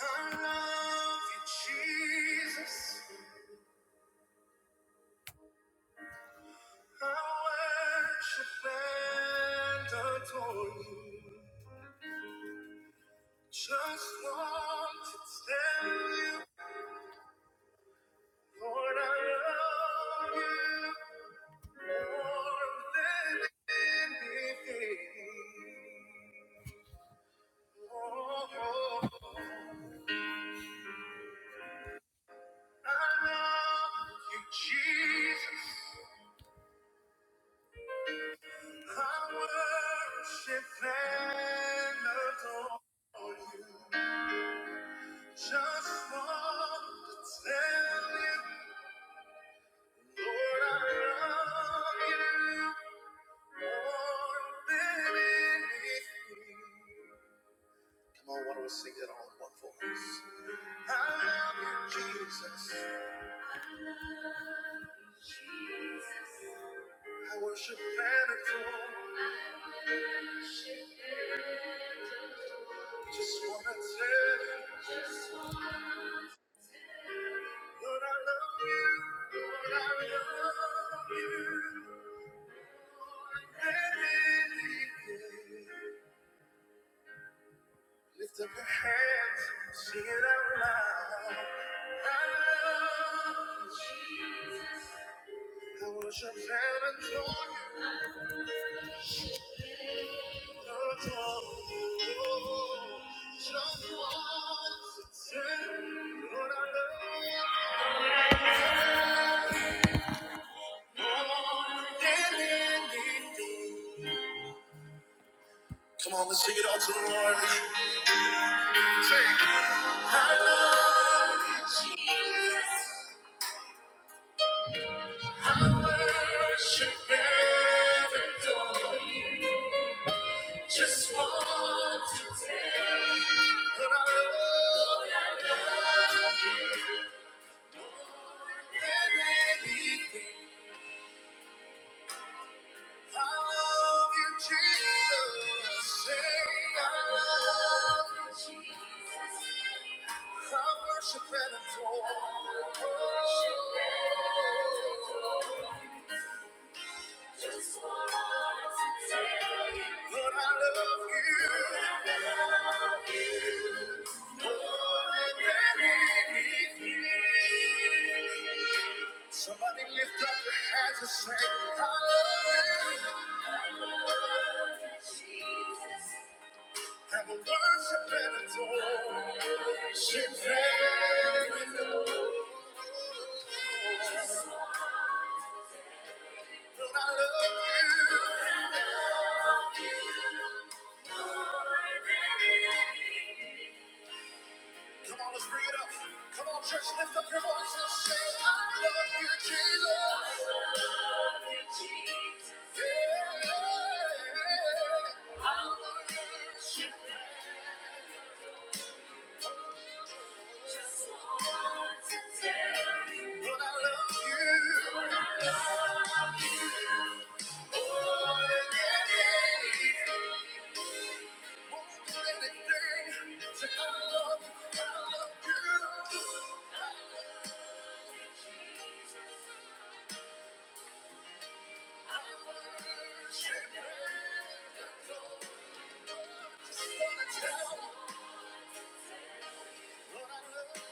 I love you, Jesus. I worship and adore you. Just want to tell you, Lord, I love you more than anything. oh. oh, oh. I love you, Jesus. I worship and adore you. Just want to tell you, Lord, I love you more than anything. Come on, why don't we sing that all in one voice? I love you, Jesus. I worship and adore. Just wanna tell you, Lord, I love you. Lord, I love you. Lift up your hands, sing it out loud. I worship and adore you, adore you. Just want to say, Lord, I love you more than anything. Come on, let's sing it out to the Lord. Say, I love you, Jesus. I worship and adore you. Just want to take what I owe and anything. I love you, Jesus. Say I love, I worship and adore. But I love you more than anything. Somebody lift up your hands and say, I love you. Have a worship and adore. Lord, I love you. Come on, let's bring it up. Come on, church, lift up your voice and say, I love you, Jesus. Yeah. Lord, I love you. Lord, yeah, yeah. Won't do anything. Say, I I love you. I love you.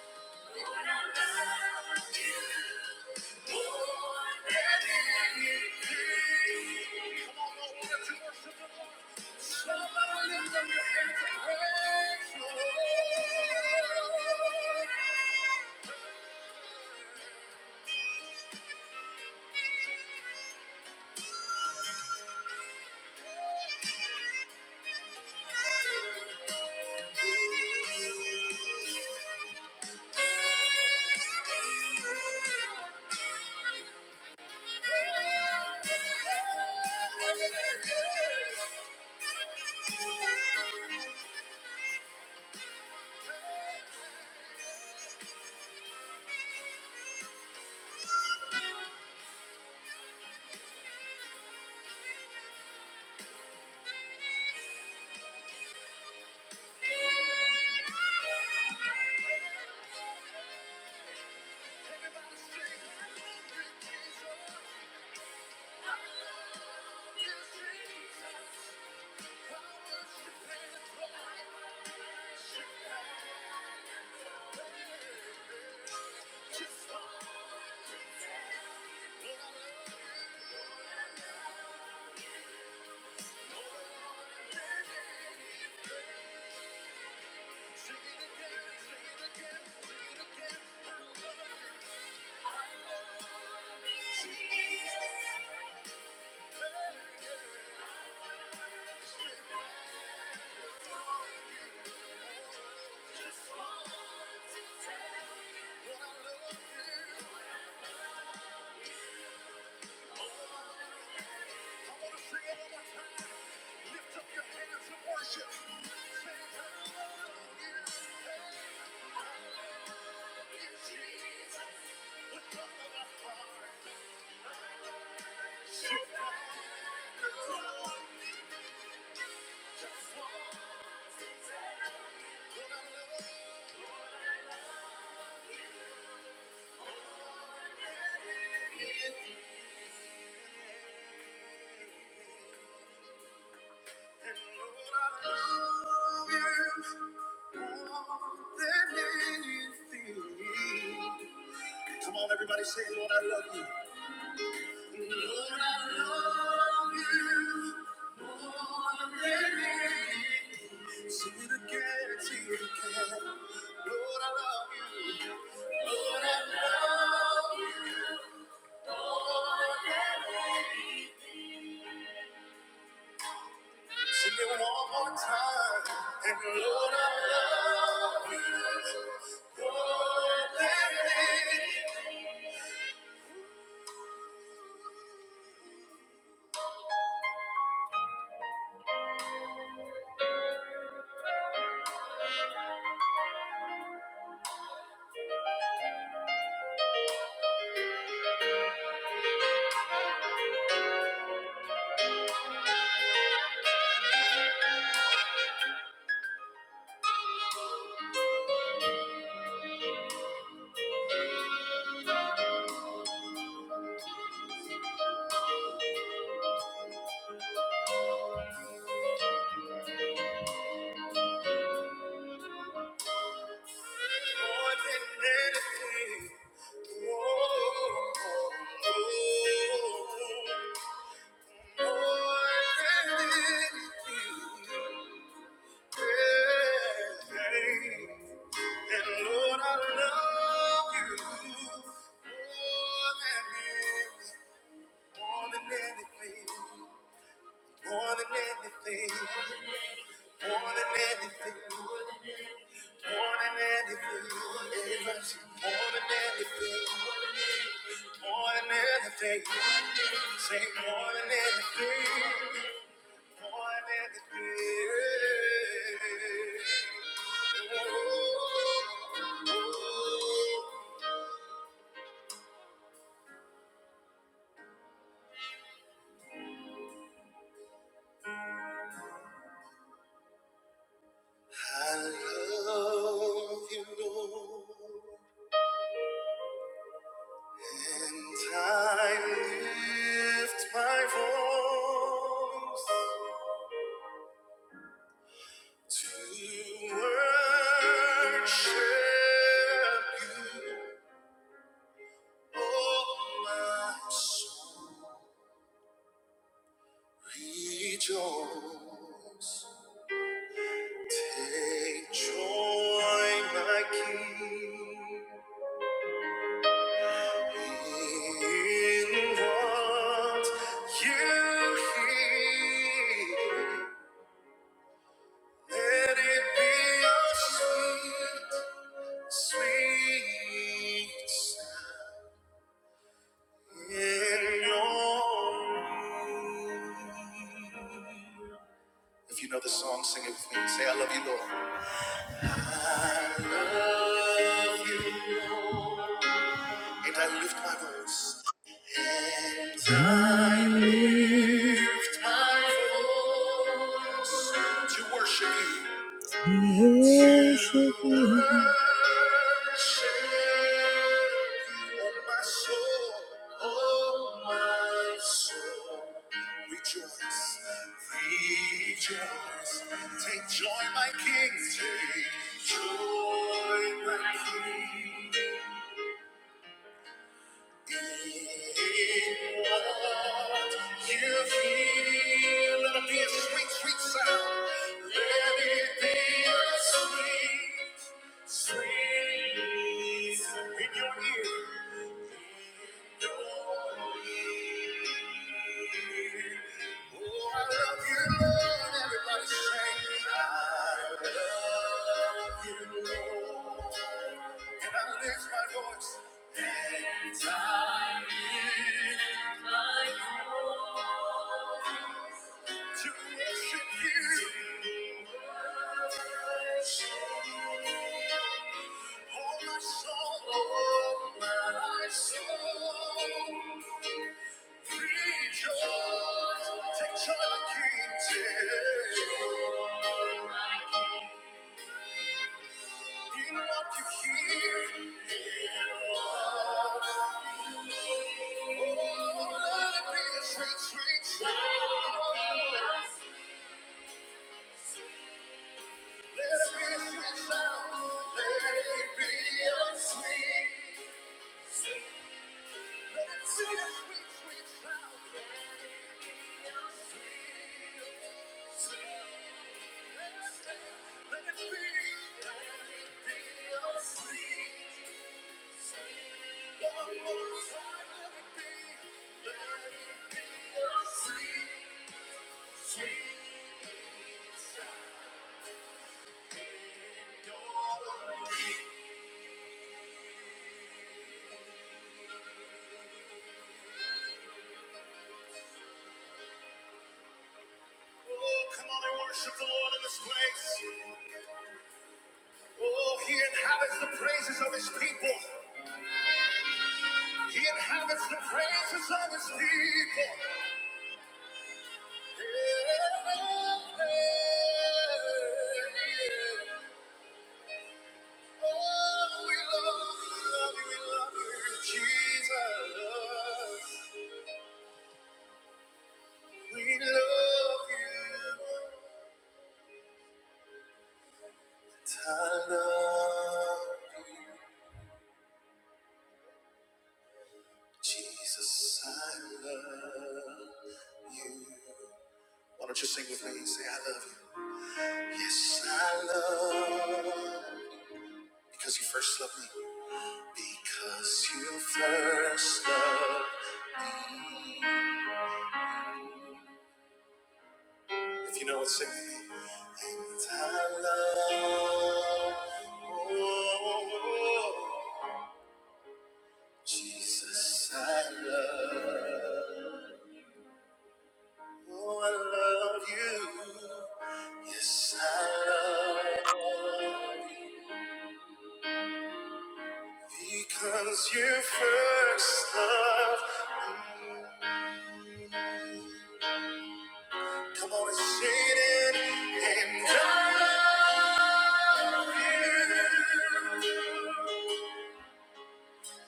Come on, everybody, say, Lord, I love you. Thank you. Say more than anything. I love you, Lord, and I lift my voice to worship you, oh my soul, rejoice. Take joy, my King. If you know the song, sing it with me. Say, I love you, Lord. I love you, Lord. And I lift my voice. And I lift to worship you. Worship you. Worship you, oh my soul, oh my soul. Rejoice, rejoice. Take joy, my King. Take joy, my King. Thank you. Can I lift my voice? Anytime To worship you, all my soul, all my soul. Rejoice, take joy, the King, take. In what you hear, hear what. Oh, let it be a sweet, sweet sound. Oh, come on and worship the Lord in this place. Oh, he inhabits the praises of his people. He inhabits the praises of his people. Oh, we love you, we love you, we love you, Jesus. We love you. Tyler. Jesus, I love you. Why don't you sing with me? Say, I love you. Yes, I love you. because you first loved me. Because you first loved. me. If you know it, sing with me. And I love. oh, Jesus, I love. Oh, I love you. Yes, I love you. Because you first love. Come on and sing it. And I love you.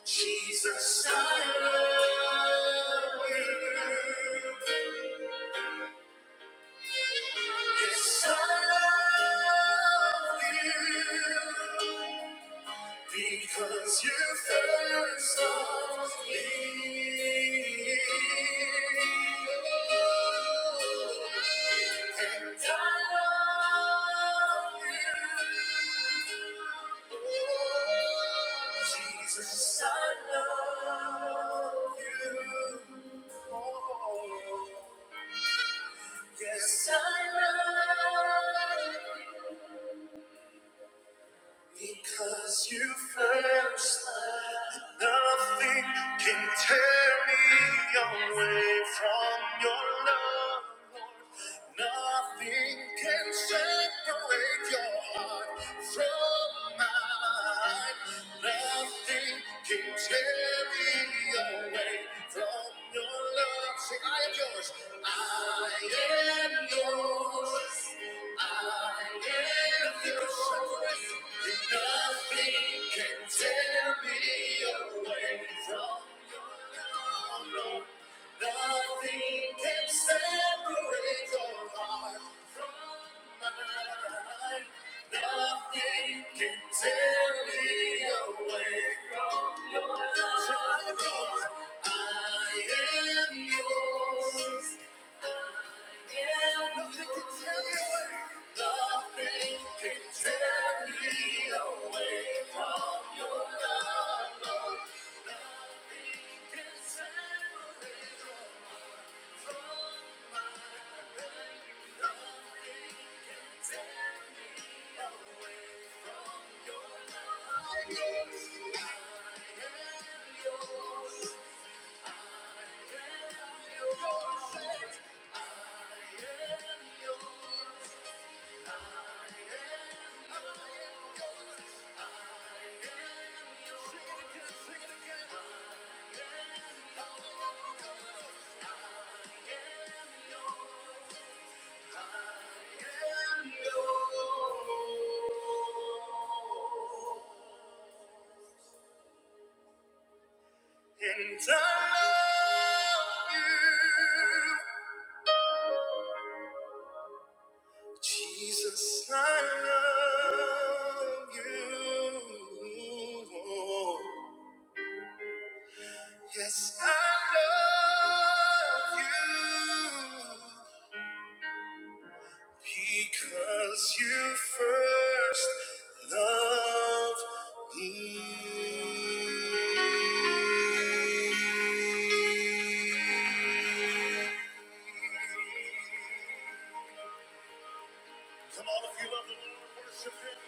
Jesus, I love you. Yes, I love you. Because you first loved me. Jesus, I love you. Oh, Yes, I love you. Because you first loved me. Nothing can tear me away from your love. Nothing can separate your heart from mine. Nothing can tear me away from your love. Say, I am yours. I am yours. I am yours. Nothing can tear me away from your love. Nothing can separate your heart from mine. Nothing can tear me away from your love. I am yours. I am yours. And I love you. Jesus, I love you. Yes, I love you because you first loved me. Come on, if you love the Lord, worship Him.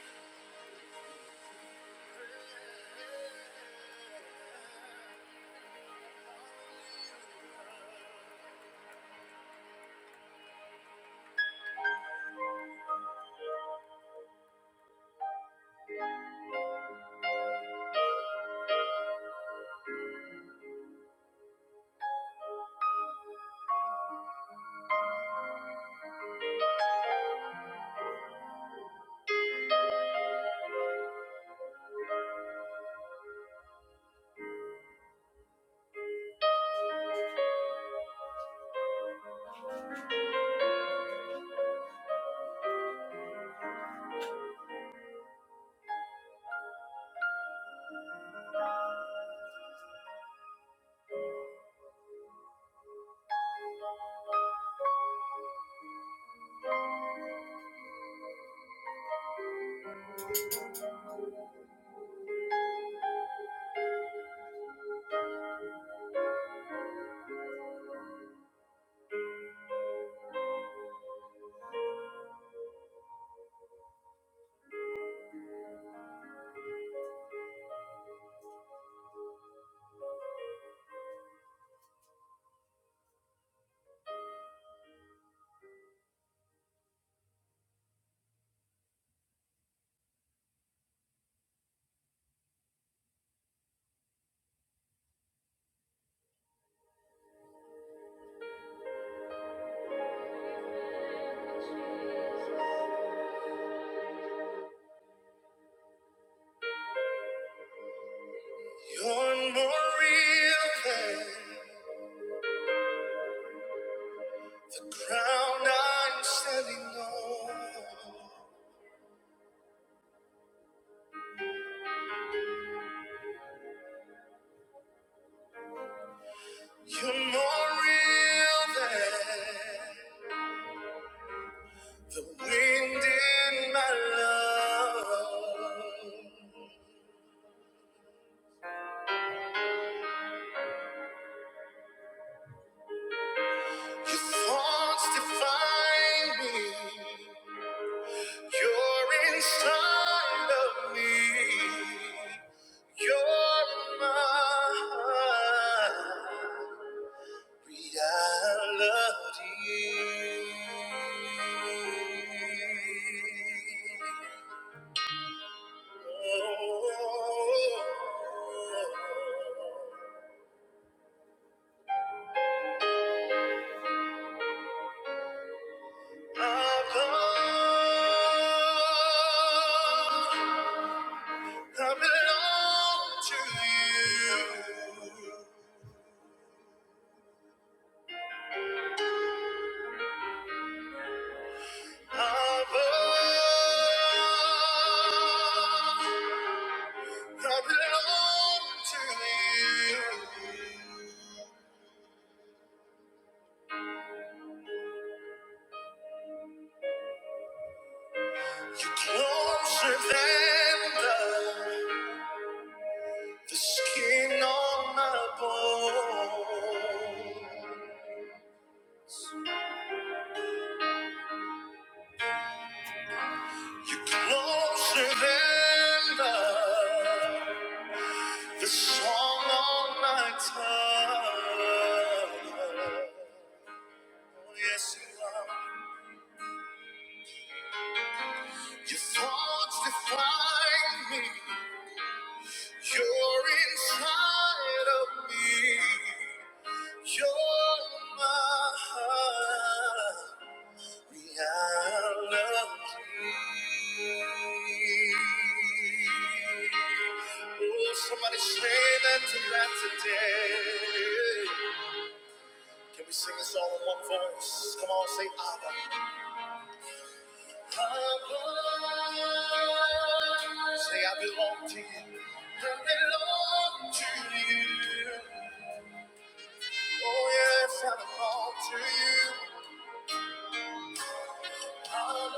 You're more real than the ground I'm standing on. You're more real than the wind in my lungs. Your thoughts define me. You're inside of me. You're my reality. Oh, Abba. I belong to you. Abba. I belong to you. You're closer than the, the skin on my bone. You're closer than the, the song on my tongue. Oh, Yes, you are. Your thoughts define me. You're inside of me. You're my reality. Oh, somebody say that to that today. Can we sing this all in one voice? Come on, say Abba. Say I belong to you. I belong to you. Oh yes, I belong to you. I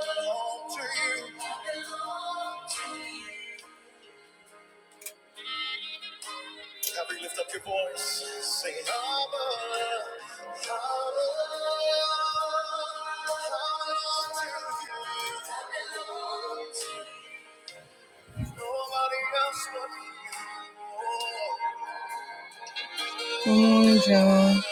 belong to you. Every lift up your voice, sing it. Abba, Abba, I belong to you. Nobody else but you. Oh, angel.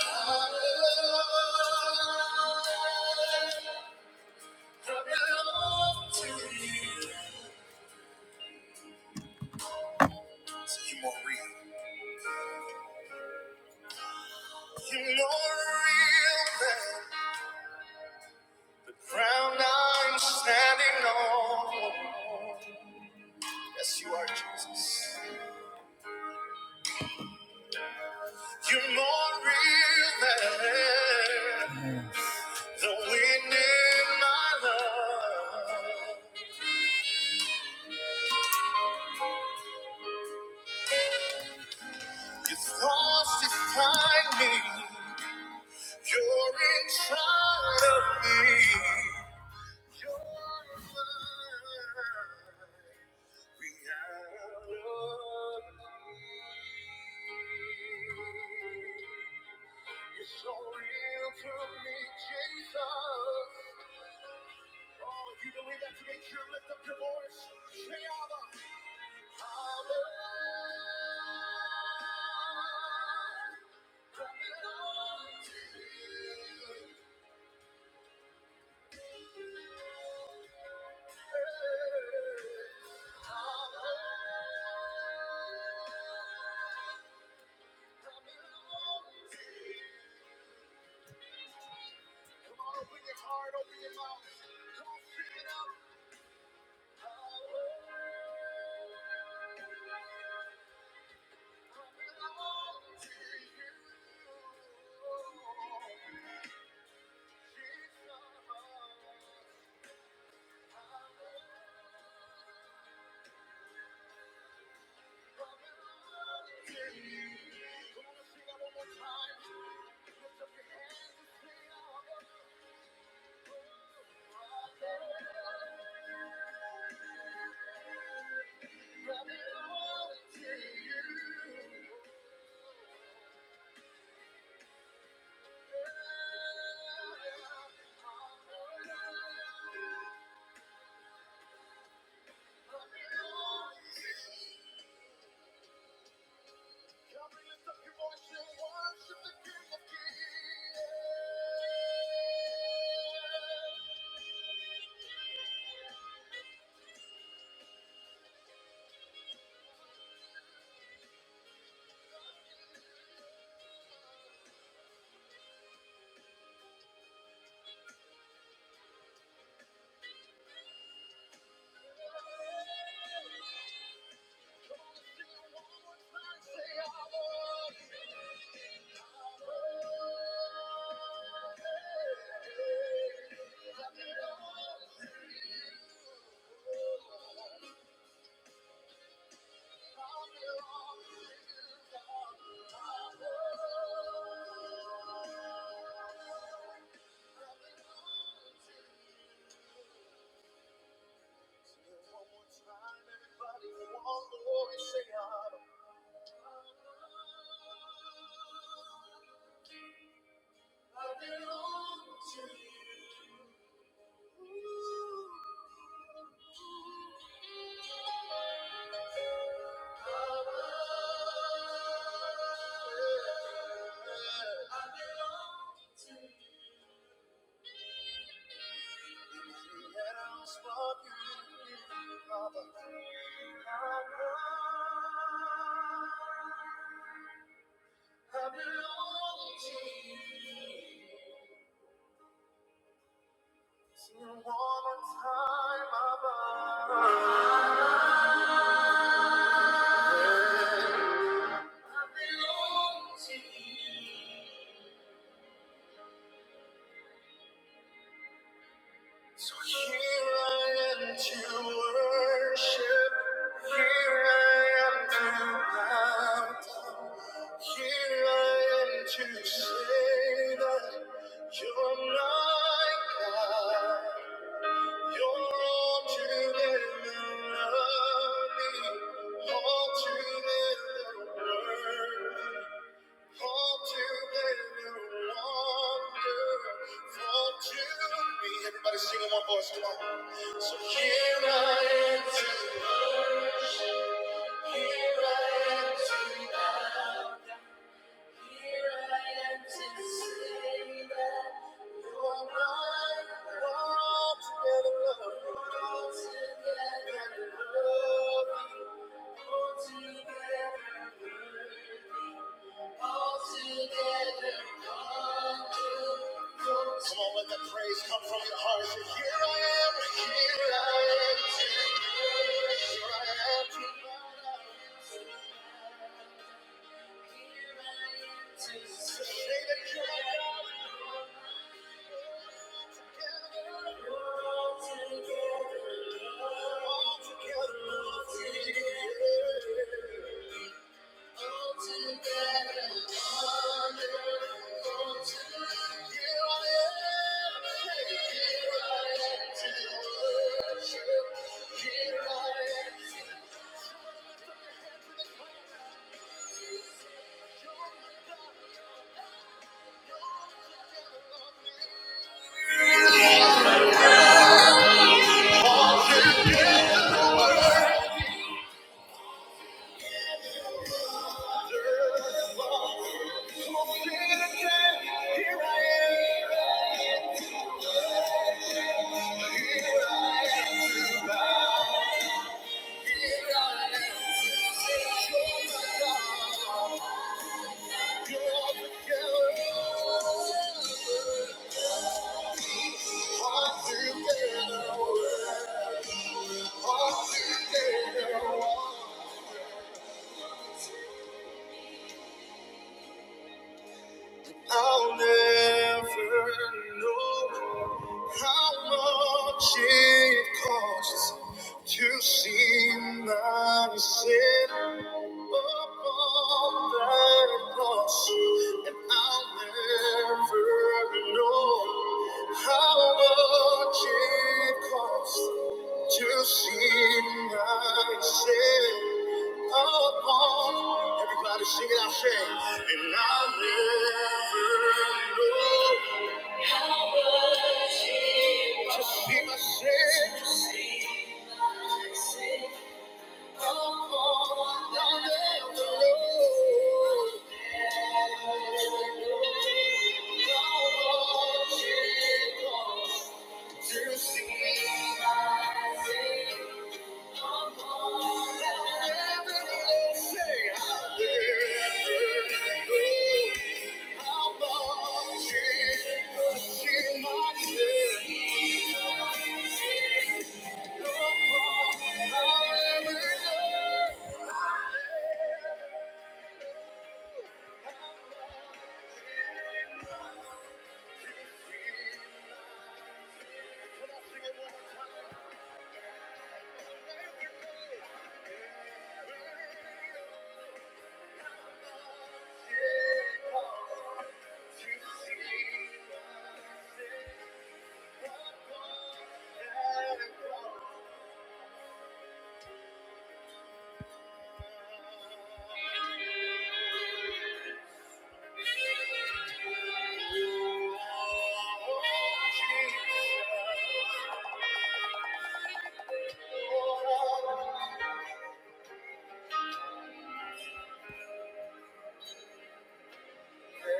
You're inside of me. You're my reality. You're so real to me, Jesus. Oh, if you believe that today, children, lift up your voice. Say, Abba, Abba. Come on, to me. One voice, say, one more time, Abba. I belong to you. So here I am to worship. Here I am to bow down. Here I am to say that you're my God. Everybody sing in one voice, come on. So here I am to worship you. Come on, let that praise come from your heart. Say, Here I am, here I am, here I am, here I am. All together, all together, all together. I'll never know how much it costs to see myself upon that cross, and I'll never know how much it costs. To see my sin upon everybody sing it out, say, and I'll never to see my sin. Say, I'll never know how long to see my sin. I'll never know. So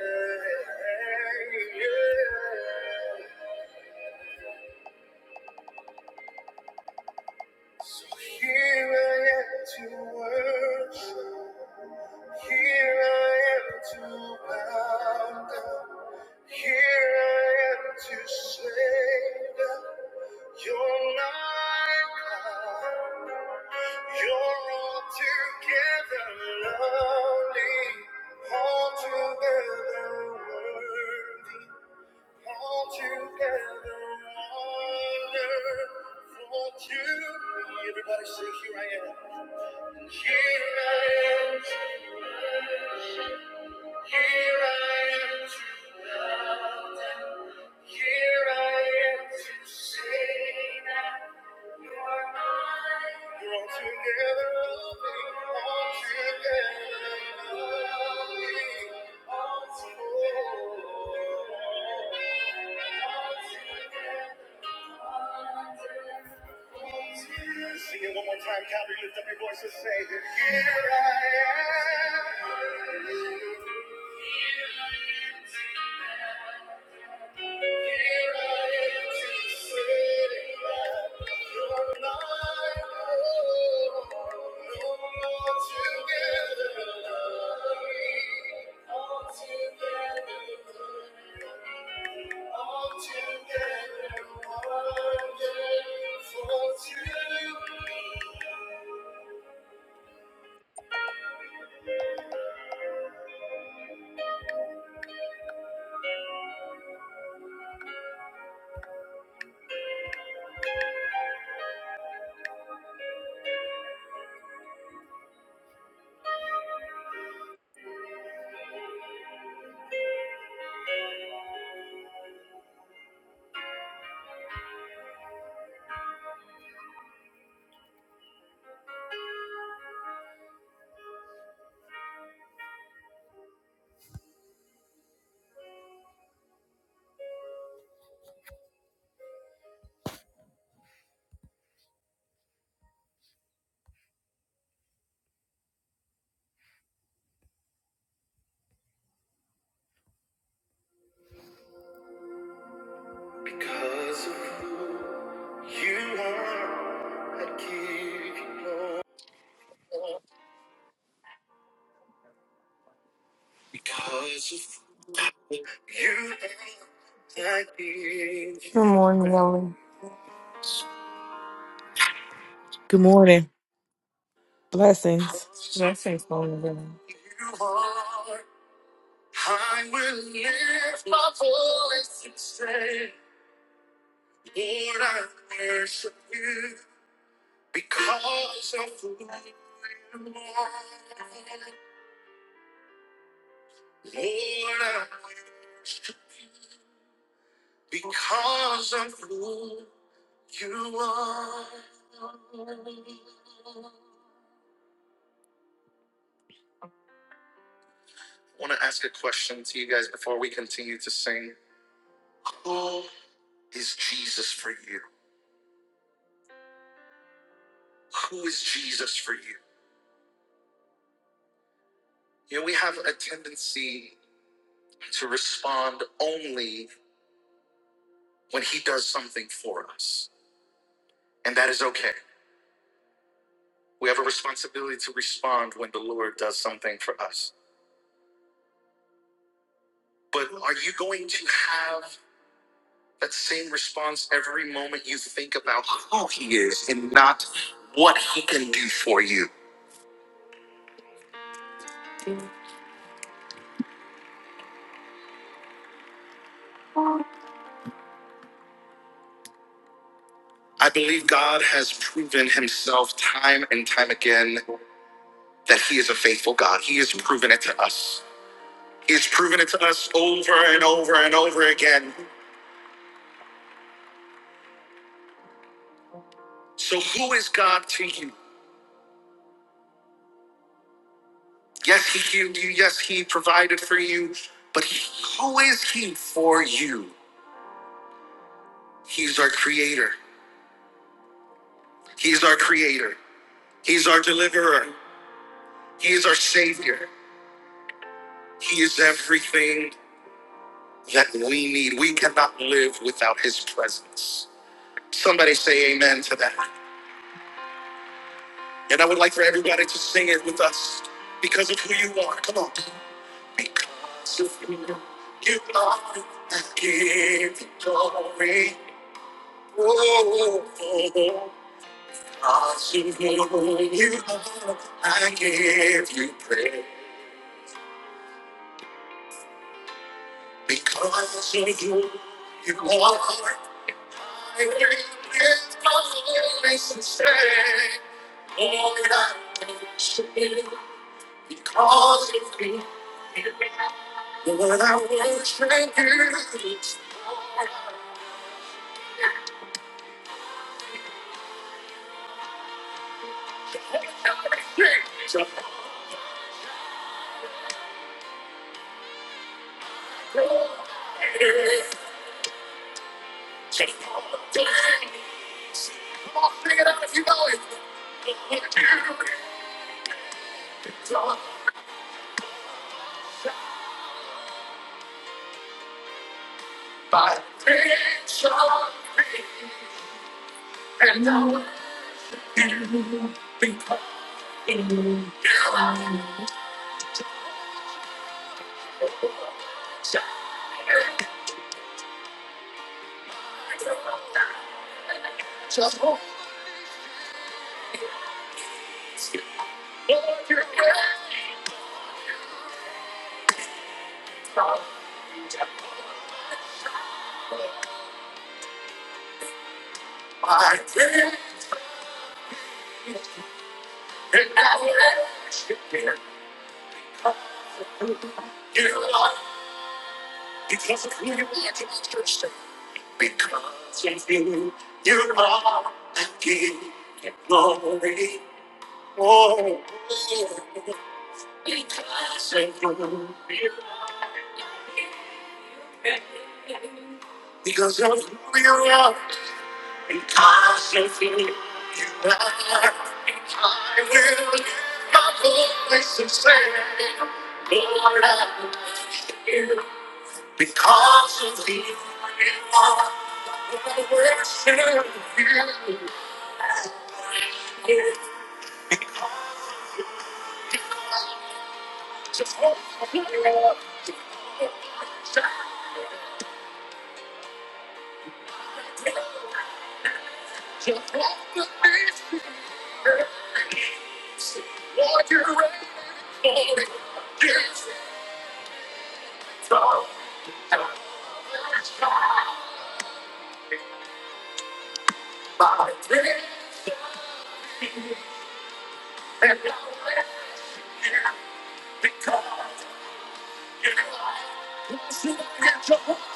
here I am to worship. Here I am to bow down. Here I am to say that you're my God. You're altogether lovely, altogether worthy. All together, wonderful to me. Everybody say, here I am. Here I am, here I am to, here I am to sing. We're all together, loving, all together, loving, all together. Sing it one more time, Calvary, lift up your voices and say, Here I am. Because of who you are, I give you Because of Good morning, Ellen. Good morning. Blessings. Did I say phone again? I want to ask a question to you guys before we continue to sing. Who is Jesus for you? Who is Jesus for you? You know, we have a tendency to respond only when He does something for us, and that is okay. We have a responsibility to respond when the Lord does something for us. But are you going to have that same response every moment you think about who He is and not what He can do for you? I believe God has proven Himself time and time again that He is a faithful God. He has proven it to us. He has proven it to us over and over and over again. So, who is God to you? Yes, He healed you. Yes, He provided for you. But he- who is He for you? He's our Creator. He's our Creator. He's our Deliverer. He is our Savior. He is everything that we need. We cannot live without His presence. Somebody say amen to that. And I would like for everybody to sing it with us because of who you are. Come on. Because of who you are, I give you glory. Oh, because of who you are, I give you praise. Because of who you are, I lift my voice and say, Lord, I worship you because of who you Lord, I worship you. Just glory. Take all the glory. Come on, sing it out if you know it. Lord, you are my attention, and I will be calling you. Just Lord, you are my attention, and I will worship you. You are because of who you are to my church. Because of you, you are the King of glory. Oh, because of you, you are- because of who you are, because of you, you are. I will lift my voice and say, Lord, I worship you. Because of you, you are. I worship you. Would you do anything to hold me? Would you do anything to hold me? Would you do anything to hold me? Would you do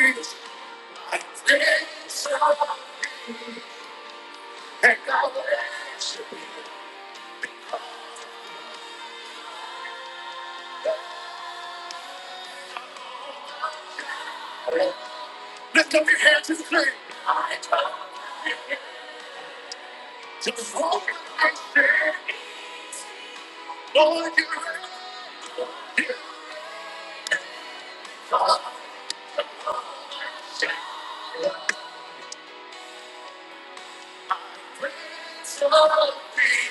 anything to hold me? And I will worship you. Lift up your hands and scream. I come to the Lord I say, Lord, you have praise of me.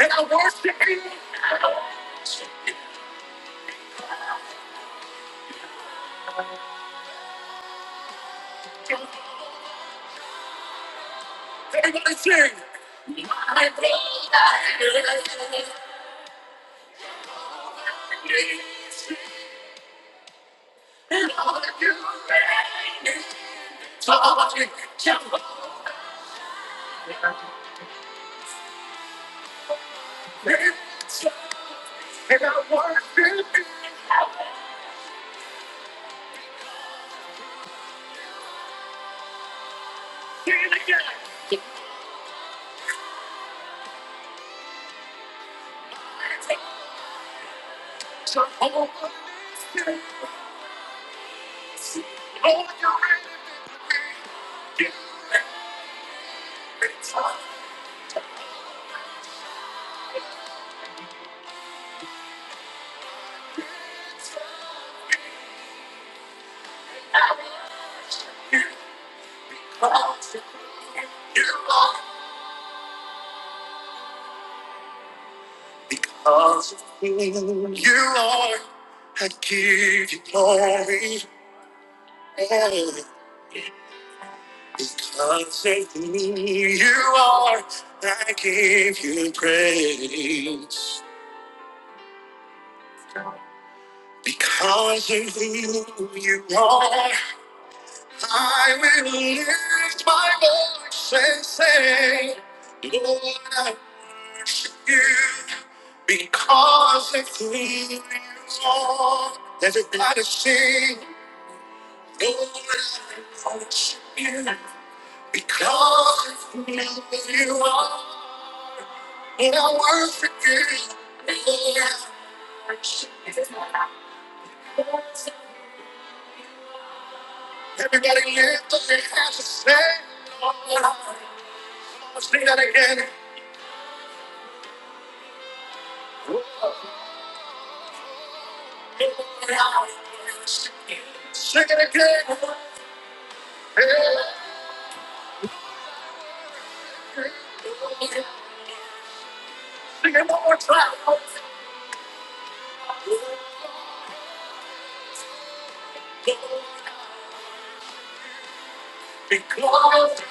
And I worship you. now. Everybody sing. My God is me. And all that you reign is holy. Jehovah reigns. And I worship you. Sing it again. My God, Jehovah reigns. Because of who you are, I give you glory. Because of who you are, I give you praise. Because of who you are, I will lift my voice and say, Lord, I worship you because of who you are. Everybody sing, Lord, I worship you because of who you are. And I worship you, Lord, I worship you. Everybody lift up their hands and say, Lord, I worship you. Sing that again. Sing it again. Yeah. Sing it one more time. Because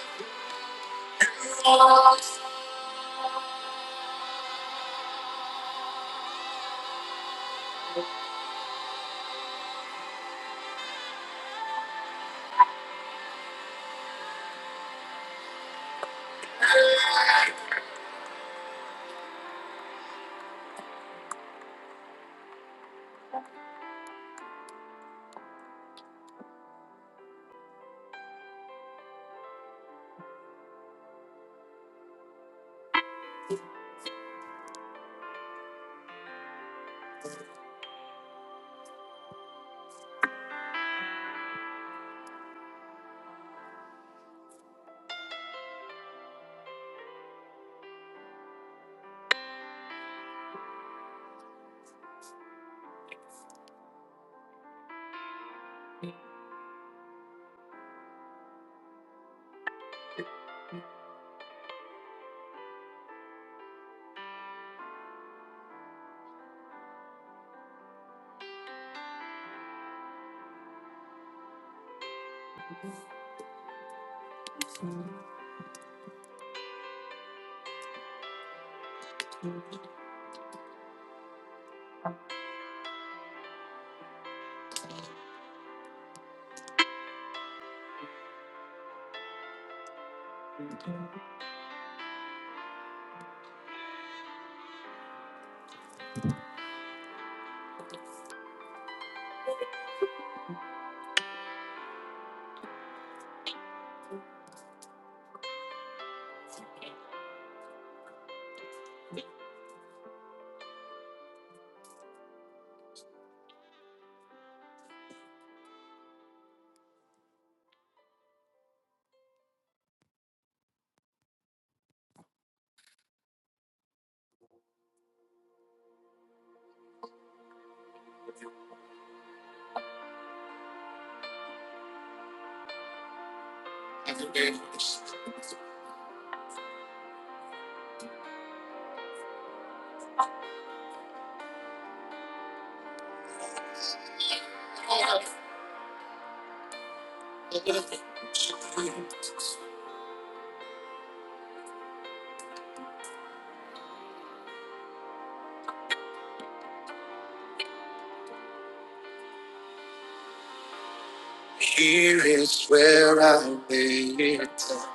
here is where I lay it down.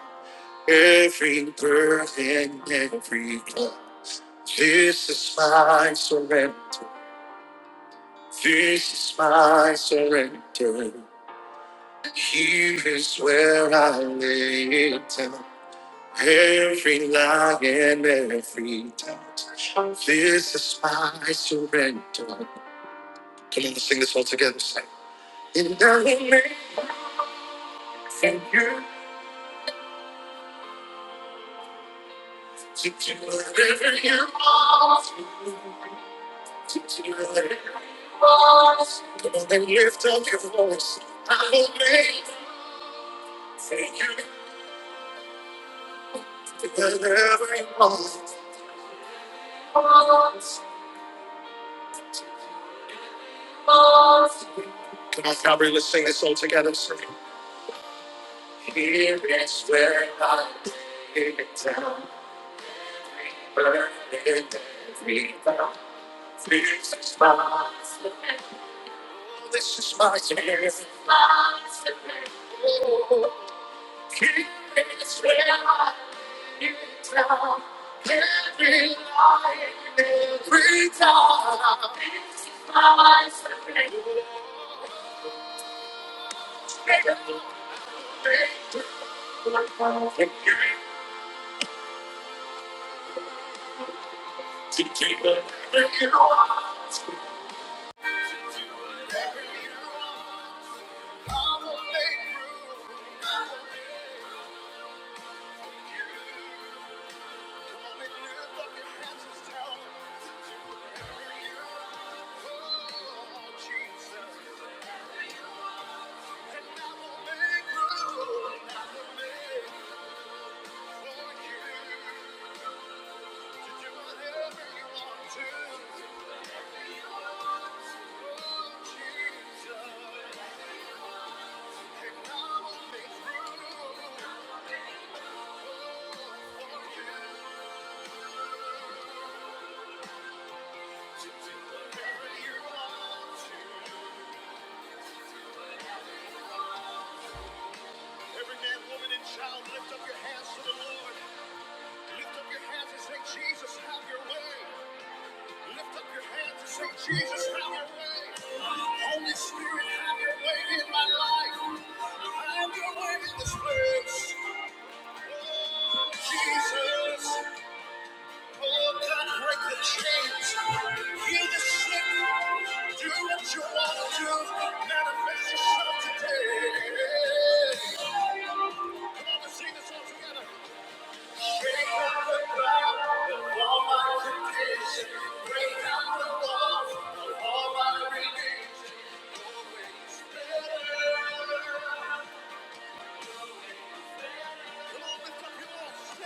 Every burden, every cloud. This is my surrender. This is my surrender. Here is where I lay it down. Every lie and every doubt. This is my surrender. Come on, let's sing this all together. Say, And I will make for you to do whatever you want to do. To do whatever you want. Come on and lift up your voice. I will make for you to do whatever you want. Come on, Calvary, let's sing this all together. Say, Here is where I lay it down. This is my spirit. Oh, keep This way I need now. Every line, every time. This is my spirit. Oh, thank you. To keep it with you. I Thank you. Every man, woman, and child, lift up your hands to the Lord. Lift up your hands and say, Jesus, have your way. Lift up your hands and say, Jesus, have your way. Holy Spirit, have your way in my life. Have your way in this place. Oh, Jesus. Oh, God, break the chains. Heal the sick. Do what you want to do. Manifest yourself today. Shake up the ground of all my condition. Break down the walls of all my religion. Always better. Come on, lift up your voice.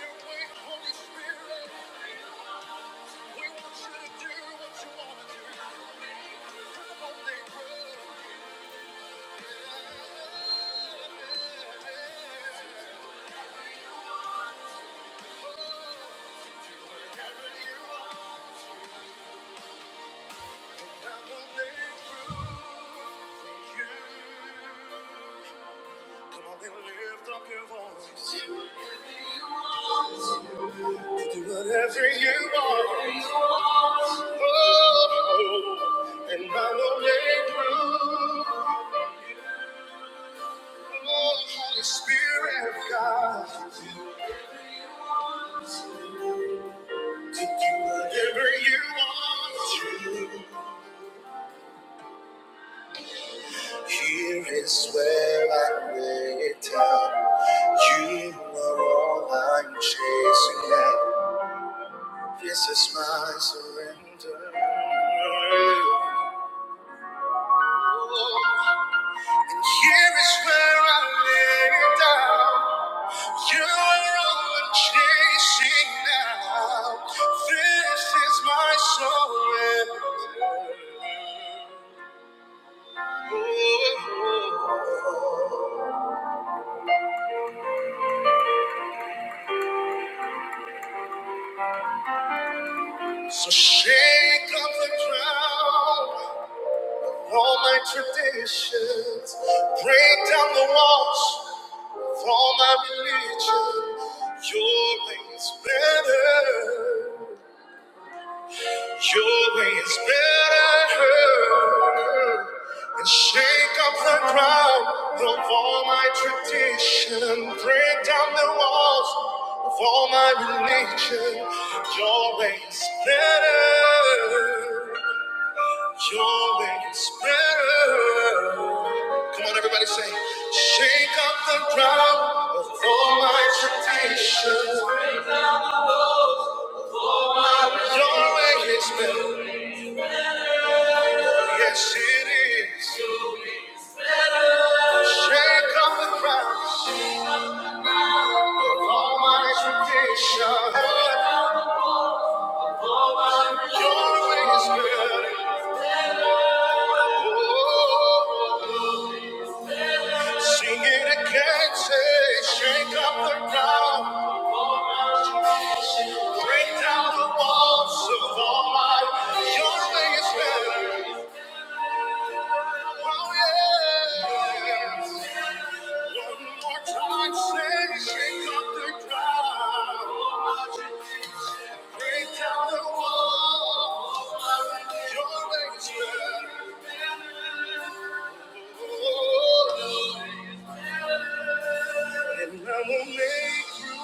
Your way, Holy Spirit. We want you to do what you want to do. Come on, neighbor. Wherever you are, I will make room for you. Come on and lift up your voice. Do whatever you want. Oh, and I will make room. Oh, Holy Spirit of God. To do Whatever you want, to. here is where I lay it down. You are all I'm chasing at. This is my surrender. And here is where I lay it down. You are all I'm chasing now. This is my surrender. So shake up the ground, all my traditions. Break down the walls for my religion. Your way is better. Your way is better. And shake up the ground of all my tradition. Break down the walls of all my religion. Your way is better. Your way is better. Come on, everybody say, shake up the ground of all my tradition. Your way is better. Yes, it is. Shake up the ground of all my tradition. Your way is good. Oh, sing it again. Say, shake up the ground. Break down the walls of all my. Your way is better. Oh, yeah. One more time. Say, shake up the ground. Break down the walls. Your way is better. And I will make you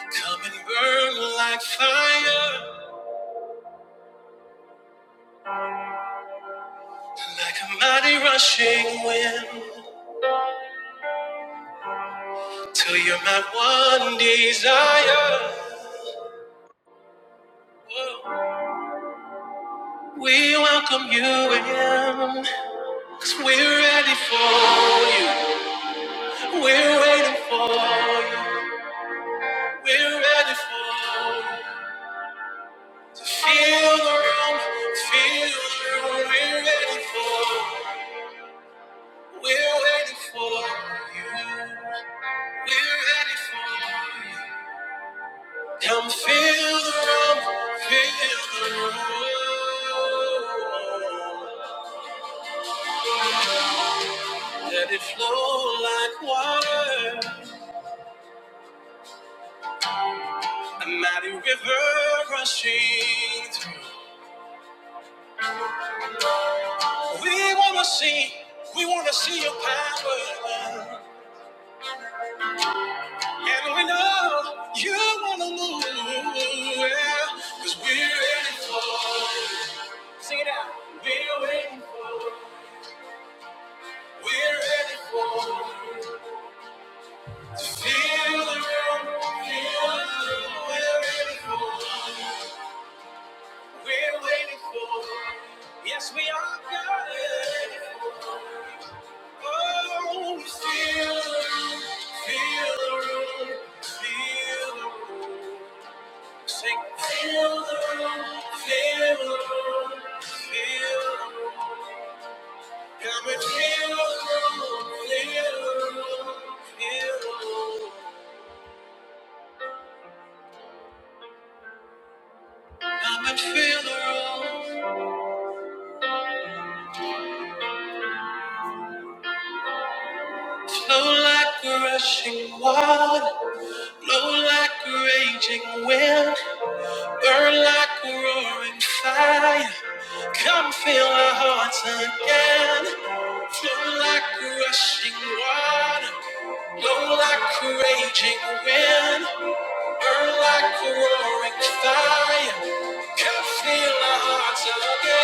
come and burn like fire, like a mighty rushing wind, till you're my one desire. We welcome you in, cause we're ready for you. We're waiting for you. We're ready for you. To Feel the room, feel the room. We're ready for, we're waiting for you. We're ready for you. Come feel the room, feel the room. Let it flow like water, a mighty river rushing through. We wanna see, we wanna see your power. And we know you wanna move, yeah, cause we're ready for it. Sing it out. We're waiting for, it. we're ready for. it. Feel the room, feel the room, we're ready for, we're waiting for, yes we are good. Oh, feel the room, feel the room, feel the room. Sing, feel the room, feel the room, feel the room. Come and feel the room, feel the room, feel the room. Come and feel the room. Flow like a rushing water, blow like a raging wind, burn like a roaring fire. Come fill our hearts again. Flow like a rushing water, blow like a raging wind, burn like a roaring fire. Come fill our hearts again.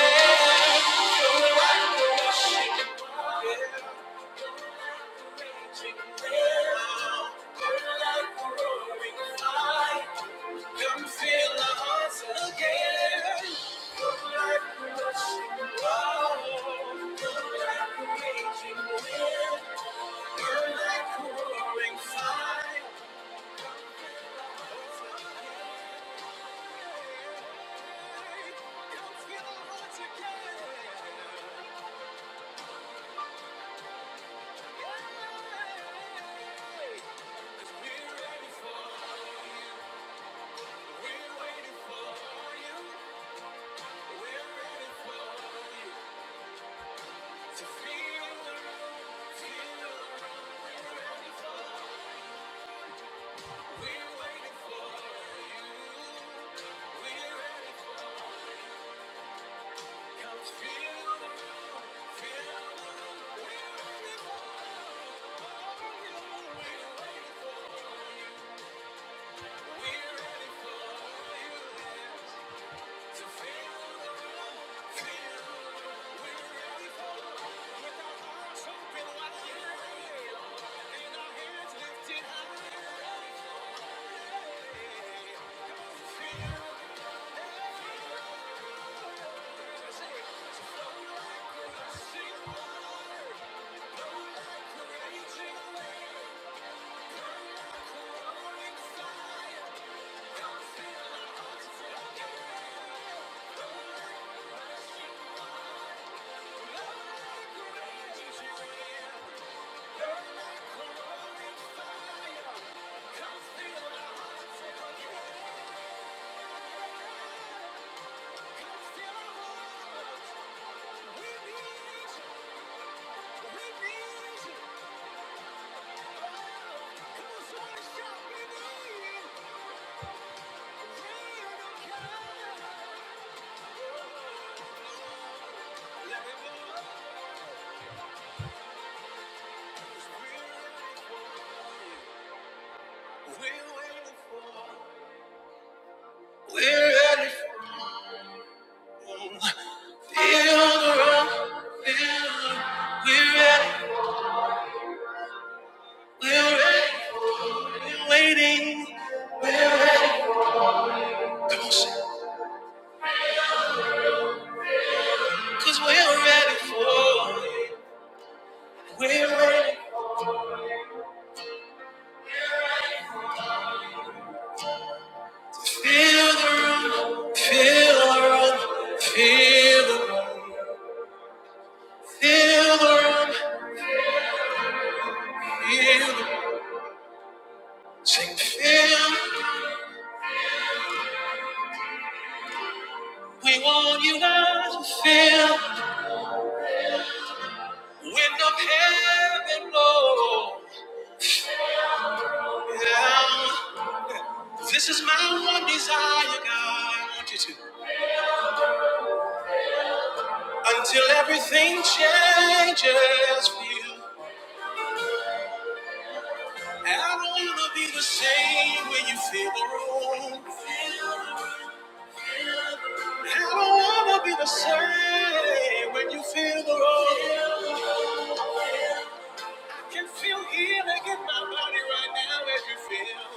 We're waiting for, we're ready. Feel the room, we're ready, we're ready, waiting. Cause we're ready for we're ready. Wind of heaven blow down. This is my one desire, God. I want you to until everything changes for you. I don't wanna be the same when you feel the room. I don't wanna be the same when you feel the room. Can feel healing in my body right now as you feel.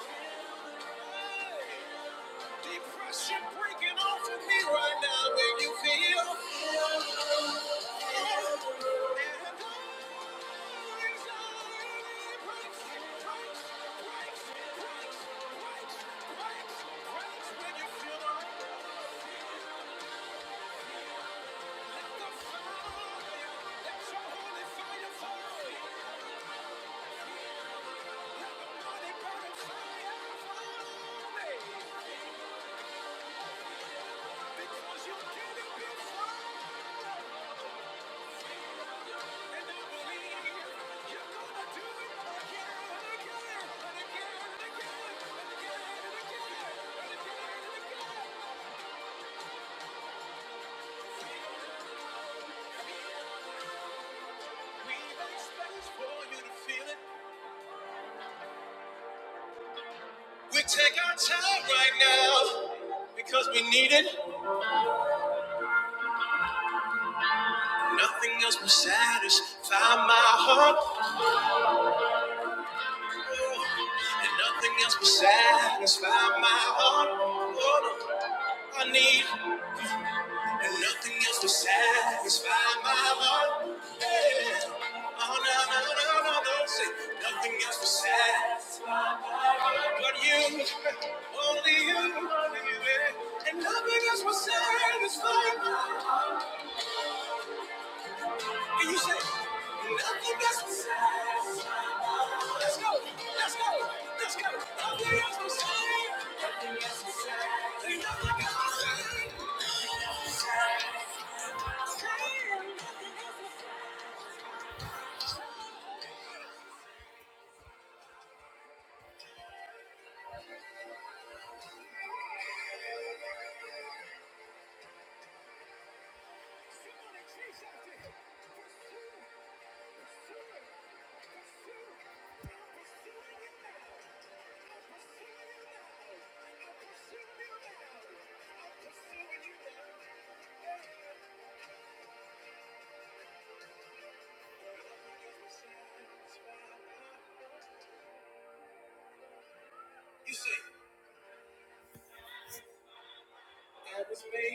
Depression breaking off of me right now, make you feel. And all anxiety breaks, breaks, breaks, breaks, breaks when you feel the right. We make space for you to feel it. We take our time right now because we need it. Nothing else will satisfy my heart, and nothing else will satisfy my heart. Oh, no. I need. And nothing else will satisfy my heart. Oh, no, no, no, no, no. no. Say, nothing else will satisfy my heart but you. Only you, only you. yeah. And nothing else will satisfy. my heart. And you say,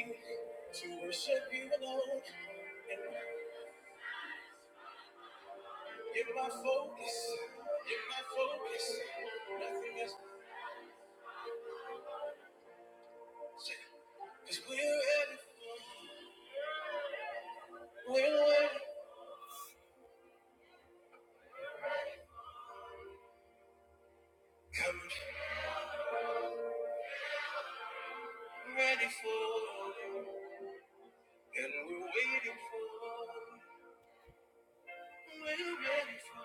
we're ready for you. And we're waiting for you. We're ready for you.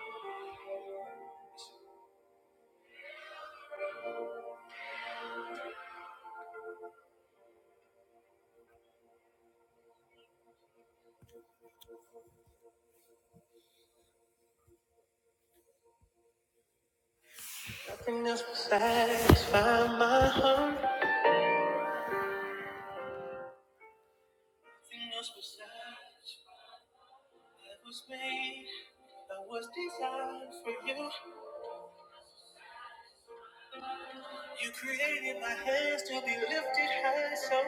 Satisfy my heart. Nothing else will satisfy. That was made. That was designed for you. You created my hands to be lifted high, so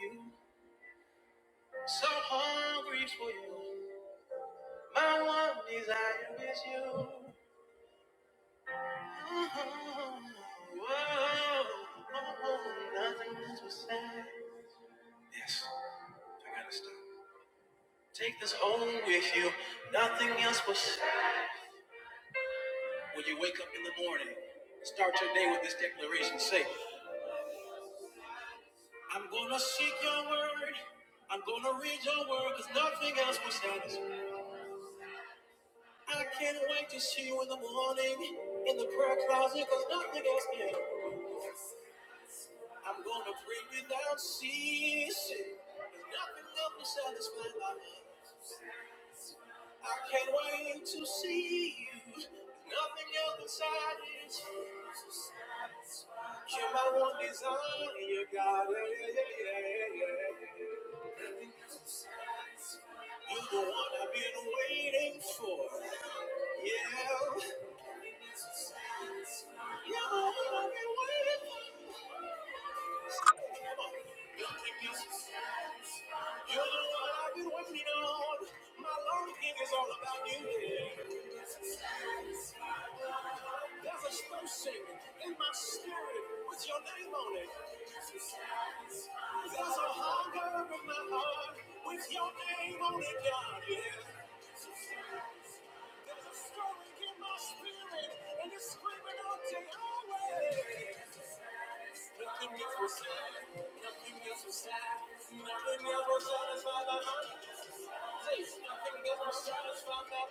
you, so hungry for you. My one desire is you. Oh, oh, oh, nothing else was said. Yes, I gotta stop. Take this home with you. Nothing else was said. When you wake up in the morning, start your day with this declaration. Say. I'm gonna seek your word. I'm gonna read your word because nothing else will satisfy. I can't wait to see you in the morning in the prayer closet because nothing else can. I'm gonna pray without ceasing because nothing else will satisfy my needs. I can't wait to see you. Nothing else inside is You're my one desire, God. Yeah, yeah, yeah, yeah, yeah. You're the one I've been waiting for. Yeah. Nothing else can satisfy. You're the one I've been waiting for. Come on. Nothing else. can satisfy. You are I've been waiting on. My longing is all about you. There's a station in my spirit with your name on it. There's a hunger in my heart with your name on it, God. Yeah. There's a stirring in my spirit and you're screaming out to Yahweh. Nothing else will satisfy. Nothing else will satisfy. Nothing else will satisfy the hunger. Nothing else will satisfy that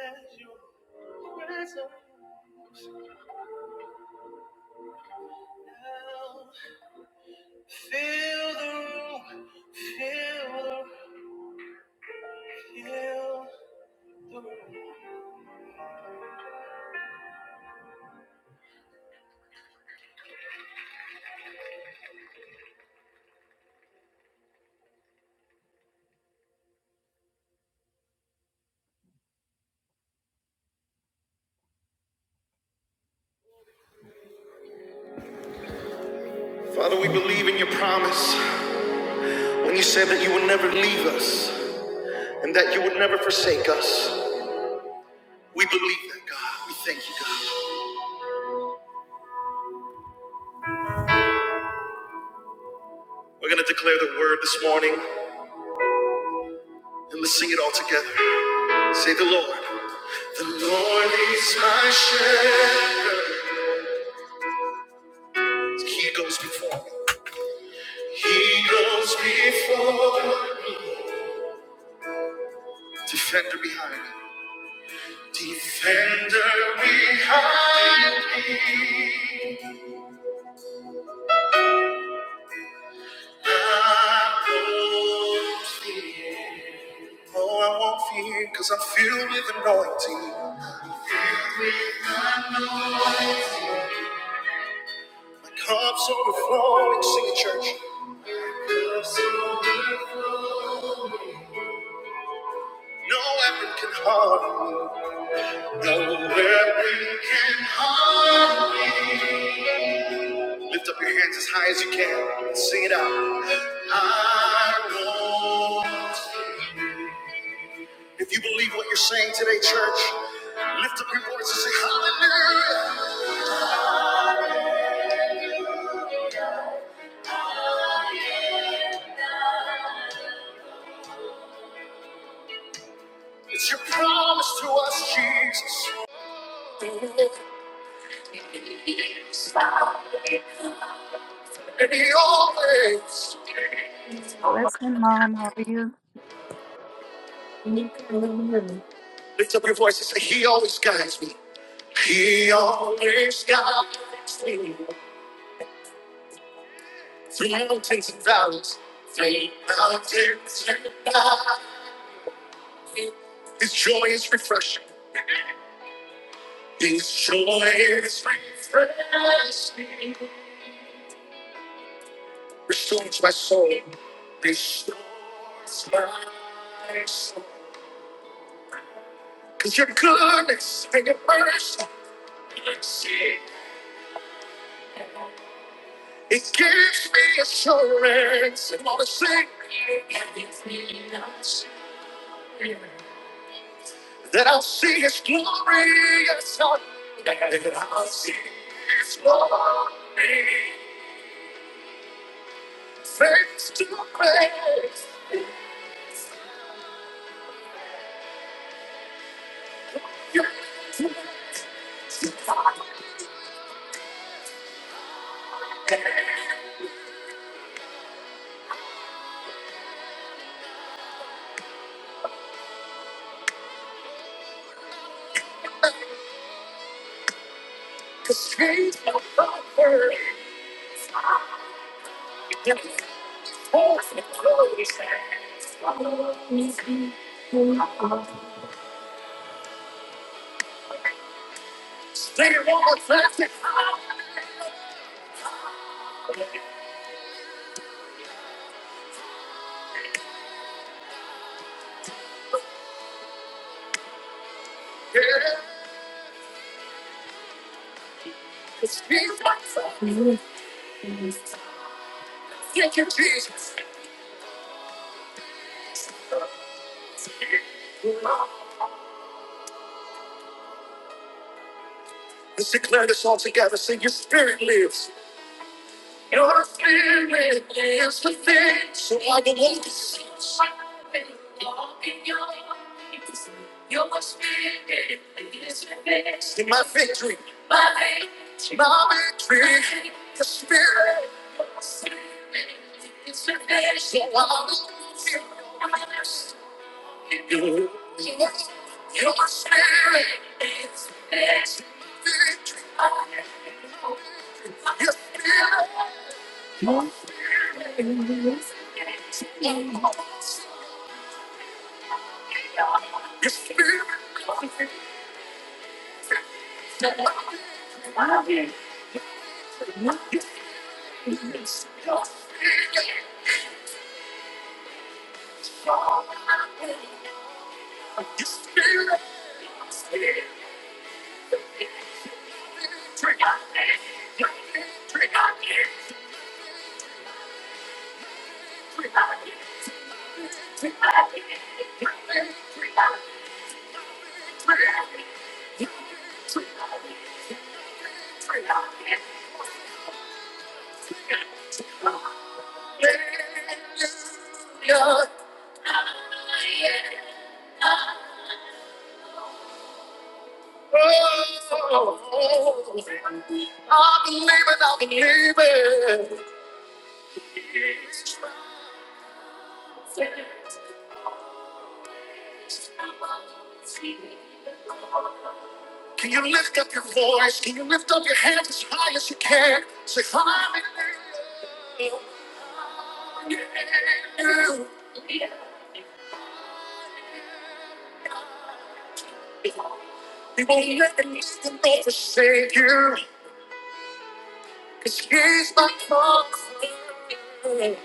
hunger. Fill the room. Fill the fill. Father, we believe in your promise. When you said believe that you would, we believe that, God. We thank you, God. We're going to declare the word this morning and let's sing it all together. Say the Lord. The Lord is my shepherd. He goes before me. He goes before me. Defender behind me. Defender behind me. Oh, I won't fear because I'm filled with anointing. My cup's overflowing. Sing it, church. Cup's overflowing. No weapon can harm me. No weapon can harm me. Lift up your hands as high as you can. Sing it out. I won't. If you believe what you're saying today, church, lift up your voice and say, Hallelujah. It's your promise to us, Jesus. And He always, Blessing, Mom. How are you? lift up your voice and say, He always guides me. He always guides me. Through mountains and valleys, through mountains and valleys. His joy is refreshing. His joy is refreshing. Restores my soul. Restores my soul. Cause your goodness and your mercy. It gives me assurance and all the same. That I'll see his glorious son. That I'll see his glory. Face to face. Let's declare this all together. Sing, your spirit lives. Your spirit is the thing, so I can walk the streets. Walk in your ways. Your spirit is the thing. My victory. My victory. My victory. The spirit. Your spirit is the thing, so I can walk in your ways. Your spirit is the thing. Your spirit Hallelujah. Oh, I believe it, I believe it. Can you lift up your voice? Can you lift up your hands as high as you can? Say, Hallelujah. Hallelujah. He won't let the least and not forsake you. Cause he's my comfort.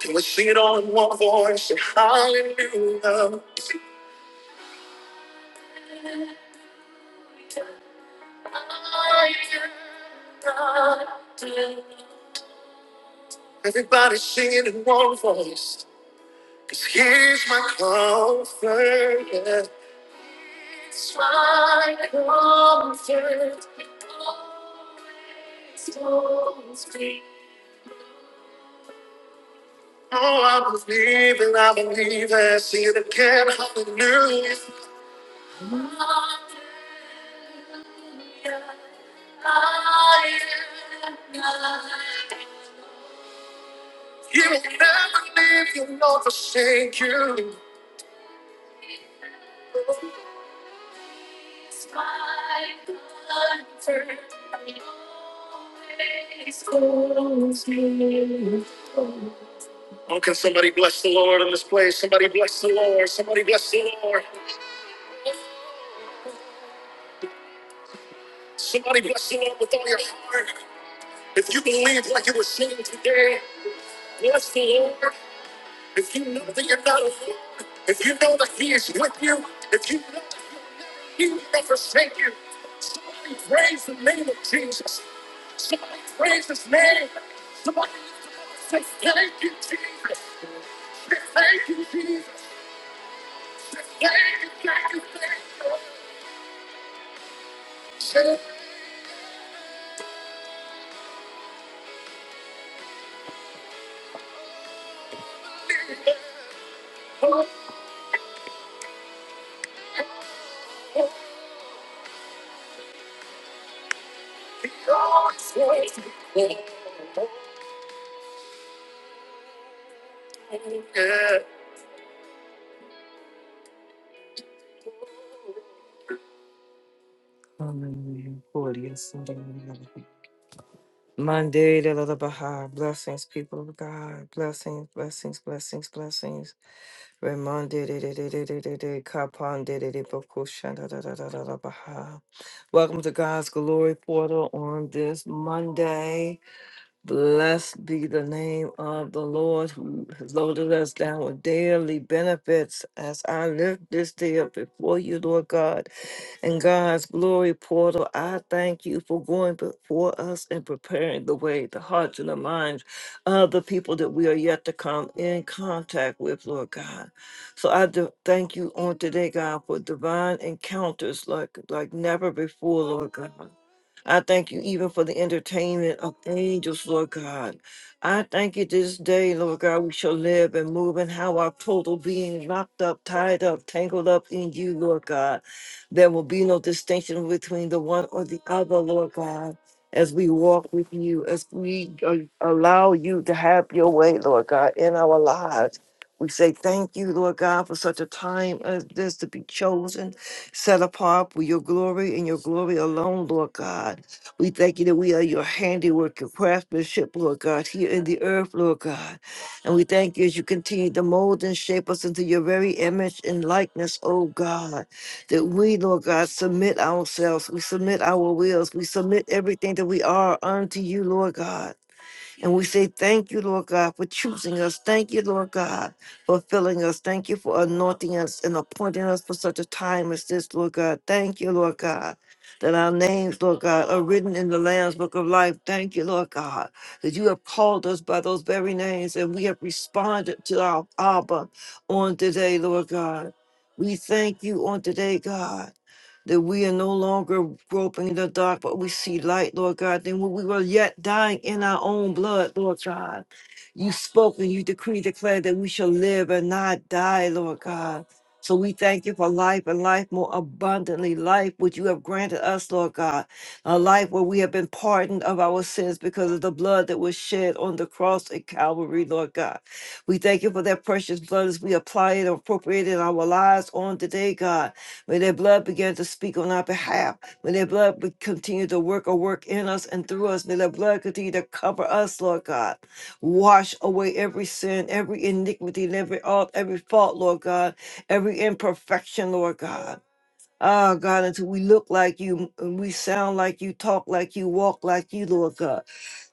Can we sing it all in one voice? Hallelujah. Everybody sing it in one voice. Cause he's my comfort. Yeah. It's my comfort. Always holds me. I believe and I believe it. Hallelujah. I am not alone. It's my comfort. Always holds me. Oh, can somebody bless the Lord in this place? Somebody bless the Lord. Somebody bless the Lord. Somebody bless the Lord with all your heart. If you believe like you were singing today, bless the Lord. If you know that you're not alone, if you know that He is with you, if you know that He will never forsake you, somebody praise the name of Jesus. Somebody praise His name. Somebody say, Thank you, Jesus. Say, Thank you, Jesus. Say, Thank you, thank you, thank you. Say, oh, oh, God, thank you. Yeah. Hallelujah. Glorious and wonderful. Monday, the Lord Baha. Blessings, people of God. Blessings, blessings, blessings, blessings. Ramonde, de- de- de- de- de- de- de- Kapan, de- de- de- Boko, Shanda, da- da- da- da- da- Baha. Welcome to God's Glory Portal on this Monday. Blessed be the name of the Lord who has loaded us down with daily benefits as I lift this day up before you, Lord God. In God's glory portal, I thank you for going before us and preparing the way, the hearts and the minds of the people that we are yet to come in contact with, Lord God. So I do thank you on today, God, for divine encounters like, like never before, Lord God. I thank you even for the entertainment of angels, Lord God. I thank you this day, Lord God, we shall live and move and how our total being locked up, tied up, tangled up in you, Lord God. There will be no distinction between the one or the other, Lord God, as we walk with you, as we uh, allow you to have your way, Lord God, in our lives. We say thank you, Lord God, for such a time as this to be chosen set apart for your glory and your glory alone, Lord God. We thank you that we are your handiwork, your craftsmanship, Lord God, here in the earth, Lord God. And we thank you as you continue to mold and shape us into your very image and likeness, oh God, that we, Lord God, submit ourselves, we submit our wills, we submit everything that we are unto you, Lord God. And we say, Thank you, Lord God, for choosing us. Thank you, Lord God, for filling us. Thank you for anointing us and appointing us for such a time as this, Lord God. Thank you, Lord God, that our names, Lord God, are written in the Lamb's Book of Life. Thank you, Lord God, that you have called us by those very names and we have responded to our Abba on today, Lord God. We thank you on today, God that we are no longer groping in the dark, but we see light, Lord God. Then when we were yet dying in our own blood, Lord God, you spoke and you decree, declare that we shall live and not die, Lord God. So we thank you for life and life more abundantly, life which you have granted us, Lord God, a life where we have been pardoned of our sins because of the blood that was shed on the cross at Calvary, Lord God. We thank you for that precious blood as we apply it and appropriate it in our lives on today, God. May their blood begin to speak on our behalf. May their blood be- continue to work or work in us and through us. May their blood continue to cover us, Lord God. Wash away every sin, every iniquity, and every alt, every fault, Lord God, every imperfection, Lord God. Ah, God, until we look like you and we sound like you, talk like you, walk like you, Lord God.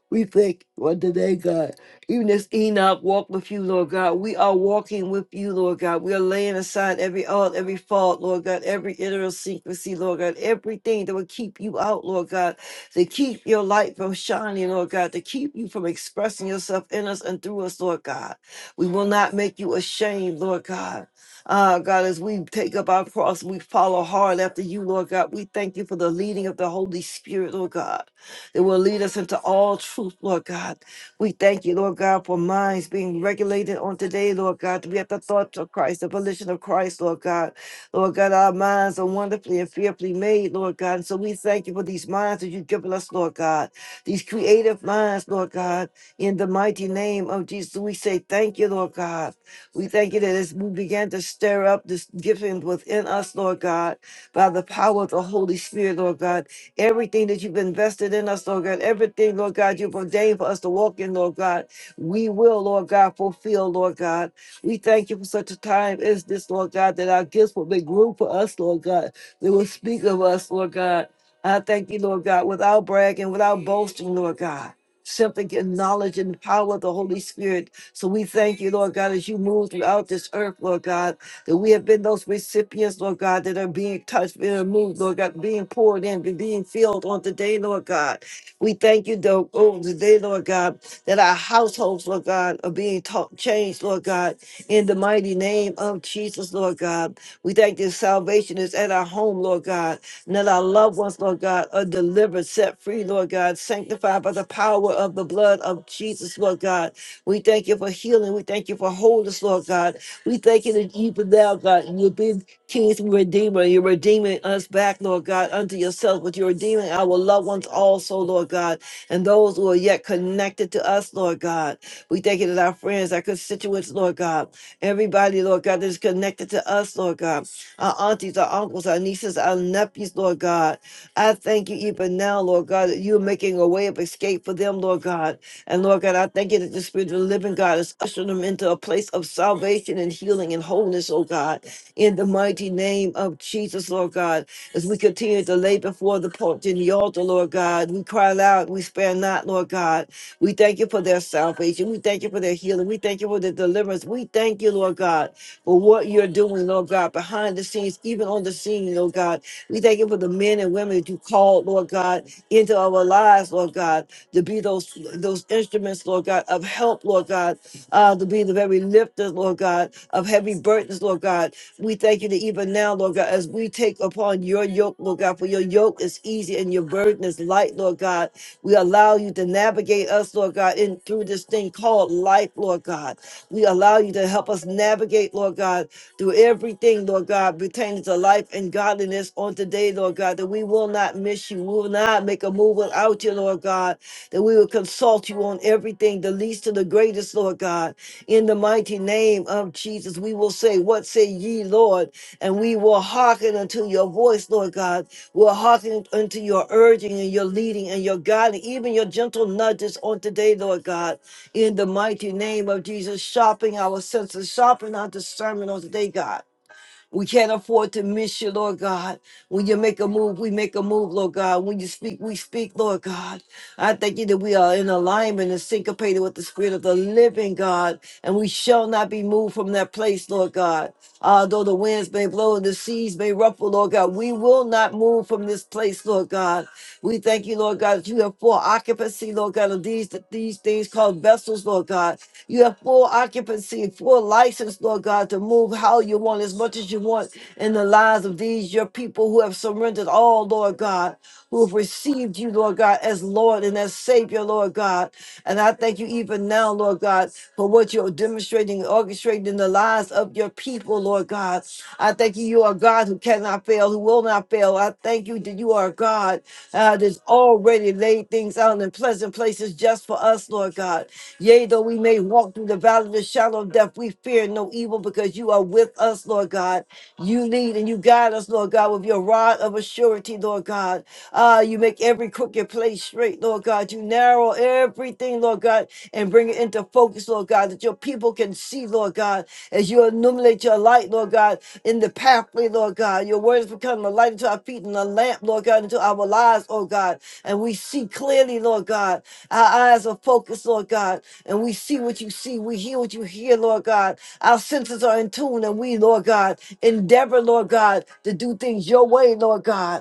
We thank you on today, God. Even as Enoch walked with you, Lord God, we are walking with you, Lord God. We are laying aside every odd, every fault, Lord God, every idiosyncrasy, Lord God, everything that would keep you out, Lord God, to keep your light from shining, Lord God, to keep you from expressing yourself in us and through us, Lord God. We will not make you ashamed, Lord God. Ah, God, as we take up our cross, we follow hard after you, Lord God. We thank you for the leading of the Holy Spirit, Lord God that will lead us into all truth, Lord God. We thank you, Lord God, for minds being regulated on today, Lord God, to be at the thoughts of Christ, the volition of Christ, Lord God. Lord God, our minds are wonderfully and fearfully made, Lord God. And so we thank you for these minds that you've given us, Lord God, these creative minds, Lord God. In the mighty name of Jesus, we say thank you, Lord God. We thank you that as we began to stir up this gifting within us, Lord God, by the power of the Holy Spirit, Lord God. Everything that you've invested in us, Lord God, everything, Lord God, you've ordained for us to walk in, Lord God, we will, Lord God, fulfill, Lord God. We thank you for such a time as this, Lord God, that our gifts will be groomed for us, Lord God. They will speak of us, Lord God. I thank you, Lord God, without bragging, without boasting, Lord God. Simply acknowledging the power of the Holy Spirit so we thank you, Lord God, as you move throughout this earth, Lord God, that we have been those recipients, Lord God, that are being touched, being moved, Lord God, being poured in, being filled on today, Lord God. We thank you, though, oh, today, Lord God, that our households, Lord God, are being taught, changed, Lord God, in the mighty name of Jesus, Lord God. We thank you, salvation is at our home, Lord God, and that our loved ones, Lord God, are delivered, set free, Lord God, sanctified by the power of the blood of Jesus, Lord God. We thank you for healing. We thank you for wholeness, Lord God. We thank you that even now, God, you've been King's Redeemer. You're redeeming us back, Lord God, unto yourself, but you're redeeming our loved ones also, Lord God, and those who are yet connected to us, Lord God. We thank you that our friends, our constituents, Lord God, everybody, Lord God, that is connected to us, Lord God, our aunties, our uncles, our nieces, our nephews, Lord God. I thank you even now, Lord God, that you're making a way of escape for them, Lord God. And Lord God, I thank you that the Spirit of the living God is ushering them into a place of salvation and healing and wholeness, oh God, in the mighty name of Jesus, Lord God. As we continue to lay before the porch and the altar, Lord God, we cry aloud, we spare not, Lord God. We thank you for their salvation. We thank you for their healing. We thank you for their deliverance. We thank you, Lord God, for what you're doing, Lord God, behind the scenes, even on the scene, Lord God. We thank you for the men and women women that you called, Lord God, into our lives, Lord God, to be those those instruments, Lord God, of help, Lord God, uh, to be the very lifters, Lord God, of heavy burdens, Lord God. We thank you that even now, Lord God, as we take upon your yoke, Lord God, for your yoke is easy and your burden is light, Lord God. We allow you to navigate us, Lord God, in through this thing called life, Lord God. We allow you to help us navigate, Lord God, through everything, Lord God, pertaining to life and godliness on today, Lord God, that we will not miss you. We will not make a move without you, Lord God, that we will consult you on everything, the least to the greatest, Lord God. In the mighty name of Jesus, we will say, What say ye, Lord? And we will hearken unto your voice, Lord God. We'll hearken unto your urging and your leading and your guiding, even your gentle nudges on today, Lord God in the mighty name of Jesus, sharpen our senses, sharpen our discernment on today, God. We can't afford to miss you, Lord God. When you make a move, we make a move, Lord God. When you speak, we speak, Lord God. I thank you that we are in alignment and syncopated with the Spirit of the living God, and we shall not be moved from that place, Lord God. Although the winds may blow and the seas may ruffle, Lord God, we will not move from this place, Lord God. We thank you, Lord God, that you have full occupancy, Lord God, of these, these these things called vessels, Lord God. You have full occupancy, full license, Lord God, to move how you want, as much as you want in the lives of these, your people who have surrendered all, Lord God, who have received you, Lord God, as Lord and as Savior, Lord God. And I thank you even now, Lord God, for what you're demonstrating, orchestrating in the lives of your people, Lord God. I thank you, you are God who cannot not fail, who will not fail. I thank you that you are a God uh, that's already laid things out in pleasant places just for us, Lord God. Yea, though we may walk through the valley of the shadow of death, we fear no evil because you are with us, Lord God. You lead and you guide us, Lord God, with your rod of assurity, Lord God. Ah, you make every crooked place straight, Lord God. You narrow everything, Lord God, and bring it into to focus, Lord God, that your people can see, Lord God, as you illuminate your light, Lord God, in the pathway, Lord God. Your word has become a light unto our feet and a lamp, Lord God, into our lives, oh God. And we see clearly, Lord God. Our eyes are focused, Lord God, and we see what you see. We hear what you hear, Lord God. Our senses are in tune, and we, Lord God, endeavor, Lord God, to do things your way, Lord God.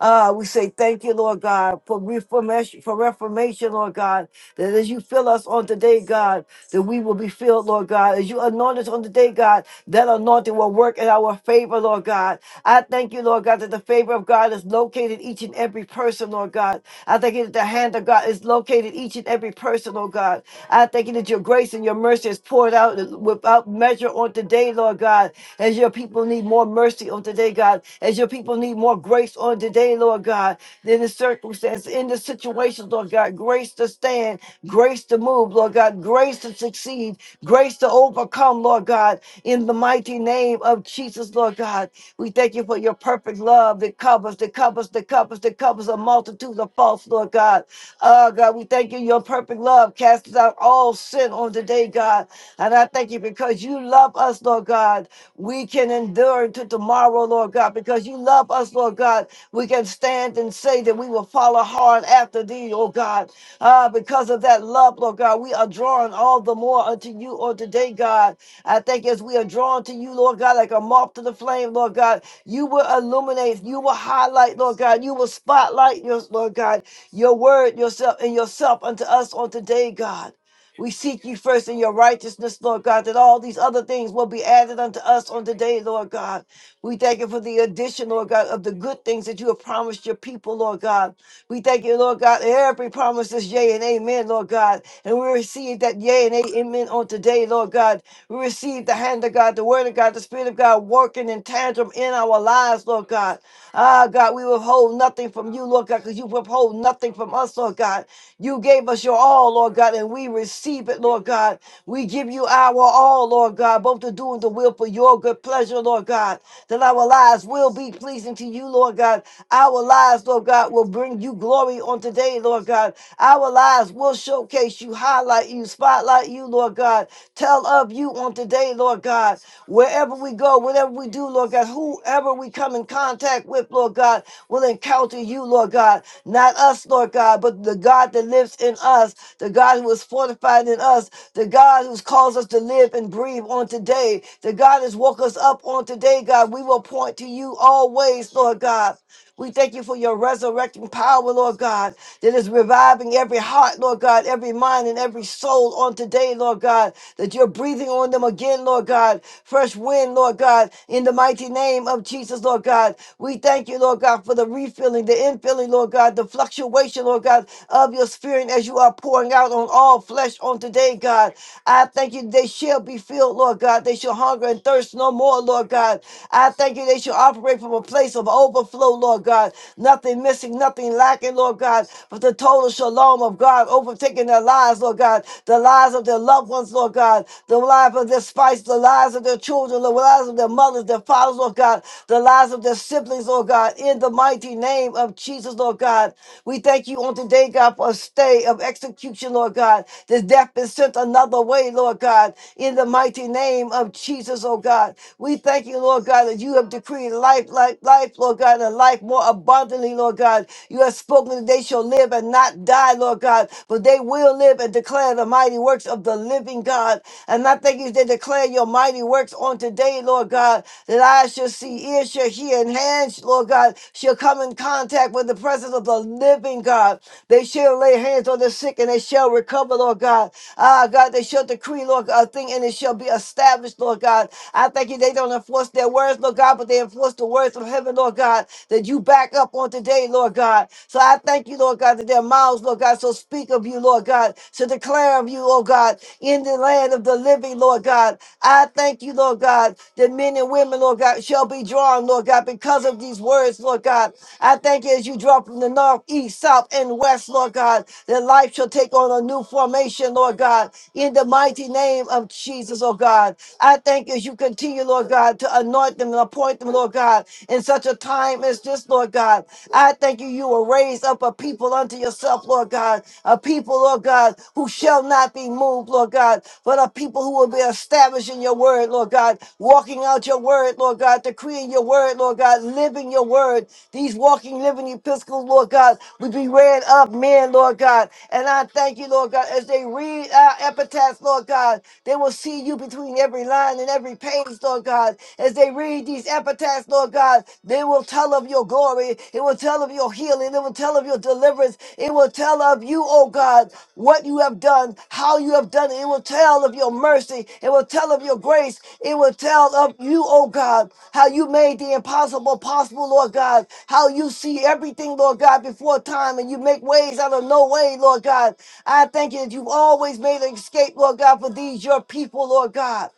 Uh, we say thank you, Lord God, for reformation, for reformation, Lord God, that as you fill us on today, God, that we will be filled, Lord God. As you anoint us on today, God, that anointing will work in our favor, Lord God. I thank you, Lord God, that the favor of God is located each and every person, Lord God. I thank you that the hand of God is located each and every person, oh God. I thank you that your grace and your mercy is poured out without measure on today, Lord God, as your people need more mercy mercy on today, God, as your people need more grace on today, Lord God, than the circumstance, in the situation, Lord God. Grace to stand, grace to move, Lord God, grace to succeed, grace to overcome, Lord God, in the mighty name of Jesus, Lord God. We thank you for your perfect love that covers, that covers, that covers, that covers a multitude of faults, Lord God. Oh, God, we thank you. Your perfect love casts out all sin on today, God. And I thank you because because you love us, Lord God, we can endure to tomorrow, Lord God, because you love us, Lord God, we can stand and say that we will follow hard after thee, oh God. Ah, because of that love, Lord God, we are drawn all the more unto you on today, God. I think as we are drawn to you, Lord God, like a moth to the flame, Lord God, you will illuminate, you will highlight, Lord God, you will spotlight your Lord God, your word, yourself, and yourself unto us on today, God. We seek you first in your righteousness, Lord God, that all these other things will be added unto us on today, Lord God. We thank you for the addition, Lord God, of the good things that you have promised your people, Lord God. We thank you, Lord God. Every promise is yea and amen, Lord God. And we receive that yea and amen on today, Lord God. We receive the hand of God, the word of God, the spirit of God working in tandem in our lives, Lord God. Ah, God, we withhold nothing from you, Lord God, because you withhold nothing from us, Lord God. You gave us your all, Lord God, and we receive it, Lord God. We give you our all, Lord God, both to do and the will for your good pleasure, Lord God, that our lives will be pleasing to you, Lord God. Our lives, Lord Lord God, will bring you glory on today, Lord God. Our lives will showcase you, highlight you, spotlight you, Lord God. Tell of you on today, Lord God. Wherever we go, whatever we do, Lord God, whoever we come in contact with, Lord God, will encounter you, Lord God. Not us, Lord God, but the God that lives in us, the God who is fortified in us, the God who's caused us to live and breathe on today, the God has woke us up on today, God. We will point to you always, Lord God. We thank you for your resurrecting power, Lord God, that is reviving every heart, Lord God, every mind, and every soul on today, Lord God, that you're breathing on them again, Lord God. Fresh wind, Lord God, in the mighty name of Jesus, Lord God. We thank you, Lord God, for the refilling, the infilling, Lord God, the fluctuation, Lord God, of your spirit as you are pouring out on all flesh on today, God. I thank you, they shall be filled, Lord God. They shall hunger and thirst no more, Lord God. I thank you, they shall operate from a place of of overflow, Lord God. Nothing missing, nothing lacking, Lord God. But the total shalom of God overtaking their lives, Lord God. The lives of their loved ones, Lord God. The lives of their spouse, the lives of their children, the lives of their mothers, their fathers, Lord God. The lives of their siblings, Lord God. In the mighty name of Jesus, Lord God. We thank you on today, God, for a stay of execution, Lord God. This death is sent another way, Lord God. In the mighty name of Jesus, oh God. We thank you, Lord God, that you have decreed life life, life, life, Lord God, and life more abundantly, Lord God. You have spoken that they shall live and not die, Lord God, but they will live and declare the mighty works of the living God. And I thank you, they declare your mighty works on today, Lord God, that eyes shall see, ears shall hear, and hands, Lord God, shall come in contact with the presence of the living God. They shall lay hands on the sick and they shall recover, Lord God. Ah, God, they shall decree, Lord, a thing and it shall be established, Lord God. I thank you, they don't enforce their words, Lord words, Lord God, but they enforce the words from heaven, Lord God, that you back up on today, Lord God. So I thank you, Lord God, that their mouths, Lord God, so speak of you, Lord God, to declare of you, oh God, in the land of the living, Lord God. I thank you, Lord God, that men and women, Lord God, shall be drawn, Lord God, because of these words, Lord God. I thank you as you draw from the north, east, south, and west, Lord God, that life shall take on a new formation, Lord God, in the mighty name of Jesus, oh God. I thank you as you continue, Lord God. God, to anoint them and appoint them, Lord God, in such a time as this, Lord God. I thank you, you will raise up a people unto yourself, Lord God, a people, Lord God, who shall not be moved, Lord God, but a people who will be established in your word, Lord God, walking out your word, Lord God, decreeing your word, Lord God, living your word. These walking, living epistles, Lord God, would be read up, men, Lord God. And I thank you, Lord God, as they read our epitaphs, Lord God, they will see you between every line and every every page, Lord God. As they read these epitaphs, Lord God, they will tell of your glory. It will tell of your healing. It will tell of your deliverance. It will tell of you, oh God, what you have done, how you have done it. It will tell of your mercy. It will tell of your grace. It will tell of you, oh God, how you made the impossible possible, Lord God. How you see everything, Lord God, before time and you make ways out of no way, Lord God. I thank you that you've always made an escape, Lord God, for these, your people, Lord God.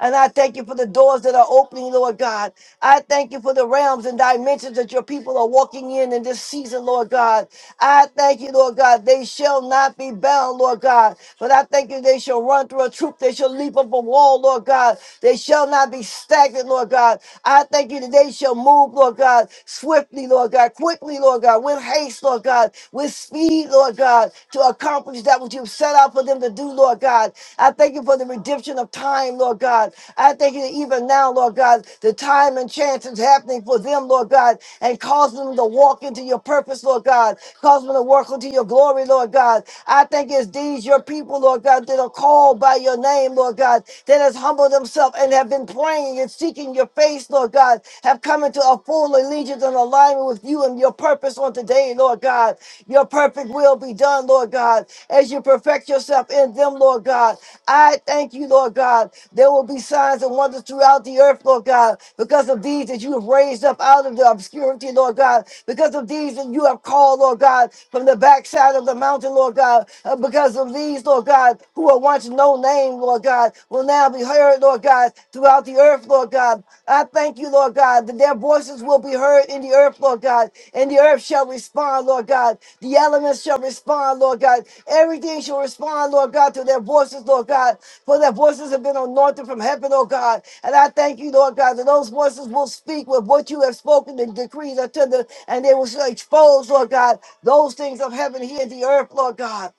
And I thank you for the doors that are opening, Lord God. I thank you for the realms and dimensions that your people are walking in in this season, Lord God. I thank you, Lord God. They shall not be bound, Lord God. But I thank you, they shall run through a troop. They shall leap up a wall, Lord God. They shall not be stagnant, Lord God. I thank you that they shall move, Lord God, swiftly, Lord God, quickly, Lord God, with haste, Lord God, with speed, Lord God, to accomplish accomplish that which you've set out for them to do, Lord God. I thank you for the redemption of time, Lord God. I thank you that even now, Lord God, the time and chance is happening for them, Lord God, and cause them to walk into your purpose, Lord God. Cause them to walk into your glory, Lord God. I thank it's these your people, Lord God, that are called by your name, Lord God, that has humbled themselves and have been praying and seeking your face, Lord God, have come into a full allegiance and a alignment with you and your purpose on today, Lord God. Your perfect will be done, Lord God, as you perfect yourself in them, Lord God. I thank you, Lord God. There will be signs and wonders throughout the earth, Lord God, because of these that you have raised up out of the obscurity, Lord God, because of these that you have called, Lord God, from the backside of the mountain, Lord God, Uh, because of these, Lord God, who were once no name, Lord God, will now be heard, Lord God. Lord God, throughout the earth, Lord God. I thank you, Lord God, that their voices will be heard in the earth, Lord God, and the earth shall respond, Lord God. The elements shall respond, Lord God. Everything shall respond, Lord God, to their voices, Lord God, for their voices have been anointed from heaven, oh God. And I thank you, Lord God, that those voices will speak with what you have spoken and decrees unto them, and they will expose, Lord God, those things of heaven here in the earth, Lord God.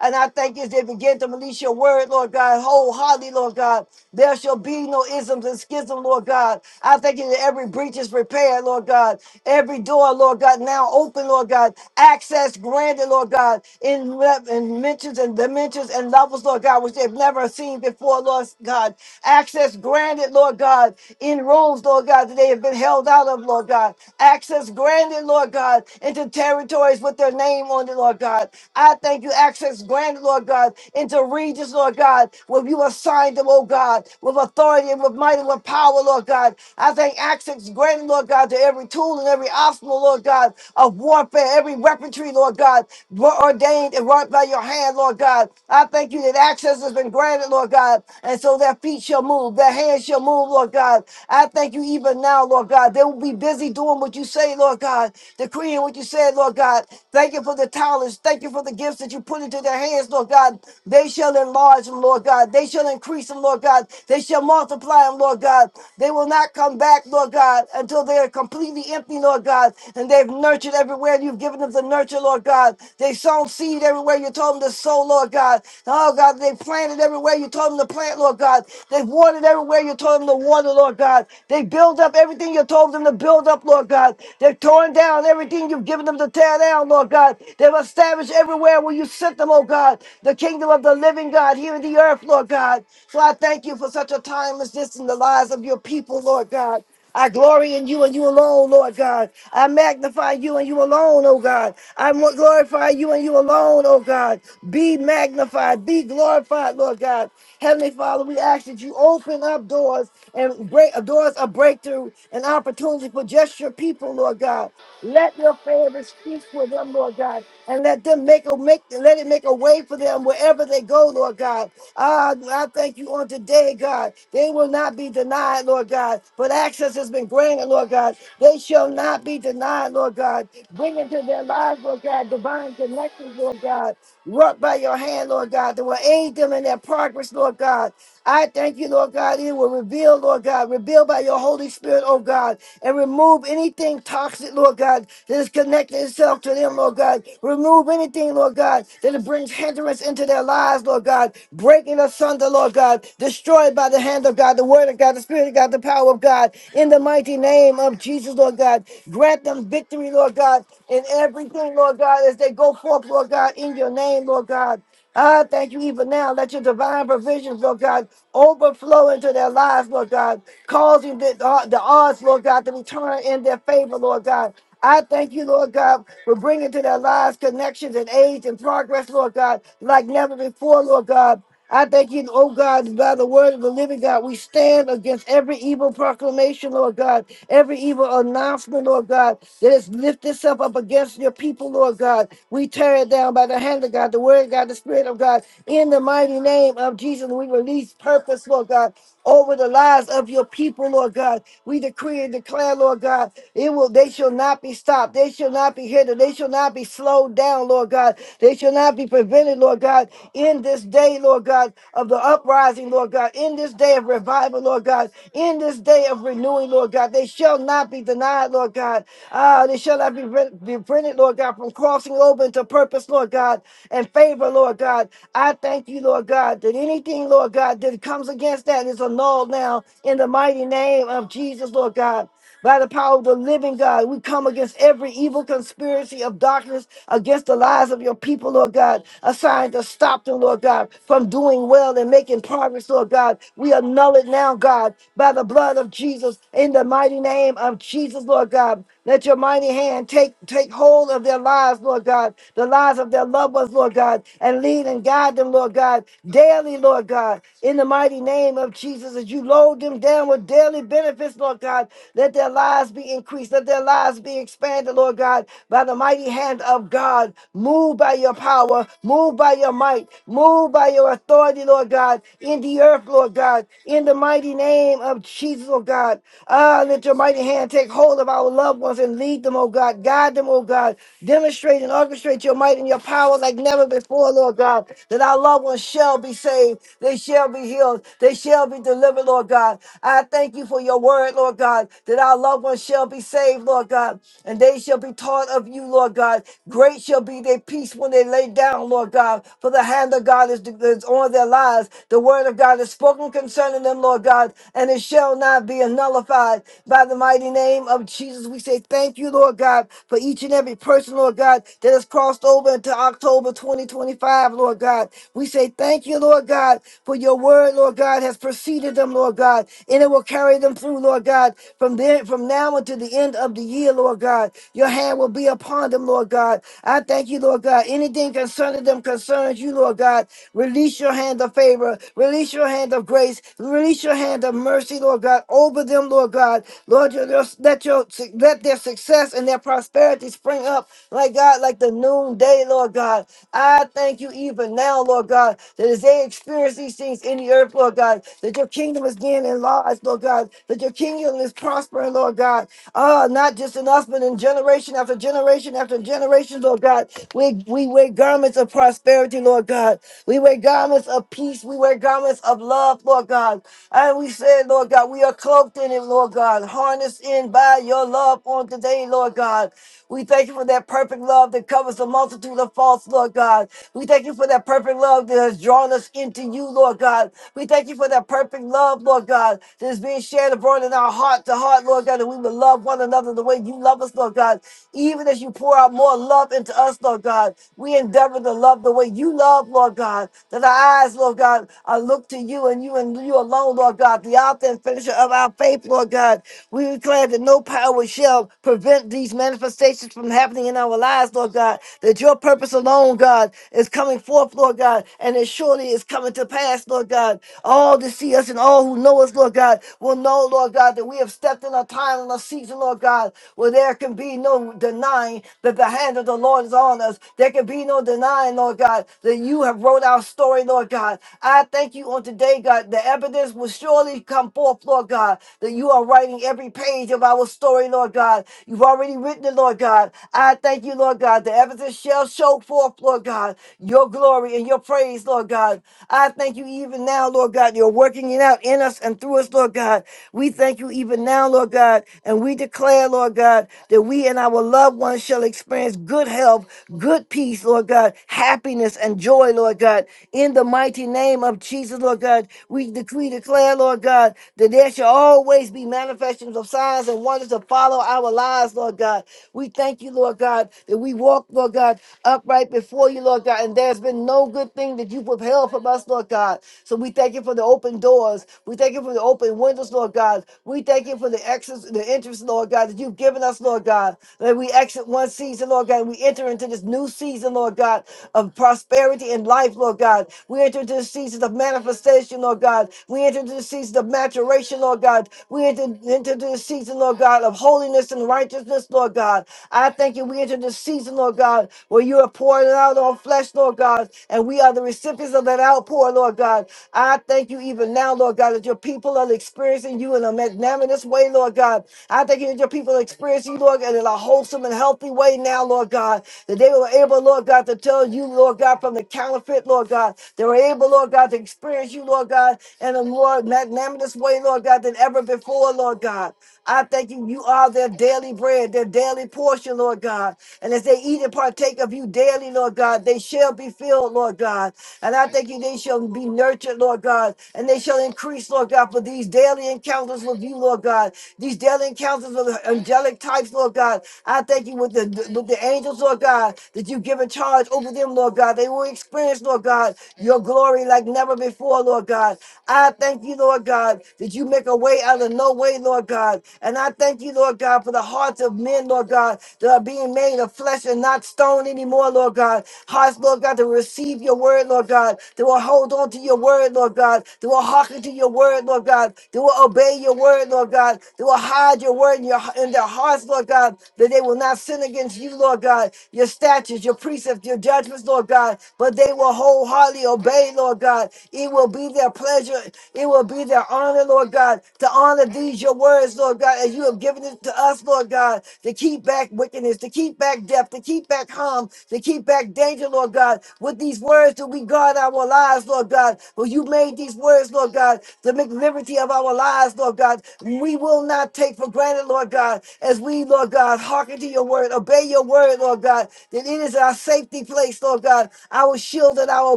And I thank you as they begin to release your word, Lord God, wholeheartedly, Lord God. There shall be no isms and schism, Lord God. I thank you that every breach is repaired, Lord God. Every door, Lord God, now open, Lord God. Access granted, Lord God, in, le- in mentions and dimensions and levels, Lord God, which they've never seen before, Lord God. Access granted, Lord God, in rooms, Lord God, that they have been held out of, Lord God. Access granted, Lord God, into territories with their name on it, Lord God. I thank you. Access granted, Lord God, into regions, Lord God, where you assigned them, oh God, with authority and with might and with power, Lord God. I thank access granted, Lord God, to every tool and every obstacle, Lord God, of warfare, every weaponry, Lord God, were ordained and wrought by your hand, Lord God. I thank you that access has been granted, Lord God, and so their feet shall move, their hands shall move, Lord God. I thank you even now, Lord God. They will be busy doing what you say, Lord God, decreeing what you said, Lord God. Thank you for the talents knowledge. Thank you for the gifts that you put into their hands, Lord God. They shall enlarge them, Lord God. They shall increase them, Lord God. They shall multiply them, Lord God. They will not come back, Lord God, until they are completely empty, Lord God. And they've nurtured everywhere you've given them the nurture, Lord God. They've sown seed everywhere you told them to sow, Lord God. Oh, God, they have planted everywhere you told them to plant, Lord God. They've watered everywhere you told them to water, Lord God. They build up everything you told them to build up, Lord God. They've torn down everything you've given them to tear down, Lord Lord God. They've established everywhere where you sent them, oh God, the kingdom of the living God here in the earth, Lord God. So I thank you for such a time as this in the lives of your people, Lord God. I glory in you and you alone, Lord God. I magnify you and you alone, oh God. I mo- glorify you and you alone, oh God. Be magnified, be glorified, Lord God. Heavenly Father, we ask that you open up doors and break doors of breakthrough and opportunity for just your people, Lord God. Let your favor speak for them, Lord God, and let them make a make let it make a way for them wherever they go, Lord God. Ah, I thank you on today, God. They will not be denied, Lord God, but access has been granted, Lord God. They shall not be denied, Lord God. Bring into their lives, Lord God, divine connections, Lord God. Work by your hand, Lord God, that will aid them in their progress progress, Lord God. I thank you, Lord God. It will reveal, Lord God, reveal by your Holy Spirit, oh God, and remove anything toxic, Lord God, that is connected itself to them, Lord God. Remove anything, Lord God, that brings hindrance into their lives, Lord God, breaking asunder, Lord God, destroyed by the hand of God, the word of God, the spirit of God, the power of God, in the mighty name of Jesus, Lord God. Grant them victory, Lord God, in everything, Lord God, as they go forth, Lord God, in your name, Lord God. I thank you even now. Let your divine provisions, Lord God, overflow into their lives, Lord God, causing the, uh, the odds, Lord God, to be turned in their favor, Lord God. I thank you, Lord God, for bringing to their lives connections and age and progress, Lord God, like never before, Lord God. I thank you, oh God, that by the word of the living God, we stand against every evil proclamation, Lord God, every evil announcement, Lord God, that has lifted itself up against your people, Lord God. We tear it down by the hand of God, the word of God, the spirit of God. In the mighty name of Jesus, we release purpose, Lord God over the lives of your people, Lord God. We decree and declare, Lord God, it will they shall not be stopped, they shall not be hindered, they shall not be slowed down, Lord God. They shall not be prevented, Lord God, in this day, Lord God, of the uprising, Lord God, in this day of revival, Lord God, in this day of renewing, Lord God. They shall not be denied, Lord God. Ah, they shall not be re- be prevented, Lord God, from crossing over into purpose, Lord God, and favor, Lord God. I thank you, Lord God, that anything, Lord God, that comes against against that is annulled now in the mighty name of Jesus, Lord God. By the power of the living God, we come against every evil conspiracy of darkness against the lives of your people, Lord God, assigned to stop them, Lord God, from doing well and making progress, Lord God. We annul it now, God, by the blood of Jesus, in the mighty name of Jesus, Lord God. Let your mighty hand take take hold of their lives, Lord God, the lives of their loved ones, Lord God, and lead and guide them, Lord God, daily, Lord God, in the the mighty name of Jesus as you load them down with daily benefits, Lord God. Let their lives be increased. Let their lives be expanded, Lord God, by the mighty hand of God. Move by your power. Move by your might. Move by your authority, Lord God, in the earth, Lord God, in the mighty name of Jesus, oh God. Ah, let your mighty hand take hold of our loved ones and lead them, oh God. Guide them, oh God. Demonstrate and orchestrate your might and your power like never before, Lord God, that our loved ones shall be saved. They shall be healed. They shall be delivered, Lord God. I thank you for your word, Lord God, that our loved ones shall be saved, Lord God, and they shall be taught of you, Lord God. Great shall be their peace when they lay down, Lord God, for the hand of God is, is on their lives. The word of God is spoken concerning them, Lord God, and it shall not be nullified. By the mighty name of Jesus, we say thank you, Lord God, for each and every person, Lord God, that has crossed over into October 2025, Lord God. We say thank you, Lord God. God, for your word, Lord God, has preceded them, Lord God, and it will carry them through, Lord God, from there, from now until the end of the year, Lord God. Your hand will be upon them, Lord God. I thank you, Lord God. Anything concerning them concerns you, Lord God. Release your hand of favor, release your hand of grace, release your hand of mercy, Lord God, over them, Lord God. Lord, your, your- let your let their success and their prosperity spring up, like God, like the noonday, Lord God. I thank you even now, Lord God that as they experience these things in the earth, Lord God, that your kingdom is being enlarged, Lord God, that your kingdom is prospering, Lord God. Ah, not just in us, but in generation after generation after generation, Lord God. We, we wear garments of prosperity, Lord God. We wear garments of peace. We wear garments of love, Lord God. And we say, Lord God, we are cloaked in it, Lord God. Harnessed in by your love on today, Lord God. We thank you for that perfect love that covers the multitude of faults, Lord God. We thank you for that perfect love that has drawn us into you, Lord God. We thank you for that perfect love, Lord God, that is being shared abroad in our heart to heart, Lord God, that we will love one another the way you love us, Lord God. Even as you pour out more love into us, Lord God, we endeavor to love the way you love, Lord God. That our eyes, Lord God, are look to you and you and you alone, Lord God, the author and finisher of our faith, Lord God. We declare that no power shall prevent these manifestations from happening in our lives, Lord God. That your purpose alone, God, is coming forth, Lord God, and it surely is coming to pass, Lord God. All to see us and all who know us, Lord God, will know, Lord God, that we have stepped in a time and a season, Lord God, where there can be no denying that the hand of the Lord is on us. There can be no denying, Lord God, that you have wrote our story, Lord God. I thank you on today, God, the of this will surely come forth, Lord God, that you are writing every page of our story, Lord God. You've already written it, Lord God. I thank you, Lord God. The evidence shall show forth, Lord God, your glory and your praise, Lord God. I thank you even now, Lord God. You're working it out in us and through us, Lord God. We thank you even now, Lord God. And we declare, Lord God, that we and our loved ones shall experience good health, good peace, Lord God, happiness and joy, Lord God. God. In the mighty name of Jesus, Lord God, we decree, declare, Lord God, that there shall always be manifestations of signs and wonders to follow our lives, Lord God. We thank you, Lord God, that we walk, Lord God, upright before you, Lord God, and there's been no good thing that you've withheld from us, Lord God. So we thank you for the open doors. We thank you for the open windows, Lord God. We thank you for the exits, the entrance, Lord God, that you've given us, Lord God. That we exit one season, Lord God, and we enter into into this new season, Lord God, of prosperity and life, Lord God. We enter into the season of manifestation, Lord God. We enter into the season of maturation, Lord God. We enter into the season, Lord God, of holiness and righteousness, Lord God. I thank you. We enter the season, Lord God, where you are pouring out on flesh, Lord God, and we are the recipients of that outpour, Lord God. I thank you even now, Lord God, that your people are experiencing you in a magnanimous way, Lord God. I thank you that your people are experience you, Lord God, in a wholesome and healthy way now, Lord God. That they were able, Lord God, to tell you, Lord God, from the counterfeit, Lord God. They were able, Lord God, to experience you, Lord God, in a more magnanimous way, Lord God, than ever before, Lord God. I thank you. You are their daily bread, their daily portion, Lord God. And as they eat and partake of you daily, Lord God, they shall be filled, Lord God. And I thank you, they shall be nurtured, Lord God, and they shall increase, Lord God, for these daily encounters encounters with you, Lord God. These daily encounters with angelic types, Lord God. I thank you with the with the angels, Lord God, that you have given charge over them, Lord God. They will experience, Lord God, your glory like never before, Lord God. I thank you, Lord God, that you make a way out of no way, Lord God. And I thank you, Lord God, for the hearts of men, Lord God, that are being made of flesh and not stone anymore, Lord God. Hearts, Lord God, to receive your word, Lord God, that will hold on to your word word, Lord God. They will hearken to your word, Lord God. They will obey your word, Lord God. They will hide your word in, your, in their hearts, Lord God, that they will not sin against you, Lord God. Your statutes, your precepts, your judgments, Lord God, but they will wholeheartedly obey, Lord God. It will be their pleasure. It will be their honor, Lord God, to honor these, your words, Lord God, as you have given it to us, Lord God, to keep back wickedness, to keep back death, to keep back harm, to keep back danger, Lord God. Lord God. With these words do we guard our lives, Lord God. For you made these words, Lord God, to make liberty of our lives, Lord God. We will not take for granted, Lord God, as we, Lord God, hearken to your word, obey your word, Lord God, that it is our safety place, Lord God, our shield and our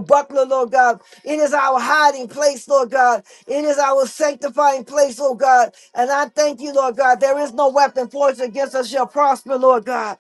buckler, Lord God. It is our hiding place, Lord God. It is our sanctifying place, Lord God. And I thank you, Lord God. There is no weapon forged against us shall prosper, Lord God.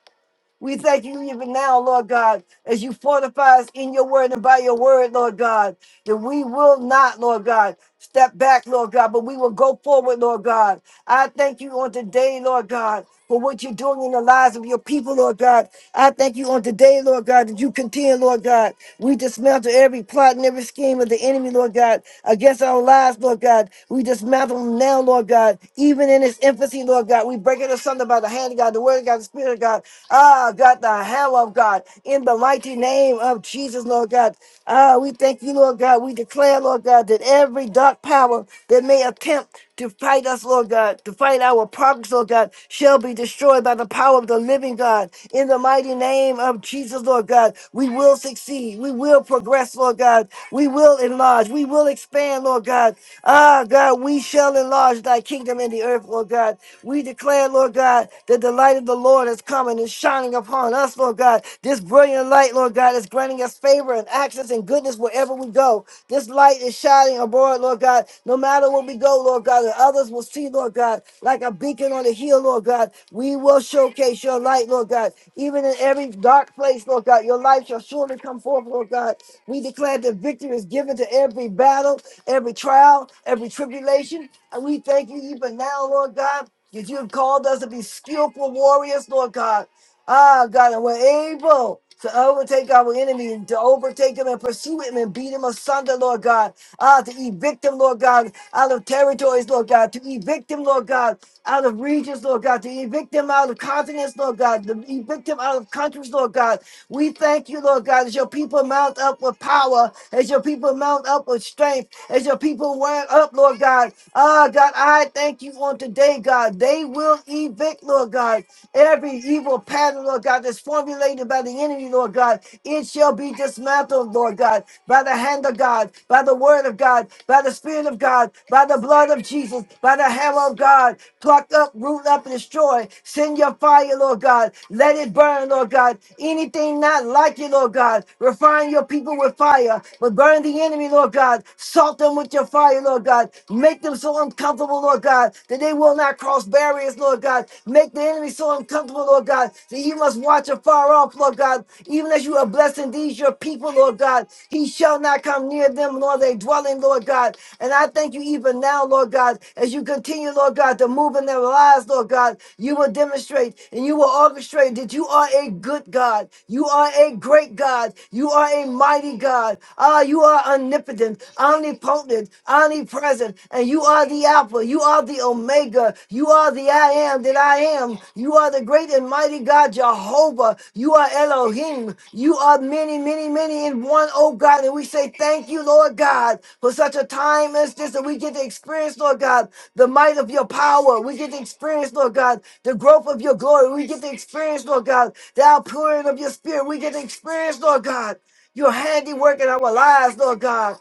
We thank you even now, Lord God, as you fortify us in your word and by your word, Lord God, that we will not, Lord God, step back, Lord God, but we will go forward, Lord God. I thank you on today, Lord God, for what you're doing in the lives of your people, Lord God. I thank you on today, Lord God, that you contend, Lord God. We dismantle every plot and every scheme of the enemy, Lord God, against our lives, Lord God. We dismantle them now, Lord God, even in its infancy, Lord God. We break it asunder by the hand of God word of God, the spirit of God. Ah, God, the hell of God. In the mighty name of Jesus, Lord God. Ah, we thank you, Lord God. We declare, Lord God, that every dark power that may attempt to fight us, Lord God, to fight our progress, Lord God, shall be destroyed by the power of the living God. In the mighty name of Jesus, Lord God, we will succeed. We will progress, Lord God. We will enlarge. We will expand, Lord God. Ah, God, we shall enlarge thy kingdom in the earth, Lord God. We we declare, Lord God, that the light of the Lord is coming and shining upon us, Lord God. This brilliant light, Lord God, is granting us favor and access and goodness wherever we go. This light is shining abroad, Lord God, no matter where we go, Lord God, and others will see, Lord God, like a beacon on the hill, Lord God. We will showcase your light, Lord God. Even in every dark place, Lord God, your light shall surely come forth, Lord God. We declare that victory is given to every battle, every trial, every tribulation. And we thank you even now, Lord God that you have called us to be skillful warriors, Lord God. Ah, God, and we're able to overtake our enemy and to overtake him and pursue him and beat him asunder, Lord God. Ah, to evict him, Lord God, out of territories, Lord God. To evict him, Lord God, out of regions, Lord God. To evict him out of continents, Lord God. To evict him out of countries, Lord God. We thank you, Lord God, as your people mount up with power, as your people mount up with strength, as your people mount up, Lord God. Ah, God. Lord God, I thank you on today, God. They will evict, Lord God, every evil pattern, Lord God, that's formulated by the enemy, Lord God. It shall be dismantled, Lord God, by the hand of God, by the word of God, by the spirit of God, by the blood of Jesus, by the hammer of God. Pluck up, root up, and destroy. Send your fire, Lord God. Let it burn, Lord God. Anything not like you, Lord God. Refine your people with fire, but burn the enemy, Lord God. Salt them with your your fire, Lord God. Make them so uncomfortable, Lord God, that they will not cross barriers, Lord God. Make the enemy so uncomfortable, Lord God, that He must watch afar off, Lord God. Even as you are blessing these, your people, Lord God, he shall not come near them, nor they dwelling, Lord God. And I thank you even now, Lord God, as you continue, Lord God, to move in their lives, Lord God. You will demonstrate and you will orchestrate that you are a good God. You are a great God. You are a mighty God. Ah, you are are omnipotent, omnipotent, omnipresent, and you are the Alpha, you are the Omega, you are the I am that I am, you are the great and mighty God Jehovah, you are Elohim, you are many, many, many in one, oh God, and we say thank you, Lord God, for such a time as this that we get to experience, Lord God, the might of your power, we get to experience, Lord God, the growth of your glory, we get to experience, Lord God, the outpouring of your spirit, we get to experience, Lord God your handiwork in our lives, Lord God.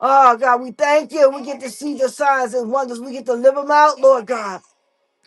Oh, God, we thank you. We get to see the signs and wonders. We get to live them out, Lord God.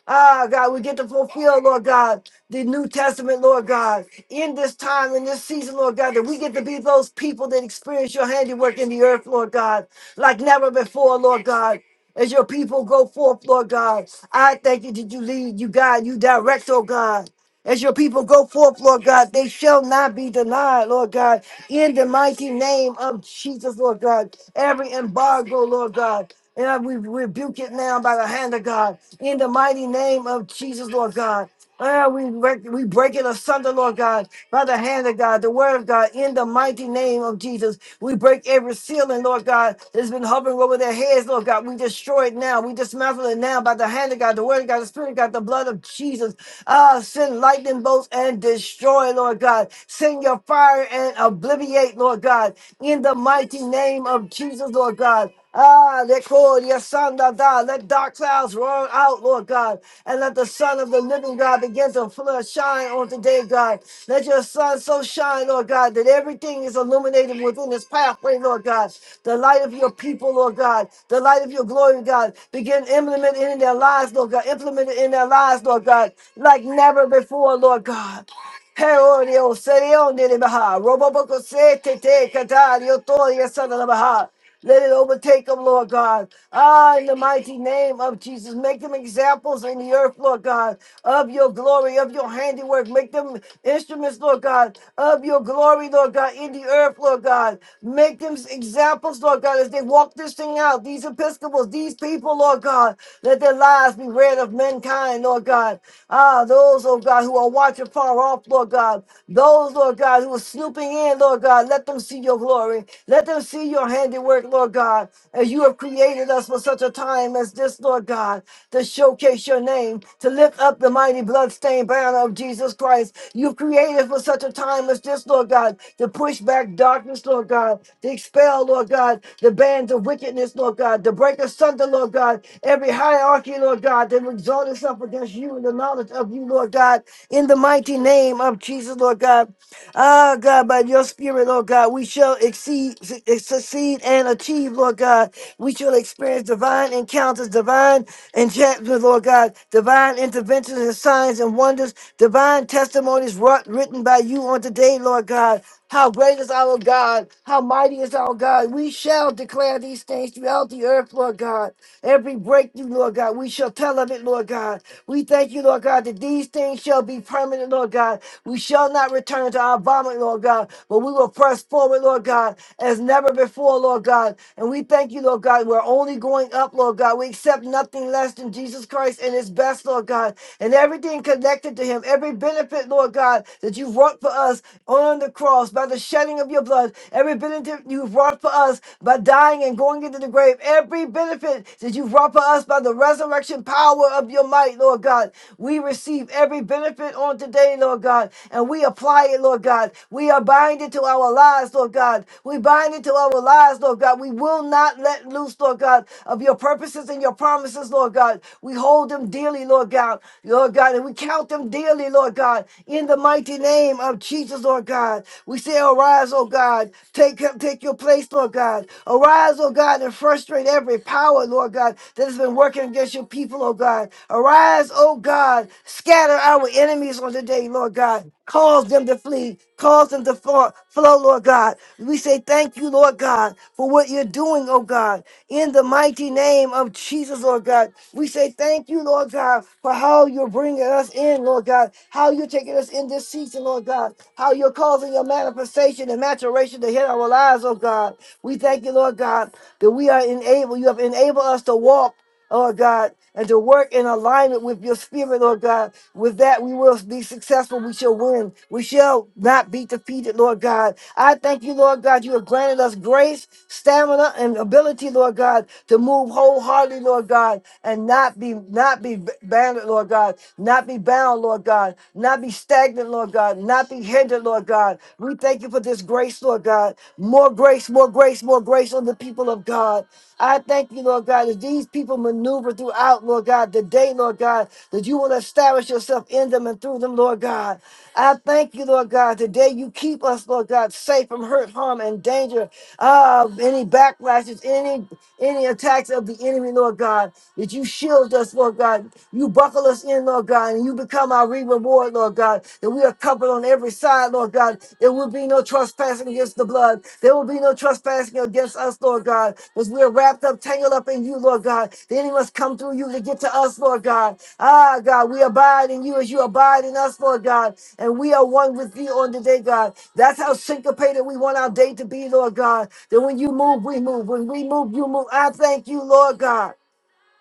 Ah, God, we get to fulfill, Lord God, the New Testament, Lord God, in this time, in this season, Lord God, that we get to be those people that experience your handiwork in the earth, Lord God, like never before, Lord God. As your people go forth, Lord God, I thank you that you lead, you guide, you direct, oh God. As your people go forth, Lord God, they shall not be denied, Lord God. In the mighty name of Jesus, Lord God, every embargo, Lord God, and I- we rebuke it now by the hand of God. In the mighty name of Jesus, Lord God. Ah, we, break, we break it asunder, Lord God, by the hand of God, the word of God, in the mighty name of Jesus. We break every ceiling, Lord God, that's been hovering over their heads, Lord God. We destroy it now. We dismantle it now by the hand of God, the word of God, the spirit of God, the blood of Jesus. Ah, send lightning bolts and destroy, Lord God. Send your fire and obliviate, Lord God. In the mighty name of Jesus, Lord God. Ah, they call your son da da. Let dark clouds roll out, Lord God, and let the Son of the Living God begin to flood, shine on today, God. Let your Son so shine, Lord God, that everything is illuminated within this pathway, Lord God. The light of your people, Lord God, the light of your glory, God, begin implementing in their lives, Lord God. Implement it in their lives, Lord God, like never before, Lord God. Peorio, Serion de Baha, Roboboco Sete, Catario, Toria, Son of Baha. Let it overtake them, Lord God. Ah, in the mighty name of Jesus, make them examples in the earth, Lord God, of your glory, of your handiwork. Make them instruments, Lord God, of your glory, Lord God, in the earth, Lord God. Make them examples, Lord God, as they walk this thing out. These Episcopals, these people, Lord God, let their lives be read of mankind, Lord God. Ah, those, oh God, who are watching watching far off, Lord God. Those, Lord God, who are snooping in, Lord God, let them see your glory. Let them see your handiwork, Lord God, as you have created us for such a time as this, Lord God, to showcase your name, to lift up the mighty bloodstained banner of Jesus Christ. You've created for such a time as this, Lord God, to push back darkness, Lord God, to expel, Lord God, the bands of wickedness, Lord God, to break asunder, Lord God, every hierarchy, Lord God, that would exalt itself against you and the knowledge of you, Lord. Lord God, in the mighty name of Jesus, Lord God. Ah, God, by your spirit, Lord God, we shall exceed, succeed and achieve, Lord God. We shall experience divine encounters, divine enchantment, Lord God, divine interventions and signs and wonders, divine testimonies wrought, written by you on today, Lord God. How great is our God? How mighty is our God? We shall declare these things throughout the earth, Lord God. Every breakthrough, Lord God, we shall tell of it, Lord God. We thank you, Lord God, that these things shall be permanent, Lord God. We shall not return to our vomit, Lord God, but we will press forward, Lord God, as never before, Lord God. And we thank you, Lord God, we're only going up, Lord God. We accept nothing less than Jesus Christ and his best, Lord Lord God, and everything connected to him, every benefit, Lord God, that you've wrought for us on the cross by the shedding of your blood, every benefit you've wrought for us by dying and going into the grave, every benefit that you've wrought for us by the resurrection power of your might, Lord God. We receive every benefit on today, Lord God, and we apply it, Lord God. We are binded to our lives, Lord God. We bind it to our lives, Lord God. Lord God. We will not let loose, Lord God, of your purposes and your promises, Lord God. We hold them dearly, Lord God, Lord God, and we count them dearly, Lord God, in the mighty name of Jesus, Lord God. We say, arise, oh God, take take your place, Lord God. Arise, oh God, and frustrate every power, Lord God, that has been working against your people, oh God. Arise, oh God, scatter our enemies on today, Lord God. Cause them to flee. Cause them to fall, flow, Lord God. We say thank you, Lord God, for what you're doing, oh God. In the mighty name of Jesus, Lord God. We say thank you, Lord God, for how you're bringing us in, Lord God. How you're taking us in this season, Lord God. How you're causing your manifestation and maturation to hit our lives, oh God. We thank you, Lord God, that we are enabled. You have enabled us to walk. Lord God, and to work in alignment with your spirit, Lord God. With that, we will be successful. We shall win. We shall not be defeated, Lord God. I thank you, Lord God. You have granted us grace, stamina, and ability, Lord God, to move wholeheartedly, Lord God, and not be not be banded, Lord God, not be bound, Lord God, not be stagnant, Lord God, not be hindered, Lord God. We thank you for this grace, Lord God. More grace, more grace, more grace on the people of God. I thank you, Lord God, as these people maneuver throughout, Lord God, the day, Lord God, that you will establish yourself in them and through them, Lord God. I thank you, Lord God, today you keep us, Lord God, safe from hurt, harm, and danger of any backlashes, any any attacks of the enemy, Lord God, that you shield us, Lord God. You buckle us in, Lord God, and you become our reward, Lord God, that we are covered on every side, Lord God. There will be no trespassing against the blood. There will be no trespassing against us, Lord God, because we are wrapped up, tangled up in you, Lord God. The enemy must come through you to get to us, Lord God. Ah, God, we abide in you as you abide in us, Lord God, and we are one with thee on today, God. That's how syncopated we want our day to be, Lord God. That when you move, we move. When we move, you move. I thank you, Lord God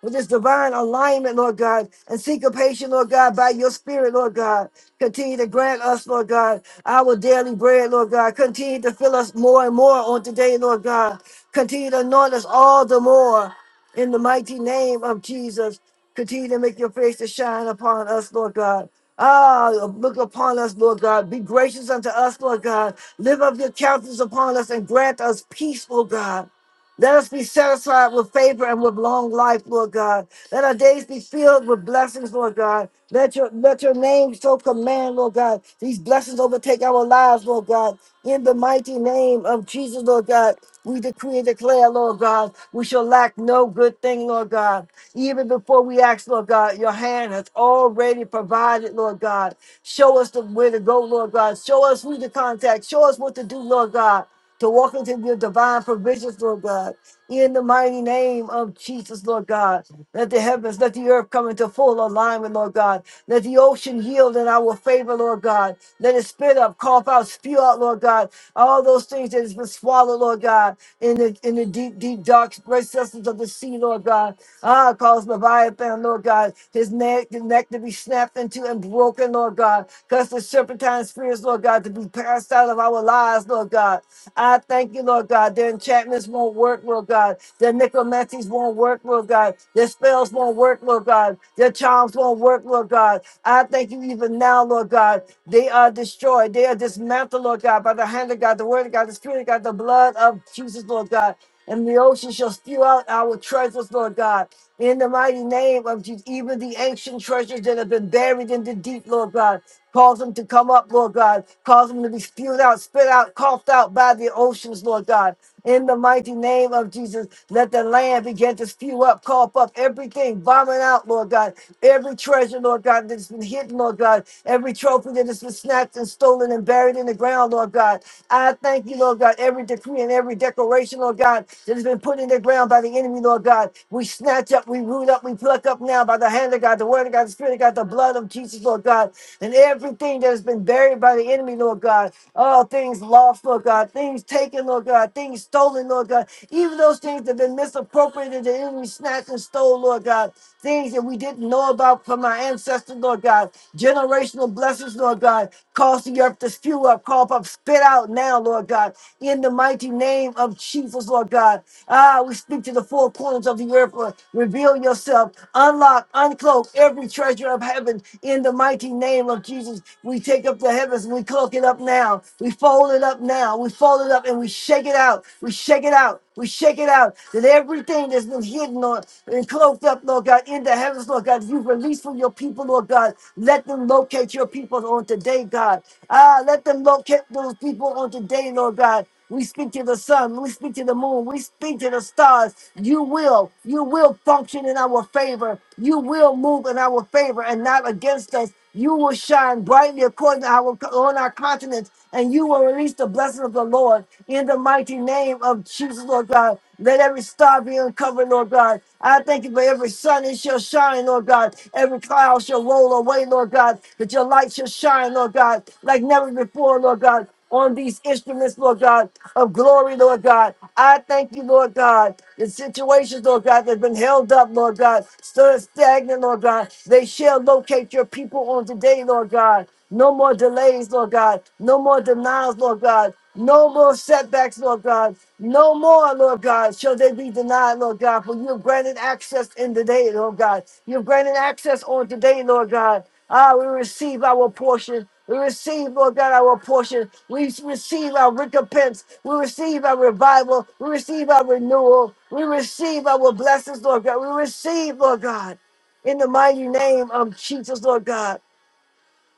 with this divine alignment, Lord God, and syncopation, Lord God, by your spirit, Lord God. Continue to grant us, Lord God, our daily bread, Lord God. Continue to fill us more and more on today, Lord God. Continue to anoint us all the more in the mighty name of Jesus. Continue to make your face to shine upon us, Lord God. Ah, look upon us, Lord God. Be gracious unto us, Lord God. Lift up your countenance upon us and grant us peace, Lord God. Let us be satisfied with favor and with long life, Lord God. Let our days be filled with blessings, Lord God. Let your let your name so command, Lord God. These blessings overtake our lives, Lord God. In the mighty name of Jesus, Lord God, we decree and declare, Lord God, we shall lack no good thing, Lord God. Even before we ask, Lord God, your hand has already provided, Lord God. Show us the where to go, Lord God. Show us who to contact. Show us what to do, Lord God to walk into your divine provisions, Lord God. In the mighty name of Jesus, Lord God, let the heavens, let the earth come into full alignment, Lord God. Let the ocean yield in our favor, Lord God. Let it spit up, cough out, spew out, Lord God. All those things that has been swallowed, Lord God, in the in the deep, deep, dark recesses of the sea, Lord God. Ah, cause Leviathan, Lord God, his neck, the neck to be snapped into and broken, Lord God. Cause the serpentine spirits, Lord God, to be passed out of our lives, Lord God. I thank you, Lord God. Their enchantments won't work, Lord God. Their necromancies won't work, Lord God. Their spells won't work, Lord God. Their charms won't work, Lord God. I thank you even now, Lord God. They are destroyed. They are dismantled, Lord God, by the hand of God, the word of God, the spirit of God, the blood of Jesus, Lord God. And the ocean shall spew out our treasures, Lord God. In the mighty name of Jesus, even the ancient treasures that have been buried in the deep, Lord God, cause them to come up, Lord God. Cause them to be spewed out, spit out, coughed out by the oceans, Lord God. In the mighty name of Jesus, let the land begin to spew up, cough up everything, vomit out, Lord God. Every treasure, Lord God, that's been hidden, Lord God. Every trophy that has been snatched and stolen and buried in the ground, Lord God. I thank you, Lord God. Every decree decree and every declaration, Lord God, that has been put in the ground by the enemy, Lord God. We snatch up, we root up, we pluck up now by the hand of God, the word of God, the spirit of God, the blood of Jesus, Lord God, and everything that has been buried by the enemy, Lord God. All things lost, Lord God, things taken, Lord God, things stolen, Lord God, even those things that have been misappropriated, the enemy snatched and stole, Lord God, things that we didn't know about from our ancestors, Lord God, generational blessings, Lord. Lord God. Cause the earth to spew up, call up, spit out now, Lord God. In the mighty name of Jesus, Lord God. Ah, we speak to the four corners of the earth. Lord. Reveal yourself, unlock, uncloak every treasure of heaven in the mighty name of Jesus. We take up the heavens and we cloak it up now. We fold it up now. We fold it up and we shake it out. We shake it out. We shake it out. That everything that's been hidden or and cloaked up, Lord Lord God, in the heavens, Lord God, you release from your people, Lord God. Let them locate your people on today, God. Ah, let them locate those people on today, Lord God. We speak to the sun. We speak to the moon. We speak to the stars. You will, you will function in our favor. You will move in our favor and not against us. You will shine brightly according to our on our continents, and you will release the blessing of the Lord in the mighty name of Jesus, Lord God. Let every star be uncovered, Lord God. I thank you for every sun it shall shine, Lord God. Every cloud shall roll away, Lord God. That your light shall shine, Lord God, like never before, Lord God. On these instruments, Lord God, of glory, Lord God. I thank you, Lord God. The situations, Lord God, that have been held up, Lord God, stood stagnant, Lord God. They shall locate your people on today, Lord God. No more delays, Lord God. No more denials, Lord God. No more setbacks, Lord God. No more, Lord God, shall they be denied, Lord God. For you've granted access in today, Lord God. You've granted access on today, Lord God. Ah, we receive our portion. We receive, Lord God, our portion. We receive our recompense. We receive our revival. We receive our renewal. We receive our blessings, Lord God. We receive, Lord God, in the mighty name of Jesus, Lord God.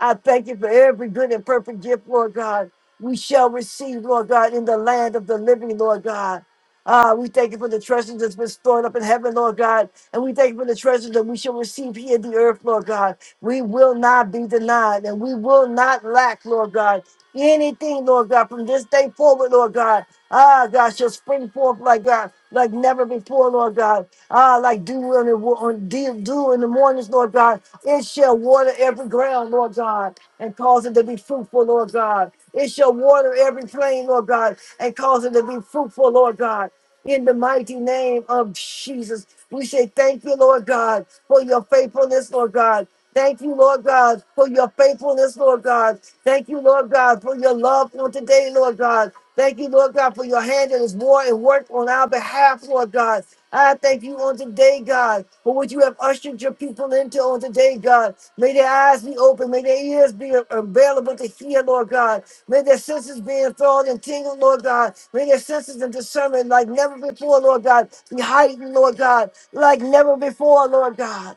I thank you for every good and perfect gift, Lord God. We shall receive, Lord God, in the land of the living, Lord God. Ah, we thank you for the treasures that's been stored up in heaven, Lord God. And we thank you for the treasures that we shall receive here in the earth, Lord God. We will not be denied and we will not lack, Lord God. Anything, Lord God, from this day forward, Lord God. Ah, God, shall spring forth like God, like never before, Lord God. Ah, like dew in the, wo- on- dew dew in the mornings, Lord God. It shall shall water every ground, Lord God, and cause it to be fruitful, Lord God. It shall water every plain, Lord God, and cause it to be fruitful, Lord God. In the mighty name of Jesus, we say thank you, Lord God, for your faithfulness, Lord God. Thank you, Lord God, for your faithfulness, Lord God. Thank you, Lord God, for your love on today, Lord God. Thank you, Lord God, for your hand in this war and work on our behalf, Lord God. I thank you on today, God, for what you have ushered your people into on today, God. May their eyes be open. May their ears be available to hear, Lord God. May their senses be enthralled and tingled, Lord God. May their senses and discernment like never before, Lord God, be heightened, Lord God, like never before, Lord God.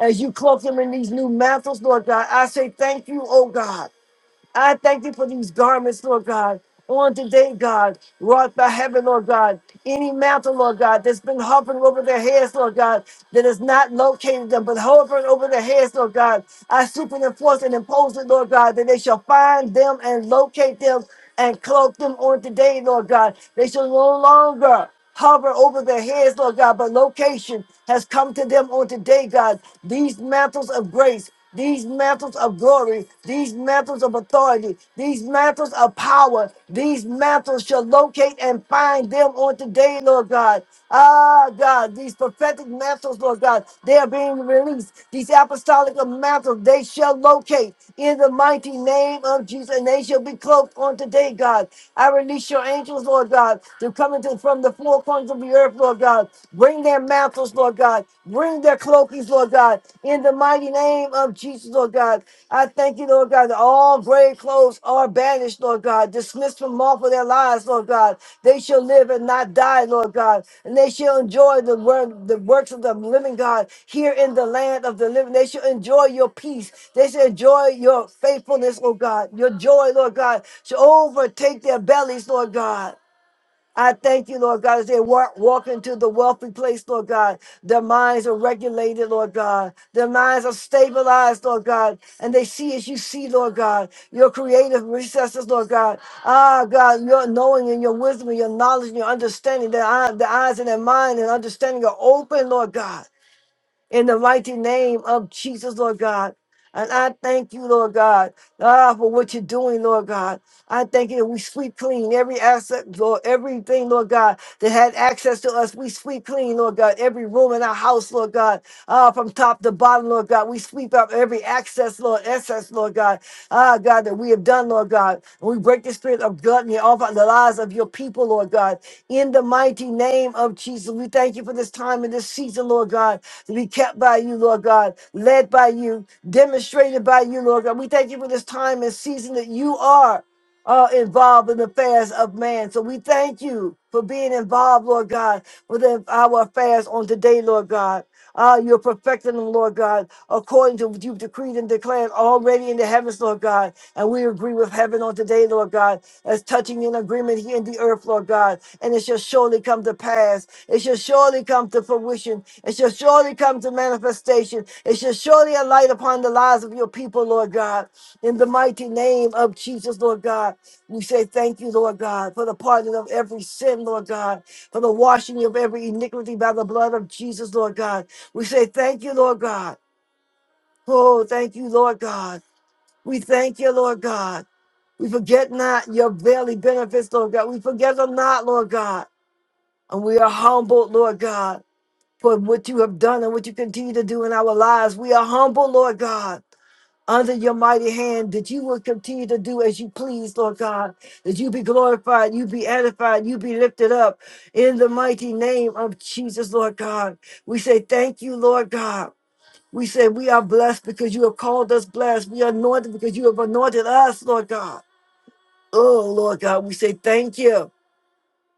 As you cloak them in these new mantles, Lord God, I say thank you, oh God. I thank thee for these garments, Lord God. On today, God, wrought by heaven, Lord God, any mantle, Lord God, that's been hovering over their heads, Lord God, that has not located them, but hovering over their heads, Lord God, I superinforce and impose it, Lord God, that they shall find them and locate them and cloak them on today, Lord God. They shall no longer hover over their heads, Lord God, but location has come to them on today, God. These mantles of grace these mantles of glory, these mantles of authority, these mantles of power, these mantles shall locate and find them on today, Lord God. Ah, God, these prophetic mantles, Lord God, they are being released. These apostolic mantles, they shall locate in the mighty name of Jesus, and they shall be cloaked on today, God. I release your angels, Lord God, to come into from the four corners of the earth, Lord God. Bring their mantles mantles, Lord God. Bring their cloakies, Lord God, in the mighty name of Jesus, Lord God. I thank you, Lord God, that all grave clothes are banished, Lord God, dismissed from off of their lives, Lord God. They shall live and not die, Lord God, and they shall enjoy the word, the works of the living God here in the land of the living. They shall enjoy your peace. They shall enjoy your faithfulness, oh God. Your joy, Lord God, shall overtake their bellies, Lord God. I thank you, Lord God, as they walk, walk into the wealthy place, Lord God. Their minds are regulated, Lord God. Their minds are stabilized, Lord God. And they see as you see, Lord God, your creative recesses, Lord God. Ah, God, your knowing and your wisdom and your knowledge and your understanding, their, eye, their eyes and their mind and understanding are open, Lord God in the mighty name of Jesus, Lord God. And I thank you, Lord God, ah, for what you're doing, Lord God. I thank you. that We sweep clean every asset, Lord, everything, Lord God, that had access to us. We sweep clean, Lord God, every room in our house, Lord God, ah, from top to bottom, Lord God. We sweep up every access, Lord, access, Lord God, ah, God, that we have done, Lord God. And we break the spirit of gluttony off of the lives of your people, Lord God. In the mighty name of Jesus, we thank you for this time and this season, Lord God to be kept by you, Lord God, led by you, demonstrated by you, Lord God. We thank you for this time and season that you are uh, involved in the affairs of man. So we thank you for being involved, Lord God, with the- our affairs on today, Lord God. Ah, you're perfecting them, Lord God, according to what you've decreed and declared already in the heavens, Lord God. And we agree with heaven on today, Lord God as touching in agreement here in the earth, Lord God. And it shall surely come to pass. It shall surely come to fruition. It shall surely come to manifestation. It shall surely alight upon the lives of your people, Lord God. In the mighty name of Jesus, Lord God, we say thank you, Lord God, for the pardon of every sin, Lord God, for the washing of every iniquity by the blood of Jesus, Lord God. We say thank you, Lord God. Oh, thank you, Lord God. We thank you, Lord God. We forget not your daily benefits, Lord God. We forget them not, Lord God. And we are humbled, Lord God, for what you have done and what you continue to do in our lives. We are humble, Lord God, under your mighty hand that you will continue to do as you please, Lord God. That you be glorified, you be edified, you be lifted up in the mighty name of Jesus, Lord God. We say thank you, Lord God. We say we are blessed because you have called us blessed. We are anointed because you have anointed us, Lord God. Oh, Lord God, we say thank you.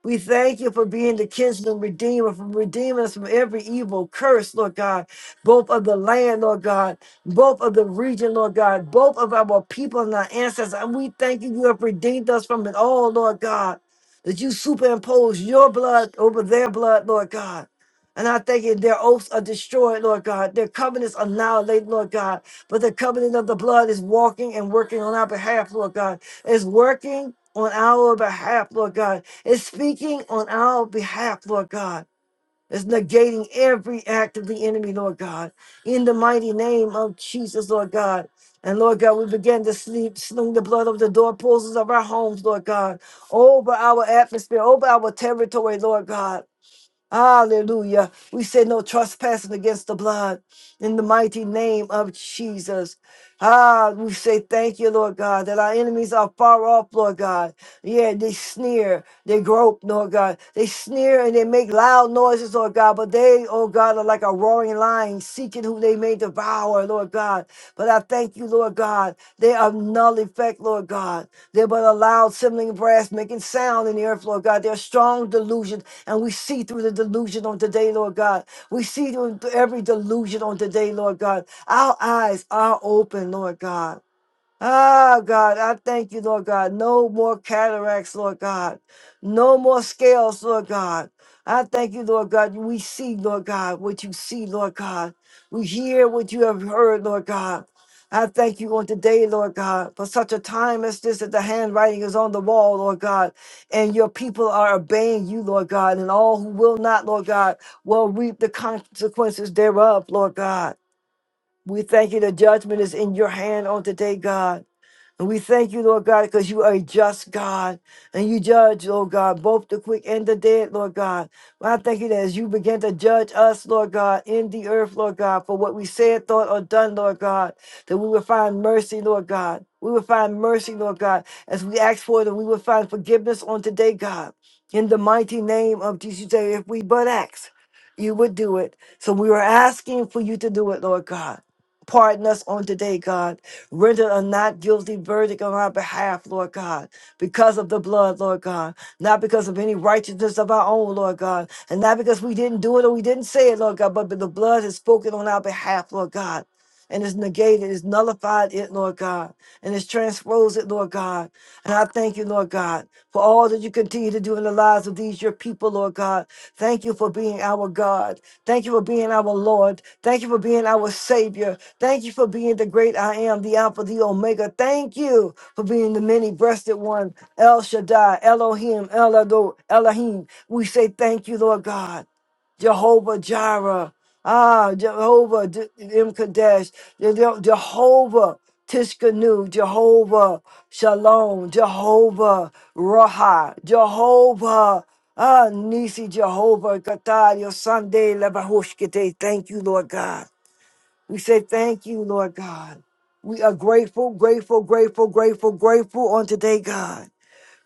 We thank you for being the kinsman redeemer, for redeeming us from every evil curse, Lord God, both of the land, Lord God, both of the region, Lord God, both of our people and our ancestors. And we thank you, you have redeemed us from it all, Lord God, that you superimpose your blood over their blood, Lord God. And I thank you, their oaths are destroyed, Lord God. Their covenants are annihilated, Lord God. But the covenant of the blood is walking and working on our behalf, Lord God. It's working on our behalf, Lord God it's speaking on our behalf, Lord God. It's negating every act of the enemy, Lord God. In the mighty name of Jesus, Lord God. And Lord God, we begin to sleep, sling the blood of the doorposts of our homes, Lord God, over our atmosphere, over our territory, Lord God. Hallelujah. We say no trespassing against the blood in the mighty name of Jesus. Ah, we say thank you, Lord God, that our enemies are far off, Lord God. Yeah, they sneer, they grope, Lord God. They sneer and they make loud noises, Lord God, but they, oh God, are like a roaring lion seeking who they may devour, Lord God. But I thank you, Lord. Lord God. They are of null effect, Lord God. They're but a loud sibling brass making sound in the earth, Lord God. They're strong delusions, and we see through the delusion on today, Lord God. We see through every delusion on today, Lord God. Our eyes are open, Lord God. Ah, God, I thank you, Lord God. No more cataracts, Lord God. No more scales, Lord God. I thank you, Lord God. We see, Lord God, what you see, Lord God. We hear what you have heard, Lord God. I thank you on today, Lord God, for such a time as this that the handwriting is on the wall, Lord God, and your people are obeying you, Lord God, and all who will not, Lord God, will reap the consequences thereof, Lord God. We thank you. The judgment is in your hand on today, God. And we thank you, Lord God, because you are a just God and you judge, Lord God, both the quick and the dead, Lord God. Well, I thank you that as you begin to judge us, Lord God, in the earth, Lord God, for what we said, thought, or done, Lord God, that we will find mercy, Lord God. We will find mercy, Lord God, as we ask for it, and we will find forgiveness on today, God. In the mighty name of Jesus, you say, if we but ask, you would do it. So we are asking for you to do it, Lord God. Pardon us on today, God Render a not guilty verdict on our behalf, Lord God, because of the blood, Lord God, not because of any righteousness of our own, Lord God, and not because we didn't do it or we didn't say it, Lord God, but the blood has spoken on our behalf, Lord God. And it's negated, it's nullified it, Lord God, and it's transposed it, Lord God. And I thank you, Lord God, for all that you continue to do in the lives of these, your people, Lord God. Thank you for being our God. Thank you for being our Lord. Thank you for being our Savior. Thank you for being the great I am, the Alpha, the Omega. Thank you for being the many breasted one, El Shaddai, Elohim, El Ado, Elohim. We say thank you, Lord God. Jehovah Jireh, ah, Jehovah D- M. Kadesh, Je- Je- Jehovah Tishkanu, Jehovah Shalom, Jehovah Raha, Jehovah ah, Nisi, Jehovah Katar, your Sunday, Lebahushkite. Thank you, Lord God. We say thank you, Lord God. We are grateful, grateful, grateful, grateful, grateful on today, God.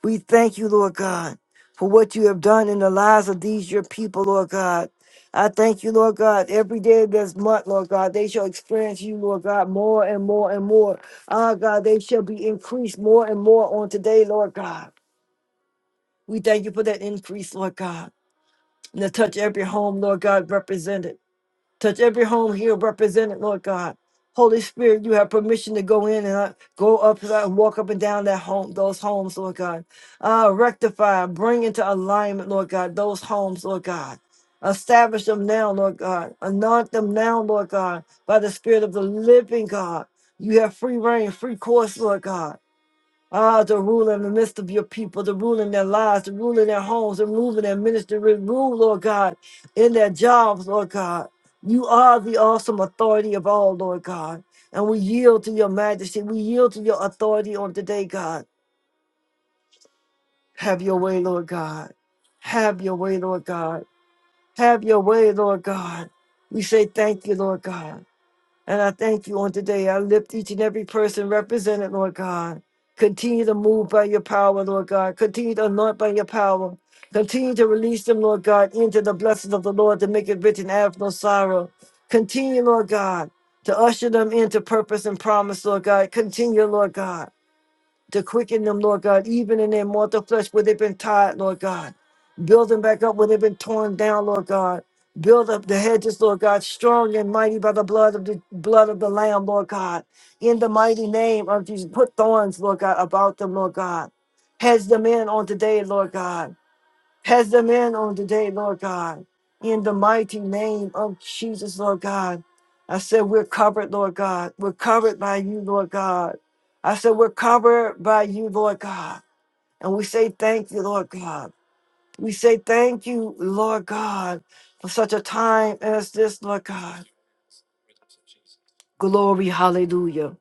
We thank you, Lord God, for what you have done in the lives of these your people, Lord God. I thank you, Lord God, every day of this month, Lord God, they shall experience you, Lord God, more and more and more. Ah, God, they shall be increased more and more on today, Lord God. We thank you for that increase, Lord God. And to touch every home, Lord God, represented. Touch every home here represented, Lord God. Holy Spirit, you have permission to go in and uh, go up uh, and walk up and down that home, those homes, Lord God. Uh, rectify, bring into alignment, Lord God, those homes, Lord God. Establish them now, Lord God. Anoint them now, Lord God, by the Spirit of the living God. You have free reign, free course, Lord God. Ah, to rule in the midst of your people, to rule in their lives, to rule in their homes, to rule in their ministry, to rule, Lord God, in their jobs, Lord God. You are the awesome authority of all, Lord God. And we yield to your majesty. We yield to your authority on today, God. Have your way, Lord God. Have your way, Lord God. Have your way, Lord God. We say thank you, Lord God. And I thank you on today. I lift each and every person represented, Lord God. Continue to move by your power, Lord God. Continue to anoint by your power. Continue to release them, Lord God, into the blessings of the Lord to make it rich and have no sorrow. Continue, Lord God, to usher them into purpose and promise, Lord God. Continue, Lord God to quicken them, Lord God, even in their mortal flesh where they've been tired, Lord God. Build them back up where they've been torn down, Lord God. Build up the hedges, Lord God, strong and mighty by the blood of the blood of the Lamb, Lord God. In the mighty name of Jesus, put thorns, Lord God, about them, Lord God. Hedge them in on today, Lord God. Pass them in on today, Lord God. In the mighty name of Jesus, Lord God. I said, We're covered, Lord God. We're covered by you, Lord God. I said, We're covered by you, Lord God. And we say, Thank you, Lord God. We say, Thank you, Lord God, for such a time as this, Lord God. Glory, hallelujah.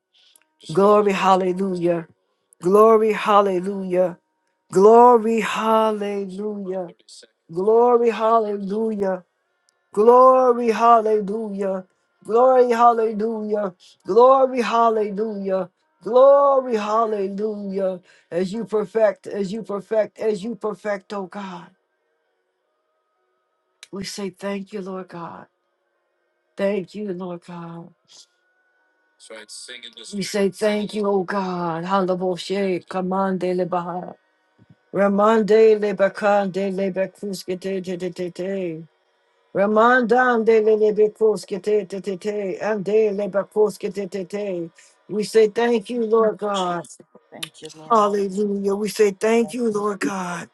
Glory, hallelujah. Glory, hallelujah. Glory, hallelujah. Glory, hallelujah. Glory, hallelujah. Glory, hallelujah. Glory, hallelujah. Glory, hallelujah. As you perfect, as you perfect, as you perfect, oh God. We say thank you, Lord God. Thank you, Lord God. We say thank you, oh God. Halaboshe, Kamande Lebaha. Ramande Lebakande Lebakuske Ramandan de lebekoske te te te te, and de lebekoske te te te. We say thank you, Lord God. Thank you, Lord. Hallelujah. We say thank Thank you, you, Lord God.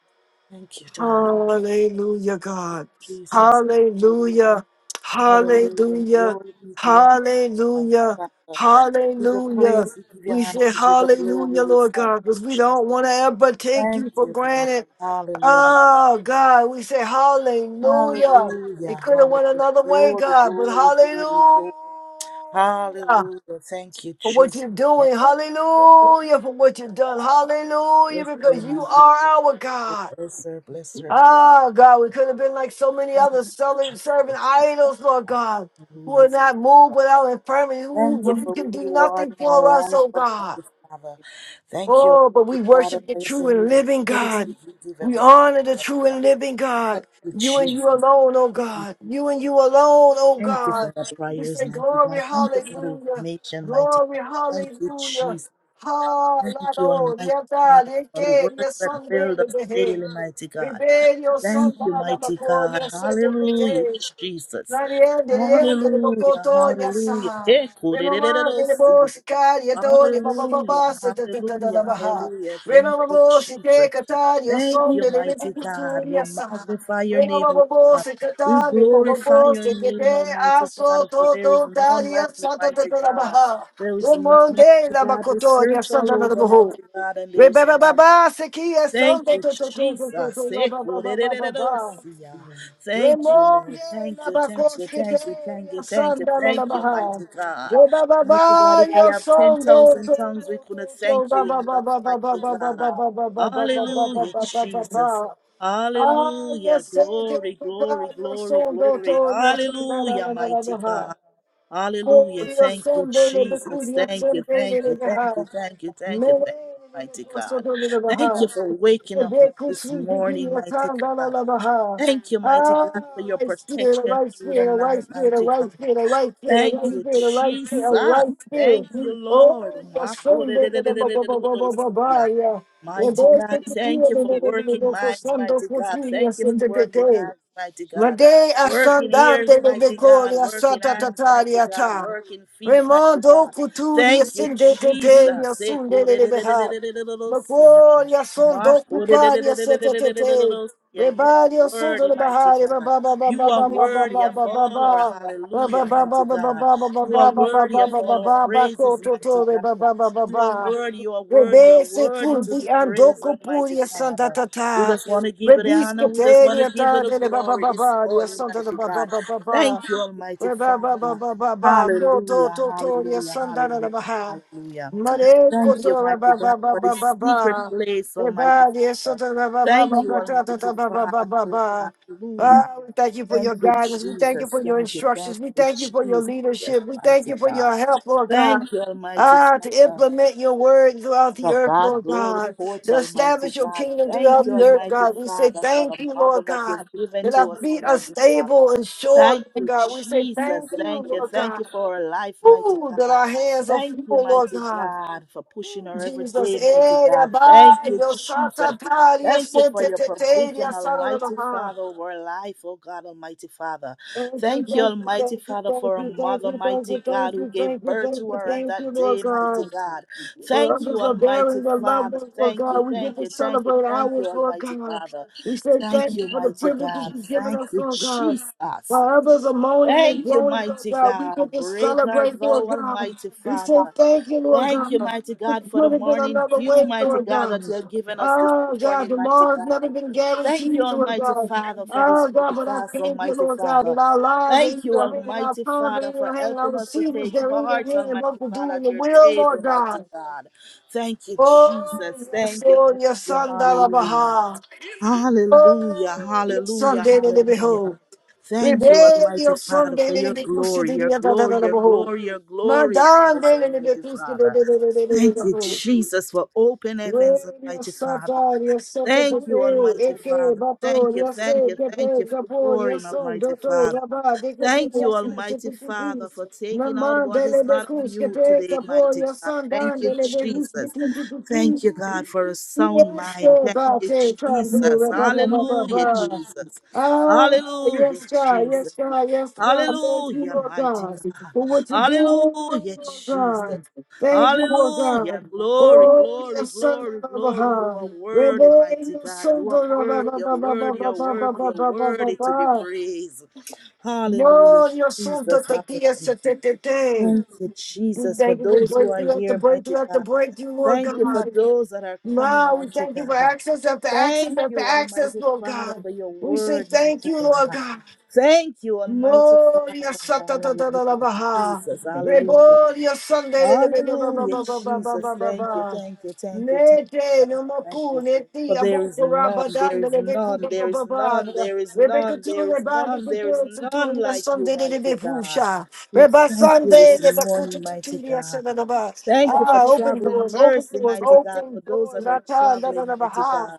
Thank you, God. Hallelujah, God. Jesus. Glory, Hallelujah. Hallelujah. Hallelujah. Glory be to your name, mighty Hallelujah. Father. We give you Hallelujah. praise, we give you We honor, say we give you glory. hallelujah, We Lord thank God, you, because we Jesus. don't want to ever take Thank you for you, God. granted. Hallelujah. Oh God, we say hallelujah. It Hallelujah. could have went Hallelujah. another way, Glory, God, but glory, glory, hallelujah glory. Hallelujah. Thank you, for what Jesus. you're Thank doing. you, Hallelujah for what you've done. God. Hallelujah Bless her, because you mighty are our God. God. Bless her, bless her, Lord. Oh God, we could have been like so many Thank other you, serving Jesus. Thank you, idols, Lord God. God, who Hallelujah. are not moved without infirmity, who Thank you who for can who do you are nothing in for our us, life, oh God. Almighty Father. Thank you, Oh, but we Almighty Father, worship the for true your and new living mercy God. you give We everything? honor the Almighty true and Father. living Thank God. you, You and you Jesus. alone, oh And God. You and you alone, oh Thank you for God. the We prayers, say, mighty Glory, God. Thank you for the hallelujah. nation, mighty Glory, God. Thank you, hallelujah. Jesus. Thank you, Almighty Hallelujah. Father, for the words that build us daily, mighty God. Rebellion, Thank Santa, you, la mighty God. Macoria, Hallelujah, Jesus. Maria dele dele Hallelujah, hallelujah. Hey, Remember, Rebababa, Sekia, Sonda, Toto, Toto, Toto, Baba, Hallelujah, Baba, se te te te da da hallelujah, baha. hallelujah. Thank Remama you, bo se te Jesus. kata ya Thank som you, dele de mighty bitu God. We ya sa. magnify your name, Remama O bo God. se We kata de Baba, glorify bo your se te name, te Almighty aso Father, for to there is to ta none ya like you, sa te te mighty da God. baha. There is none, Remonde mighty la God. We bocoto ya search sa all da da over, baha. mighty God, and there is Rebaba none. baba se ki ya som Thank de you, to to to to to Jesus. to ba ba ba ba ba. Ekurerererorosia. Thank you, Remove Lord. Thank la you, thank you, bacoskete, thank you, thank you, ya thank you, sanda la thank la you, baha. mighty God. Reba Mighty God, baba, if we yo have son do 10,000 do tongues, do we do couldn't do thank ba you ba ba enough, ba ba ba mighty ba God. Hallelujah, Jesus. Ah, Hallelujah. yes, eh, Glory, papa, glory, yo glory, son do glory. do, ya sanda Hallelujah, la mighty baha. God. Oh, Hallelujah. Glorious Thank you, Sunday, the Jesus. glorious Thank you, Sunday, thank you, the thank high. you, thank you, thank you, Mele, thank you, mighty the God. Kosoto, the Thank you for high. waking The up day us this Kushi, the morning, mighty Gilatan, the God. Labaha. Thank you, mighty Ah, God, for your right spirit, a protection right through the spirit, a right night, spirit, a mighty God. right spirit, a right spirit, a Thank right you, spirit, a right spirit, a Jesus. right Thank spirit. you, Lord. Oh, the Sunday, the Baba, Baba, Baba, Makorererererererosia. Baba, yeah. The Mighty day God, thank Kushi, you the for Baba, Baba, working Baba, for minds, Sunday, mighty for God. three Thank years, you and for the working day. eyes, mighty God. Working ears, mighty God. Working hands, mighty God. Working feet, mighty God. Thank you, Jesus. Ekorererererererorosia. Makorererererererosia. You are worthy, mighty God. You are worthy of all our hallelujah, mighty God. You are worthy of all our praises, mighty God. You are worthy, you are worthy, you are Rebese worthy to kurdi be praised, andoko Almighty puria santa Father. We tata. just want to give you the honor. Rebiske We just want to teria give you the tande le baba glory this baba dia morning, santa da mighty baba God. baba Thank baba. you, Almighty Reba baba Father. baba baba. No to Hallelujah, to to dia hallelujah, santa da hallelujah, baba. hallelujah. Mare Thank you, koto mighty reba God, baba for baba this secret baba. place, Almighty Reba dia Father. santa da baba Thank baba you, baba tata Almighty da baba baba Father. Oh, baba. hallelujah. Ah, we thank you for Thank your you, guidance. We thank you Jesus. for your Thank you. Thank instructions. We you, thank you for your Jesus. Yes, leadership. We thank mighty you for God. your help, Lord God. Thank you, Almighty Ah, to Father. implement your word throughout the For earth, God, Lord glory God, porch, to Almighty establish your God. kingdom Thank throughout you, the earth, Almighty God. We say Father, for thank the you, mother Lord that you've God, given that to our us, feet are Almighty Father. stable and sure, Thank Lord you, God. We say Jesus. thank you, Thank you. Lord Thank God. you for her life, mighty Ooh, that God. our hands are Thank full, you, Lord mighty God. God, for pushing her every Jesus, day, mighty eh, da God. Thank ba, you, yo sa ta Jesus. ta, ya Thank you se for te your te te, ya provision, sa la la la Almighty ha. Father, over her life, oh God, Almighty Father. Thank you, Thank you, thank you, Almighty thank you, Father, thank for a you, thank mother, you, thank you, mighty God, thank who you, gave thank you, birth thank to you, her on thank you, that Lord day, mighty God. God. Where Thank you, others are Almighty bearing their loved Father. ones, Lord Thank God, you, we get thank to you, thank you, celebrate thank you, ours, Lord Almighty God. Father. We say Thank thank you you, for the mighty privileges God. you've given Thank us, you, Lord God. Jesus. While others are moaning and Thank you, groaning, Lord mighty God, we God. get to Great art celebrate, Lord thou, God. Almighty We say Father. thank you, Lord Thank God. you, mighty It God, for the could have been morning another dew, way, mighty Lord God, that God. you have given us this Oh, God, morning, mighty tomorrow's never God. been Thank you, guaranteed, Lord Almighty God. Father, for this Oh, God, but I breakfast, thank you, Almighty Lord God, that Father. our lives are in Thank you, your hand, and our Almighty times are in Father, for your hand, helping our us to seasons take they're in your part, hand, and Almighty both to Father, do in at the your will, Lord table, mighty God. God. Thank you, Oh, Jesus. yes, Thank you. Thank Lord, your you. son, Hallelujah. Dalabaha. Hallelujah, Oh, your son, hallelujah, Daily Beho. hallelujah. Thank you, Rebel, Almighty your son, Father, for your Daily Bekusi, glory, your Didia glory, your Dadabaho. glory, your glory upon Madan, us, Daily Almighty Bekusi, Father. Thank you, Dadabaho. Jesus, for open heavens, Radio Almighty Father. Sata, your Sata Thank you, Pepe, Almighty Eke, Father. Thank Bato, you, thank Yase, you, thank Kepe, you for Kapo, pouring, Yason, Almighty Doto, Father. Rabba, Dikuti, Thank you, Yasin, Almighty Father, Chipitipis, for taking out Mama, what is Dele not of Becus, you Kepe, today, Kapo, mighty God. Yasan, Thank Dan, you, Dele Becus, Jesus. Dikuti, Thank you, God, for a sound Yes, mind. God, Thank God, you, say, come, do Jesus. it, blah, blah, blah, blah, Hallelujah, blah. Jesus. Ah, yes, God, Hallelujah, yes, God, yes, God. Thank you, Hallelujah, Lord mighty God, God. for what you're doing, Hallelujah, Lord Jesus. God. Thank you, Lord Hallelujah. God. Glory, Oh, glory, yes, son glory, of glory. You are Abraham. worthy, Rebellion, mighty God. You son are of worthy, you're worthy, you're worthy, you're worthy to be Abraham. praised. Hallelujah, No, your son of Jesus. the DS. Hallelujah. Thank you, We Jesus, for thank you for those who are breakthrough after here, mighty breakthrough after God. breakthrough, Lord Thank you for God. those that are coming, Lord, we mighty thank you for God. access after access Thank after you, access, Almighty Lord Father, God. for your We say word, thank mighty you, Lord God. God. Thank you, Almighty Gloria Father. Santa Tata la Hallelujah, Baha. Jesus. Hallelujah. Reboria Sunday de Baba Hallelujah, Baba Baba Jesus. Baba Thank you, Baba. thank you, thank you, thank you, Nete thank you, no thank moku you. neti For there is abuko none, rabadan there is de beku none, baba there is baba none, there is rebeka none, tu there is rebandi none, there is kutu none tu ya like you, Sunday de mighty God. befusha We reba thank you Sunday this de baku tu morning, mighty ya God. sada baba Thank you for ah open traveling doors open mercy, doors mighty God, open for those doors that are ata da da traveling, da mighty baha God.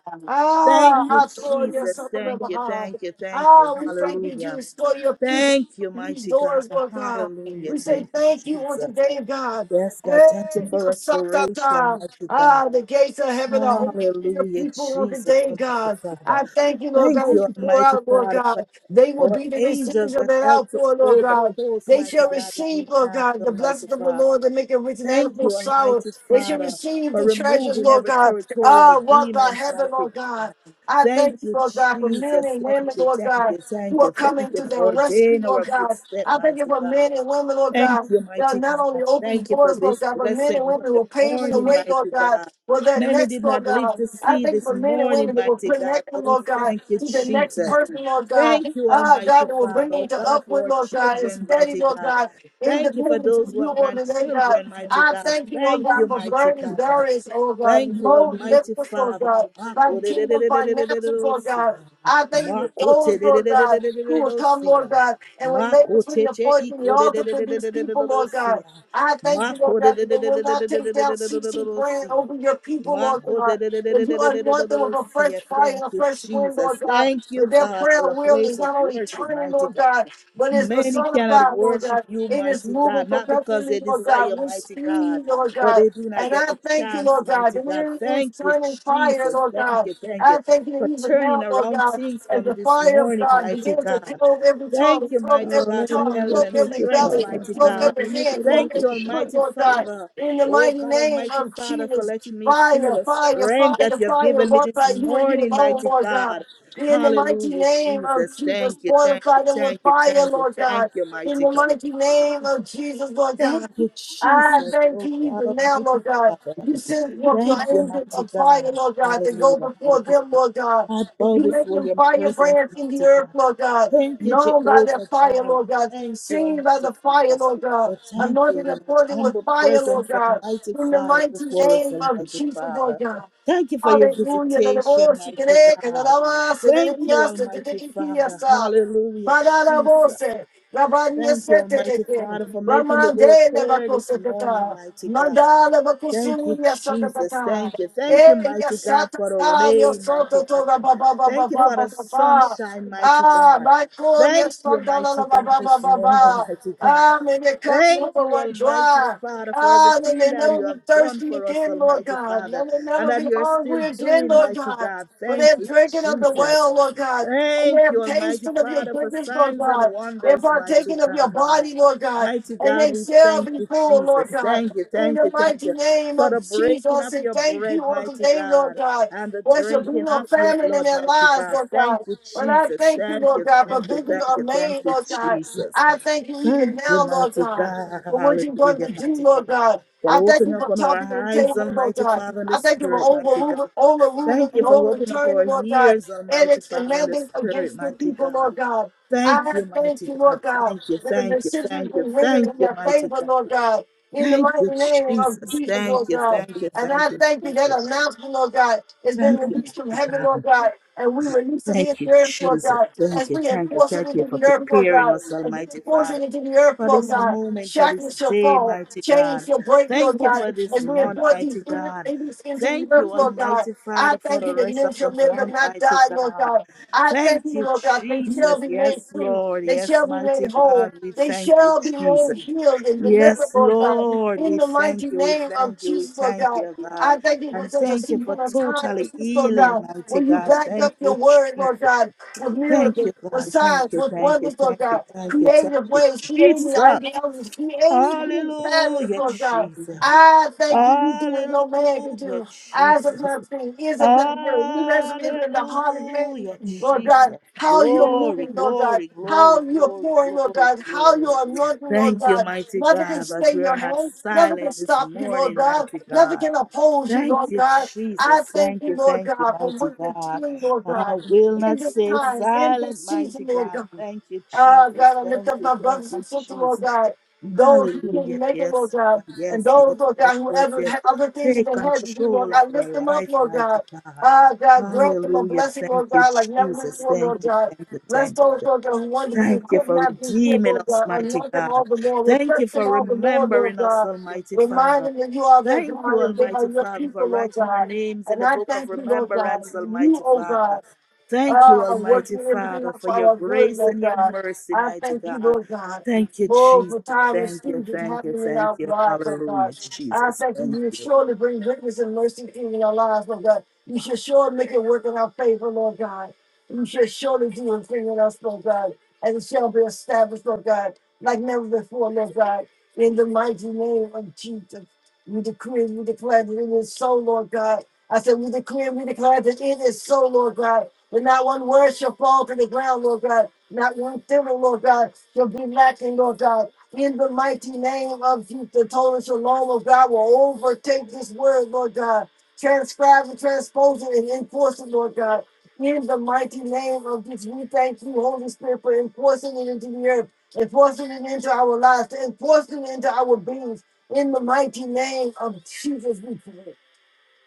Thank you, ah atoria Jesus. sada Thank you, baha thank you, thank you. Oh, we thank you, Hallelujah. Jesus, for your people. Thank you, through These mighty God. doors, Lord God. Hallelujah. We say Thank you, thank you on Jesus. today, God. Yes, God, thank you Hey, you for sucked out restoration, time. mighty God. Ah, the gates of heaven are open to your Hallelujah, people on Jesus, today, Almighty God. Father. I thank you, Lord Thank God, as you, you pour Almighty out, Lord Father, for God. They will our be the angels receivers of that that help to outpour, Lord hold the God. post, They mighty shall God, when receive, we Lord can't, God, the Almighty blessings of the Father. Lord that make it rich and add Thank no you, sorrow. Almighty They shall Father, receive for the treasures, removing Lord every God. territorial Ah, wealth of demons, heaven, mighty Lord God. God. I Thank thank you, you, Lord God, for men Jesus. and Thank women, you, Lord thank God, you, who thank are you, thank coming you to for their rescue, ordaining Lord our God. footstep, I thank you mighty for God. men and women, Lord Thank God, you, that are mighty not only God. open Thank you for doors, Lord this God, but men blessed and women who Monday are paving the morning, way, Lord mighty God, God. for their Many next, did Lord not live God. to I see thank you this for men and morning, women that will mighty God. connect So them, we Lord God, thank you, to the next Jesus. person, Lord God. Thank you, Ah, God, Almighty that will Father, bring them oh to God, upward, for our Lord God, and children, steady, mighty Lord God. God, Thank you for independence those of who you, have Lord, today, God. grandchildren, mighty I God. thank you, Lord Thank you, God, for mighty burning God. barriers, Lord God, Thank you, low Almighty lifters, Lord Father. God, by kingdom finances, Lord God. I thank you for those, Lord God, who will come, Lord Makoterererererererosia. God, and will lay between the Makoteche porch and the altar for these people, Lord God. ikorererererererosia. I thank you, Lord God, that they will not take down CC brand Makorerererererererosia. over your people, Lord God. That you anoint them with a fresh Makorererererererosia. fire and a Thank you, fresh wind, Lord Jesus. God. Thank you, That their God, prayer for a wheel is place of not only worship, turning, mighty Lord God. God, but is Many cannot personified, Lord worship God. you, It is mighty moving God, not because perpetually, they Lord God, desire, with mighty God, speed, Lord but God. they do not And get I the thank you, chance, Lord God. mighty that it God. fire is Thank you, turning fire, Jesus. Lord Thank God. you, thank you I thank you for even turning now, Lord around God, things for as me the this fire of morning, God mighty begins to God. clove every Thank tongue, you, clove mighty every God, for tongue, health Hallelujah. clove and Thank every you, strength, belly, Father. mighty clove God. every hand, clove Thank you, every foot, Almighty Lord God. Father. In the Oh mighty God, name Almighty of Father, for Jesus, letting me feel fire, the fire, strength that fire, you have fire, given me walk this by you and you morning, alone, mighty Lord God. God. In the mighty Hallelujah, name of Jesus. Jesus, Thank you, thank fortify you, them with thank you, fire, thank you, Lord God. thank you, In mighty the mighty name God. of Jesus, Lord God. Thank you, I Jesus, thank oh you God even now, Almighty Lord God. Father. You send forth your Thank you, angels mighty of fire, God. Lord God, to go Hallelujah, before hallelujah. them, Lord God. I If bow you make before them your presence, firebrands in the mighty earth, God. Lord God, Thank you, known by their Jehovah fire, Jireh. Lord God, Thank you, seen by the Almighty fire, Father. Lord God, We thank you, anointed your according with humble fire, Lord presence, God, Almighty in the Father, mighty before us, name of Almighty Jesus, Lord Father. God. Thank you for your Aleluia, na visitation, voz, que que mighty na God. voz, na Thank you, minha, se te te Almighty que que Father. Hallelujah, Madara Jesus. Bose, Rabania Thank you, Seteke, Almighty Father, for making the Ramande way clear this morning, Levacosetata, mighty God. Mandala Thank you, Vacusunia Jesus. Satata, Thank you. Thank you, Eya mighty God, for the Satata, Yo rain, mighty Soto Tora God. Baba Baba Thank you Baba for the Baba, sunshine, mighty Ah, God. Michael, Thank you, mighty Sandala God, Baba Baba this morning, Baba, mighty God. Ah, may the cup Thank number you, one Almighty dry. Father, for Ah, may everything they that never you be have done thirsty for us, again, Lord Almighty God. May Father, they and never that be you're still hungry again, doing, Lord mighty God. God. For they Thank have you, drinking of the Jesus. well, Lord God. And they Thank have you, Almighty tasted of your Father, for goodness, Lord signs and God. They have wonders, mighty partaken of your God. body, Lord God. Mighty And God, they we shall thank be you, full, Lord Jesus. God. Thank you, In thank the you, thank mighty you name for the of breaking Jesus, of and your thank you bread, on mighty today, Lord God, God. and the There shall be drinking no of your famine in blood, their mighty lives, God. Lord God. Thank you, But I Jesus. thank you, Thank Lord you, God, for thank you, visions thank are you, thank made, you, Lord God. Jesus. I thank you Thank even you, now, Lord mighty God, God. for what you're going Hallelujah, to do, mighty Lord God. God. For I thank opening you up for on topping our the eyes, table, Lord Almighty God. Father, and the I thank you for Spirit, mighty God. overruling, overruling, Thank you and for opening up overturning, our Lord God. ears, And Almighty it's Father and the demanding Spirit, against the mighty people, God. Lord God. Thank I you, thank mighty you, God. Lord God, Thank you, that the thank you, decisions has thank you, been rendered thank in you, your mighty favor, God. Lord God. In the Thank you, mighty name Jesus. of Jesus, Thank Lord you, God. thank you, And I thank you, thank you thank that you. announcement, Lord God, has been Thank you, released from mighty heaven, God. Lord God. And we release it here, Thank you, there, Lord Jesus. God, Thank as you, we thank you, enforce it thank you into for the earth, Lord preparing God, us, as we Almighty enforce it Father, into the earth, for Lord this God. moment, for Shackles this shall day, fall, mighty chains God. shall break, Lord Thank you God, for this as we month, enforce these mighty God. babies into the Thank earth, you, Lord God. Almighty I Father, for thank the you that rest men of shall the live and month, not mighty die, Lord God. God. I thank you, Thank you, Lord God, they shall Jesus. be made Yes, free. Lord. They Yes, shall be mighty made whole. God. We They thank you, shall be made Jesus. healed and delivered, Yes, Lord God. Lord, In we the mighty thank you, we name of thank you, we Jesus, Lord thank God. you, God. I thank you for And such a thank you for season of time as totally this, Lord healing, God, mighty when you God. back Thank up your you, word, Lord Jesus. God, with Thank miracles, you, with God. Thank signs, you, with thank you, wonders, Lord thank you, God, thank you, thank creative you, ways, creative Jesus. ideas, creative patterns, Hallelujah, Lord God. Jesus. I thank you, you do what no man can Hallelujah, do. Eyes of Jesus. not seen, ears of not heard, in the heart of man, Hallelujah, Lord Jesus. God, how you're moving, Glory, Lord God, glory, how glory, you're glory, pouring, Lord glory, God, how glory. you're anointing, Lord Thank you, God. mighty Nothing can God, that stay we your are not hand, nothing can silent this stop you, Lord morning, God, mighty nothing God. can oppose you, Thank Lord you, God. I Jesus. thank Thank you, you, Lord thank you, God, for mighty what you're God. doing, Lord I God, will in not this stay time, in this silent, season, mighty Lord God. God. Thank you, Ah, Jesus. God, I lift Thank up you, my thank brothers and you, sisters, Lord Jesus. God. Those who did not Hallelujah. make it, Lord Yes, God. God. And Yes, yes, those, Lord yes, God, yes, whoever yes. had other things that Take they had to do, Lord control of God, lift our them up, life, Lord God. mighty God. Ah, God, grant them a Hallelujah. blessing, Thank Lord you, God, like never Jesus. before, Thank Lord you, God. thank you, Bless thank you, those, Lord God, who wanted to be Thank and you could for not be here, redeeming Lord us, God. mighty Anoint them all God. the more. Thank Refresh you them for all the more, Lord remembering us, God. Almighty Remind Father. them that you are their Thank you, God and they are Almighty your Father, for people, Lord writing our God. names in And the I book of thank you, Lord God. remembrance, You, Almighty oh Father. God. Thank you, Oh, I'm working Almighty everything Father, out for for your our good, grace Lord and your God. mercy, I mighty thank you, God. Lord God. Thank you, Oh, Jesus. for time and Thank you, seasons thank you, happening in thank our you. lives, oh God. Hallelujah, I Jesus. thank you. Thank You you. surely bring goodness and mercy in our lives, Lord God. You should surely make it work in our favor, Lord God. You should surely do a thing in us, Lord God. And it shall be established, Lord God, like never before, Lord God. In the mighty name of Jesus, we decree, we declare that it is so, Lord God. I said, we declare, and we declare that it is so, Lord God, that not one word shall fall to the ground, Lord God, not one thimble, Lord God, shall be lacking, Lord God. In the mighty name of Jesus, the total shalom Lord God will overtake this word, Lord God. Transcribe and transpose it and enforce it, Lord God. In the mighty name of Jesus, we thank you, Holy Spirit, for enforcing it into the earth, enforcing it into our lives, enforcing it into our beings. In the mighty name of Jesus, we pray.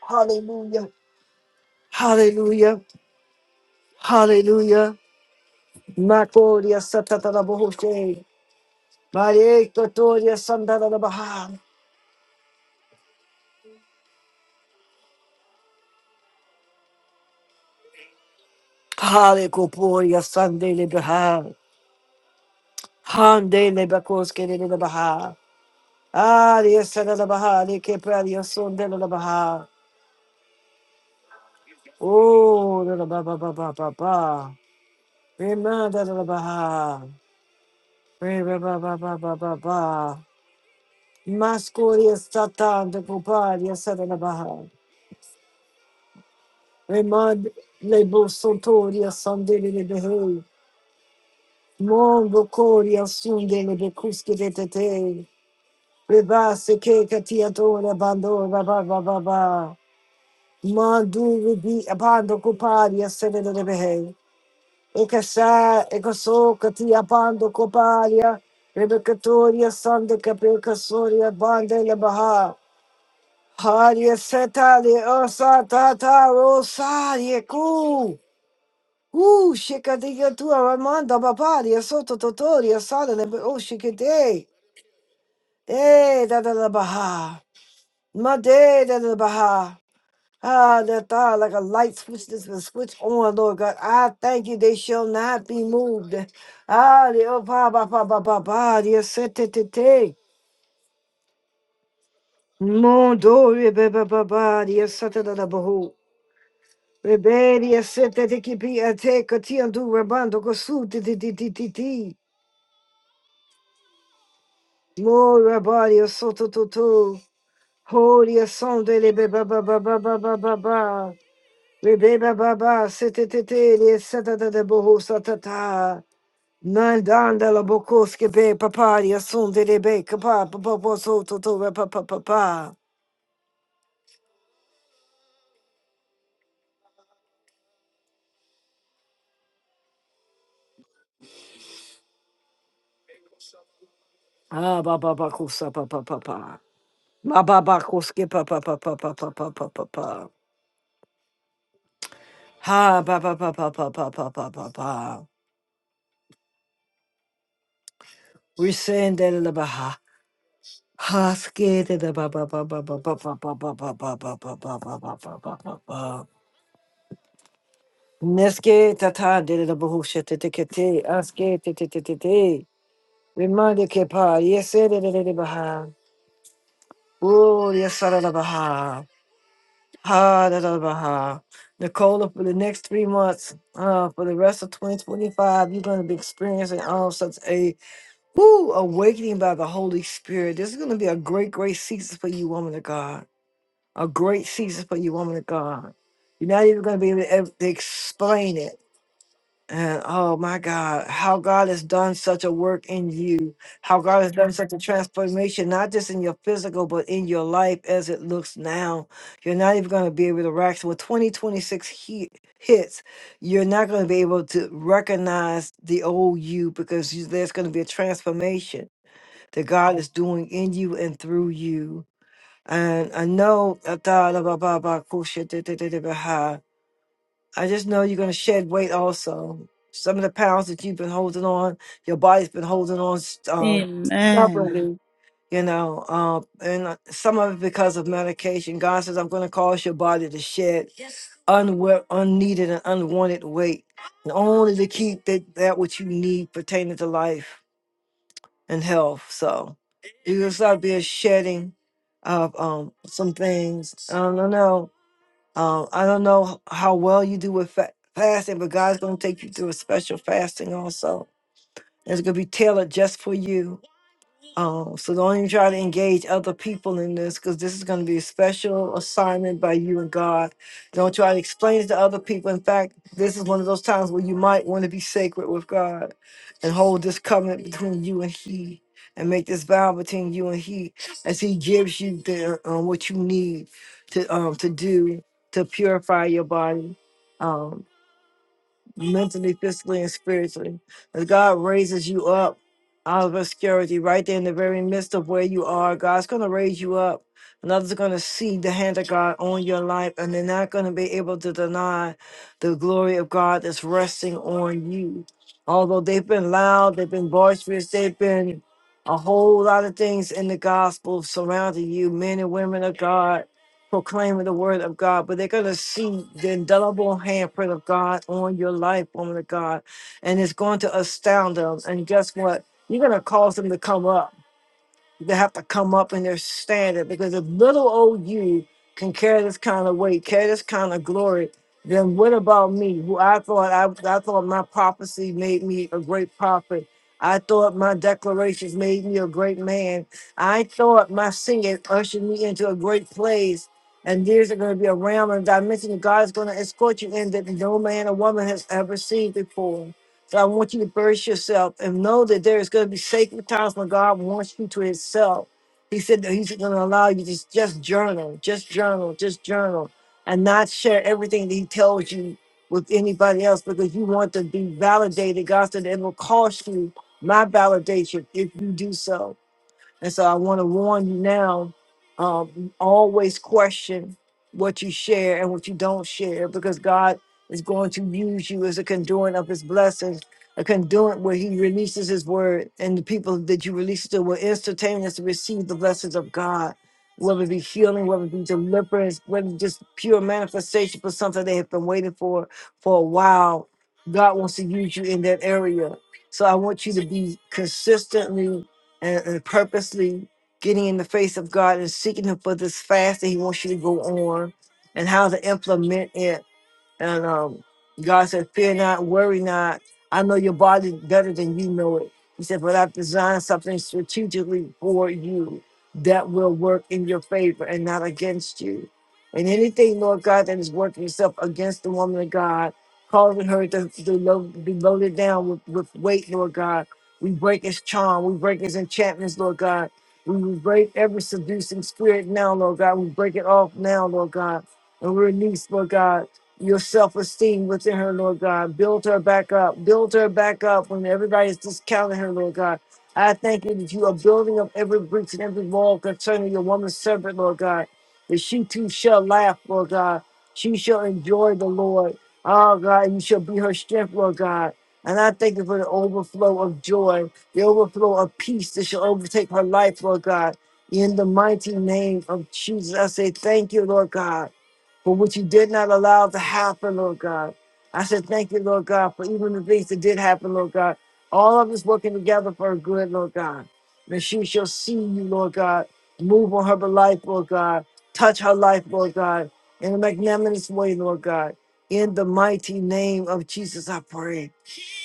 Hallelujah. Hallelujah. Hallelujah. Makoria satatara bohoshe. Mare kotoria sandara baha. Hale koporia sandele baha. Hande le bakoske le baha. Aria sanara baha. Le kepraria sondela baha. Oh, la ba ba ba ba ba ba. Remanda la baha. Re ba ba ba ba ba ba ba. Maskoria satan de koparia sanara baha. Remad lebo sotoria sandele de behe. Mondo coria sundele de cusche de tete. Rebasse che catiatore bandora ba ba ba ba. Mandu ribi abando coparia sedele de behe. E casà e casò catia bando coparia. Rebecatoria sande capeca soria bande le baha. Haria setale osata ta rosarie Ooh, shikadiga tu aramanda babaria soto totoria salele but oh shikade. Eh, da da da baha. ma de da da baha. Ah, that thou like a light switch this will switch on, Lord God. I thank you, they shall not be moved. Ah, the oh ba ba ba ba ba ba, the sete te te. Mondori ba ba ba ba, the sete da da bahu. Rebellia sete te kipi ate kati andu rabando kosu ti ti ti ti ti. Mora body soto toto. Holy sonde le beba ba ba ba ba ba ba ba. Rebeba ba ba sete te te le sata da da boho sata ta. Nandanda la bokoske be papa ya le be kapa pa pa pa soto to re pa pa pa pa. Ah ba ba ba kusa pa pa pa pa. Ma ba ba kuske pa pa pa pa pa pa pa pa pa pa. Ha ba ba ba ba ba ba ba ba ba ba. We send el baha. Haskete da ba ba ba ba ba ba ba ba ba ba ba ba ba ba ba ba ba ba ba ba. Neske tata de da bohushete te te te askete te te te te. Remande ke pa yese de de de de baha. Oh yesara da baha. Ha da da baha. Nicola, for the next three months, uh, for the rest of 2025, you're going to be experiencing all such a woo awakening by the Holy Spirit. This is going to be a great, great season for you, woman of God. A great season for you, woman of God. You're not even going to be able to ev- to explain it. And oh my God, how God has done such a work in you, how God has done such a transformation, not just in your physical, but in your life as it looks now. You're not even going to be able to react. When 2026 he- hits, you're not going to be able to recognize the old you because you, there's going to be a transformation that God is doing in you and through you. And I know I thought about about- about cool shit, da- da- da- da- da- ha! I just know you're gonna shed weight also. Some of the pounds that you've been holding on, your body's been holding on um Amen. stubbornly. You know, um, and uh, some of it because of medication. God says, I'm going to cause your body to shed unwe- unneeded and unwanted weight, and only to keep that, that which you need pertaining to life and health. So you are going to start be a shedding of um some things. I don't know. Um, I don't know how well you do with fa- fasting, but God's gonna take you through a special fasting also. It's gonna be tailored just for you um, so don't even try to engage other people in this because this is going to be a special assignment by you and God. Don't try to explain it to other people. In fact, this is one of those times where you might want to be sacred with God and hold this covenant between you and He and make this vow between you and He as He gives you the um, what you need to um, to do to purify your body. Um, mentally, physically, and spiritually. As God raises you up out of obscurity, right there in the very midst of where you are, God's going to raise you up. And others are going to see the hand of God on your life, and they're not going to be able to deny the glory of God that's resting on you. Although they've been loud, they've been boisterous, they've been a whole lot of things in the gospel surrounding you, men and women of God proclaiming the word of God, but they're going to see the indelible handprint of God on your life, woman of God, and it's going to astound them. And guess what? You're going to cause them to come up. They have to come up in their standard because if little old you can carry this kind of weight, carry this kind of glory, then what about me? Who I thought I, I thought my prophecy made me a great prophet. I thought my declarations made me a great man. I thought my singing ushered me into a great place. And there's going to be a realm and dimension that God is going to escort you in that no man or woman has ever seen before. So I want you to burst yourself and know that there is going to be sacred times when God wants you to Himself. He said that He's going to allow you to just journal, just journal, just journal, and not share everything that He tells you with anybody else because you want to be validated. God said it will cost you my validation if you do so. And so I want to warn you now um, always question what you share and what you don't share because God is going to use you as a conduit of his blessings, a conduit where he releases his word and the people that you release it to will instantaneously receive the blessings of God. Whether it be healing, whether it be deliverance, whether it's just pure manifestation for something they have been waiting for for a while, God wants to use you in that area. So I want you to be consistently and, and purposely getting in the face of God and seeking Him for this fast that He wants you to go on and how to implement it and um, God said, Fear not, worry not. I know your body better than you know it. He said, But I've designed something strategically for you that will work in your favor and not against you. And anything, Lord God, that is working itself against the woman of God, causing her to, to lo- be loaded down with, with weight, Lord God, we break his charm, we break his enchantments, Lord God. We break every seducing spirit now, Lord God. We break it off now, Lord God. And we release, Lord God your self esteem within her, Lord God. Build her back up. Build her back up when everybody's discounting her, Lord God. I thank you that you are building up every breach and every wall concerning your woman's servant, Lord God. That she too shall laugh, Lord God. She shall enjoy the Lord. Oh God, you shall be her strength, Lord God. And I thank you for the overflow of joy, the overflow of peace that shall overtake her life, Lord God. In the mighty name of Jesus, I say thank you, Lord God for what you did not allow to happen, Lord God. I said, thank you, Lord God, for even the things that did happen, Lord God. All of us working together for her good, Lord God. And she shall see you, Lord God. Move on her life, Lord God. Touch her life, Lord God, in a magnanimous way, Lord God. In the mighty name of Jesus, I pray.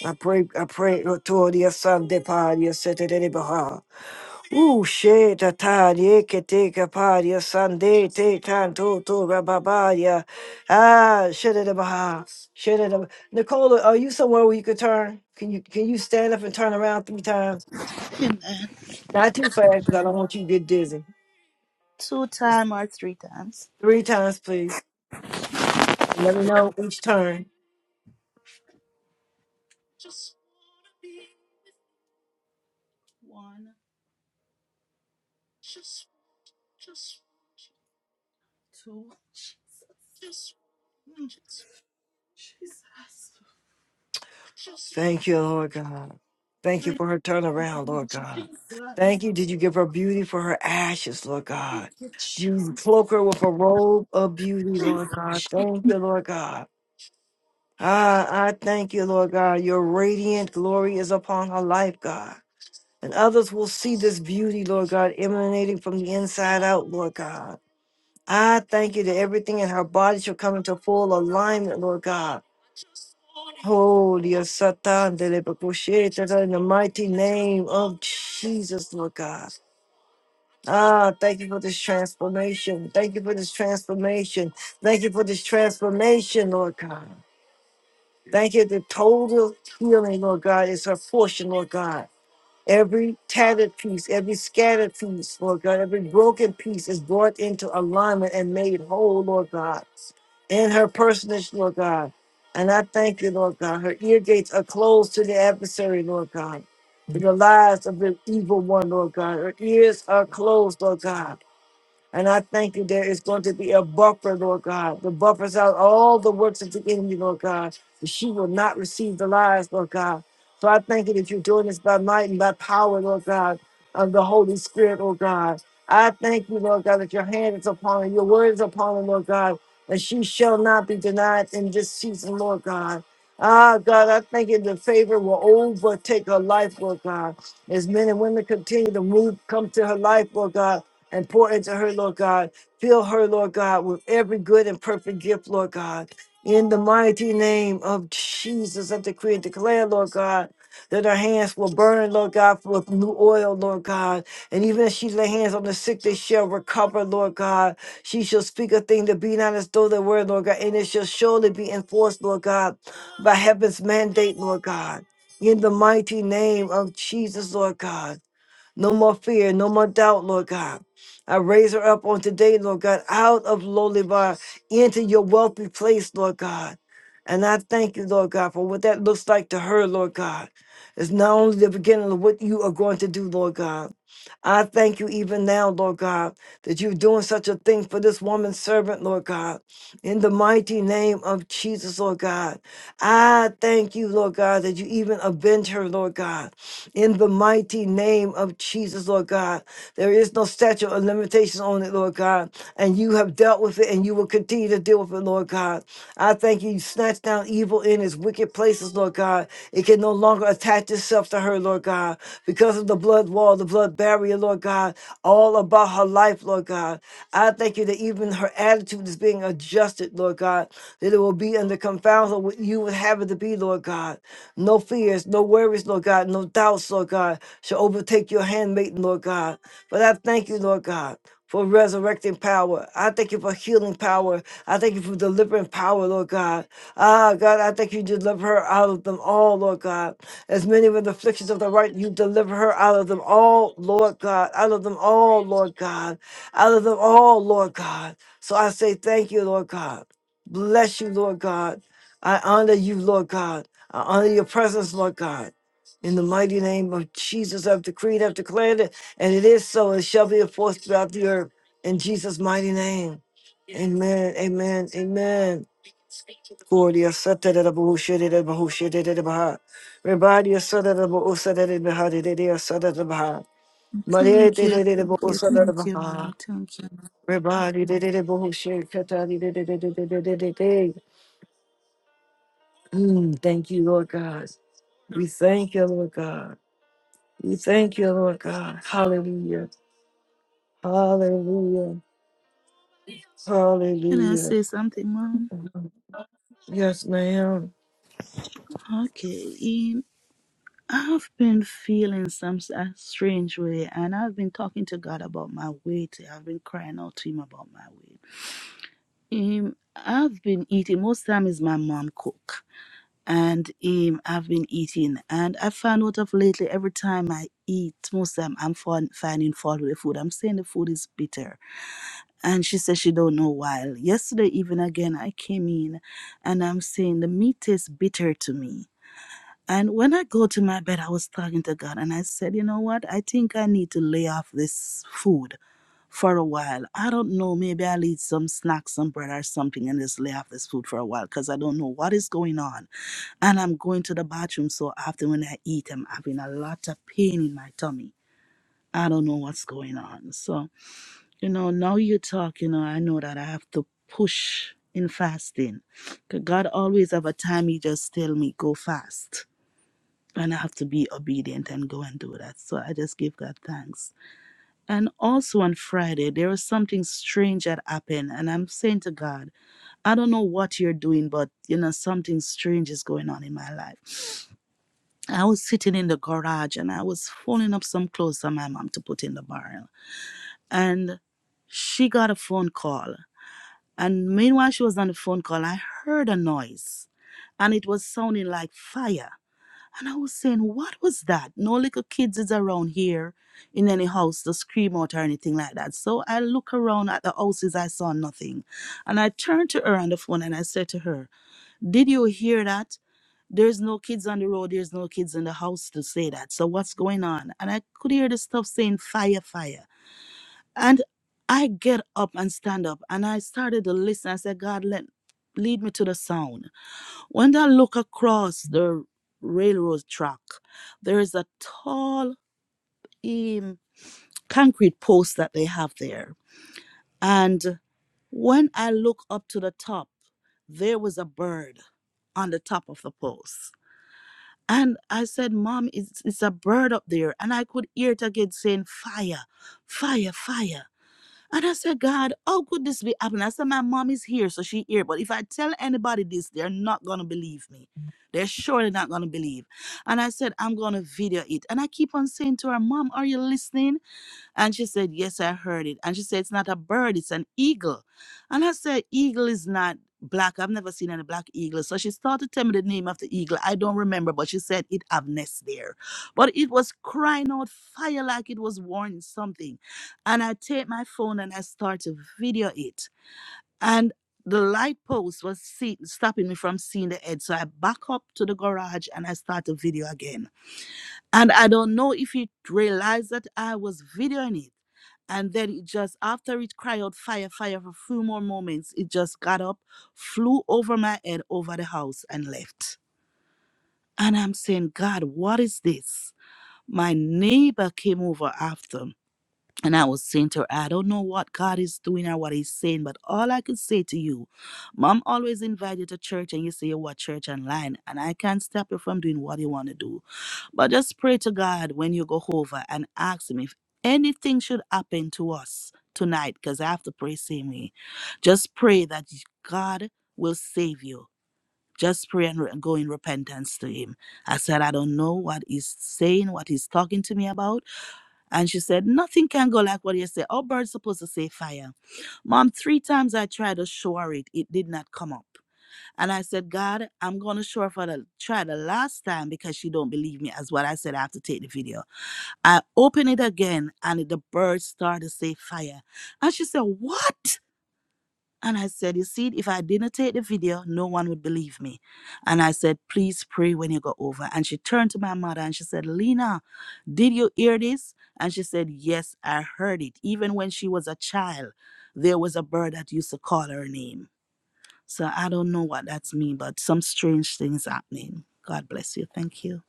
I pray, I pray. Lord, to all the Son, the Father, the Son, the Holy Spirit. Ooh, shit, a tadie, que te capadia, sande, te canto, to rababadia. Ah, shit it about. Shit it about. Nicola, are you somewhere where you could turn? Can you can you stand up and turn around three times? Amen. Not too fast, 'cause I don't want you to get dizzy. Two time or three times? Three times, please. Let me know each turn. One, two, Jesus. Hmm. Jesus. Thank you, Lord God. Thank you Thank for her turnaround, you, Lord God. Jesus. Thank you. Did you give her beauty for her ashes, Lord Thank God? you, Jesus. You cloak her with a robe of beauty, Lord God. Thank you, Lord God. Ah, I thank you, Lord God. Your radiant glory is upon her life, God. And others will see this beauty, Lord God, emanating from the inside out, Lord God. I thank you that everything in her body shall come into full alignment, Lord God Holy Satan, in the mighty name of Jesus, Lord God. Ah, thank you for this transformation. Thank you for this transformation. Thank you for this transformation, Lord God. Thank you. The total healing, Lord God, is her portion, Lord God. Every tattered piece, every scattered piece, Lord God, every broken piece is brought into alignment and made whole, Lord God, in her personage, Lord God. And I thank you, Lord God. Her ear gates are closed to the adversary, Lord God, to the lies of the evil one, Lord God. Her ears are closed, Lord God. And I thank you there is going to be a buffer, Lord God, that buffers out all the works of the enemy, Lord God, that she will not receive the lies, Lord God. So I thank you that you're doing this by might and by power, Lord God, of the Holy Spirit, Lord God. I thank you, Lord God, that your hand is upon her, your word is upon her, Lord God, and she shall not be denied in this season, Lord God. Ah, God, I thank you the favor will overtake her life, Lord God. As men and women continue to move, come to her life, Lord God and pour into her, Lord God. Fill her, Lord God, with every good and perfect gift, Lord God. In the mighty name of Jesus, I decree and declare, Lord God, that her hands will burn, Lord God, with new oil, Lord God. And even as she lay hands on the sick, they shall recover, Lord God. She shall speak a thing that be not as though they were, Lord God. And it shall surely be enforced, Lord God, by heaven's mandate, Lord God. In the mighty name of Jesus, Lord God. No more fear, no more doubt, Lord God. I raise her up on today, Lord God, out of lowly bar into your wealthy place, Lord God. And I thank you, Lord God, for what that looks like to her, Lord God. It's not only the beginning of what you are going to do, Lord God. I thank you even now, Lord God, that you're doing such a thing for this woman's servant, Lord God. In the mighty name of Jesus, Lord God, I thank you, Lord God, that you even avenge her, Lord God. In the mighty name of Jesus, Lord God, there is no statute or limitation on it, Lord God, and you have dealt with it and you will continue to deal with it, Lord God. I thank you, you snatch down evil in its wicked places, Lord God. It can no longer attach itself to her, Lord God, because of the blood wall, the blood barrier, Lord God, all about her life, Lord God. I thank you that even her attitude is being adjusted, Lord God, that it will be under confound of what you would have it to be, Lord God. No fears, no worries, Lord God, no doubts, Lord God, shall overtake your handmaiden, Lord God. But I thank you, Lord God. For resurrecting power. I thank you for healing power. I thank you for delivering power, Lord God. Ah, God, I thank you deliver her out of them all, Lord God. As many were the afflictions of the right, you deliver her out of them all, Lord God. Out of them all, Lord God. Out of them all, Lord God. So I say thank you, Lord God. Bless you, Lord God. I honor you, Lord God. I honor your presence, Lord God. In the mighty name of Jesus, I've decreed, I've declared it, and it is so, It shall be enforced throughout the earth. In Jesus' mighty name. Amen. Amen. Amen. Gloria Satana Bushedda Bushedda Baha. Rebadia Sadana Busadda Baha de Dea Sadana Baha. Maria Thank de you, thank you, thank Busadda you, mom. Baha. Thank you, mom. Rebadi de Bushedda Katari de Thank you, Lord God. We thank you, Lord God. We thank you, Lord God. Hallelujah. Hallelujah. Can I Hallelujah. say something, mom? Yes, ma'am. Okay, in, I've been feeling some s- a strange way, and I've been talking to God about my weight. I've been crying out to Him about my weight. Um, I've been eating. Most time is my mom cook. and um, I've been eating. And I found out of lately, every time I eat, most time I'm fin- finding fault with the food. I'm saying the food is bitter, and she says she don't know why. Yesterday even again, I came in, and I'm saying the meat tastes bitter to me. And when I go to my bed, I was talking to God, and I said, you know what? I think I need to lay off this food. For a while, I don't know. Maybe I'll eat some snacks, some bread, or something, and just lay off this food for a while because I don't know what is going on and I'm going to the bathroom so often when I eat, I'm having a lot of pain in my tummy. I don't know what's going on. So, you know, now you talk, you know, I know that I have to push in fasting. 'Cause God always have a time he just tell me, go fast. And I have to be obedient and go and do that. So I just give God thanks. And also on Friday, there was something strange that happened. And I'm saying to God, I don't know what you're doing, but you know, something strange is going on in my life. I was sitting in the garage and I was folding up some clothes for my mom to put in the barrel. And she got a phone call. And meanwhile, she was on the phone call, I heard a noise and it was sounding like fire. And I was saying, What was that? No little kids is around here in any house to scream out or anything like that. So I look around at the houses, I saw nothing. And I turned to her on the phone and I said to her, Did you hear that? There's no kids on the road, there's no kids in the house to say that. So what's going on? And I could hear the stuff saying fire, fire. And I get up and stand up and I started to listen. I said, God, let lead me to the sound. When I look across the railroad track, there is a tall um, concrete post that they have there. And when I look up to the top, there was a bird on the top of the post. And I said, Mom, it's, it's a bird up there. And I could hear it again saying, Fire, fire, fire. And I said, God, how could this be happening? I said, My mom is here, so she here. But if I tell anybody this, they're not going to believe me. They're surely not going to believe. And I said, I'm going to video it. And I keep on saying to her, Mom, are you listening? And she said, Yes, I heard it. And she said, It's not a bird, it's an eagle. And I said, Eagle is not black. I've never seen any black eagle. So she started telling me the name of the eagle. I don't remember, but she said it have nest there. But it was crying out fire like it was warning something. And I take my phone and I start to video it. And the light post was see- stopping me from seeing the head. So I back up to the garage and I start to video again and I don't know if it realized that I was videoing it. And then it just, after it cried out fire, fire for a few more moments, it just got up, flew over my head, over the house, and left. And I'm saying, God, what is this? My neighbor came over after and I was saying to her, I don't know what God is doing or what He's saying, but all I could say to you, Mom always invite you to church and you say you what church online, and I can't stop you from doing what you want to do. But just pray to God when you go over and ask Him if anything should happen to us tonight, because I have to pray same way. Just pray that God will save you. Just pray and re- go in repentance to Him. I said, I don't know what He's saying, what He's talking to me about and she said, Nothing can go like what you say. Our bird's supposed to say fire. Mom, three times I tried to shore it, it did not come up. And I said, God, I'm gonna shore for the try the last time because she don't believe me, as what I said. I have to take the video. I open it again and the bird started to say fire. And she said, What? And I said, You see, if I didn't take the video, no one would believe me. And I said, Please pray when you go over. And she turned to my mother and she said, Lena, did you hear this? And she said, Yes, I heard it. Even when she was a child, there was a bird that used to call her name. So I don't know what that's mean, but some strange things happening. God bless you. Thank you.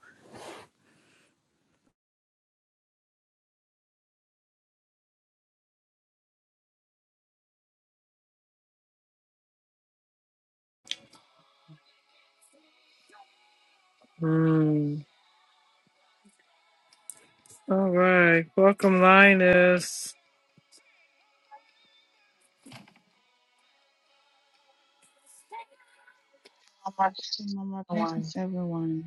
Hey, Mama, blessings everyone.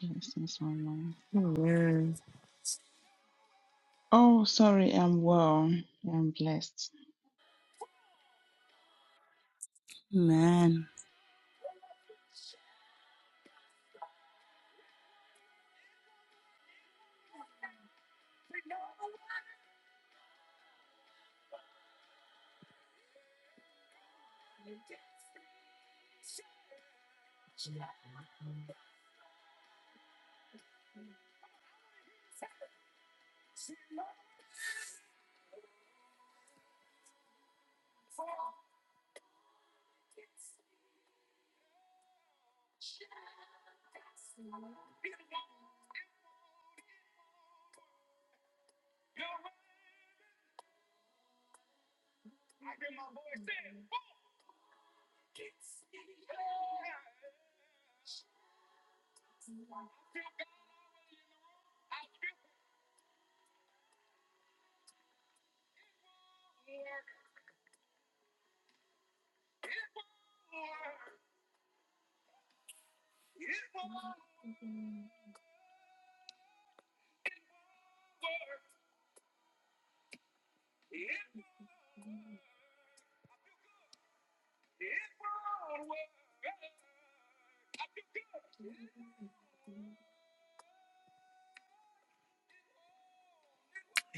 Blessings, Mama. Oh, sorry, I'm well. I'm blessed. Amen. I hear my boy saying, fuck it.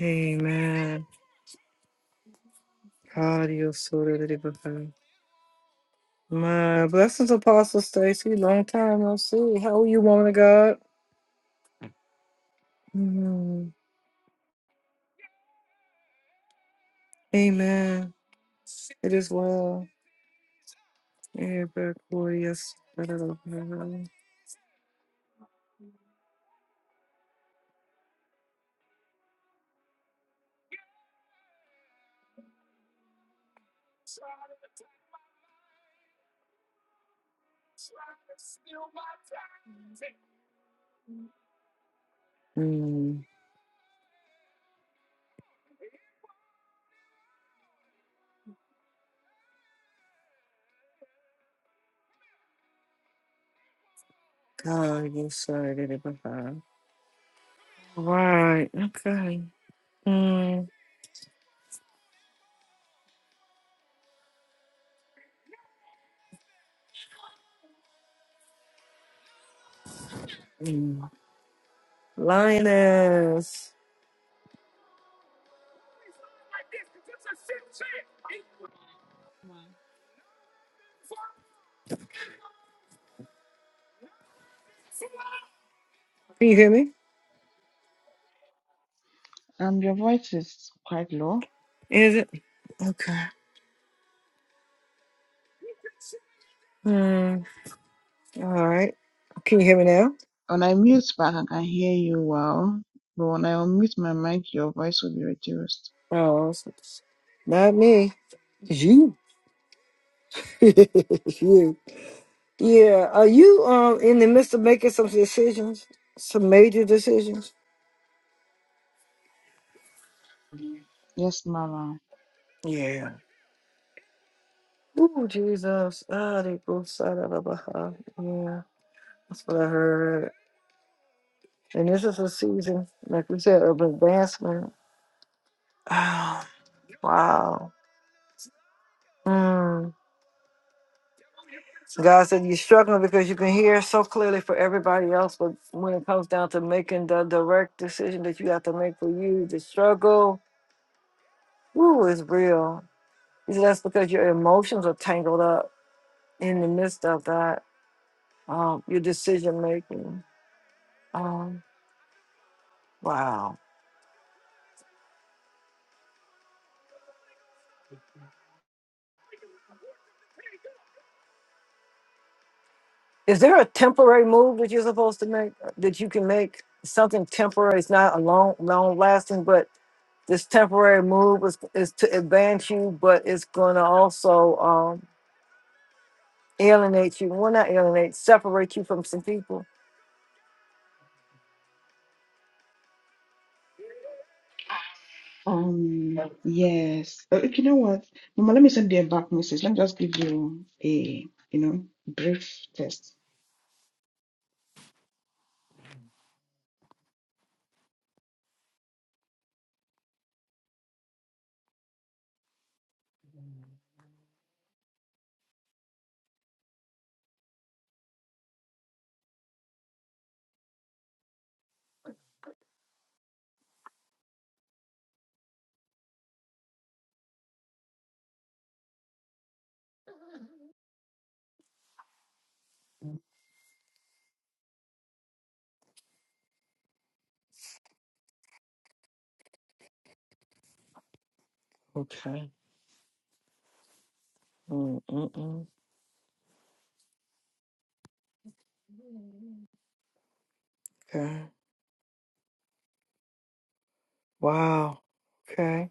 Amen. God, you're so beautiful. My blessings, Apostle Stacy. Long time no see. How are you, woman of God? Mhm. Amen. It is well. Yeah, back but Yes. Right. Okay. Yes. Mama, Can you hear me? Um, your voice is quite low. Is it? Okay. Hmm. All right. Can you hear me now? When I mute back, I can hear you well. But when I unmute my mic, your voice will be reduced. Oh, it's- it's not me. It's you. you. Yeah. Are you um in the midst of making some decisions? Some major decisions? Yes, Mama. Yeah. Ooh, Jesus. Ah, they both side of the Baha. Yeah. That's what I heard. And this is a season, like we said, of advancement. Oh, wow. Mm. God said you're struggling because you can hear so clearly for everybody else, but when it comes down to making the direct decision that you have to make for you, the struggle, woo, is real. He said that's because your emotions are tangled up in the midst of that, um, your decision making. Um, wow. Is there a temporary move that you're supposed to make that you can make? Something temporary, it's not a long, long lasting, but this temporary move is, is to advance you, but it's going to also um, alienate you. Well, not alienate, separate you from some people. Um, yes. Uh, you know what, Mama? Let me send you a back message. Let me just give you a, you know, brief test. Okay. Wow. Okay.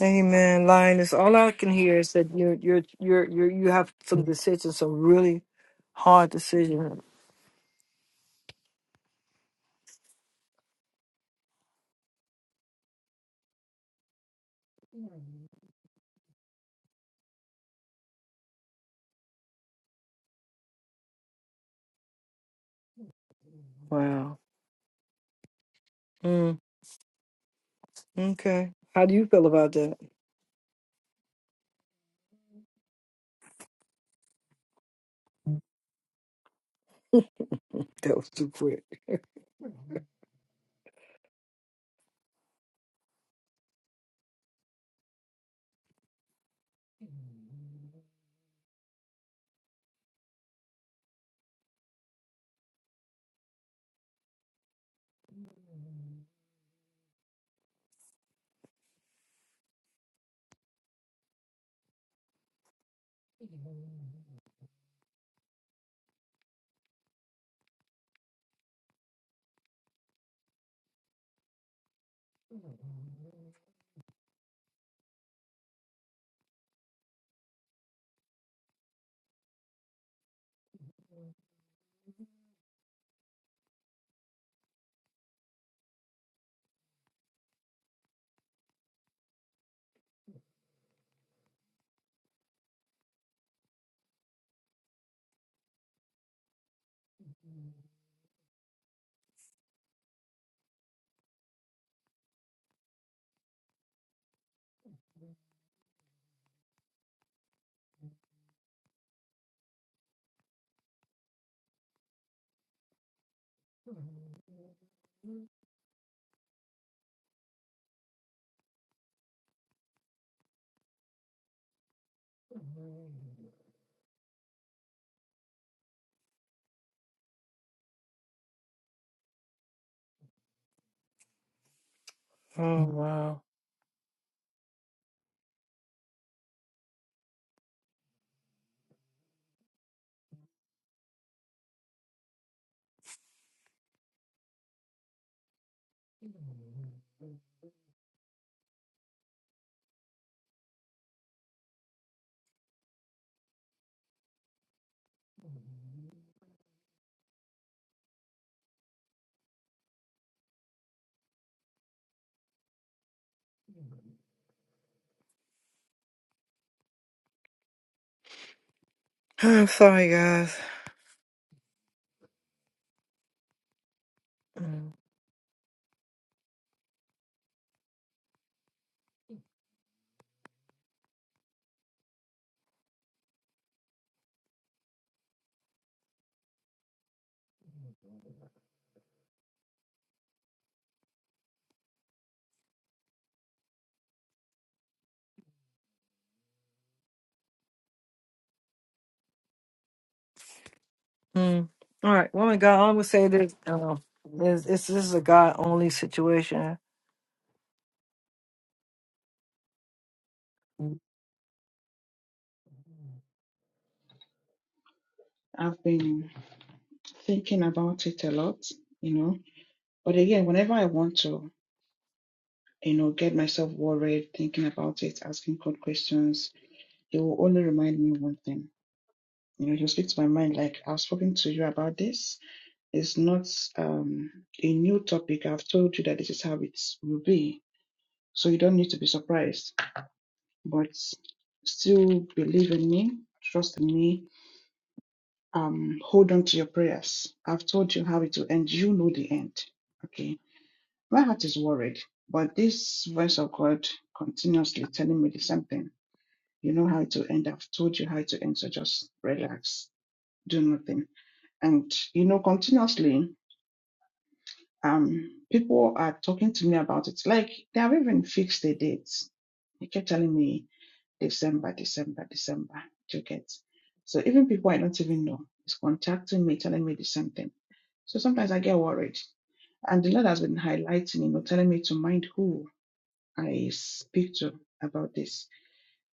Amen. Lioness. All I can hear is that you're you're you're you you have some decisions, some really hard decisions. Mm. Okay. How do you feel about that? That was too quick. Mm. All right. Woman, God, all I would say this um, is this this is a God only situation. I've been thinking about it a lot, you know. But again, whenever I want to. you know, get myself worried, thinking about it, asking God questions, It will only remind me one thing. You know, He'll speak to my mind like, I've spoken to you about this. It's not um, a new topic. I've told you that this is how it will be. So you don't need to be surprised. But still believe in me, trust in me, um, hold on to your prayers. I've told you how it will end. You know the end. Okay. My heart is worried, but this voice of God continuously telling me the same thing You know how to end. I've told you how to end. So just relax, do nothing. And, you know, continuously, um, people are talking to me about it. Like they have even fixed the dates. They kept telling me December, December, December. Do you get? So even people I don't even know is contacting me, telling me the same thing. So sometimes I get worried. And the Lord has been highlighting, you know, telling me to mind who I speak to about this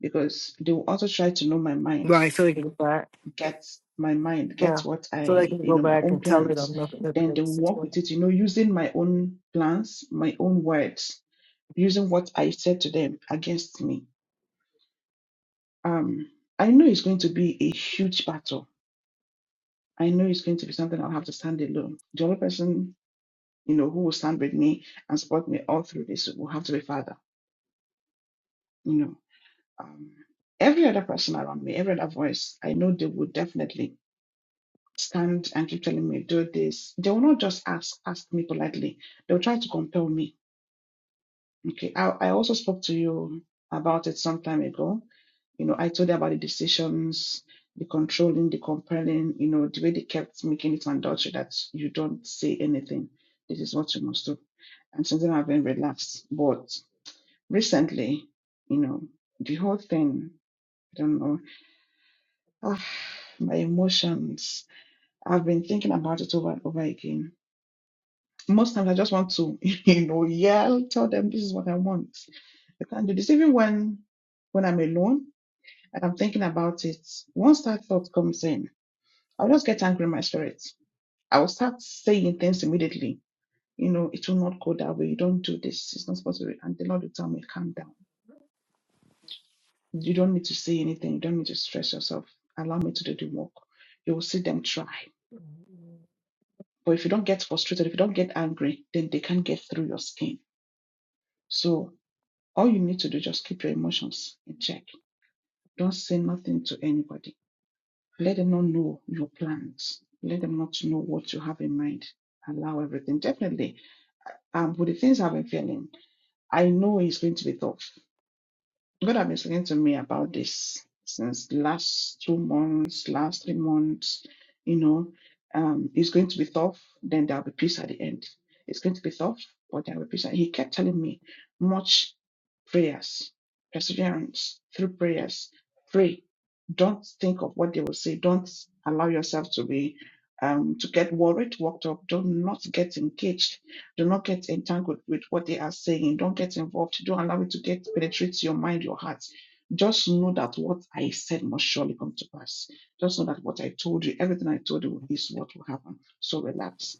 because they will also try to know my mind. Right. So it- Right. get my mind, get Yeah. what So they I, can you go know, my back own and tell it plans. I'm looking at Then the they will work situation. with it, you know, using my own plans, my own words, using what I said to them against me. Um, I know it's going to be a huge battle. I know it's going to be something I'll have to stand alone. The only person, you know, who will stand with me and support me all through this will have to be Father. You know, um, every other person around me, every other voice, I know they will definitely stand and keep telling me do this they will not just ask ask me politely they'll try to compel me okay i, I also spoke to you about it some time ago you know i told you about the decisions the controlling the compelling you know the way they kept making it mandatory that you don't say anything this is what you must do and since then i've been relaxed but recently you know the whole thing i don't know ah, my emotions i've been thinking about it over and over again Most times I just want to, you know, yell, tell them this is what I want. I can't do this. Even when when I'm alone and I'm thinking about it, once that thought comes in, I'll just get angry in my spirit. I will start saying things immediately. You know, it will not go that way. You don't do this. It's not supposed to be. And the Lord will tell me, calm down. You don't need to say anything. You don't need to stress yourself. Allow me to do the work. You will see them try. But if you don't get frustrated, if you don't get angry, then they can't get through your skin. So all you need to do just keep your emotions in check don't say nothing to anybody let them not know your plans let them not know what you have in mind allow everything definitely um with the things i've been feeling i know it's going to be tough God has been speaking to me about this since last two months, last three months. You know, um, it's going to be tough, then there'll be peace at the end. It's going to be tough, but there'll be peace. And he kept telling me, much prayers, perseverance through prayers. Pray. Don't think of what they will say. Don't allow yourself to be um, to get worried, worked up. Don't not get engaged do not get entangled with what they are saying. Don't get involved. Don't allow it to get penetrate your mind, your heart. Just know that what I said must surely come to pass. Just know that what I told you, everything I told you is what will happen. So relax.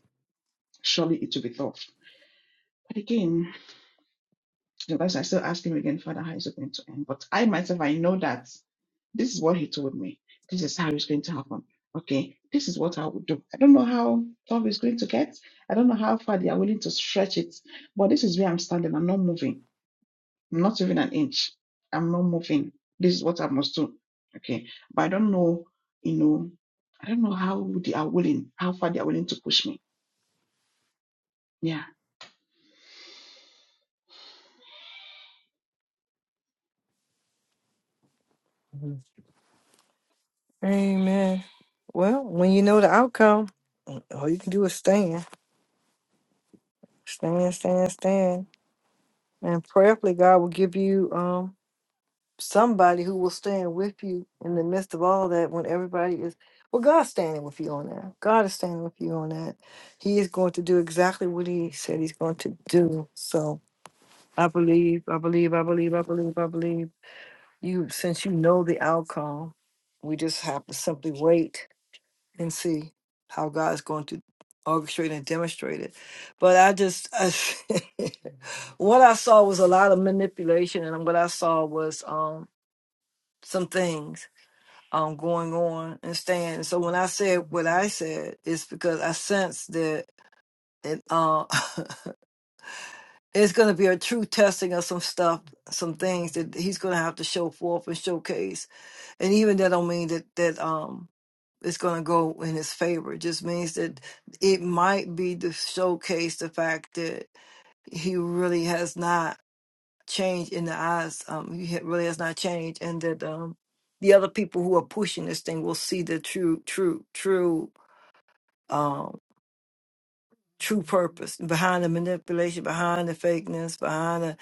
Surely it will be thought. But again, so that's why I still ask him again, Father, how is it going to end? But I myself, I know that this is what he told me. This is how it's going to happen. Okay, this is what I would do. I don't know how tough it's going to get. I don't know how far they are willing to stretch it, but this is where I'm standing. I'm not moving. I'm not even an inch. I'm not moving. This is what I must do. Okay, but I don't know, you know, I don't know how they are willing, how far they are willing to push me. Yeah, Amen. Well, when you know the outcome, mm, all you can do is stand, stand, stand, stand, and prayerfully God will give you um somebody who will stand with you in the midst of all that. When everybody is, well, God's standing with you on that. God is standing with you on that. He is going to do exactly what He said He's going to do. So I believe, I believe, I believe, I believe, I believe. You, since you know the outcome, we just have to simply wait and see how God's going to orchestrate and demonstrate it. But I just, I, what I saw was a lot of manipulation, and what I saw was um some things um going on and staying. So when I said what I said, it's because I sense that it uh it's going to be a true testing of some stuff, some things that he's going to have to show forth and showcase and even that don't mean that that um it's going to go in his favor it just means that it might be to showcase the fact that he really has not changed in the eyes um he ha- really has not changed and that um the other people who are pushing this thing will see the true true true um true purpose behind the manipulation behind the fakeness behind the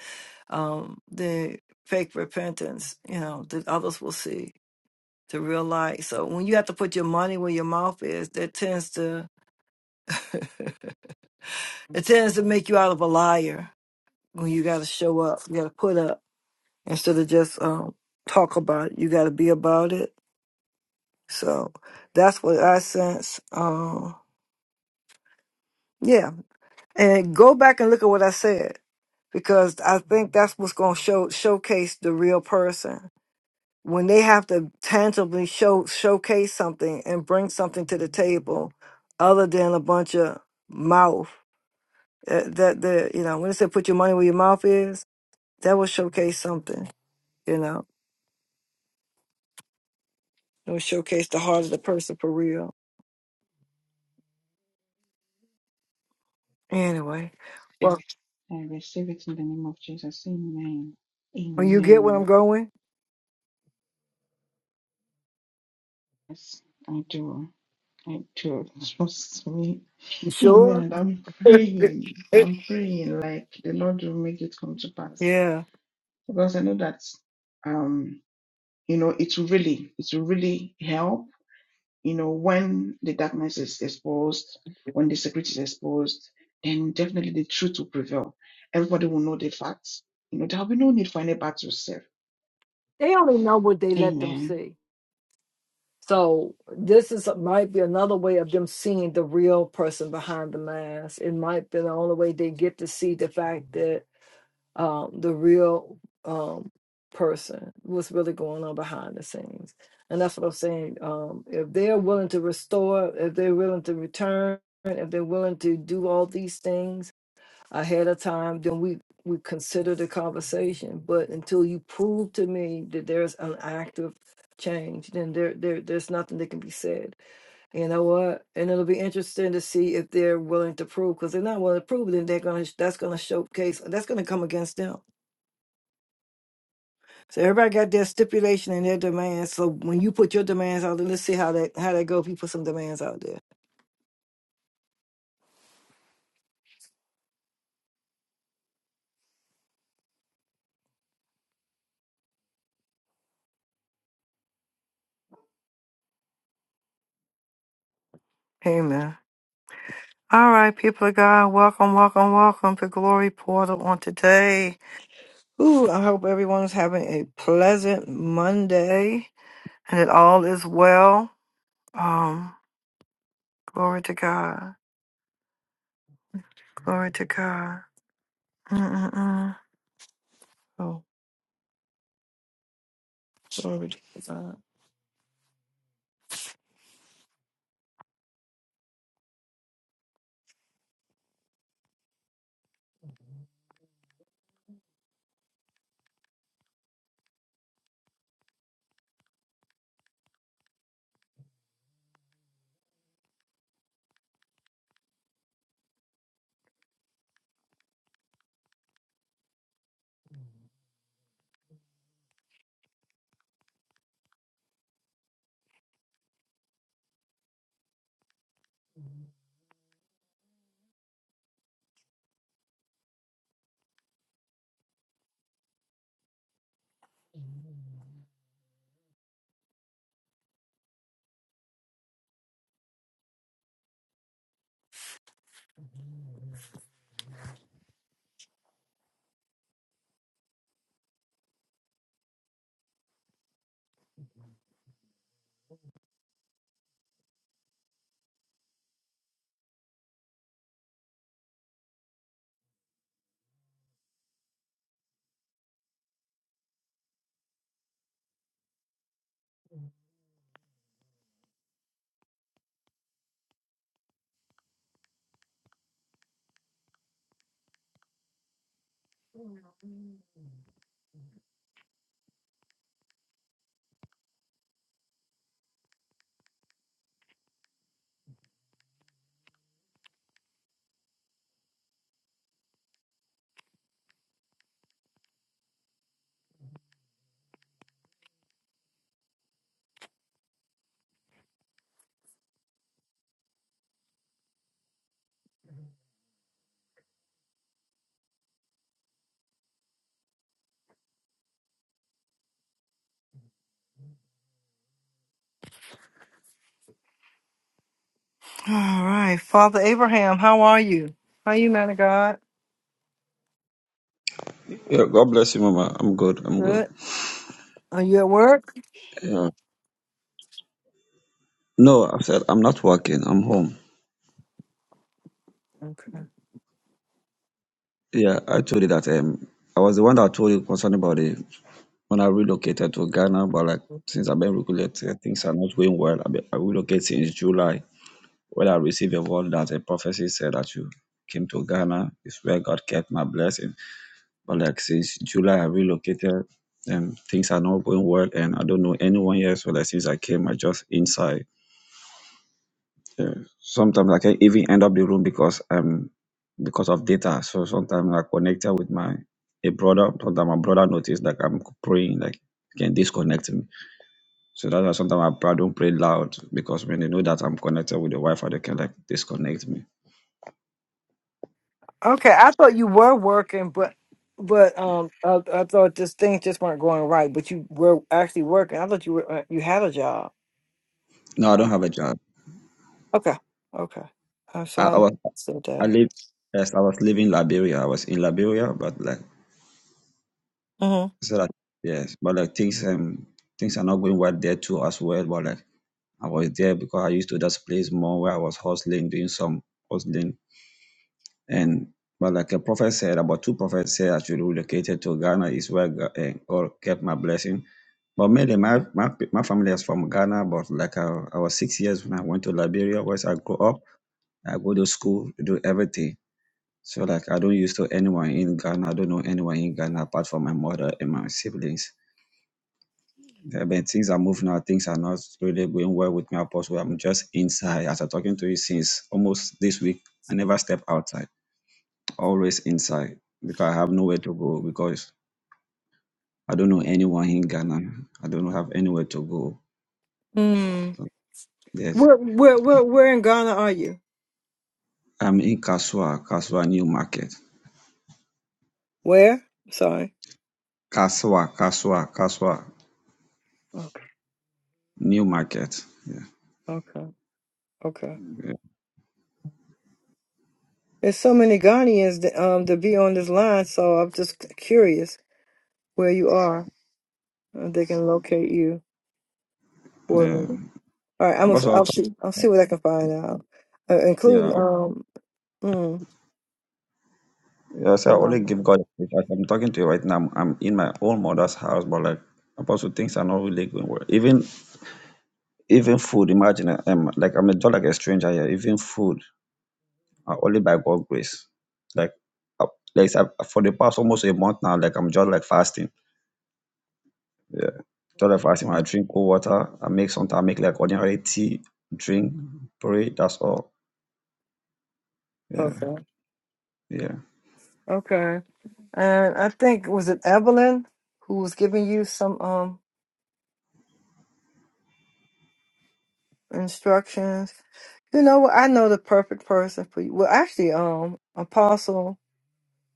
um the fake repentance you know that others will see to realize. So when you have to put your money where your mouth is, that tends to it tends to make you out of a liar. When you got to show up, you got to put up instead of just um, talk about it. You got to be about it. So that's what I sense. Um, yeah, and go back and look at what I said because I think that's what's going to show showcase the real person when they have to tangibly show showcase something and bring something to the table other than a bunch of mouth uh, that the you know when they say put your money where your mouth is that will showcase something you know it will showcase the heart of the person for real anyway well I receive it in the name of Jesus. Amen. when you get where i'm Amen. going Yes, I do. I do. Trust me. you sure Amen. I'm praying. Eh, I'm praying like the Lord will make it come to pass. yeah Because I know that um, you know, it will really, it will really help, you know, when the darkness is exposed, when the secret is exposed, then definitely the truth will prevail. Everybody will know the facts. You know, there'll be no need for any battle self. they only know what they let them Amen. see So this is uh, might be another way of them seeing the real person behind the mask. It might be the only way they get to see the fact that um, the real um, person what's really going on behind the scenes. And that's what I'm saying. Um, if they're willing to restore, if they're willing to return, if they're willing to do all these things, ahead of time, then we we consider the conversation. But until you prove to me that there's an active change, then there there there's nothing that can be said. You know what? And it'll be interesting to see if they're willing to prove. Because they're not willing to prove, then they're gonna that's gonna showcase that's gonna come against them. So everybody got their stipulation and their demands. So when you put your demands out there, let's see how that how that go. If you put some demands out there. Amen. All right, people of God, welcome, welcome, welcome to Glory Portal on today. Ooh, I hope everyone's having a pleasant Monday and it all is well. Um, glory to God. Glory to God. Mm-mm-mm. Oh. All right. Father Abraham, how are you? How are you, man of God? Yeah, God bless you, Mama. I'm good. I'm good. Good. Are you at work? Yeah. No, I said I'm not working. I'm home. Yeah, I told you that. Um, I was the one that told you concerning about the when I relocated to Ghana, but like since I've been relocated, things are not going well. i been, I relocated since July. When I received a word that a prophecy said that you came to Ghana, it's where God kept my blessing. But like since July, I relocated, and things are not going well, and I don't know anyone here. So like since I came, I just inside. Yeah. Sometimes I can even end up the room because um because of data. So sometimes I connected with my a brother. Sometimes my brother noticed that I'm praying, like he can disconnect me. So that's why sometimes I pra- don't pray loud because when they know that I'm connected with the Wi-Fi, they can like disconnect me. Okay. I thought you were working, but but um I, I thought this things just weren't going right, but you were actually working. I thought you were uh, you had a job. No, I don't have a job. Okay. Okay. Uh, so I, I I was said I that. live yes, I was living Liberia. I was in Liberia, but like Mm-hmm. so that yes, but like things um things are not going well there too as well. But like I was there because I used to just place more where I was hustling, doing some hustling. And but like a prophet said, about two prophets said I should relocate to Ghana is where Ga- eh, God kept my blessing. But mainly my, my pe- my family is from Ghana, but like I, I was six years when I went to Liberia, where I grew up. I go to school, do everything. So like I don't used to anyone in Ghana. I don't know anyone in Ghana apart from my mother and my siblings. Yeah, but things are moving now. Things are not really going well with me, Apostle. I'm just inside. As I'm talking to you since almost this week, I never step outside. Always inside because I have nowhere to go because I don't know anyone in Ghana. I don't have anywhere to go. So, yes, Where, where, where, where in Ghana are you? I'm in Kaswa, Kaswa New Market. Where? Sorry. Kaswa, Kaswa, Kaswa Okay, New Market. Yeah, okay, okay. There's so many Ghanaians that, um to be on this line, so I'm just c- curious where you are. uh, They can locate you for yeah. me. All right, I'm gonna, Apostle, I I'll thought- see. I'll see what I can find out, uh, including yeah. um. Mm, Yes, I only give um, God praise. As I'm talking to you right now, I'm in my own mother's house, but like Apostle, things are not really going well. Even even food, imagine um like I'm just like a stranger here. Even food, uh, only by God's grace. Like uh, like so for the past almost a month now, like I'm just like fasting. Yeah. Just like fasting. I drink cold water, I make something, I make like ordinary tea, drink, pray, that's all. Yeah. okay, Yeah. okay, And I think was it Evelyn who was giving you some um instructions. You know what? I know the perfect person for you. Well, actually, um, Apostle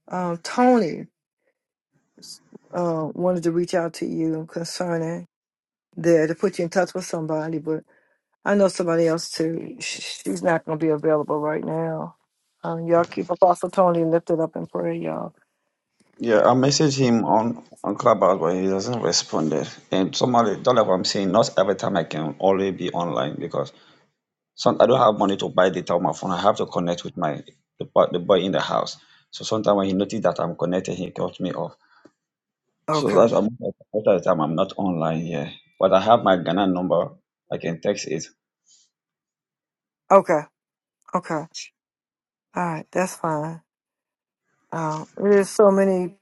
um Tony uh, wanted to reach out to you concerning there to put you in touch with somebody, but I know somebody else too. Sh- She's not going to be available right now. Um, y'all keep Apostle Tony lifted up in prayer, y'all. Yeah, I messaged him on on Clubhouse, but he doesn't respond. there. And somebody, don't like what I'm saying. Not every time I can only be online because some I don't have money to buy data on my phone. I have to connect with my the, boy- the boy in the house. So sometimes when he noticed that I'm connected, he cut me off. So Okay. that's why most of most of the time I'm not online here. But I have my Ghana number. I can text it. Okay. Okay. All right. That's fine. Um, there's so many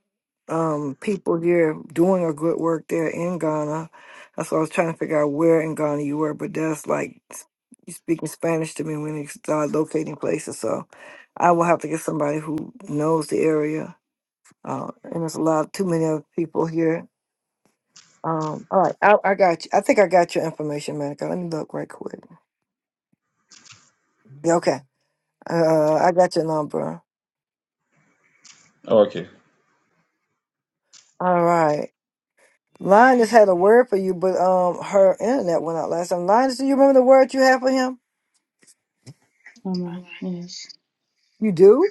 um, people there doing a good work there in Ghana. That's why I was trying to figure out where in Ghana you were, but that's like you speaking Spanish to me when you start locating places. So I will have to get somebody who knows the area. Uh, and there's a lot, too many other people here. Um, all right, I, I got you. I think I got your information, Monica. Let me look right quick. Yeah, okay. Uh, I got your number. Oh, okay. All right. Linus had a word for you, but um, her internet went out last time. Linus, do you remember the word you had for him? Mama, yes. You do?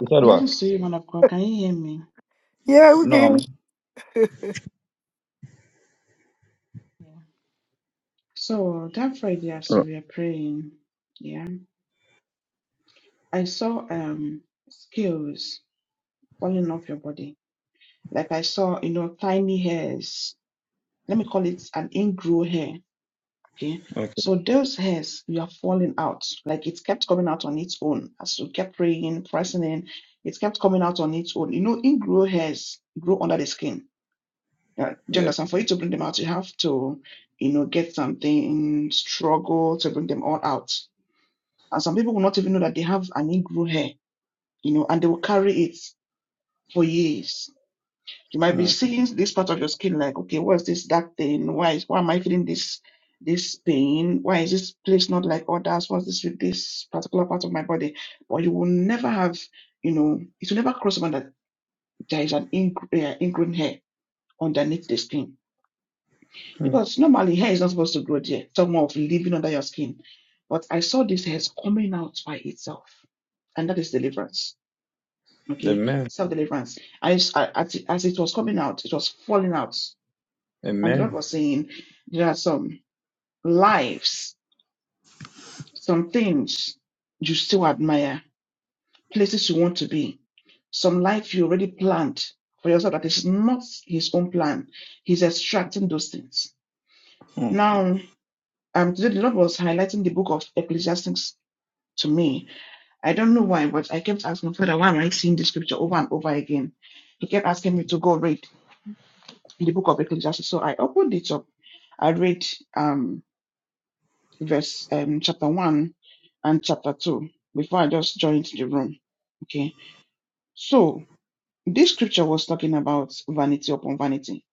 You said what? Blessings to you, man of God. Can you hear me? Yeah, we No, I'm can. not. So that Friday, as Oh, we were praying, yeah, I saw um scales falling off your body. Like I saw, you know, tiny hairs. Let me call it an ingrow hair. Okay. okay. So those hairs you are falling out. Like it kept coming out on its own. As we kept praying, pressing in, it kept coming out on its own. You know, ingrow hairs grow under the skin. Uh, do you Yeah. understand? For you to bring them out, you have to, you know, get something, struggle to bring them all out And some people will not even know that they have an ingrown hair, you know, and they will carry it for years. You might be Mm, seeing this part of your skin like, okay, what's this dark thing? Why is why am I feeling this this pain? Why is this place not like others? What's this with this particular part of my body? But you will never have, you know, it will never cross over that there is an ing- uh, ingrown hair underneath the skin mm. because normally hair is not supposed to grow there. It's more of living under your skin. But I saw this hair is coming out by itself, and that is deliverance Okay, Amen. self deliverance. I, I as it as it was coming out, it was falling out, and the Amen. Lord was saying, there are some lives, some things you still admire, places you want to be, some life you already planned for yourself that is not His own plan. He's extracting those things. Mm. Now, um, today the Lord was highlighting the book of Ecclesiastes to me. I don't know why, but I kept asking Father, why am I seeing this scripture over and over again? He kept asking me to go read in the book of Ecclesiastes. So I opened it up. I read um, verse um, chapter one and chapter two before I just joined the room. Okay. So this scripture was talking about vanity upon vanity.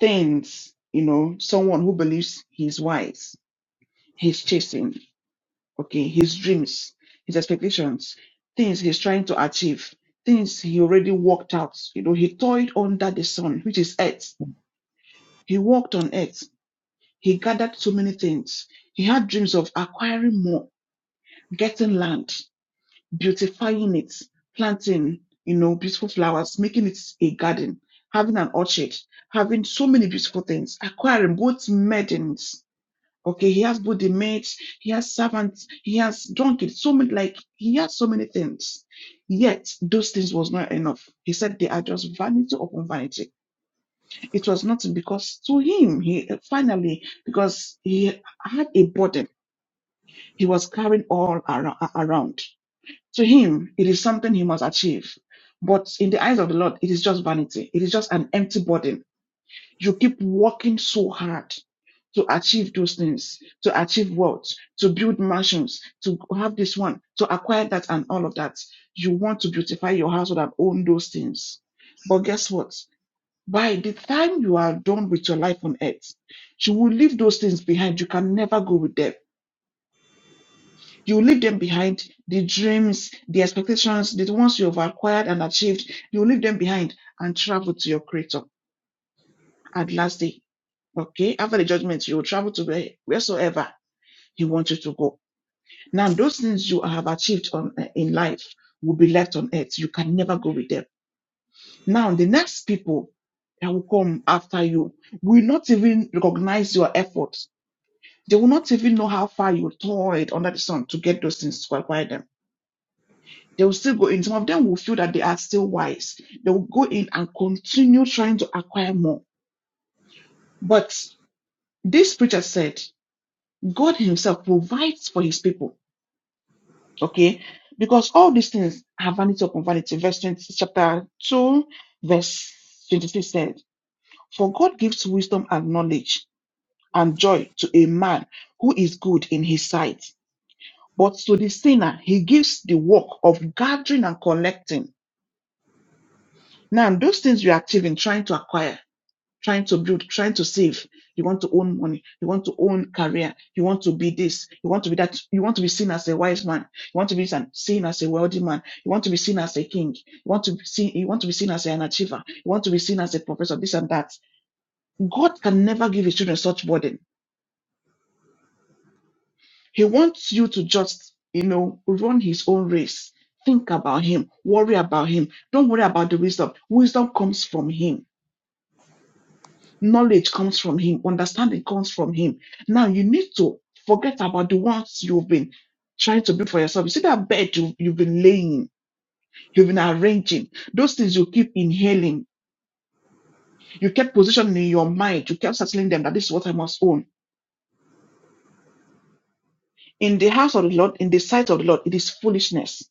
Things, you know, someone who believes he's wise, he's chasing, okay, his dreams, his expectations, things he's trying to achieve, things he already worked out. You know, he toiled under the sun, which is earth. He walked on earth He gathered so many things. He had dreams of acquiring more, getting land, beautifying it, planting, you know, beautiful flowers, making it a garden, having an orchard, having so many beautiful things, acquiring both maidens. Okay, he has both the maids, he has servants, he has donkeys, so many, like, he has so many things. Yet, those things was not enough. He said they are just vanity upon vanity it was nothing because to him, he finally, because he had a burden he was carrying all ar- around. To him, it is something he must achieve. But in the eyes of the Lord, it is just vanity. It is just an empty burden. You keep working so hard to achieve those things, to achieve wealth, to build mansions, to have this one, to acquire that and all of that. You want to beautify your house and own those things. But guess what? By the time you are done with your life on earth, you will leave those things behind. You can never go with them. You will leave them behind the dreams, the expectations, the ones you have acquired and achieved. You will leave them behind and travel to your Creator at last day. Okay, after the judgment, you will travel to where, wheresoever He wants you to go. Now, those things you have achieved on eh, in life will be left on earth. You can never go with them. Now, the next people that will come after you will not even recognize your effort They will not even know how far you toiled under the sun to get those things to acquire them. They will still go in. Some of them will feel that they are still wise. They will go in and continue trying to acquire more. But this preacher said, God Himself provides for His people. Okay? Because all these things are vanity upon vanity. Verse 20, chapter 2, verse 23 said, For God gives wisdom and knowledge and joy to a man who is good in His sight. But to the sinner, he gives the work of gathering and collecting. Now, those things you are active in trying to acquire, trying to build, trying to save. You want to own money. You want to own career. You want to be this. You want to be that. You want to be seen as a wise man. You want to be seen as a wealthy man. You want to be seen as a king. You want to be seen, you want to be seen as an achiever. You want to be seen as a professor, this and that. God can never give his children such burden He wants you to just, you know, run his own race. Think about him, worry about him. Don't worry about the wisdom. Wisdom comes from him, knowledge comes from him, understanding comes from him. Now you need to forget about the ones you've been trying to build for yourself. You see that bed you, you've been laying, you've been arranging, those things you keep inhaling, you kept positioning in your mind, you kept settling them that this is what I must own. In the house of the Lord, in the sight of the Lord, it is foolishness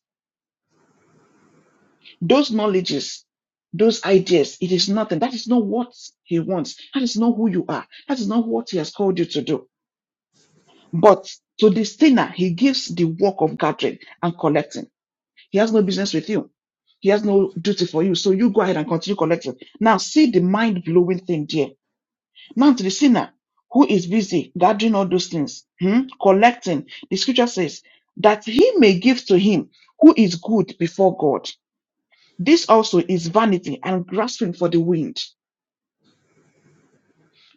Those knowledges, those ideas, it is nothing. That is not what he wants. That is not who you are. That is not what he has called you to do. But to the sinner, he gives the work of gathering and collecting. He has no business with you. He has no duty for you. So you go ahead and continue collecting. Now see the mind blowing thing there. Now to the sinner who is busy gathering all those things, hmm, collecting. The scripture says that he may give to him who is good before God. This also is vanity and grasping for the wind.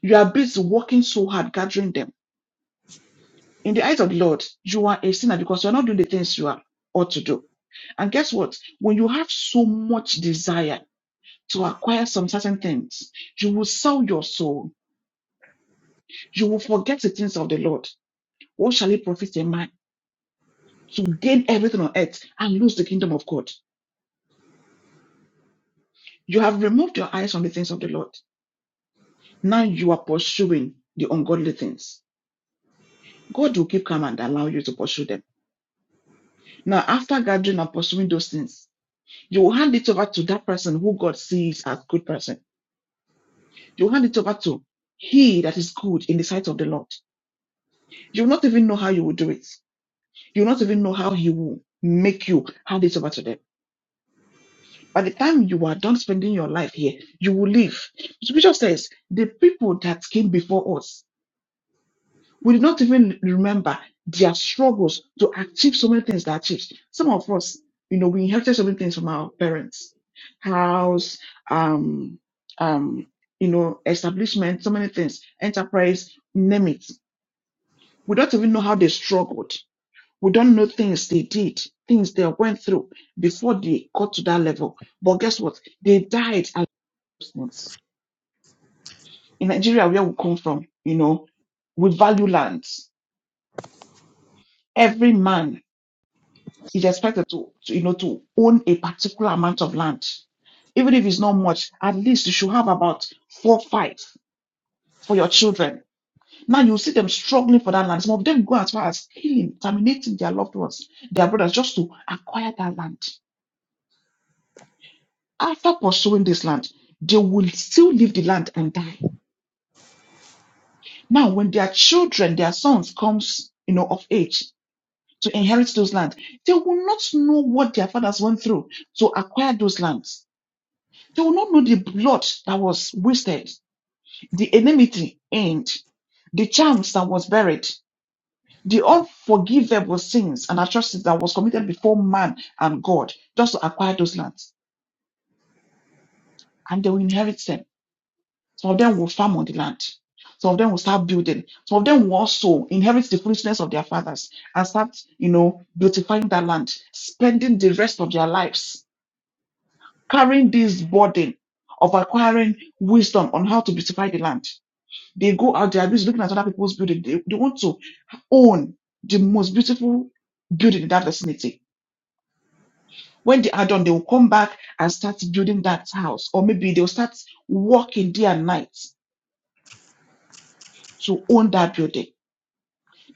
You are busy working so hard gathering them. In the eyes of the Lord, you are a sinner because you're not doing the things you are ought to do. And guess what? When you have so much desire to acquire some certain things, you will sell your soul. You will forget the things of the Lord. What shall it profit a man to gain everything on earth and lose the kingdom of God? You have removed your eyes from the things of the Lord. Now you are pursuing the ungodly things. God will keep calm and allow you to pursue them Now, after gathering and pursuing those things, you will hand it over to that person who God sees as good person. You will hand it over to he that is good in the sight of the Lord. You will not even know how you will do it. You will not even know how he will make you hand it over to them. By the time you are done spending your life here, you will leave. Scripture says the people that came before us We did not even remember their struggles to achieve so many things they achieved. Some of us, you know, we inherited so many things from our parents, house, um, um, you know, establishment, so many things, enterprise, name it. We don't even know how they struggled. We don't know things they did, things they went through before they got to that level. But guess what? They died as Muslims. In Nigeria, where we come from, you know, we value lands. Every man Is expected to, to, you know, to own a particular amount of land. Even if it's not much, at least you should have about four, five for your children. Now you see them struggling for that land. Some of them go as far as killing, terminating their loved ones, their brothers, just to acquire that land. After pursuing this land, they will still leave the land and die. Now, when their children, their sons comes, you know, of age to inherit those land, they will not know what their fathers went through to acquire those lands They will not know the blood that was wasted, the enmity end, the charms that was buried, the unforgivable sins and atrocities that was committed before man and God just to acquire those lands. And they will inherit them. Some of them will farm on the land. Some of them will start building. Some of them will also inherit the foolishness of their fathers and start, you know, beautifying that land, spending the rest of their lives carrying this burden of acquiring wisdom on how to beautify the land They go out, they're busy looking at other people's building. They, they want to own the most beautiful building in that vicinity. When they are done, they will come back and start building that house, or maybe they'll start working day and night to own that building.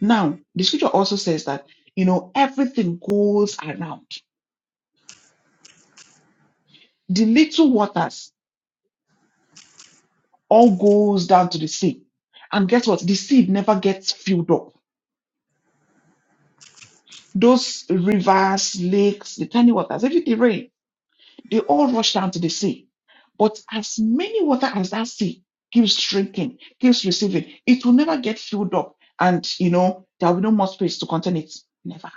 Now, the scripture also says that, you know, everything goes around. The little waters all goes down to the sea. And guess what? The sea never gets filled up. Those rivers, lakes, the tiny waters, everything rain They all rushed down to the sea. But as many water as that sea keeps shrinking, keeps receiving, it will never get filled up. And, you know, there will be no more space to contain it. Never.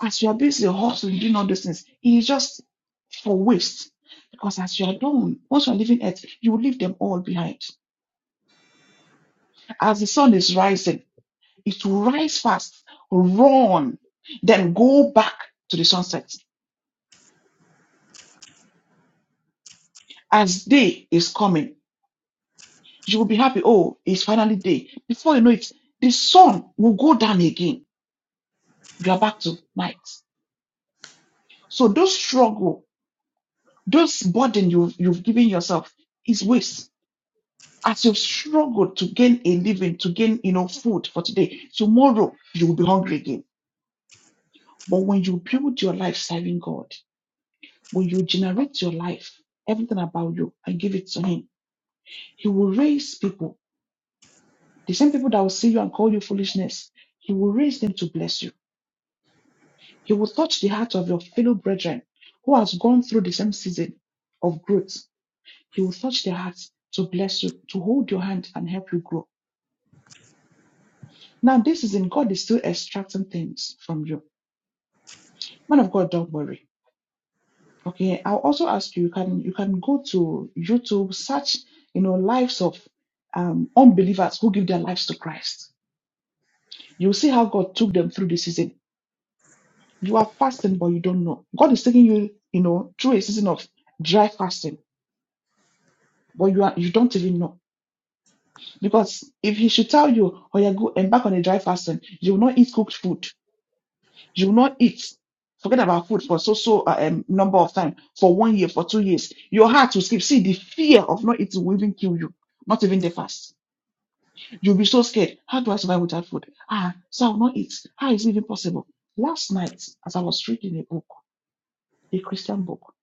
As you are busy hustling, doing all those things, it is just for waste. Because as you are done, once you are leaving earth, you will leave them all behind. As the sun is rising, it will rise fast, run, then go back to the sunset. As day is coming, You will be happy. Oh, it's finally day. Before you know it, the sun will go down again. You are back to night. So those struggle, those burden you, you've given yourself is waste. As you've struggled to gain a living, to gain, you know, food for today, tomorrow you will be hungry again. But when you build your life serving God, when you generate your life, everything about you, and give it to Him, He will raise people. The same people that will see you and call you foolishness, He will raise them to bless you He will touch the heart of your fellow brethren who has gone through the same season of growth. He will touch their hearts to bless you, to hold your hand and help you grow. Now, this is in God is still extracting things from you. Man of God, don't worry. Okay, I'll also ask you, you can you can go to YouTube, search, you know, lives of um, unbelievers who give their lives to Christ. You'll see how God took them through the season. You are fasting, but you don't know. God is taking you, you know, through a season of dry fasting but you are you don't even know because if he should tell you oh yeah go embark on a dry fasting you will not eat cooked food you will not eat forget about food for so so uh, um, number of time for one year for two years your heart will skip see the fear of not eating will even kill you not even the fast you'll be so scared how do i survive without food ah so i will not eat how is it even possible last night as i was reading a book a christian book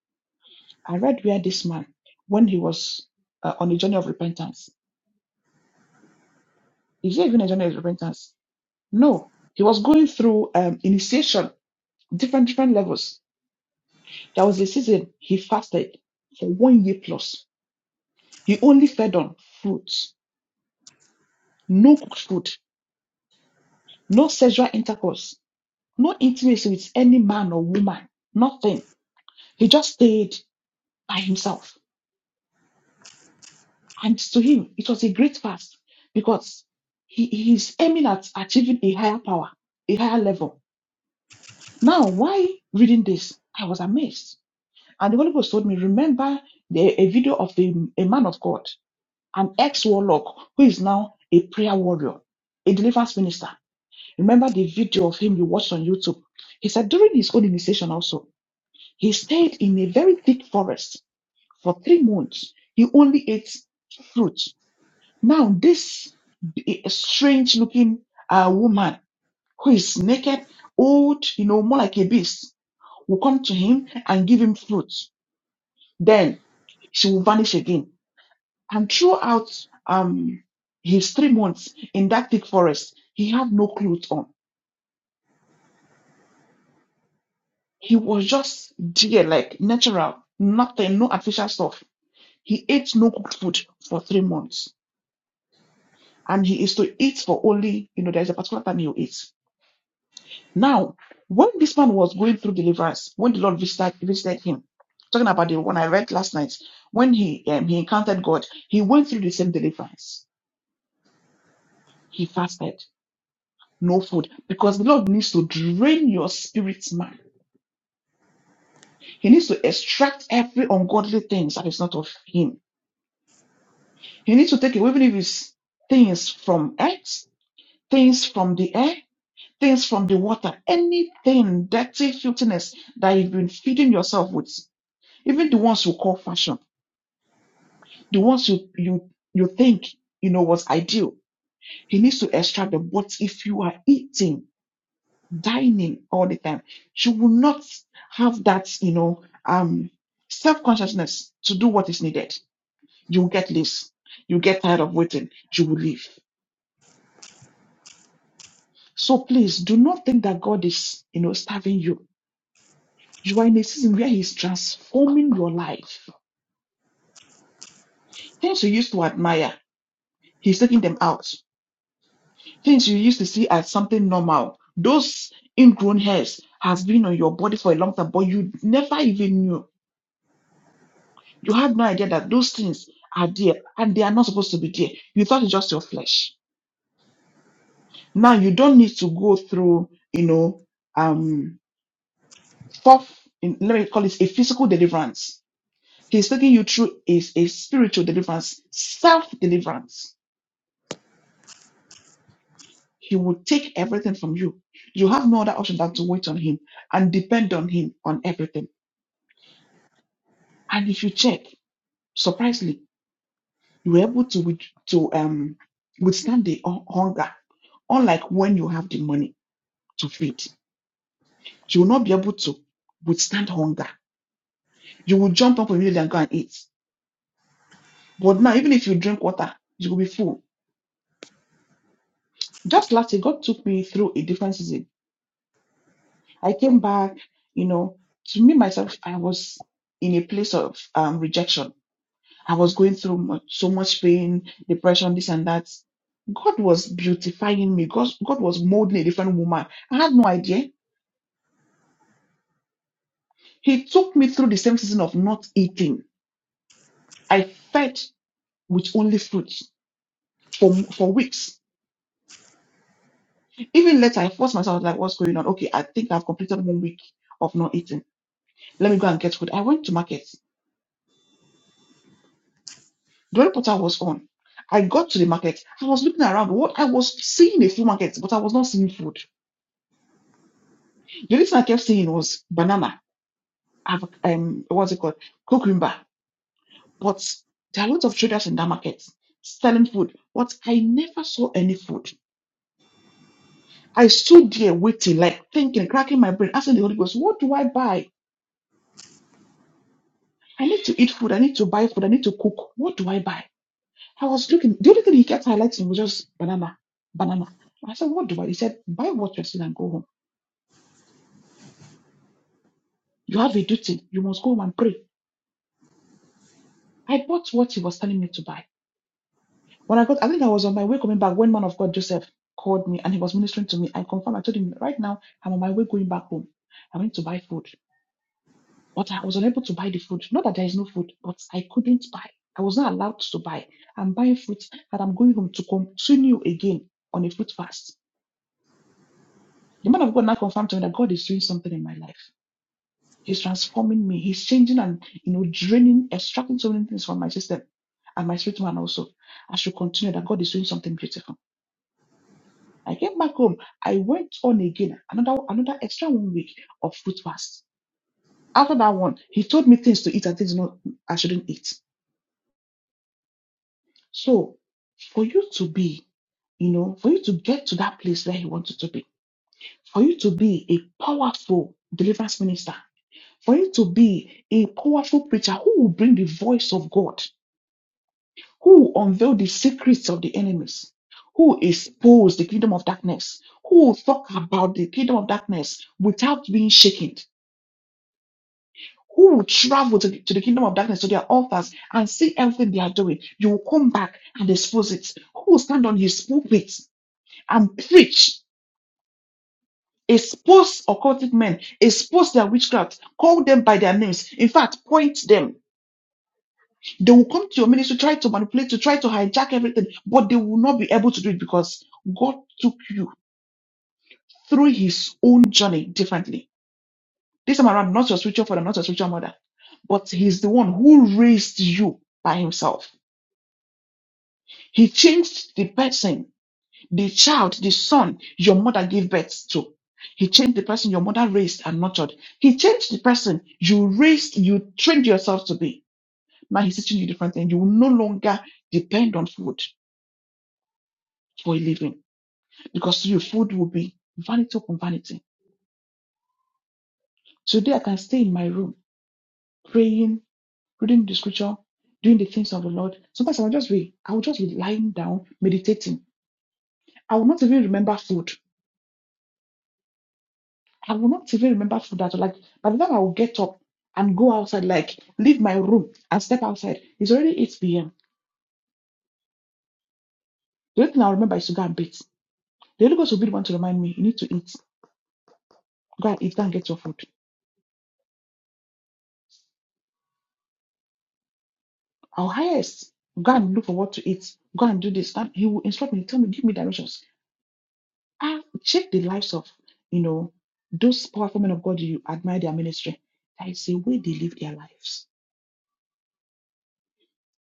i read where this man when he was uh, on a journey of repentance is there even a journey of repentance No, he was going through um, initiation, different different levels. There was a season he fasted for one year plus. He only fed on fruits, no cooked food, no sexual intercourse, no intimacy with any man or woman, nothing. He just stayed by himself. And to him, it was a great fast because he, he is aiming at achieving a higher power, a higher level. Now, why reading this? I was amazed. And the Holy Ghost told me, remember the, a video of the, a man of God, an ex-warlock who is now a prayer warrior, a deliverance minister. Remember the video of him you watched on YouTube. He said during his own initiation also, he stayed in a very thick forest for three months. He only ate fruit. Now this strange looking uh, woman who is naked, old, you know, more like a beast, will come to him and give him fruit. Then she will vanish again. And throughout um, his three months in that thick forest, he had no clothes on. He was just deer like natural, nothing, no artificial stuff. He ate no cooked food for three months. And he is to eat for only, you know, there's a particular time you eat. Now, when this man was going through deliverance, when the Lord visited, visited him, talking about the one I read last night, when he um, he encountered God, he went through the same deliverance. He fasted no food because the Lord needs to drain your spirit man. He needs to extract every ungodly things that is not of Him. He needs to take away, even if it's things from earth, things from the air, things from the water, anything, dirty filthiness that you've been feeding yourself with, even the ones you call fashion, the ones you you you think you know was ideal. He needs to extract them. But if you are eating dining all the time. She will not have that, you know, um, self-consciousness to do what is needed. You'll get loose. You'll get tired of waiting. You will leave. So please do not think that God is, you know, starving you. You are in a season where He's transforming your life. Things you used to admire, He's taking them out. Things you used to see as something normal, those ingrown hairs has been on your body for a long time, but you never even knew You had no idea that those things are there and they are not supposed to be there. You thought it's just your flesh. Now you don't need to go through, you know, um, fourth, in- let me call it a physical deliverance. He's taking you through is a spiritual deliverance, self deliverance. He will take everything from you. You have no other option than to wait on him and depend on him on everything. And if you check, surprisingly, you were able to with- to um withstand the hu- hunger, unlike when you have the money to feed. She will not be able to withstand hunger. You will jump up immediately and go and eat. But now, even if you drink water, you will be full. Just last year, God took me through a different season. I came back, you know, to me myself, I was in a place of um, rejection. I was going through much, so much pain, depression, this and that. God was beautifying me. God, God was molding a different woman. I had no idea. He took me through the same season of not eating. I fed with only fruit. for for weeks. Even later, I forced myself like, what's going on? Okay, I think I've completed one week of not eating. Let me go and get food. I went to market. The reporter was on. I got to the market. I was looking around. What I was seeing a few markets, but I was not seeing food. The only thing I kept seeing was banana. av- Um, what's it called? Cucumber. But there are lots of traders in that market selling food. But I never saw any food. I stood there waiting, like thinking, cracking my brain, asking the Holy Ghost, what do I buy? I need to eat food. I need to buy food. I need to cook. What do I buy? I was looking. The only thing he kept highlighting was just banana, banana. I said, what do I? He said, buy what you're seeing and go home. You have a duty. You must go home and pray. I bought what he was telling me to buy. When I got, I think I was on my way coming back when man of God Joseph called me and he was ministering to me. I confirmed. I told him right now I'm on my way going back home. I went to buy food. but I was unable to buy the food. Not that there is no food, but I couldn't buy. I was not allowed to buy. I'm buying fruit and I'm going home to continue again on a fruit fast. The man of God now confirmed to me that God is doing something in my life. He's transforming me. He's changing and you know draining, extracting so many things from my system and my spirit man also. I should continue that God is doing something beautiful. I came back home. I went on again another another extra one week of fruit fast. After that one, he told me things to eat and things not I shouldn't eat. So for you to be, you know, for you to get to that place where he wanted to be, for you to be a powerful deliverance minister, for you to be a powerful preacher who will bring the voice of God, who will unveil the secrets of the enemies, who will expose the kingdom of darkness, who will talk about the kingdom of darkness without being shaken. Who will travel to, to the kingdom of darkness to their altars and see everything they are doing? You will come back and expose it. Who will stand on his pulpit and preach, expose occultic men, expose their witchcraft, call them by their names. In fact, point them. They will come to your ministry, try to manipulate, to try to hijack everything, but they will not be able to do it because God took you through his own journey differently. This time around, not your spiritual father, not your spiritual mother, but he's the one who raised you by himself. He changed the person The child, the son your mother gave birth to. He changed the person your mother raised and nurtured. He changed the person you raised, you trained yourself to be. Now he's teaching you different things. You will no longer depend on food for a living because to you, food will be vanity upon vanity. Today I can stay in my room praying, reading the scripture, doing the things of the Lord. Sometimes I will just be, I will just be lying down, meditating. I will not even remember food. I will not even remember food at all. Like by the time I will get up and go outside, like leave my room and step outside, it's already 8 p.m. The only thing I'll remember is to go and bathe. The Holy Ghost will be the one to remind me, you need to eat. Go and eat, go and get your food. I'll highest. Go and look for what to eat. Go and do this. And he will instruct me, tell me, give me directions. I check the lives of, you know, those powerful men of God you admire their ministry. There is a way they live their lives.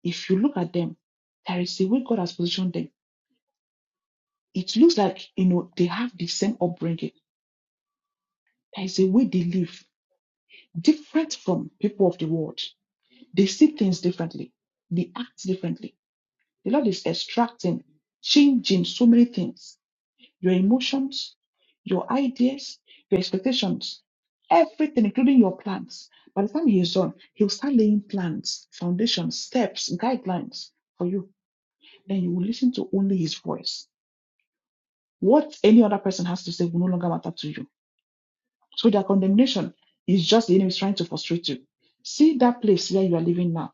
If you look at them, there is a way God has positioned them it looks like you know they have the same upbringing. There is a way they live different from people of the world. They see things differently. They act differently. The Lord is extracting, changing so many things. Your emotions, your ideas, your expectations, everything, including your plans. By the time He is done, He'll start laying plans, foundations, steps, guidelines for you. Then you will listen to only His voice. What any other person has to say will no longer matter to you So their condemnation is just the enemy is trying to frustrate you. See that place where you are living now.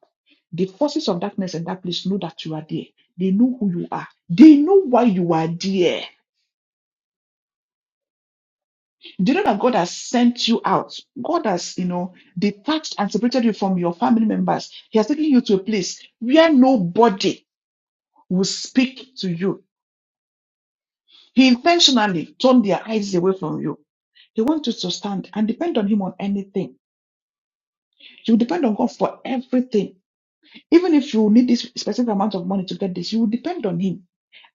The forces of darkness in that place know that you are there. They know who you are. They know why you are there. They know that God has sent you out. God has, you know, detached and separated you from your family members. He has taken you to a place where nobody will speak to you. He intentionally turned their eyes away from you. He wants you to stand and depend on Him on anything. You depend on God for everything Even if you need this specific amount of money to get this, you will depend on him.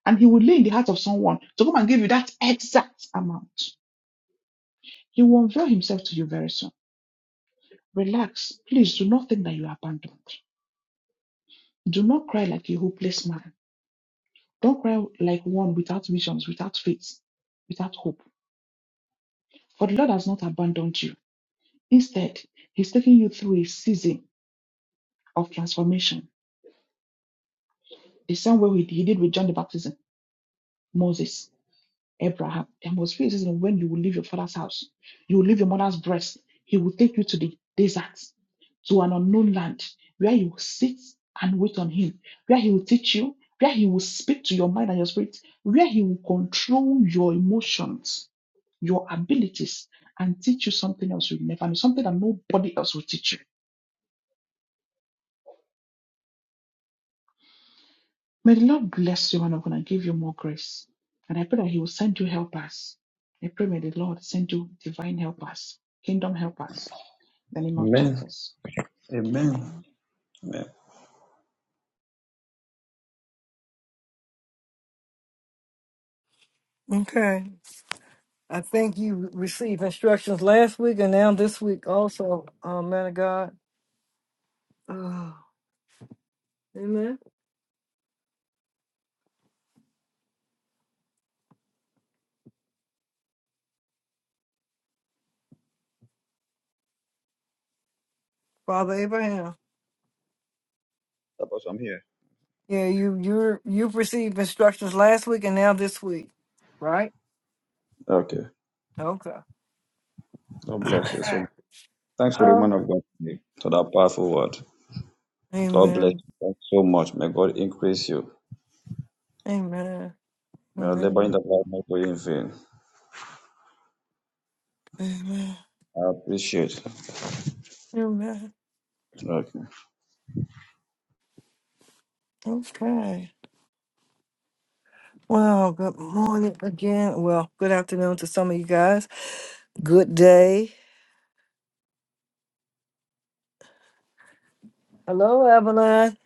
And he will lay in the heart of someone to come and give you that exact amount. He will unveil himself to you very soon. Relax. Please do not think that you are abandoned. Do not cry like a hopeless man. Don't cry like one without visions, without faith, without hope. For the Lord has not abandoned you. Instead, He's taking you through a season of transformation, the same way He did with John the Baptist, Moses. Abraham. And was feeling says, when you will leave your father's house, you will leave your mother's breast, he will take you to the desert, to an unknown land, where you will sit and wait on him, where he will teach you, where he will speak to your mind and your spirit, where he will control your emotions, your abilities, and teach you something else you never knew, something that nobody else will teach you. May the Lord bless you, man of God, and give you more grace. And I pray that He will send you helpers. I pray may the Lord send you divine helpers, kingdom helpers the name of Amen. Jesus. Amen. Amen. Amen. Okay. I think you received instructions last week and now this week also, um, man of God. Oh, amen. Father Abraham. Apostle, I'm here. Yeah, you you're you've received instructions last week and now this week. Right? Okay. Okay. God bless you. So much. thanks to the Huh? woman of God today for that powerful word. God bless Amen. you. Thanks so much. May God increase you. Amen. You are laboring Amen. the Lord not going in vain. Amen. I appreciate. Amen. Okay. Okay. Well, good morning again. Well, good afternoon to some of you guys. Good day. Hello, Evelyn.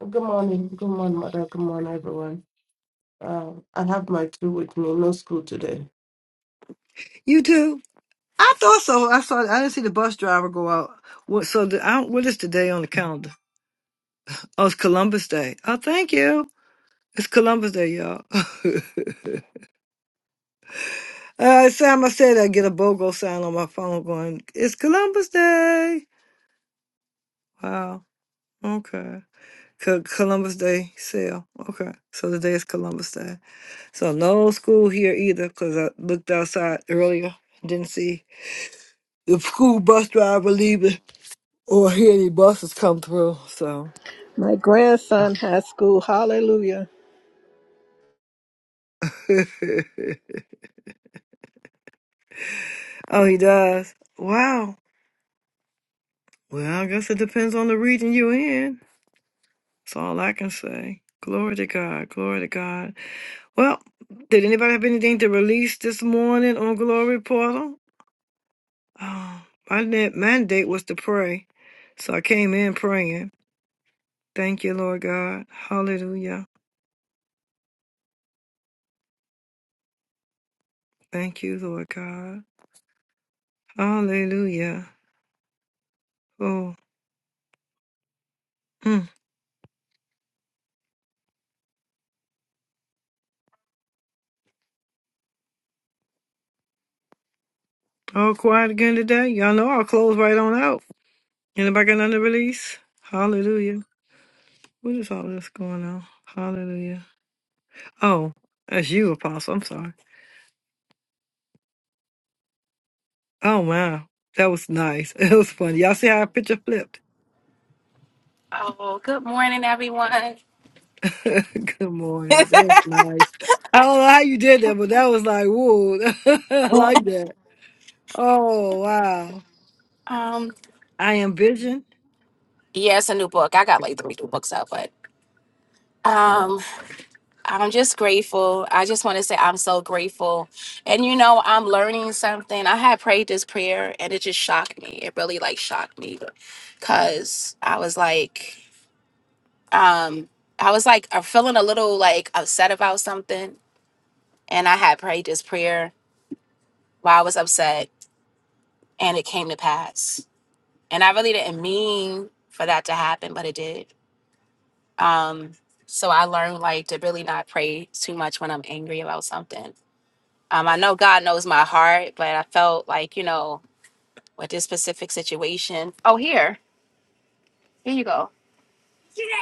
Good morning. Good morning, mother. Good morning, everyone. Uh, I have my two with me. No school today. You too. I thought so. I saw. I didn't see the bus driver go out. What? So the, I don't, what is today on the calendar? Oh, it's Columbus Day. Oh, thank you. It's Columbus Day, y'all. Uh, Sam, I said I get a BOGO sign on my phone going, it's Columbus Day. Wow. Okay. Co- Columbus Day sale. Okay. So today is Columbus Day. So no school here either because I looked outside earlier, didn't see the school bus driver leaving or hear any buses come through. So. My grandson has school. Hallelujah. Oh, he does. Wow. Well, I guess it depends on the region you're in. That's all I can say. Glory to God. Glory to God. Well, did anybody have anything to release this morning on Glory Portal? Oh, my net mandate was to pray. So I came in praying. Thank you, Lord God. Hallelujah. Thank you, Lord God. Hallelujah. Oh, mm. all quiet again today. Y'all know I'll close right on out. Anybody got another release? Hallelujah. What is all this going on? Hallelujah. Oh, that's you, Apostle. I'm sorry. Oh, wow. That was nice. It was funny. Y'all see how our picture flipped? Oh, good morning, everyone. Good morning. That was nice. I don't know how you did that, but that was like, whoa. I like that. Oh, wow. Um, I am vision. yeah, it's a new book. I got like three new books out, but um, I'm just grateful. I just want to say I'm so grateful. And you know, I'm learning something. I had prayed this prayer, and it just shocked me. It really like shocked me, cause I was like, um, I was like, I'm feeling a little like upset about something, and I had prayed this prayer while I was upset, and it came to pass. And I really didn't mean for that to happen, but it did. Um, so I learned like to really not pray too much when I'm angry about something. Um, I know God knows my heart, but I felt like, you know, with this specific situation. Oh, here. Here you go.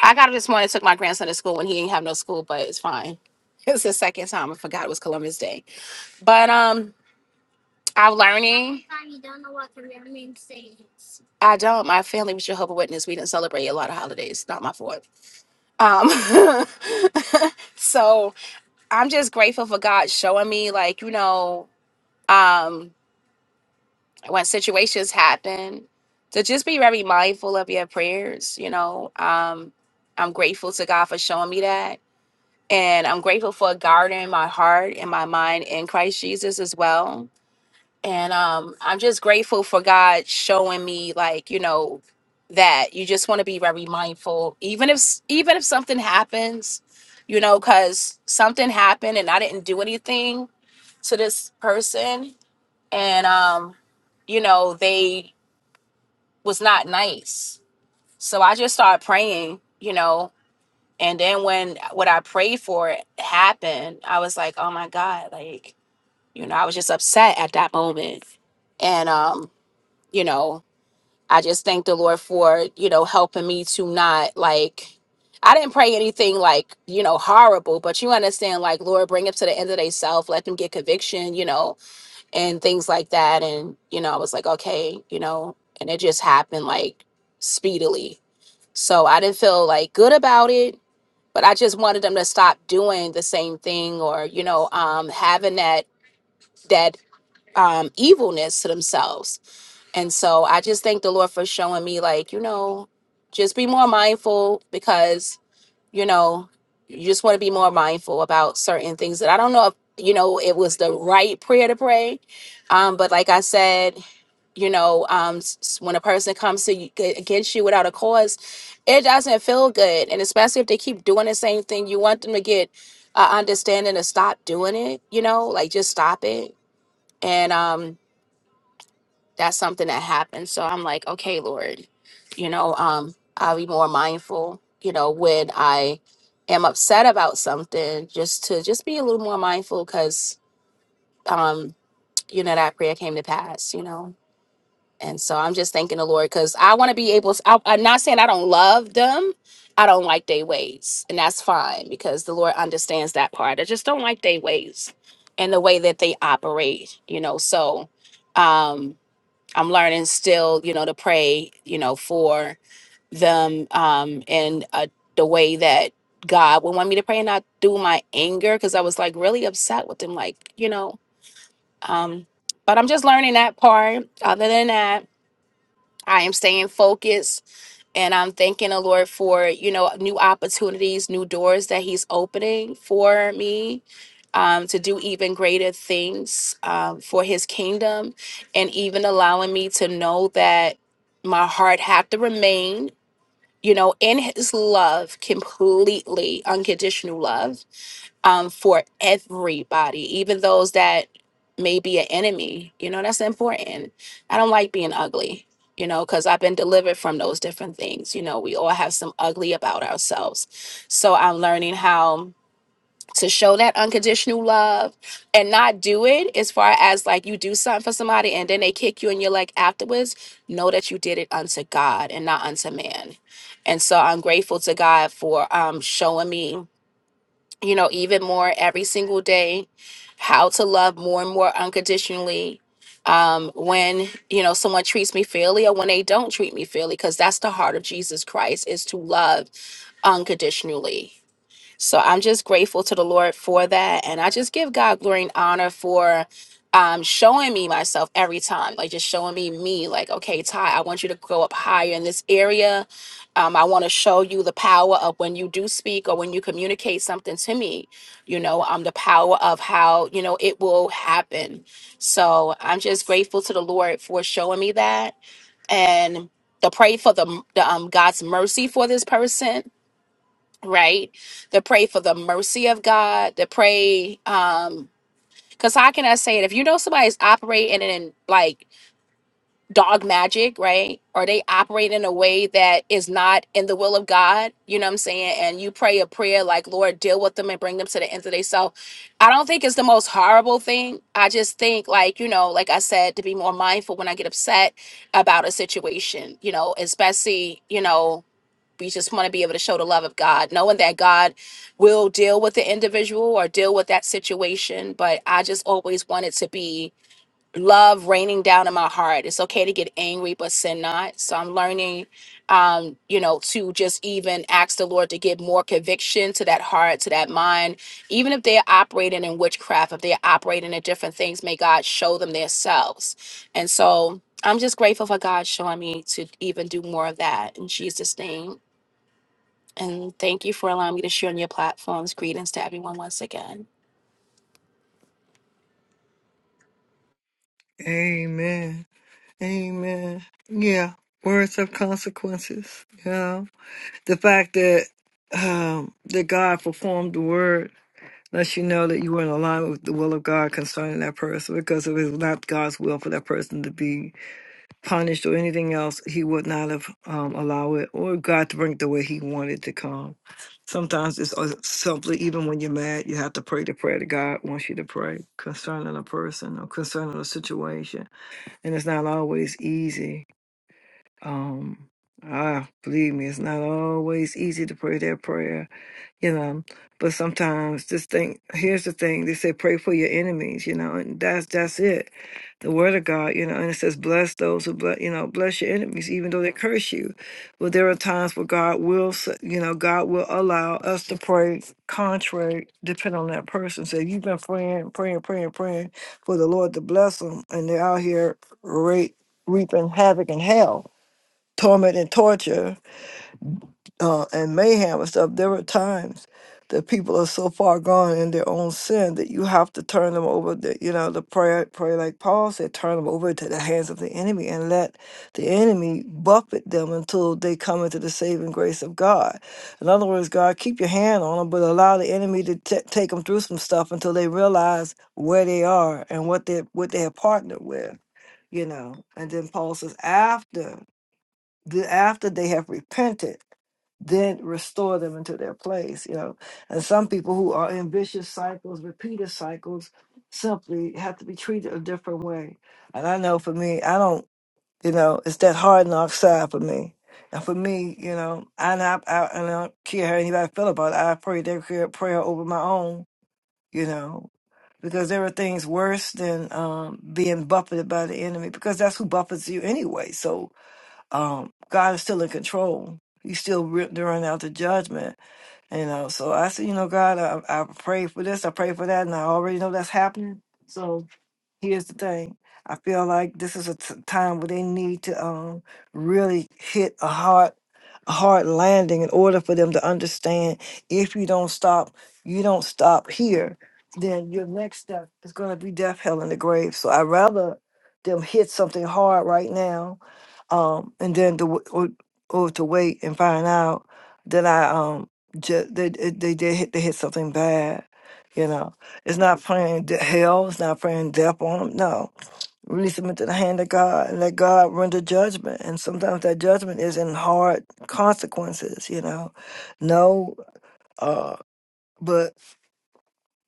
I got it this morning, took my grandson to school when he didn't have no school, but it's fine. It's the second time I forgot it was Columbus Day. But um I'm learning. I don't. My family was Jehovah Witness. We didn't celebrate a lot of holidays. Not my fault. Um so I'm just grateful for God showing me, like, you know. um, when situations happen, to just be very mindful of your prayers. You know, um, I'm grateful to God for showing me that. And I'm grateful for guarding my heart and my mind in Christ Jesus as well. And um, I'm just grateful for God showing me, like, you know, that you just want to be very mindful, even if even if something happens, you know, because something happened and I didn't do anything to this person and um you know they was not nice so i just started praying you know and then when what i prayed for happened i was like oh my god like you know i was just upset at that moment and um you know i just thank the lord for you know helping me to not like i didn't pray anything like you know horrible but you understand like lord bring it to the end of their self let them get conviction you know and things like that. And, you know, I was like, okay, you know, and it just happened like speedily. So I didn't feel like good about it, but I just wanted them to stop doing the same thing or, you know, um, having that, that, um, evilness to themselves. And so I just thank the Lord for showing me, like, you know, just be more mindful because, you know, you just want to be more mindful about certain things that I don't know if, you know, it was the right prayer to pray. Um, but like I said, you know um s- when a person comes to you g- against you without a cause it doesn't feel good and especially if they keep doing the same thing you want them to get uh, understanding to stop doing it you know like just stop it and um that's something that happens so i'm like okay lord you know um i'll be more mindful you know when i am upset about something just to just be a little more mindful because um you know that prayer came to pass you know And so I'm just thanking the Lord because I want to be able. to, I, I'm not saying I don't love them. I don't like their ways, and that's fine because the Lord understands that part. I just don't like their ways and the way that they operate. You know, so um, I'm learning still. You know, to pray. You know, for them um, and uh, the way that God would want me to pray and not do my anger because I was like really upset with them. Like you know, um, but I'm just learning that part. Other than that. I am staying focused and I'm thanking the Lord for, you know, new opportunities, new doors that He's opening for me um, to do even greater things um, for His kingdom and even allowing me to know that my heart had to remain, you know, in His love completely, unconditional love um, for everybody, even those that may be an enemy. You know, that's important. I don't like being ugly, you know, because I've been delivered from those different things. You know, we all have some ugly about ourselves. So I'm learning how to show that unconditional love and not do it as far as like you do something for somebody and then they kick you and you're like afterwards know that you did it unto god and not unto man and so i'm grateful to god for um showing me you know, even more every single day, how to love more and more unconditionally. Um, when you know someone treats me fairly or when they don't treat me fairly, because that's the heart of Jesus Christ is to love unconditionally. So I'm just grateful to the Lord for that. And I just give God glory and honor for um, showing me myself every time, like just showing me me, like, okay, Ty, I want you to go up higher in this area. Um, I want to show you the power of when you do speak or when you communicate something to me, you know, um, the power of how, you know, it will happen. So I'm just grateful to the Lord for showing me that and to pray for the, the um, God's mercy for this person right? To pray for the mercy of God, to pray, um, because how can I say it? If you know somebody's operating in like dog magic, right? Or they operate in a way that is not in the will of God, you know what I'm saying? And you pray a prayer like, Lord, deal with them and bring them to the end of their self. I don't think it's the most horrible thing. I just think, like, you know, like I said, to be more mindful when I get upset about a situation, you know, especially, you know, we just want to be able to show the love of God, knowing that God will deal with the individual or deal with that situation. But I just always wanted to be love raining down in my heart. It's okay to get angry, but sin not. So I'm learning, um, you know, to just even ask the Lord to give more conviction to that heart, to that mind. Even if they're operating in witchcraft, if they're operating in different things, may God show them themselves. And so I'm just grateful for God showing me to even do more of that in Jesus' name. And thank you for allowing me to share on your platforms. Greetings to everyone once again. Yeah. Amen. Yeah. Words have consequences. Yeah. The fact um, the word, unless you're in alignment with the will of God concerning that person, because if it's not God's will for that person to be punished or anything else, he would not have um, allowed it or God to bring it the way he wanted to come. Sometimes it's uh, simply, even when you're mad, you have to pray the prayer that God wants you to pray concerning a person or concerning a situation. And it's not always easy. Um, ah, believe me, it's not always easy to pray that prayer, you know. But sometimes this thing here's the thing, they say pray for your enemies, you know, and that's that's it. The word of God, you know, and it says bless those who bless you know, bless your enemies, even though they curse you. Well, there are times where God will s- you know, God will allow us to pray contrary, depending on that person. So if you've been praying, praying, praying, praying for the Lord to bless them and they're out here re- reaping havoc in hell torment and torture uh, and mayhem and stuff, there were times that people are so far gone in their own sin that you have to turn them over. The, you know, the prayer, pray like Paul said, turn them over to the hands of the enemy and let the enemy buffet them until they come into the saving grace of God. In other words, God, keep your hand on them, but allow the enemy to t- take them through some stuff until they realize where they are and what they what they have partnered with. You know, and then Paul says after the, after they have repented, then restore them into their place, you know. And some people who are in vicious cycles, repeated cycles, simply have to be treated a different way. And I know for me, I don't, you know, it's that hard knock side for me. And for me, you know, I not, I, I don't care how anybody feel about it. I pray their prayer, prayer over my own, you know, because there are things worse than um, being buffeted by the enemy because that's who buffets you anyway. So um, God is still in control. He's still re- during out the judgment, you know. So I said, you know, God, I, I pray for this, I pray for that, and I already know that's happening. So here's the thing. I feel like this is a t- time where they need to um really hit a hard a hard landing in order for them to understand if you don't stop, you don't stop here, then your next step is gonna be death, hell, and the grave. So I'd rather them hit something hard right now, um, and then to w- or, or to wait and find out that I um ju- they, they they did hit they hit something bad, you know. It's not praying de- hell. It's not praying death on them. No. Release them into the hand of God and let God render judgment. And sometimes that judgment is in hard consequences, you know. No, uh, but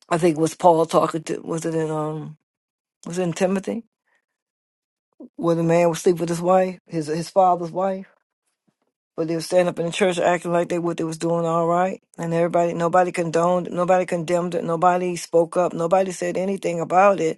I think was Paul talking to, was it in, um, was it in Timothy? Where the man was sleep with his wife, his, his father's wife. But they were standing up in the church acting like they what they was doing all right. And everybody, nobody condoned, it, nobody condemned it, nobody spoke up, nobody said anything about it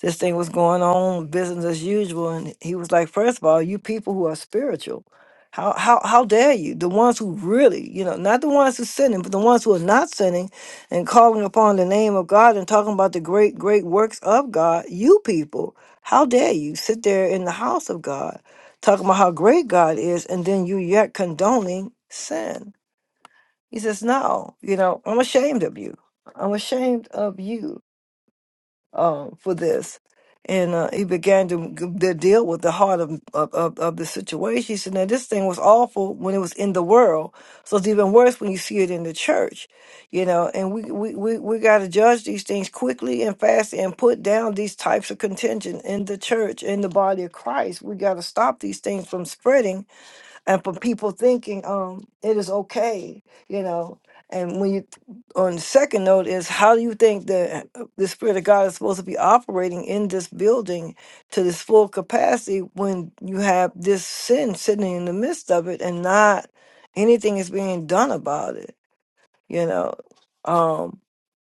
This thing was going on business as usual, and he was like, first of all, you people who are spiritual, how how how dare you? The ones who really, you know, not the ones who sinning, but the ones who are not sinning and calling upon the name of God and talking about the great, great works of God, you people, how dare you sit there in the house of God talking about how great God is, and then you yet condoning sin. He says, No, you know, I'm ashamed of you. I'm ashamed of you um, for this. And uh, he began to, to deal with the heart of, of, of of the situation. He said, Now, this thing was awful when it was in the world. So it's even worse when you see it in the church, you know. And we, we, we, we got to judge these things quickly and fast and put down these types of contention in the church, in the body of Christ. We got to stop these things from spreading and for people thinking um it is okay you know and when you on the second note is how do you think that uh, the spirit of god is supposed to be operating in this building to this full capacity when you have this sin sitting in the midst of it and not anything is being done about it you know um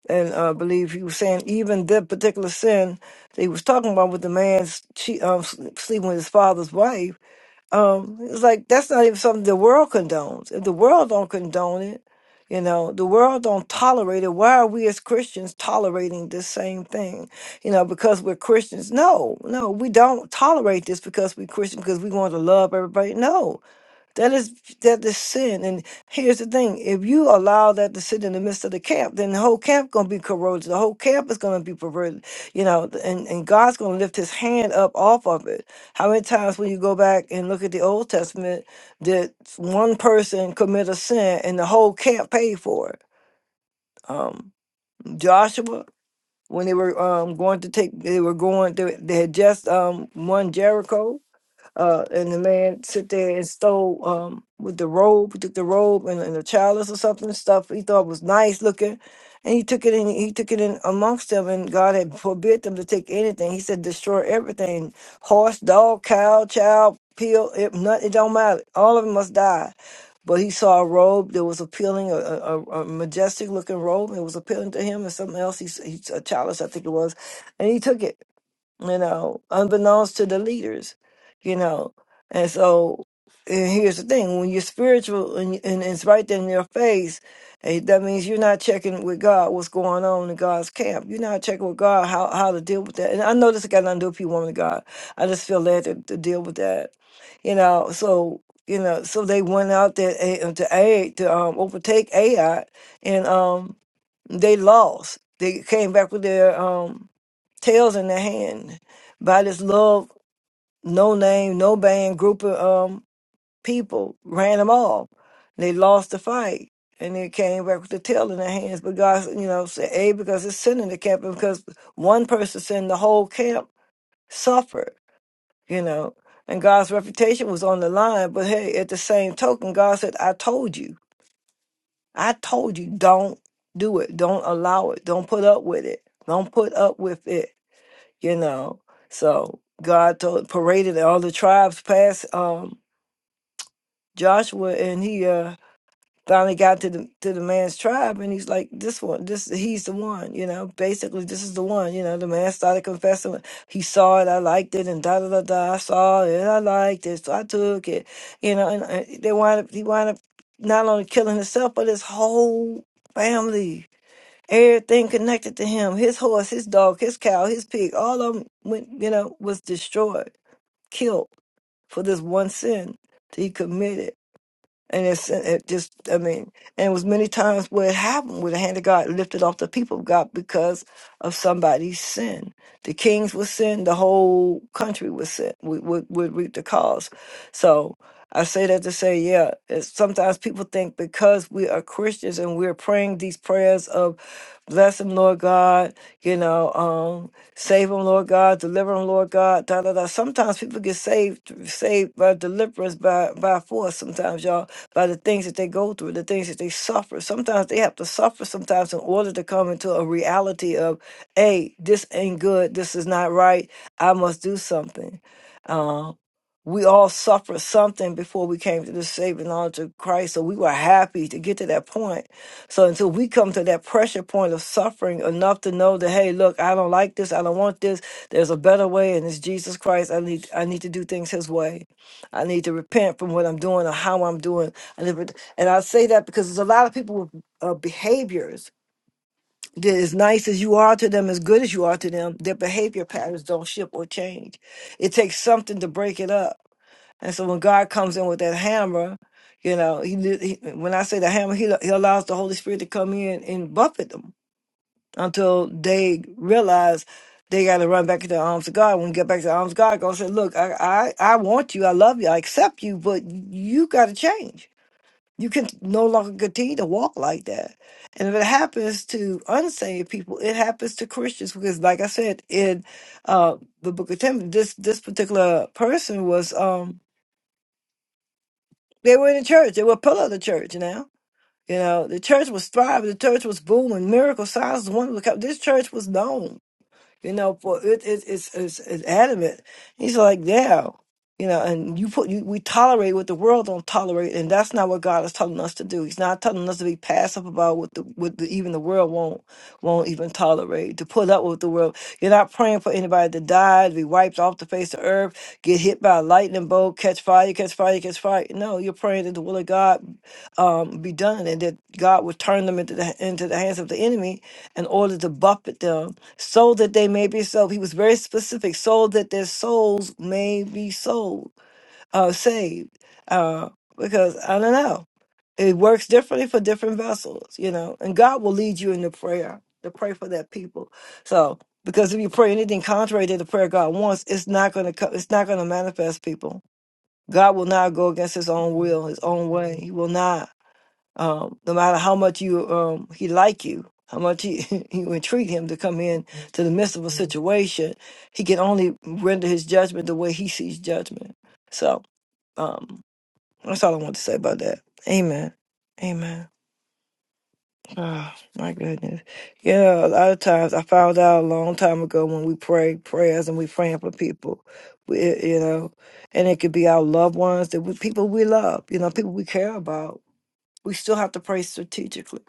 and uh, I believe he was saying even that particular sin that he was talking about with the man s- che- um, s- sleeping with his father's wife um, it's like that's not even something the world condones. If the world don't condone it, you know, the world don't tolerate it. Why are we as Christians tolerating this same thing? You know, because we're Christians. No, no, we don't tolerate this because we're Christian because we want to love everybody. No, that is that is sin. And here's the thing: if you allow that to sit in the midst of the camp, then the whole camp gonna be corroded. The whole camp is gonna be perverted. You know, th- and, and God's gonna lift his hand up off of it. How many times when you go back and look at the old testament did one person commit a sin and the whole camp paid for it? Um Joshua, when they were um going to take they were going they, they had just um won Jericho uh, and the man sit there and stole um, with the robe, took the robe and, and the chalice or something and stuff he thought was nice looking, and he took it in. He took it in amongst them, and God had forbid them to take anything. He said, "Destroy everything: horse, dog, cow, child." Peel it, not, it don't matter. All of them must die. But he saw a robe that was appealing, a, a, a majestic looking robe. It was appealing to him, and something else. He, s- he s- a chalice, I think it was, and he took it you know, unbeknownst to the leaders, you know. And so, and here's the thing: when you're spiritual and, and it's right there in your face, eh, that means you're not checking with God what's going on in God's camp. You're not checking with God how how to deal with that. And I know this got nothing to do with you, woman of God. I just feel led to, to deal with that, you know. So. You know, so they went out there eh, to aid to um, overtake AI, and um, they lost. They came back with their um, tails in their hand by this love, no name, no band group of um, people ran them off. They lost the fight and they came back with the tail in their hands. But God, you know, said, A, because it's sin in the camp, and because one person sinned, the whole camp suffered, you know. And God's reputation was on the line. But hey, at the same token, God said, I told you, I told you, don't do it. Don't allow it. Don't put up with it. Don't put up with it you know. So God told paraded all the tribes past um Joshua and he uh finally got to the to the man's tribe and he's like, This one, this he's the one, you know, basically this is the one, you know, the man started confessing like, he saw it, I liked it and da da da da I saw it, I liked it, so I took it, you know, and uh, they wind up he wound up not only killing himself but his whole family Everything connected to him, his horse, his dog, his cow, his pig, all of them went, you know, was destroyed, killed for this one sin that he committed. And it's it just I mean, and it was many times where it happened where the hand of God lifted off the people of God because of somebody's sin. The kings would sin, the whole country would sin, would, would, would reap the cause. So I say that to say, yeah, it's, sometimes people think because we are Christians and we're praying these prayers of bless him, Lord God, you know, um, save him, Lord God, deliver him, Lord God, da da da. Sometimes people get saved saved by deliverance by by force. Sometimes y'all by the things that they go through, the things that they suffer. Sometimes they have to suffer sometimes in order to come into a reality of, hey, this ain't good, this is not right, I must do something. Um, we all suffered something before we came to the saving knowledge of Christ. So we were happy to get to that point. So until we come to that pressure point of suffering enough to know that, hey, look, I don't like this, I don't want this. There's a better way, and it's Jesus Christ. I need I need to do things his way. I need to repent from what I'm doing or how I'm doing. I need to- And I say that because there's a lot of people with uh, behaviors that as nice as you are to them, as good as you are to them, their behavior patterns don't shift or change. It takes something to break it up and so when God comes in with that hammer, you know, he, did- he when I say the hammer, he, he allows the Holy Spirit to come in and buffet them until they realize they got to run back to the arms of God. When we get back to the arms of God, God said, "Look, I, I, I want you, I love you, I accept you, but you got to change. You can no longer continue to walk like that." And if it happens to unsaved people, it happens to Christians because, like I said in uh, the Book of Timothy, this this particular person was. um they were in the church. They were a pillar of the church now. You know, the church was thriving. The church was booming. Miracle signs, wonders. This church was known. You know, for it, it, it's, it's it's adamant. He's like, yeah, you know, and you put you, we tolerate what the world don't tolerate, and that's not what God is telling us to do. He's not telling us to be passive about what the what the, even the world won't won't even tolerate. To put up with the world, you're not praying for anybody to die, to be wiped off the face of earth, get hit by a lightning bolt, catch fire, catch fire, catch fire. No, you're praying that the will of God um, be done, and that God would turn them into the into the hands of the enemy in order to buffet them so that they may be saved. He was very specific, so that their souls may be sold, uh, saved. Uh, because I don't know, it works differently for different vessels, you know. And God will lead you in the prayer to pray for that people. So, because if you pray anything contrary to the prayer God wants, it's not going to co- it's not going to manifest people. God will not go against His own will, His own way. He will not um, no matter how much you um, he like you, how much he, you entreat him to come in to the midst of a situation, he can only render his judgment the way he sees judgment. So um, that's all I want to say about that. Amen. Amen. Oh my goodness. Yeah, a lot of times I found out a long time ago when we pray prayers and we praying for people, we, eh, you know, and it could be our loved ones that we people we love, you know, people we care about. We still have to pray strategically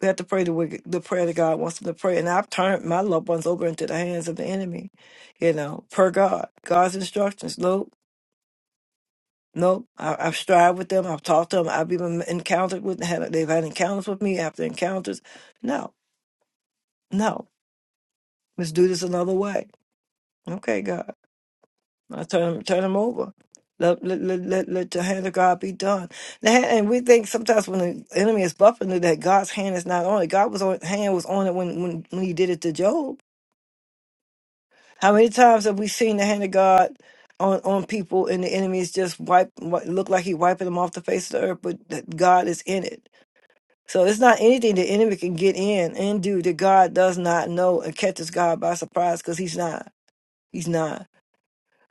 we have to pray the, wicked- the prayer that God wants them to pray. And I've turned my loved ones over into the hands of the enemy. Pray, God, just help. No, let's do this another way. Okay, God. I turn them, turn them over. Let, let, let, let, let the hand of God be done. The hand, and we think sometimes when the enemy is buffing it, that God's hand is not. God was on hand was on it when, when when he did it to Job. How many times have we seen the hand of God on on people and the enemies just wipe wi- look like he wiping them off the face of the earth, but that God is in it. So it's not anything the enemy can get in and do that God does not know and catches God by surprise because he's not. He's not.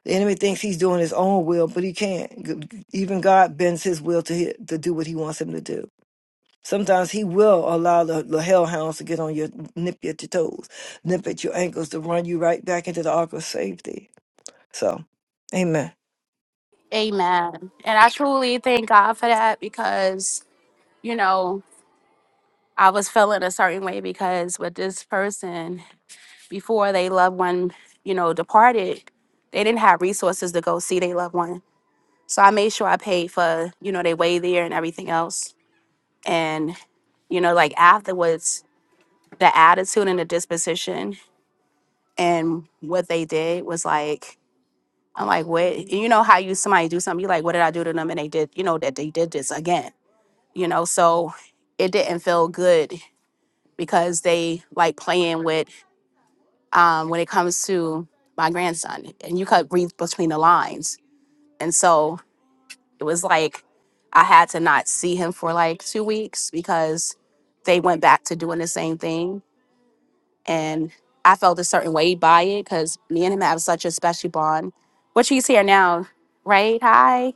The enemy thinks he's doing his own will, but he can't. G- Even God bends his will to hit, to do what he wants him to do. Sometimes he will allow the, the hellhounds to get on your nip you at your toes, nip at your ankles to run you right back into the ark of safety. So, amen. Amen. And I truly thank God for that because, you know, I was feeling a certain way because with this person, before they loved one, you know, departed, they didn't have resources to go see their loved one. So I made sure I paid for, you know, their way there and everything else. And, you know, like afterwards, the attitude and the disposition and what they did was like I'm like, wait, you know how you somebody do something, you like, what did I do to them? And they did, you know, that they did this again, you know. So it didn't feel good because they like playing with um when it comes to my grandson. And you could read between the lines. And so it was like I had to not see him for like two weeks because they went back to doing the same thing. And I felt a certain way by it because me and him have such a special bond. Which he's here now, right? Hi.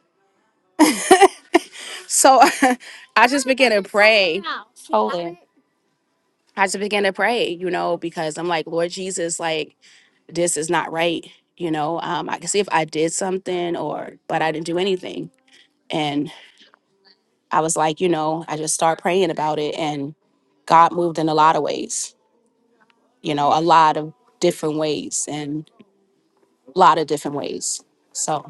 So I just began to pray. Hold it. I just began to pray, you know, because I'm like, Lord Jesus, like this is not right. You know, um, I can see if I did something or but I didn't do anything. And I was like, you know, I just start praying about it and God moved in a lot of ways, you know, a lot of different ways and a lot of different ways. So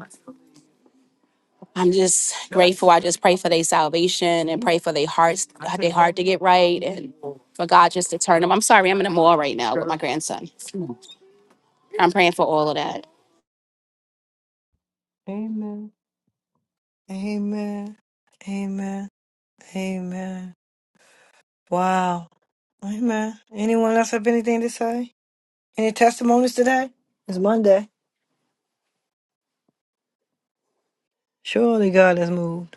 I'm just grateful. I just pray for their salvation and pray for their hearts, their heart to get right and for God just to turn them. I'm sorry, I'm in a mall right now with my grandson. I'm praying for all of that. Amen. Amen. Amen. Amen. Wow. Amen. Anyone else have anything to say? Any testimonies today? It's Monday. Surely God has moved.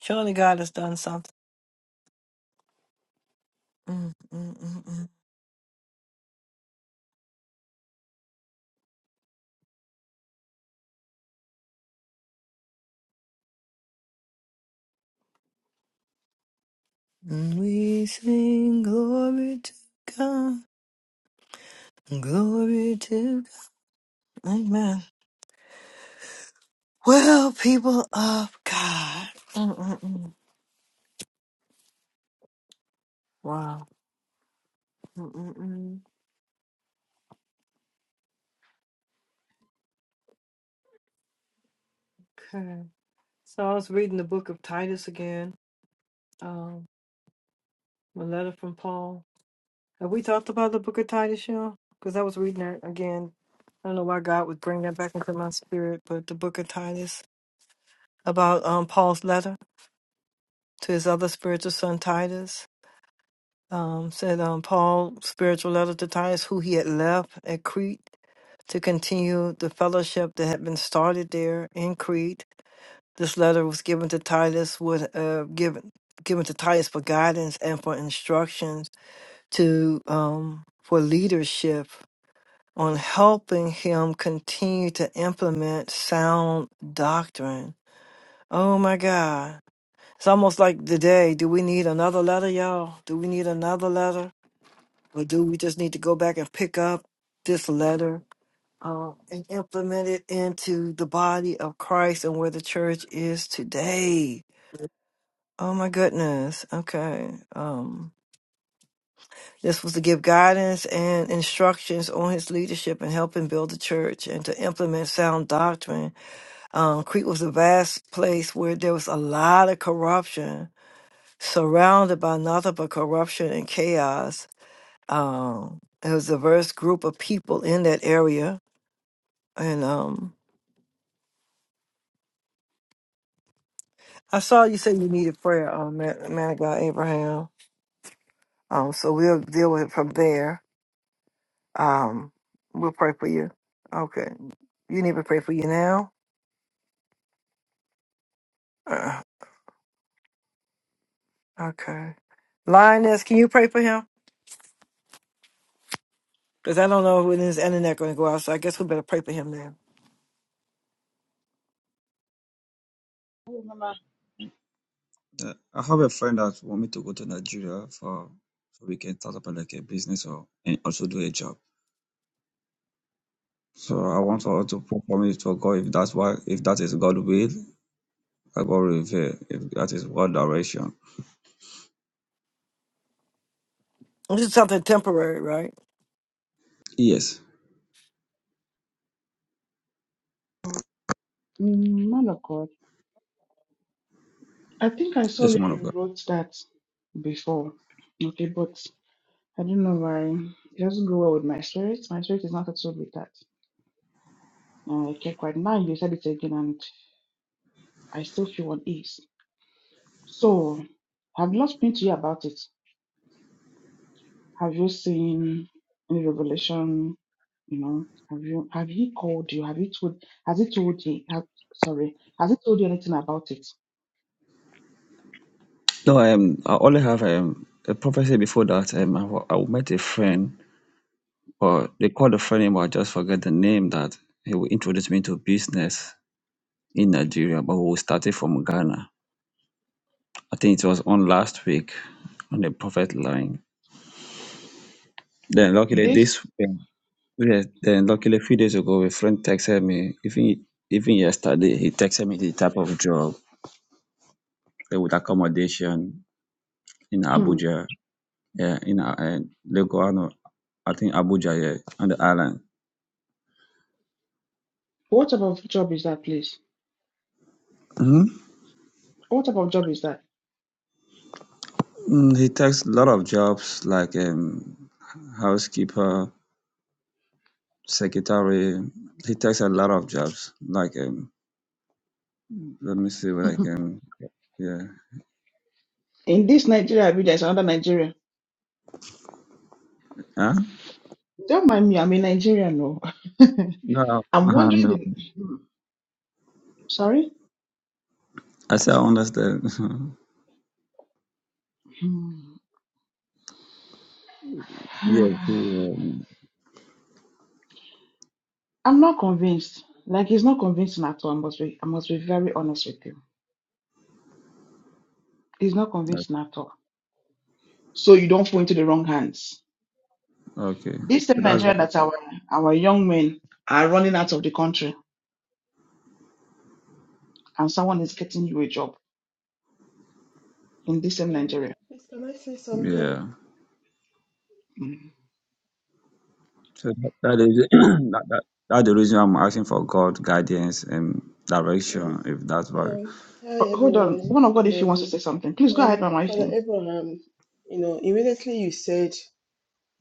Surely God has done something. Mm. Wow. Mm-mm-mm. Okay. So I was reading the book of Titus again, um, a letter from Paul. Have we talked about the book of Titus, y'all? Because I was reading it again. I don't know why God would bring that back into my spirit, but the book of Titus about um, Paul's letter to his other spiritual son Titus. Um, said um, Paul spiritual letter to Titus, who he had left at Crete to continue the fellowship that had been started there in Crete. This letter was given to Titus with uh, given given to Titus for guidance and for instructions to um, for leadership on helping him continue to implement sound doctrine. Oh my God. It's almost like today. Do we need another letter, y'all? Do we need another letter? Or do we just need to go back and pick up this letter um, and implement it into the body of Christ and where the church is today. Oh my goodness. Okay. Um, this was to give guidance and instructions on his leadership and helping build the church and to implement sound doctrine. Um, Crete was a vast place where there was a lot of corruption, surrounded by nothing but corruption and chaos. Um, there was a diverse group of people in that area. And um, I saw you say you needed prayer, um, man, man of God Abraham. Um, so we'll deal with it from there. Um, for you, you know. Uh, okay, Lioness, can you pray for him? Because I don't know when his internet going to go out, so I guess we better pray for him then. Oh, Mama, Uh, I have a friend that want me to go to Nigeria for so we can start up like a business or and also do a job. So I want her to perform it for God if that's why if that is God will, I God reveal if that is God direction. This is something temporary, right? Yes, Mm, Man of God, I think I saw yes, where woman of God. you wrote that before. Okay, but I don't know why. It doesn't go well with my spirit. My spirit is not at all with that. I can't quite now. You said it again, and I still feel unease. So, have you spoken to you about it? Have you seen any revelation? You know, have you have he called you? Have he told? Has he told you? Have, sorry, has he told you anything about it? No, um, I only have um, a prophecy before that. Um, I, wa- I met a friend, or they called a friend name, but I just forget the name that he will introduce me to business in Nigeria, but we started from Ghana. I think it was on last week on the prophet line. Then luckily This. this um, yeah, then luckily a few days ago a friend texted me, even even yesterday, he texted me the type of job uh, with accommodation in hmm, Abuja, yeah, in uh, uh, Lagos, I know, I think Abuja, yeah, on the island. What type of job is that, please? Mhm. What type of job is that? mm He takes a lot of jobs like um, housekeeper, secretary. He takes a lot of jobs. Like, um, let me see, what I can. yeah. In this Nigeria, I mean, there's another Nigeria. Huh? Don't mind me, I'm a Nigerian, no. No, I'm uh, wondering no. the. Hmm. Sorry? I said I understand. Hmm. Yeah. he, um, I'm not convinced. Like, it's not convincing at all. I must be, I must be very honest with you. It's not like, convincing at all. So you don't fall into the wrong hands. okay. This So same that's Nigeria what, that our, our young men are running out of the country and someone is getting you a job in this same Um, Nigeria. please, can I say something? yeah. So that, that is that, that, that's the reason I'm asking for God guidance and Yes. direction, if that's what. Um, hi, Uh, Hold on. everyone. One of Good God, if you wants to morning. say something, please go ahead, Um, Mama Ify. Father Thank Abraham, um, you know, immediately you said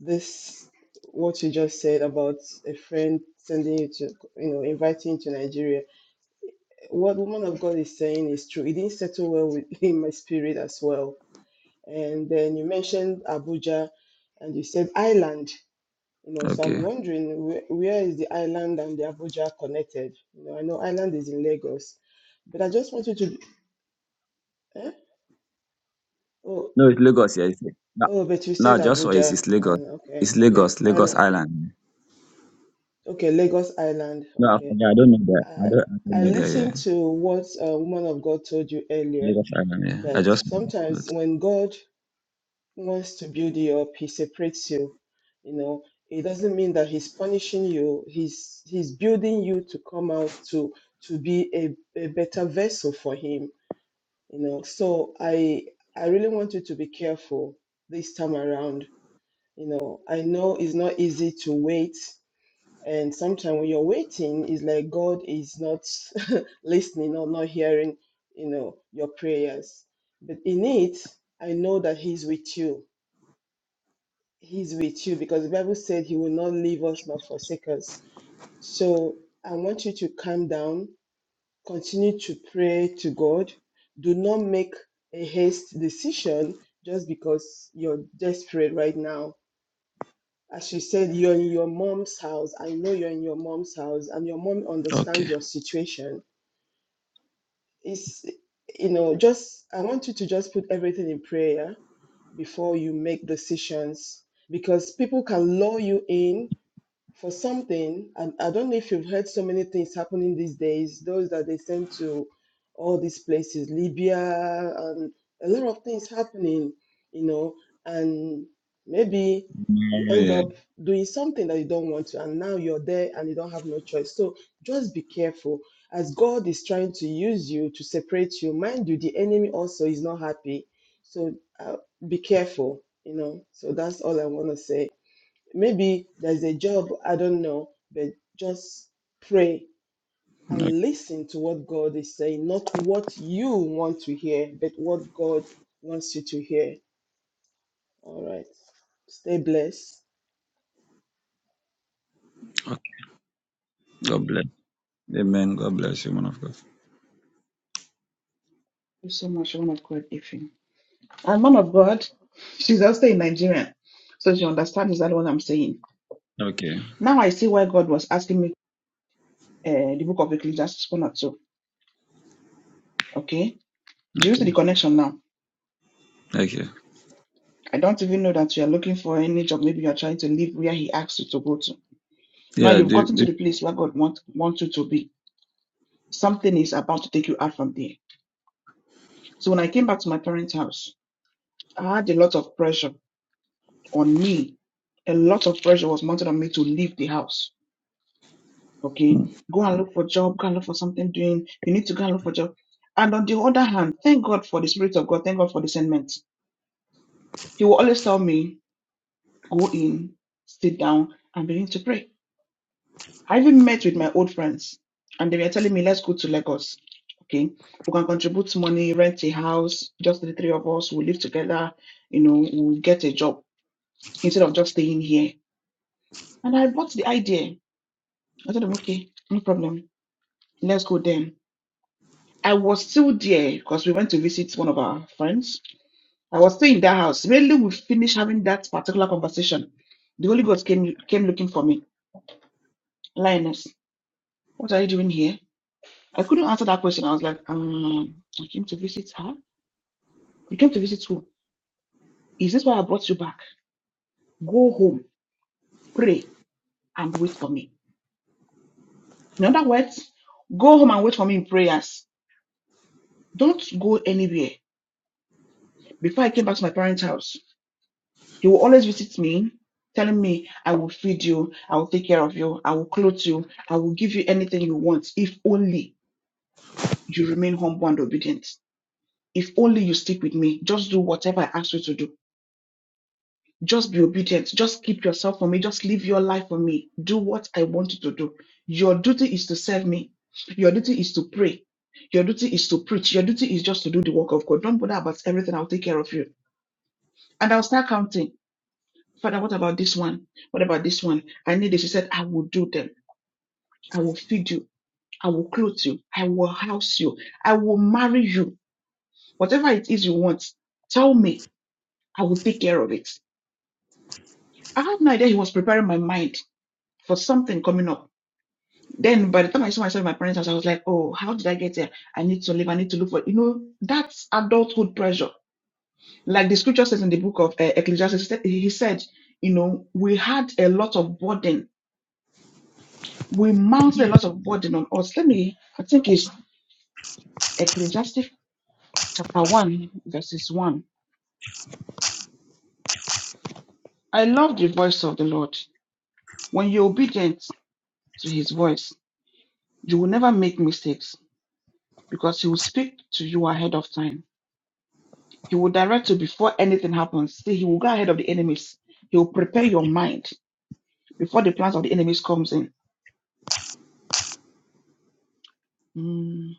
this, what you just said about a friend sending you to, you know, inviting you to Nigeria. What woman of God is saying is true. It didn't settle well with in my spirit as well. And then you mentioned Abuja, and you said island. You know, so I'm Okay. wondering where, where is the island and the Abuja connected? You know, I know island is in Lagos, but I just wanted to. Eh? Oh, No, it's Lagos, yeah. It's, oh, but you No, said just for it's, Abuja, it's Lagos. and okay, It's okay, Lagos, Lagos island, Island. okay, Lagos Island, No, I okay. forget. I don't know that. I I don't, I don't I know that. Yeah, listened to what a woman of God told you earlier Lagos Island. Yeah, I that just. sometimes But, when God wants to build you up, he separates you. You know, it doesn't mean that he's punishing you. He's he's building you to come out to to be a, a better vessel for him. You know, so I I really want you to be careful this time around. You know, I know it's not easy to wait. And sometimes when you're waiting, it's like God is not listening or not hearing, you know, your prayers. But in it, I know that He's with you He's with you because the Bible said He will not leave us nor forsake us. So I want you to calm down, continue to pray to God. Do not make a haste decision just because you're desperate right now. As you said, you're in your mom's house. I know you're in your mom's house, and your mom understands okay. your situation. It's, you know, just I want you to just put everything in prayer before you make decisions because people can lure you in for something, and I don't know if you've heard so many things happening these days, those that they send to all these places, Libya, and a lot of things happening, you know, and maybe you No, end yeah. up doing something that you don't want to, and now you're there and you don't have no choice. So just be careful as God is trying to use you to separate you. Mind you, the enemy also is not happy. So uh, be careful, you know. So that's all I want to say. Maybe there's a job, I don't know, but just pray No, and listen to what God is saying, not what you want to hear, but what God wants you to hear. All right. Stay blessed. okay. God bless. Amen. God bless you, man of God. you so much, one of God, Ify. And one of God, she's also in Nigeria, so she understands exactly what I'm saying. Okay. Now I see why God was asking me uh, the book of Ecclesiastes one or two. Okay, do you see Okay. the connection now? Okay. I don't even know that you are looking for any job. Maybe you are trying to leave where He asked you to go to. Now Yeah. you've The, gotten to the, the place where God wants wants you to be. Something is about to take you out from there. So when I came back to my parents' house, I had a lot of pressure on me. A lot of pressure was mounted on me to leave the house. Okay, hmm, go and look for job, go and look for something doing. You need to go and look for job. And on the other hand, thank God for the Spirit of God, thank God for discernment. He will always tell me, go in, sit down, and begin to pray. I even met with my old friends, and they were telling me, let's go to Lagos. Okay, we can contribute money, rent a house, just the three of us, we'll live together, you know, we'll get a job instead of just staying here. And I bought the idea I told him, okay, no problem. Let's go then. I was still there because we went to visit one of our friends. I was still in that house. Really, we finished having that particular conversation. The Holy Ghost came came looking for me. Lioness, what are you doing here? I couldn't answer that question. I was like, um, I came to visit her. You came to visit who? Is this why I brought you back? Go home, pray, and wait for me. In other words, go home and wait for me in prayers. Don't go anywhere. Before I came back to my parents' house, He will always visit me, telling me, I will feed you, I will take care of you, I will clothe you, I will give you anything you want if only you remain humble and obedient. If only you stick with me, just do whatever I ask you to do. Just be obedient. Just keep yourself for me. Just live your life for me. Do what I want you to do. Your duty is to serve me. Your duty is to pray. Your duty is to preach. Your duty is just to do the work of God. Don't bother about everything. I'll take care of you. And I'll start counting. Father, what about this one? What about this one? I need this. He said, I will do them. I will feed you. I will clothe you. I will house you. I will marry you. Whatever it is you want, tell me. I will take care of it. I had no idea he was preparing my mind for something coming up. Then by the time I saw myself in my parents' house, I was like, oh, how did I get here? I need to live. I need to look for, you know, that's adulthood pressure. Like the scripture says in the book of uh, Ecclesiastes, he said, you know, we had a lot of burden We mount a lot of burden on us. Let me, I think it's Ecclesiastes chapter 1, verses 1. I love the voice of the Lord. When you're obedient to his voice, you will never make mistakes because he will speak to you ahead of time. He will direct you before anything happens. See, he will go ahead of the enemies. He will prepare your mind before the plans of the enemies comes in. Mm.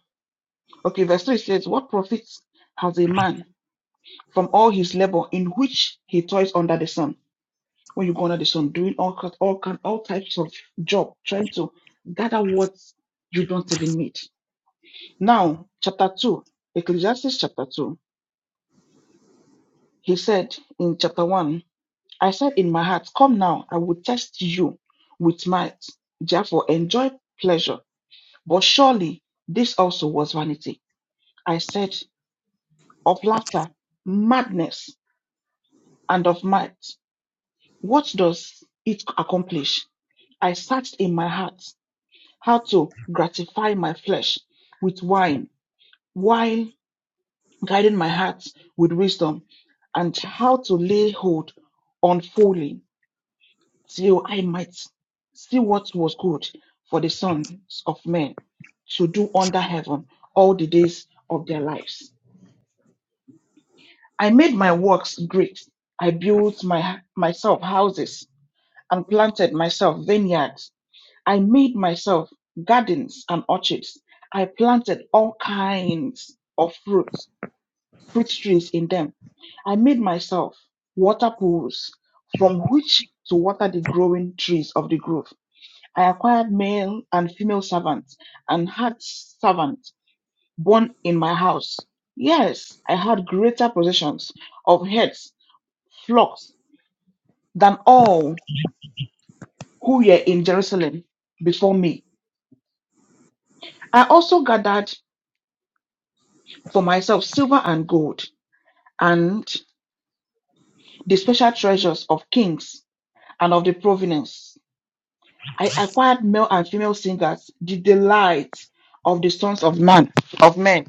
Okay, verse 3 says, What profits has a man from all his labor in which he toils under the sun? when you go under the sun doing all ki- all kind all types of job, trying to gather what you don't even need. Now, chapter two, Ecclesiastes chapter two. He said in chapter one, I said in my heart, Come now, I will test you with might. Therefore, enjoy pleasure. But surely this also was vanity. I said of laughter, madness, and of might. What does it accomplish? I searched in my heart how to gratify my flesh with wine while guiding my heart with wisdom, and how to lay hold on fully till I might see what was good for the sons of men to do under heaven all the days of their lives. I made my works great. I built my, myself houses and planted myself vineyards I made myself gardens and orchards. I planted all kinds of fruits, fruit trees in them. I made myself water pools from which to water the growing trees of the grove. I acquired male and female servants and had servants born in my house. Yes, I had greater possessions of heads, flocks than all who were in Jerusalem before me. I also gathered for myself silver and gold, and the special treasures of kings and of the provenance. I acquired male and female singers, the delight of the sons of man, of men,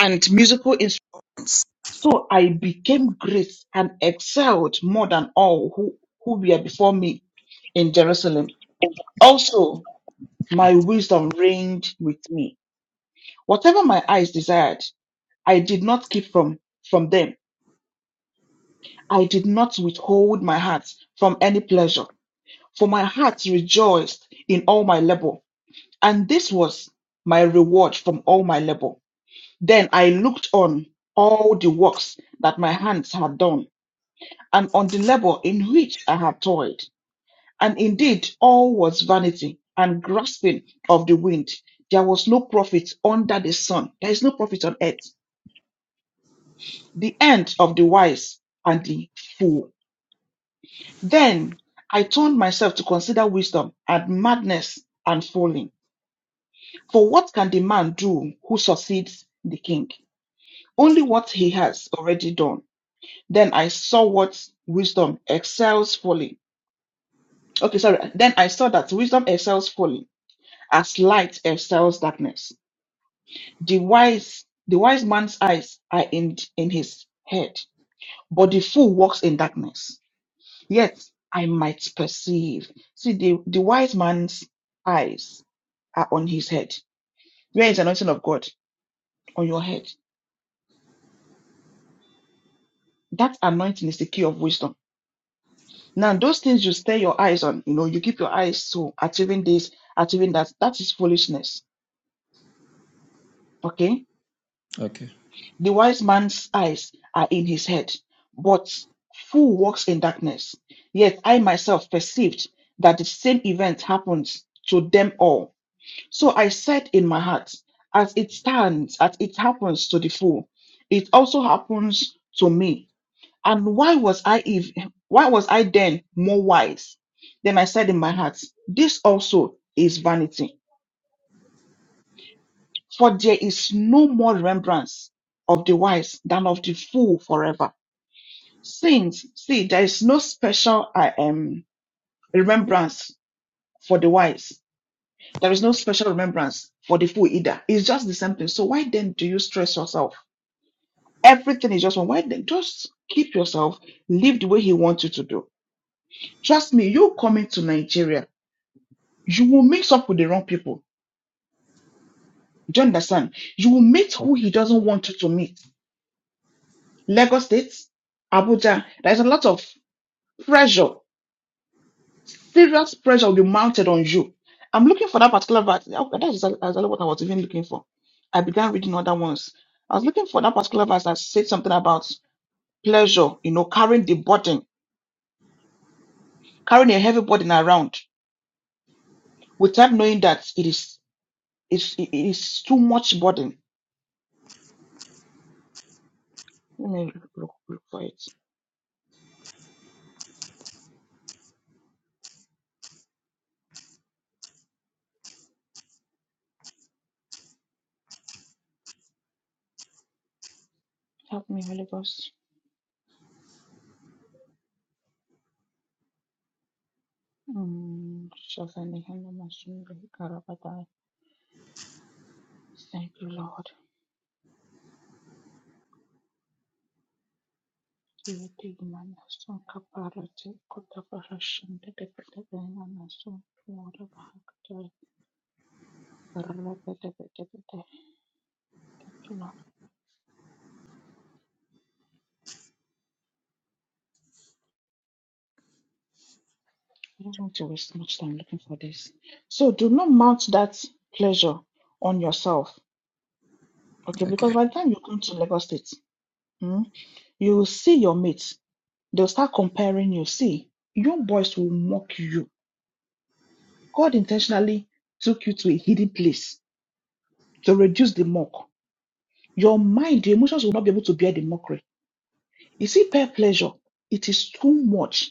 and musical instruments. So I became great and excelled more than all who, who were before me in Jerusalem. Also, my wisdom reigned with me. Whatever my eyes desired, I did not keep from, from them I did not withhold my heart from any pleasure, for my heart rejoiced in all my labor, and this was my reward from all my labor. Then I looked on all the works that my hands had done, and on the labor in which I had toiled. And indeed, all was vanity and grasping of the wind. There was no profit under the sun. There is no profit on earth. The end of the wise and the fool Then I turned myself to consider wisdom and madness and folly. For what can the man do who succeeds the king? Only what he has already done. Then I saw what wisdom excels folly. Okay, sorry. Then I saw that wisdom excels folly as light excels darkness. The wise, the wise man's eyes are in, in his head, but the fool walks in darkness. yet I might perceive. See, the, the wise man's eyes are on his head. Where is the anointing of God? On your head. That anointing is the key of wisdom. Now, those things you stay your eyes on, you know, you keep your eyes to achieving this, achieving that, that is foolishness. Okay? okay. The wise man's eyes are in his head, but fool walks in darkness. Yet I myself perceived that the same event happens to them all. So I said in my heart, as it stands, as it happens to the fool, it also happens to me. And why was I if why was I then more wise? Then I said in my heart, this also is vanity, for there is no more remembrance of the wise than of the fool forever. Since see, there is no special I um, remembrance for the wise. There is no special remembrance for the fool either. It's just the same thing. So why then do you stress yourself? Everything is just one. Why then just keep yourself, live the way he wants you to do. Trust me, you coming to Nigeria, you will mix up with the wrong people. Do you understand? You will meet who he doesn't want you to meet. Lagos State, Abuja, there's a lot of pressure, serious pressure will be mounted on you. I'm looking for that particular verse. That is exactly what I was even looking for. I began reading other ones. I was looking for that particular verse that said something about pleasure, you know, carrying the burden, carrying a heavy burden around without knowing that it is it's, it is too much burden. Let me look, look, for it. Help me, Holy Ghost. Mm, Shazani Hanama Sundari Karabadai. Thank you, Lord. Yeti Imana Sonka Parati Kotabara Shundari Katabana Nasun Flora Bahakatai. Thank you, Lord. I don't want to waste much time looking for this. So do not mount that pleasure on yourself. Okay, because Okay. by the time you come to Lagos State, hmm, You will see your mates. They'll start comparing you. See, young boys will mock you. God intentionally took you to a hidden place to reduce the mock. Your mind, the emotions will not be able to bear the mockery. You see, peer pleasure, it is too much.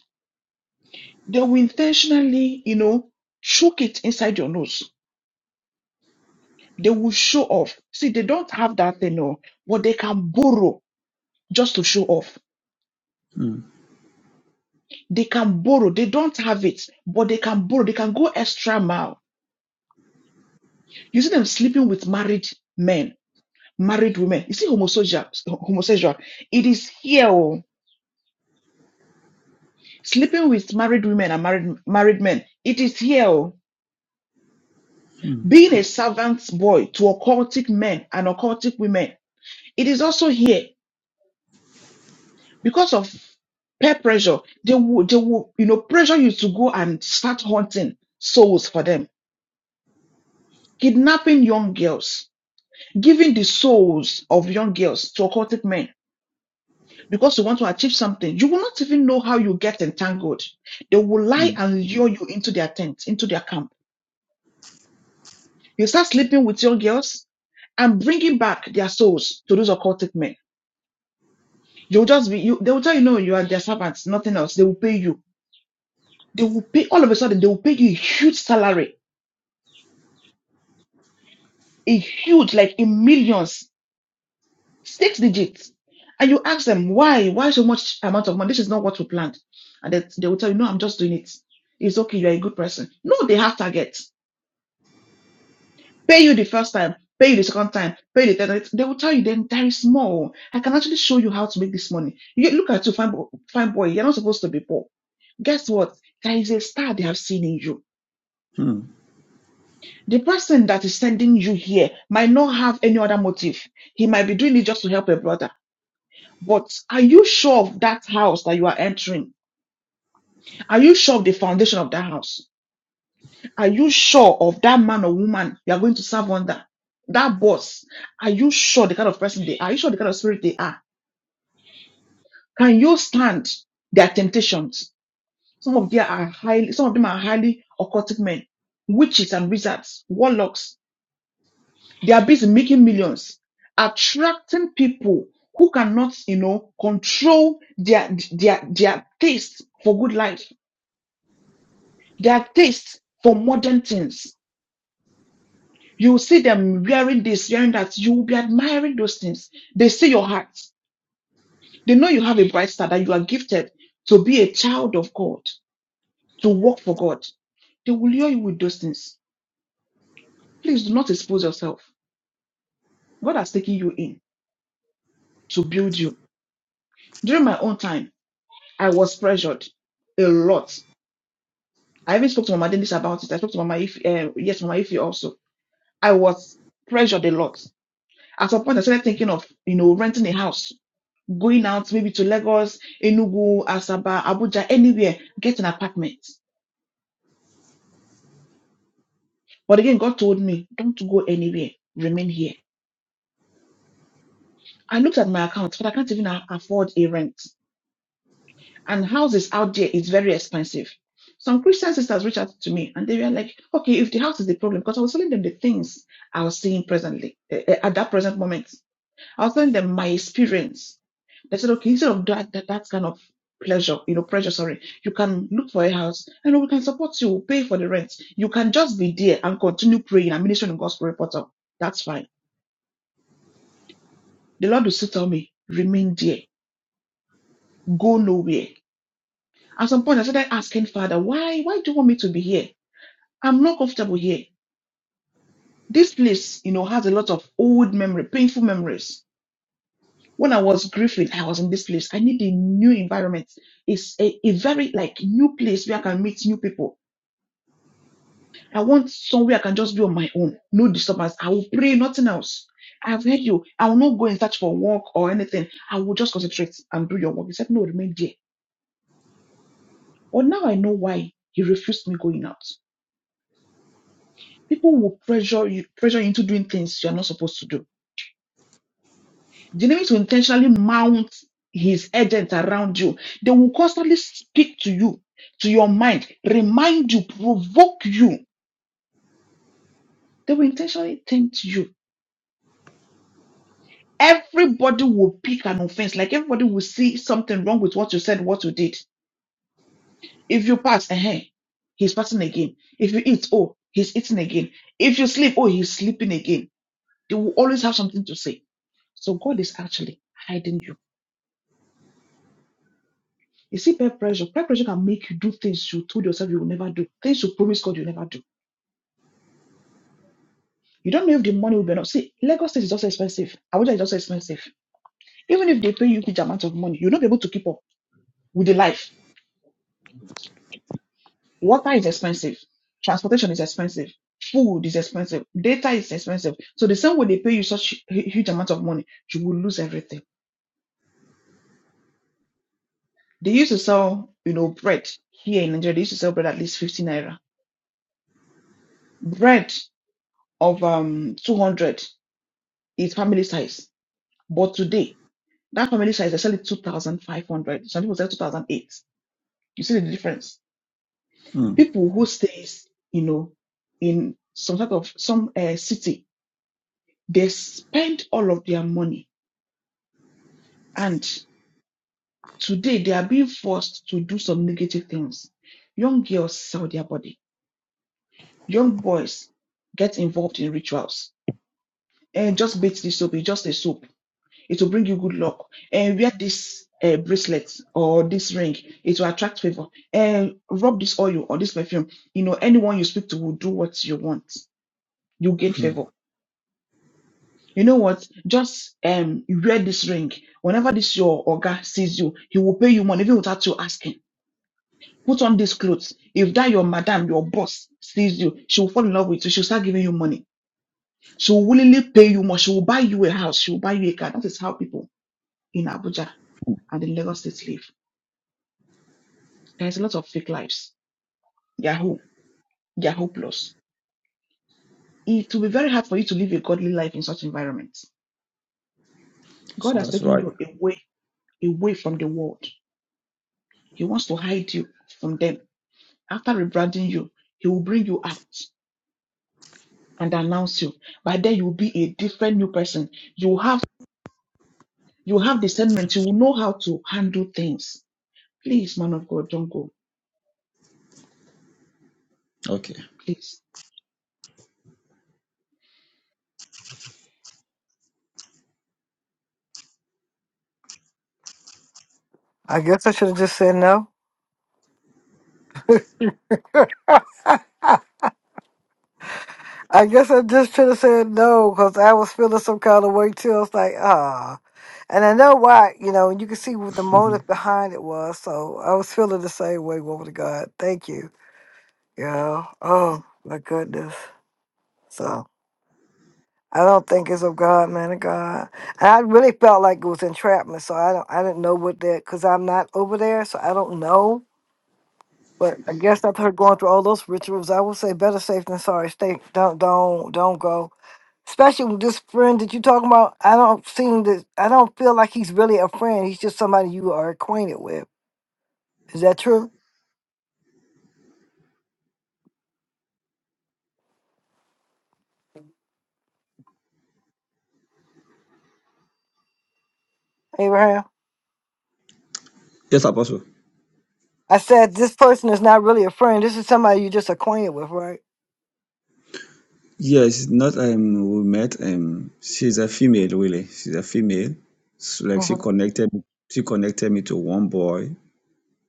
They will intentionally, you know, choke it inside your nose. They will show off. See, they don't have that thing, no, but they can borrow just to show off. Hmm. They can borrow. They don't have it, but they can borrow. They can go extra mile You see them sleeping with married men, married women. You see homosexual, homosexual. It is here. Oh. Sleeping with married women and married married men. It is here. Oh. Hmm. Being a servant boy to occultic men and occultic women. It is also here because of peer pressure. They will, they will, you know, pressure you to go and start hunting souls for them, kidnapping young girls, giving the souls of young girls to occultic men because you want to achieve something. You will not even know how you get entangled. They will lie Hmm. and lure you into their tent, into their camp. You start sleeping with your girls and bringing back their souls to those occultic men. You'll just be, you, they will tell you, no, you are their servants, nothing else. They will pay you. They will pay, all of a sudden, they will pay you a huge salary, a huge, like in millions, six digits. And you ask them, why? Why so much amount of money? This is not what we planned. And they, they will tell you, no, I'm just doing it. It's okay. You're a good person. No, they have targets pay you the first time, pay you the second time, pay you the third time. They will tell you then there is more. I can actually show you how to make this money. You look at you, fine, bo- fine boy, you're not supposed to be poor. Guess what? There is a star they have seen in you. Hmm. The person that is sending you here might not have any other motive. He might be doing it just to help a brother. But are you sure of that house that you are entering? Are you sure of the foundation of that house? Are you sure of that man or woman you are going to serve under? That boss, are you sure the kind of person they are? Are you sure the kind of spirit they are? Can you stand their temptations? Some of them are highly, some of them are highly occultic men, witches and wizards, warlocks. They are busy making millions, attracting people who cannot, you know, control their their their taste for good life, their taste for modern things You will see them wearing this, wearing that. You will be admiring those things. They see your heart. They know you have a bright star, that you are gifted to be a child of God, to work for God. They will lure you with those things. Please do not expose yourself. God has taken you in to build you. During my own time, I was pressured a lot. I even spoke to Mama Dennis about it. I spoke to Mama If, uh, yes, Mama Ify also. I was pressured a lot. At some point, I started thinking of, you know, renting a house going out maybe to Lagos, Enugu, Asaba, Abuja, anywhere, get an apartment. But again, God told me, don't go anywhere, remain here. I looked at my account, but I can't even a- afford a rent. And houses out there is very expensive. Some Christian sisters reached out to me and they were like, okay, if the house is the problem, because I was telling them the things I was seeing presently, eh, eh, at that present moment. I was telling them my experience. They said, okay, instead of that, that, that kind of pleasure, you know, pressure, sorry, you can look for a house and we can support you, we'll pay for the rent. You can just be there and continue praying and ministering the gospel reporter. That's fine. The Lord will still tell me, remain there, go nowhere. At some point, I started asking Father, why, why do you want me to be here? I'm not comfortable here. This place, you know, has a lot of old memory, painful memories When I was grieving, I was in this place. I need a new environment. It's a, a very like new place where I can meet new people. I want somewhere I can just be on my own. No disturbance. I will pray, nothing else. I've heard you. I will not go and search for work or anything. I will just concentrate and do your work. He said, No, remain there. But now I know why he refused me going out. People will pressure you, pressure you into doing things you are not supposed to do The enemies will intentionally mount his agents around you. They will constantly speak to you, to your mind, remind you, provoke you. They will intentionally tempt you. Everybody will pick an offense. Like everybody will see something wrong with what you said, what you did. If you pass, eh, he's passing again. If you eat, oh, he's eating again. If you sleep, oh, he's sleeping again. They will always have something to say. So God is actually hiding you. You see peer pressure. Peer pressure can make you do things you told yourself you will never do, things you promised God you never do. You don't know if the money will be enough. See, Lagos State is also expensive. Abuja is also expensive. Even if they pay you huge amount of money, you'll not be able to keep up with the life. Water is expensive. Transportation is expensive. Food is expensive. Data is expensive. So the same way they pay you such hu- huge amount of money, you will lose everything. They used to sell, you know, bread here in Nigeria. They used to sell bread at least 15 naira. Bread of um 200 is family size But today, that family share is actually 2,500. Some people say 2,008. You see the difference. Hmm. People who stays, you know, in some type of some uh, city, they spend all of their money, and today they are being forced to do some negative things. Young girls sell their body. Young boys get involved in rituals. And just beat this soap. It's just a soap It will bring you good luck. And wear this uh, bracelet or this ring. It will attract favor. And rub this oil or this perfume. You know, anyone you speak to will do what you want. You gain mm. favor. You know what? Just um wear this ring. Whenever this your oga sees you, he will pay you money even without you asking. Put on these clothes. If that your madam, your boss sees you, she will fall in love with you. She'll start giving you money. She will willingly pay you more. She will buy you a house. She will buy you a car. That is how people in Abuja and in Lagos State live. There's a lot of fake lives. They are home. They are hopeless. It will be very hard for you to live a godly life in such environments. God So has that's taken right. you away, away from the world. He wants to hide you from them. After rebranding you, He will bring you out and announce you. By then, you will be a different new person. You will have, you will have discernment. You will know how to handle things. Please, man of God, don't go. Okay. Please. I guess I should have just said no. I guess I just should have said no because I was feeling some kind of way too. I was like, ah, and I know why. You know, and you can see what the Mhm. motive behind it was. So I was feeling the same way, woman of God. Thank you. Yeah. Oh my goodness. So I don't think it's of God, man of God. And I really felt like it was entrapment, so I don't I didn't know what that because I'm not over there, so I don't know. But I guess after her going through all those rituals, I would say better safe than sorry. Stay don't don't don't go. Especially with this friend that you're talking about, I don't seem that I don't feel like he's really a friend. He's just somebody you are acquainted with. Is that true, Abraham? Yes, Apostle. I said this person is not really a friend. This is somebody you're just acquainted with, right? Yes, not um we met. Um, she's a female really. She's a female. So, like she connected, she connected me to one boy.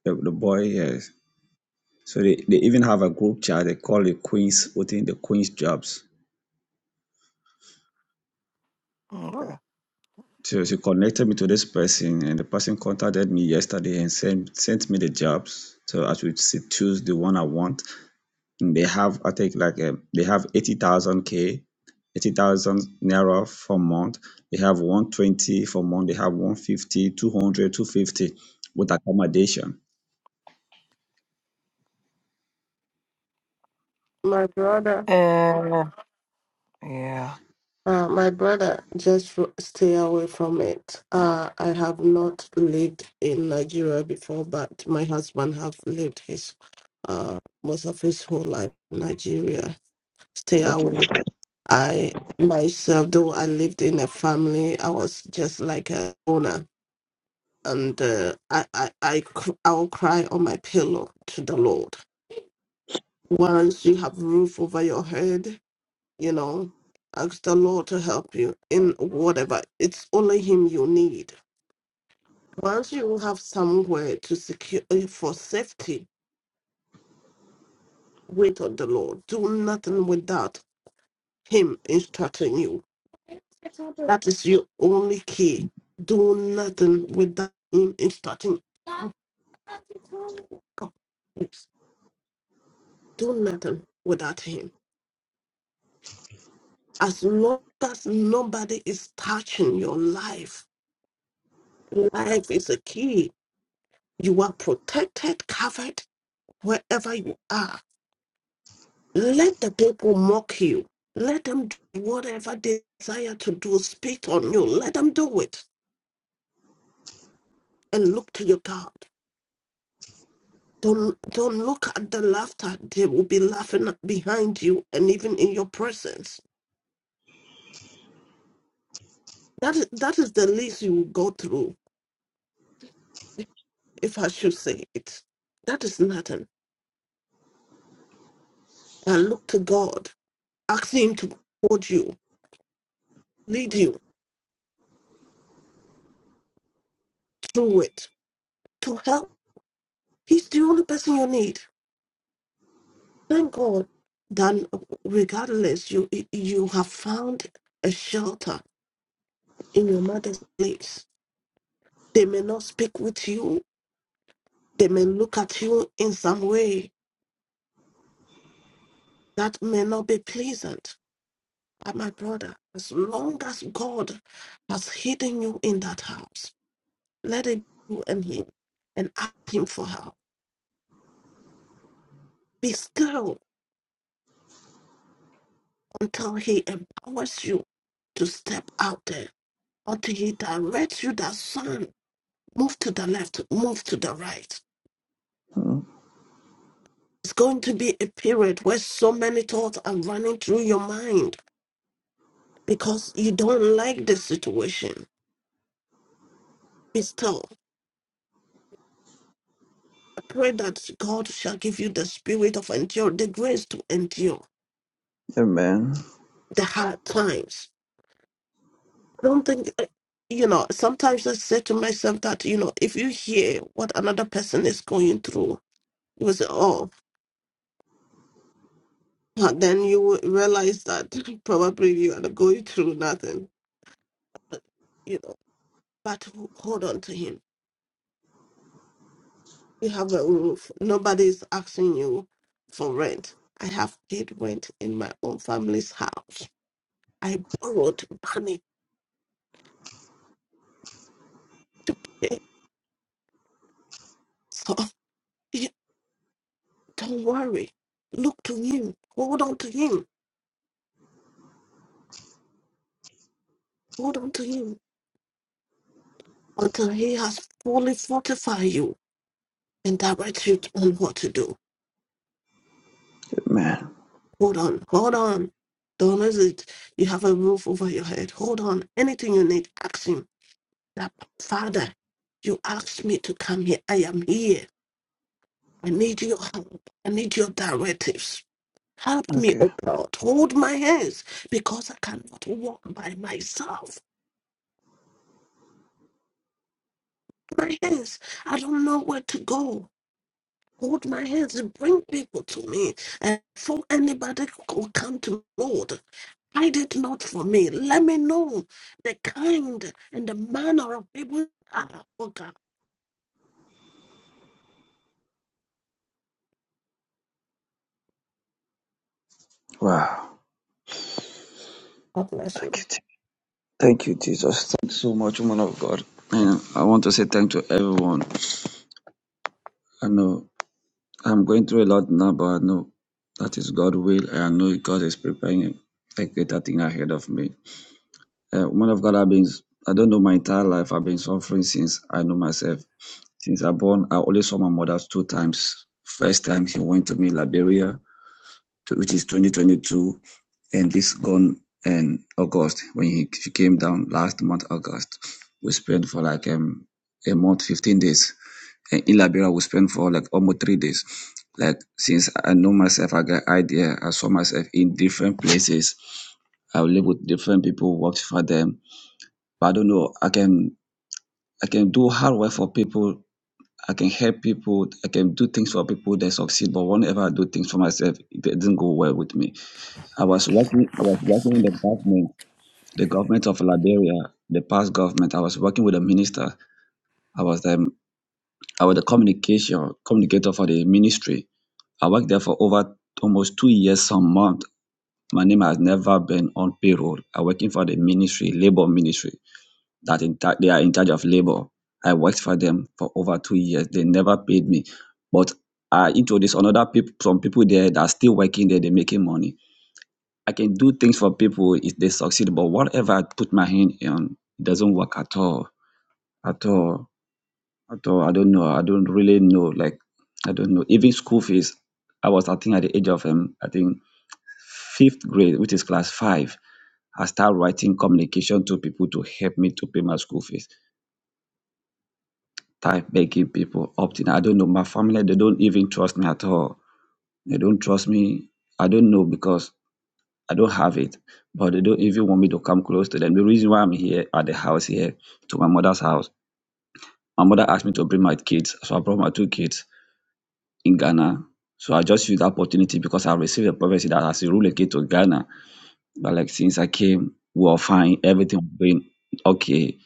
The, the boy, yes. So they, they even have a group chat. They call it Queens within the Queens jobs. Mhm. So she connected me to this person, and the person contacted me yesterday and sent sent me the jobs. So I should choose the one I want. They have, I think, like um, they have 80,000 K, 80,000 Naira for month. They have 120 for month. They have one fifty, two hundred, two fifty, with accommodation. My brother, uh, my brother, just ro- stay away from it. Uh, I have not lived in Nigeria before, but my husband have lived his uh, most of his whole life in Nigeria. Stay Okay. away. I myself, though I lived in a family, I was just like a owner, and uh, I, I, I, cr- I will cry on my pillow to the Lord Once you have roof over your head, you know, ask the Lord to help you in whatever. It's only Him you need. Once you have somewhere to secure for safety, wait on the Lord. Do nothing without Him instructing you. That is your only key. Do nothing without Him instructing. Do nothing without Him. As long as nobody is touching your life, life is a key. You are protected, covered wherever you are. Let the people mock you. Let them do whatever they desire to do, spit on you. Let them do it and look to your God. Don't, don't look at the laughter. They will be laughing behind you and even in your presence. That is, that is the least you will go through, if I should say it. That is nothing. I look to God Ask him to hold you, lead you through it, to help. He's the only person you need. Thank God. Then, regardless, you you have found a shelter in your mother's place. They may not speak with you. They may look at you in some way that may not be pleasant. But my brother, as long as God has hidden you in that house, let it be you and Him, and ask Him for help. Be still until He empowers you to step out there, until He directs you that son, move to the left, move to the right. Mm. It's going to be a period where so many thoughts are running through your mind because you don't like the situation. Be still. I pray that God shall give you the spirit of endure, the grace to endure Amen. the hard times. Don't think, eh, you know, sometimes I say to myself that, you know, if you hear what another person is going through, you will say, oh, But then you would realize that probably you are going through nothing. But, you know, but ho- hold on to him. You have a roof. Nobody's asking you for rent. I have paid rent in my own family's house. I borrowed money. eh, So yeah, don't worry. Look to him. Hold on to him. Hold on to him until he has fully fortified you and direct you on what to do. Amen. Hold on, hold on. Don't lose it. You have a roof over your head. Hold on. Anything you need, ask him. That Father, you asked me to come here. I am here. I need your help. I need your directives. Help me, Okay. oh God. Hold my hands because I cannot walk by myself. My hands, I don't know where to go. hold my hands and bring people to me. And before anybody could come to me, Lord, hide it not for me. Let me know the kind and the manner of people you are. Oh God, Wow. God bless you. Thank you. Je- Thank you, Jesus. Thanks so much, woman of God. And I want to say thank to everyone. I know I'm going through a lot now, but I know that is God's will. And I know God is preparing a greater thing ahead of me. Uh, woman of God, I've been, I don't know my entire life. I've been suffering since I know myself. Since I born, I only saw my mother two times. First time she went to me in Liberia, to, which is 2022, and this gone in August when he, she came down last month, August. We spent for like um, a month, 15 days. And in Liberia, we spent for like almost three days. Like since I know myself, I got idea. I saw myself in different places. I lived with different people, worked for them but I don't know. I can I can do hard work for people. I can help people. I can do things for people that succeed. But whenever I do things for myself, it didn't go well with me. I was working. I was working in the government, the government of Liberia, the past government. I was working with a minister. I was um, I was the communication communicator for the ministry. I worked there for over almost two years, some month. My name has never been on payroll. I'm working for the ministry, labor ministry. that in ta- they are in charge of labor. I worked for them for over two years. They never paid me, but I introduced another people, some people there that are still working there. They're making money. I can do things for people if they succeed, but whatever I put my hand on, it doesn't work at all, at all, at all. I don't know. I don't really know. Like I don't know. Even school fees. I was, I think, at the age of um, I think fifth grade, which is class five. I start writing communication to people to help me to pay my school fees type making people opt in. I don't know. My family, they don't even trust me at all. They don't trust me. I don't know because I don't have it, but they don't even want me to come close to them. The reason why I'm here at the house here, to my mother's house, my mother asked me to bring my kids. So I brought my two kids in Ghana. So I just used the opportunity because I received a prophecy that I should relocate to Ghana. But like since I came, we were fine. Everything was going okay.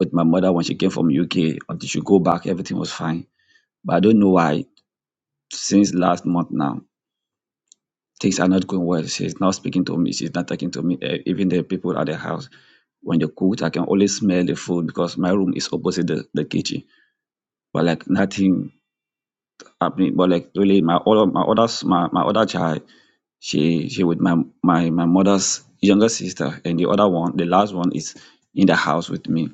With my mother when she came from UK, until she go back, everything was fine. But I don't know why since last month now. Things are not going well. She's not speaking to me. She's not talking to me. Eh, Even the people at the house, when they cook, I can always smell the food because my room is opposite the, the kitchen. But like nothing happening. But like really, my other my other s- my, my other child, she she with my my my mother's younger sister, and the other one, the last one is in the house with me.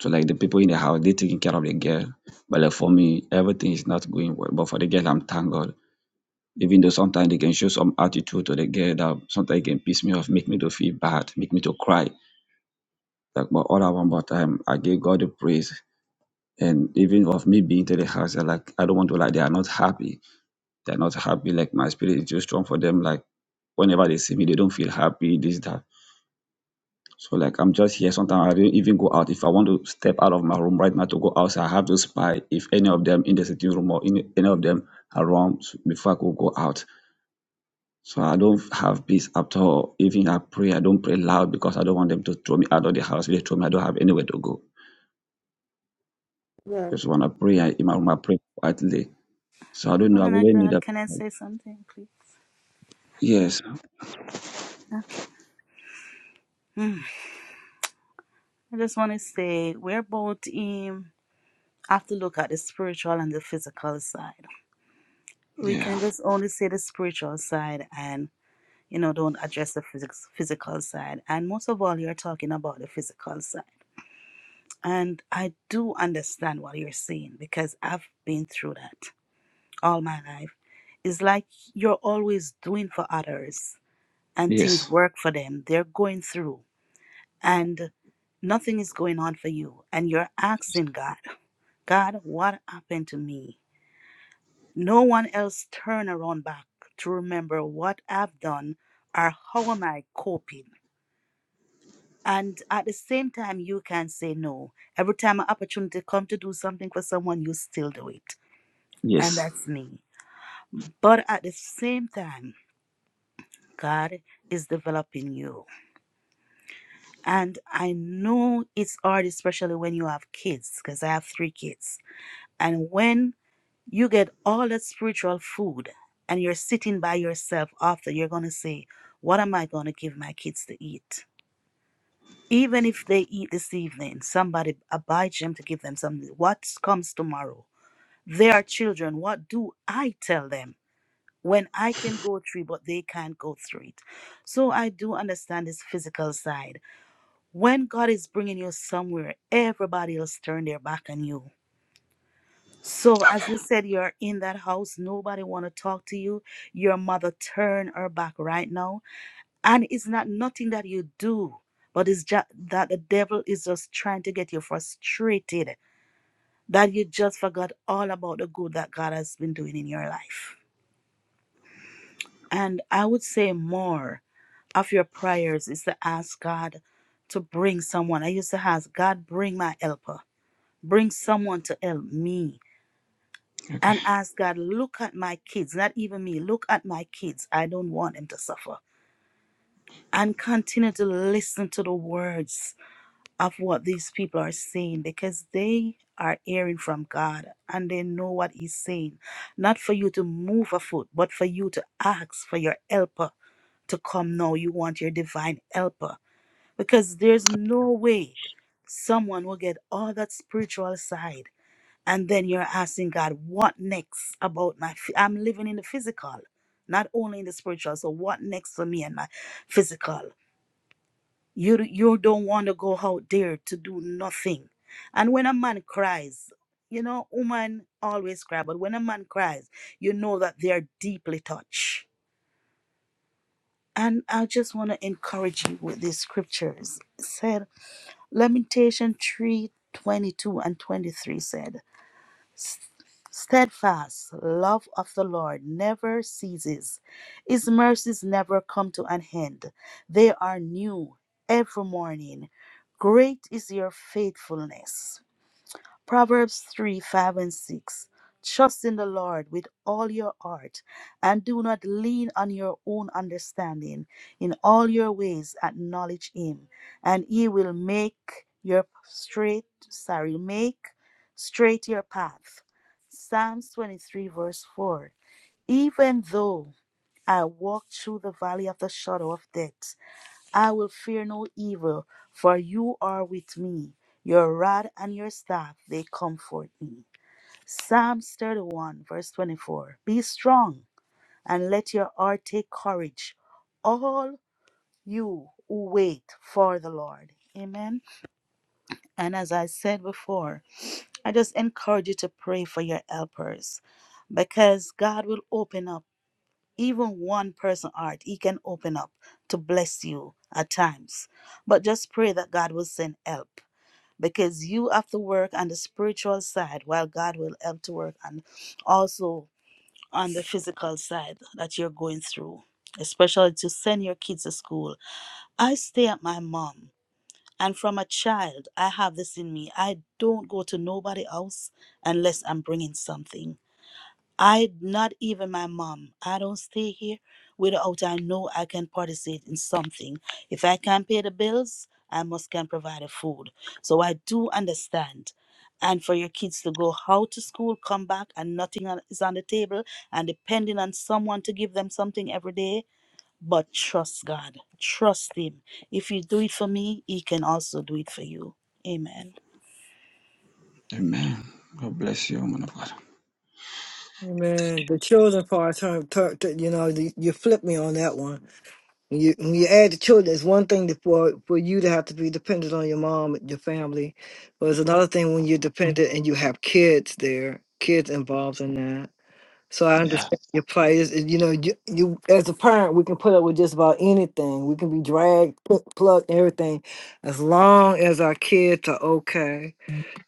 So like the people in the house, they taking care of the girl. But like for me, everything is not going well. But for the girl, I'm thank God Even though sometimes they can show some attitude to the girl that sometimes can piss me off, make me to feel bad, make me to cry. Like, but all at one more time, I give God the praise. And even of me being to the house, I like I don't want to like they are not happy. They're not happy. Like my spirit is too strong for them. Like whenever they see me, they don't feel happy, this, that. So like I'm just here. Sometimes I don't even go out. If I want to step out of my room right now to go outside, I have to spy if any of them in the sitting room or any, any of them around before I could go out. So I don't have peace at all. Even I pray, I don't pray loud because I don't want them to throw me out of the house. If they throw me, I don't have anywhere to go. Yeah. Because when I pray I- in my room, I pray quietly. So I don't know. I Man of really need God, a can I say something, please? yes. Okay. Hmm. I just want to say we're both in. have to look at the spiritual and the physical side. We Yeah. can just only see the spiritual side and you know don't address the physics, physical side. And most of all, you're talking about the physical side. And I do understand what you're saying because I've been through that all my life. It's like you're always doing for others and things Yes. work for them. They're going through and nothing is going on for you. And you're asking God, God, what happened to me? No one else turn around back to remember what I've done or how am I coping. And at the same time, you can say no. Every time an opportunity come to do something for someone, you still do it. And Yes. that's me. But at the same time, God is developing you. And I know it's hard, especially when you have kids, because I have three kids. And when You get all that spiritual food and you're sitting by yourself after you're going to say, What am I going to give my kids to eat? Even if they eat this evening, somebody abides them to give them something. What comes tomorrow? They are children. What do I tell them when I can go through, it, but they can't go through it? So I do understand this physical side. When God is bringing you somewhere, everybody else turn their back on you So as Okay. you said, you're in that house, nobody want to talk to you. Your mother turn her back right now. And it's not nothing that you do, but it's just that the devil is just trying to get you frustrated that you just forgot all about the good that God has been doing in your life. And I would say more of your prayers is to ask God to bring someone. I used to ask God, bring my helper. Bring someone to help me Okay. and ask God, look at my kids, not even me, look at my kids. I don't want them to suffer. And continue to listen to the words of what these people are saying because they are hearing from God and they know what He's saying. Not for you to move a foot, but for you to ask for your helper to come now. You want your divine helper because there's no way someone will get all that spiritual side and then you're asking God, what next about my? phy- I'm living in the physical, not only in the spiritual. So what next for me and my physical? You d- you don't want to go out there to do nothing, and when a man cries, you know, woman always cry, but when a man cries, you know that they are deeply touched. And I just want to encourage you with these scriptures. It said Lamentation three twenty two and 23 said. Steadfast love of the Lord never ceases. His mercies never come to an end. They are new every morning. Great is your faithfulness. Proverbs 3 5 and 6. Trust in the Lord with all your heart and do not lean on your own understanding. In all your ways, acknowledge Him, and He will make your straight, sorry, make straight your path. Psalms 23, verse 4. Even though I walk through the valley of the shadow of death, I will fear no evil, for you are with me. Your rod and your staff, they comfort me. Psalms 31, verse 24. Be strong and let your heart take courage, all you who wait for the Lord. Amen. And as I said before, I just encourage you to pray for your helpers because God will open up even one person art he can open up to bless you at times but just pray that god will send help because you have to work on the spiritual side while god will help to work and also on the physical side that you're going through especially to send your kids to school i stay at my mom and from a child i have this in me i don't go to nobody else unless i'm bringing something I not even my mom. I don't stay here without I know I can participate in something. If I can't pay the bills, I must can provide the food. So I do understand. And for your kids to go out to school, come back, and nothing on- is on the table, and depending on someone to give them something every day. But trust God, trust Him. If you do it for me, He can also do it for you. Amen. Amen. God bless you, man of God. Man, the children part turn, turn, turn- you know, the, you flip me on that one. When you when you add the children, it's one thing to, for for you to have to be dependent on your mom, and your family, but it's another thing when you're dependent and you have kids there, kids involved in that. So I Yeah. understand your plight. Is you know, you, you as a parent, we can put up with just about anything. We can be dragged, pl- plucked, everything, as long as our kids are okay.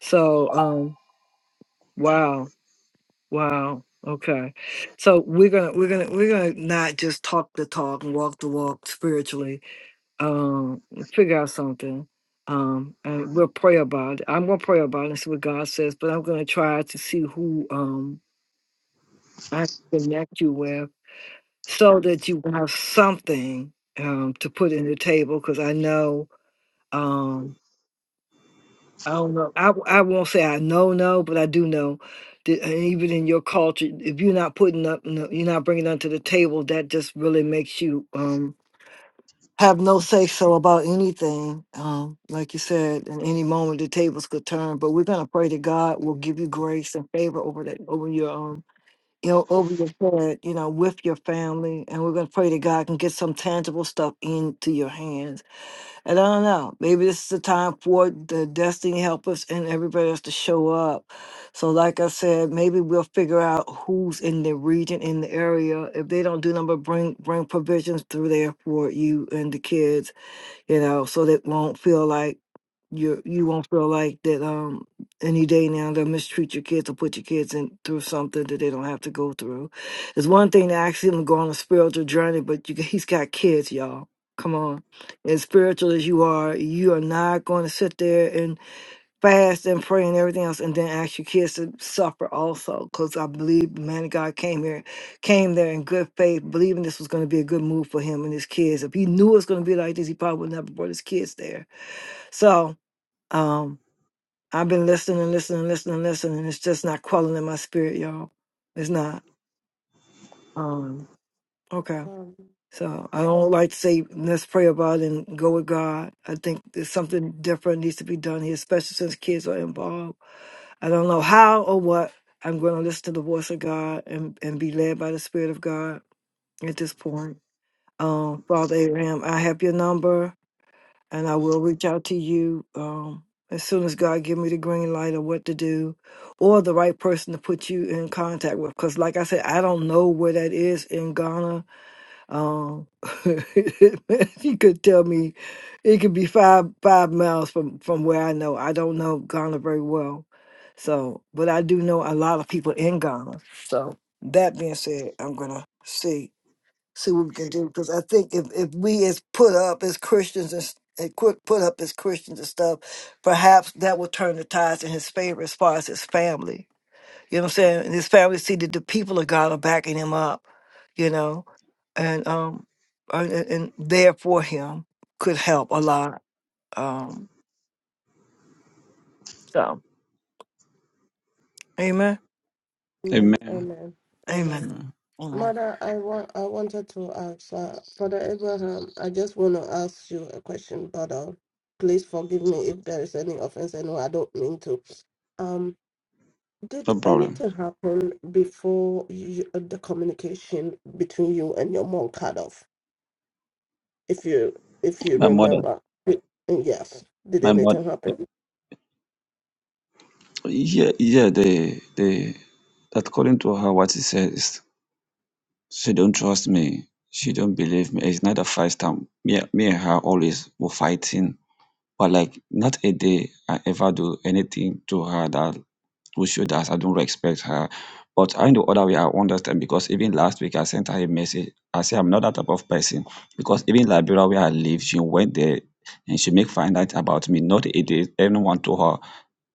So, um, wow. Wow. Okay. So we're gonna we're gonna we're gonna not just talk the talk and walk the walk spiritually. Um, figure out something. Um, and we'll pray about it. I'm gonna pray about it and see what God says, but I'm gonna try to see who um I can connect you with so that you have something um to put in the table because I know um I don't know. I w- I won't say I know no, but I do know that uh, even in your culture, if you're not putting up, no, you're not bringing nothing to the table, that just really makes you um have no say so about anything. Um, like you said, in any moment the tables could turn. But we're gonna pray that God will give you grace and favor over that over your um you know over your head, you know, with your family, and we're gonna pray that God can get some tangible stuff into your hands and I don't know. Maybe this is the time for the destiny helpers and everybody else to show up. So, like I said, maybe we'll figure out who's in the region, in the area. If they don't do number, bring bring provisions through there for you and the kids. You know, so they won't feel like you you won't feel like that um any day now they'll mistreat your kids or put your kids in through something that they don't have to go through. It's one thing to ask him to go on a spiritual journey, but you, he's got kids, y'all. Come on, as spiritual as you are, you are not going to sit there and fast and pray and everything else, and then ask your kids to suffer also. Because I believe the man of God came here, came there in good faith, believing this was going to be a good move for him and his kids. If he knew it was going to be like this, he probably would never brought his kids there. So. Um, I've been listening, listening, listening, listening. It's just not quelling in my spirit, y'all. It's not. Um, okay. Um, So I don't like to say let's pray about it and go with God. I think there's something different needs to be done here, especially since kids are involved. I don't know how or what. I'm going to listen to the voice of God and, and be led by the Spirit of God at this point. Um, Father Abraham, I have your number. and I will reach out to you um, as soon as God give me the green light of what to do, or the right person to put you in contact with. Because, like I said, I don't know where that is in Ghana. Um, if you could tell me, it could be five five miles from from where I know. I don't know Ghana very well, so but I do know a lot of people in Ghana. So that being said, I'm gonna see see what we can do. Because I think if, if we as put up as Christians and, s- and quit put up as Christians and stuff, perhaps that will turn the tides in his favor as far as his family. You know what I'm saying? And his family see that the people of God are backing him up, you know, and um and, and and there for him could help a lot. Um so Amen. amen. Amen. Amen. Amen. Amen. Amen. Amen. Mother, I want I wanted to ask uh, Father Abraham. I just want to ask you a question, Father. Please forgive me if there is any offense. I know I don't mean to. Um. Did No problem. anything happen before you, the communication between you and your mom cut off? If you if you My mother. remember, Y- yes. Did My mother. anything happen? Yeah. Yeah. They. They. according to her, what she says. She don't trust me. She don't believe me. It's not the first time. Me, me and her always were fighting. But like not a day I ever do anything to her that will show that I don't respect her. But in the other way, I understand because even last week I sent her a message. I say I'm not that type of person because even Liberia where I live, she went there and she make find out about me. Not a day anyone told her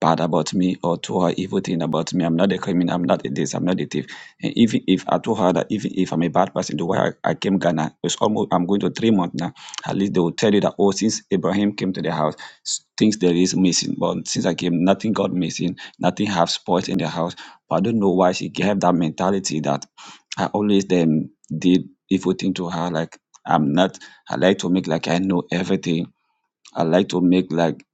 bad about me or told her evil thing about me. I'm not a criminal. I'm not a this. I'm not a thief. And even if I told her that even if I'm a bad person, the way I, I came Ghana, it's almost I'm going to three months now. At least they will tell you that oh, since Abraham came to the house, s- things there is missing. But since I came, nothing got missing. Nothing have spoiled in the house. But I don't know why she have that mentality that I always then did evil thing to her. Like I'm not. I like to make like I know everything I like to make like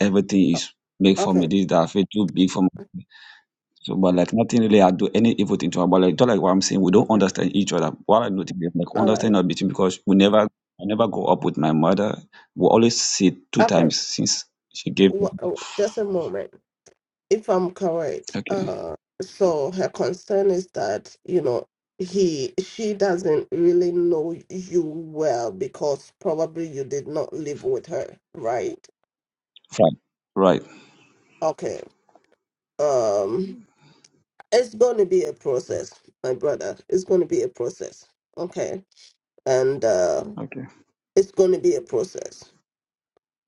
everything is make for me. Okay, This that I feel too big for me. So, but like nothing really, I do any evil thing to her. But like just like what I'm saying, we don't okay, understand each other. What I noticed is like all right, understanding of between because we never, I never go up with my mother. We always see two okay. times since she gave. birth. Wha- oh, just a moment. If I'm correct, Okay, uh, so her concern is that you know he she doesn't really know you well because probably you did not live with her, right? fine, right. Okay. Um. it's going to be a process, my brother. It's going to be a process. Okay. And uh, Okay, it's going to be a process.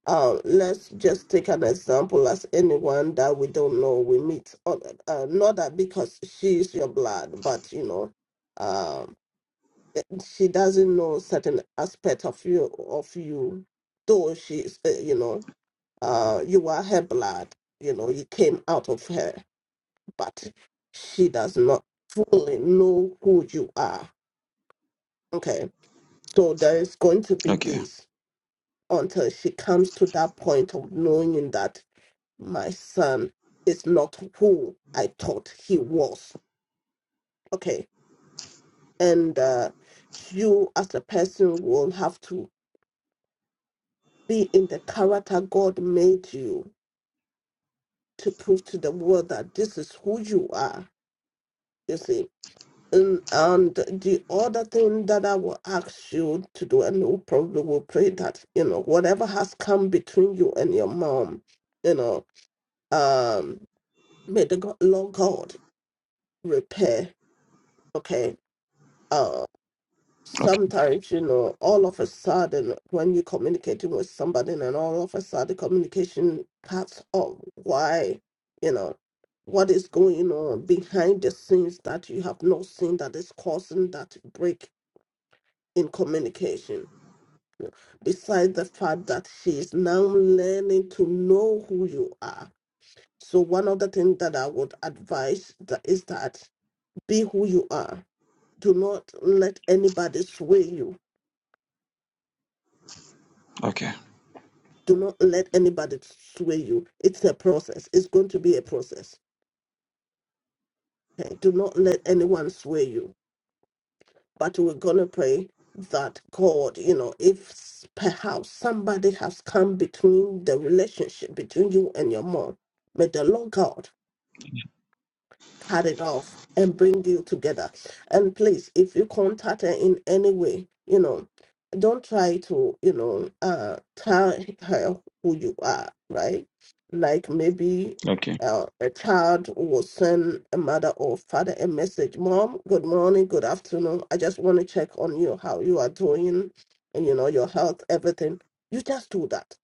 Uh, let's just take an example as anyone that we don't know we meet. Uh, uh, not that because she's your blood, but you know, um, she doesn't know certain aspect of you. Of you, though she's, uh, you know, uh, you are her blood. You know, you came out of her but she does not fully know who you are. Okay. So there is going to be okay, this until she comes to that point of knowing that my son is not who I thought he was. Okay. And uh, you, as a person, will have to be in the character God made you to prove to the world that this is who you are. You see And, and the other thing that I will ask you to do, and we probably will pray that, you know, whatever has come between you and your mom, you know, um, may the God, Lord God repair, okay? Uh, okay, sometimes, you know, all of a sudden, when you're communicating with somebody and all of a sudden communication cuts off, why, you know, what is going on behind the scenes that you have not seen that is causing that break in communication. Besides the fact that she is now learning to know who you are. So one of the things that I would advise that is that be who you are. Do not let anybody sway you. okay, Do not let anybody sway you. It's a process. It's going to be a process. Okay? Do not let anyone sway you. But we're gonna pray that God, you know, if s- perhaps somebody has come between the relationship between you and your mom, may the Lord God cut it off and bring you together. And please, if you contact her in any way, you know, don't try to, you know, uh, tell her who you are, right? Like maybe okay, uh, a child will send a mother or father a message, Mom, good morning, good afternoon. I just want to check on you, how you are doing, and, you know, your health, everything. You just do that.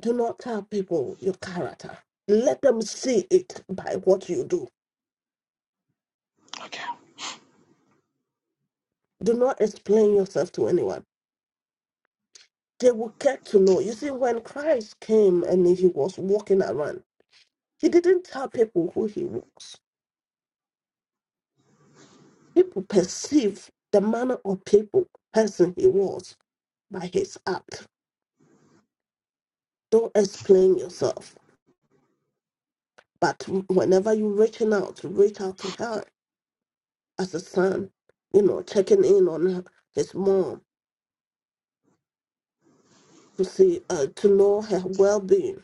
Do not tell people your character. Let them see it by what you do okay, Do not explain yourself to anyone. They will get to know. You see, when Christ came and he was walking around, he didn't tell people who he was. People perceive the manner of people, person he was by his act. Don't explain yourself. But whenever you're reaching out, reach out to her as a son, you know, checking in on her, his mom to see, uh, to know her well being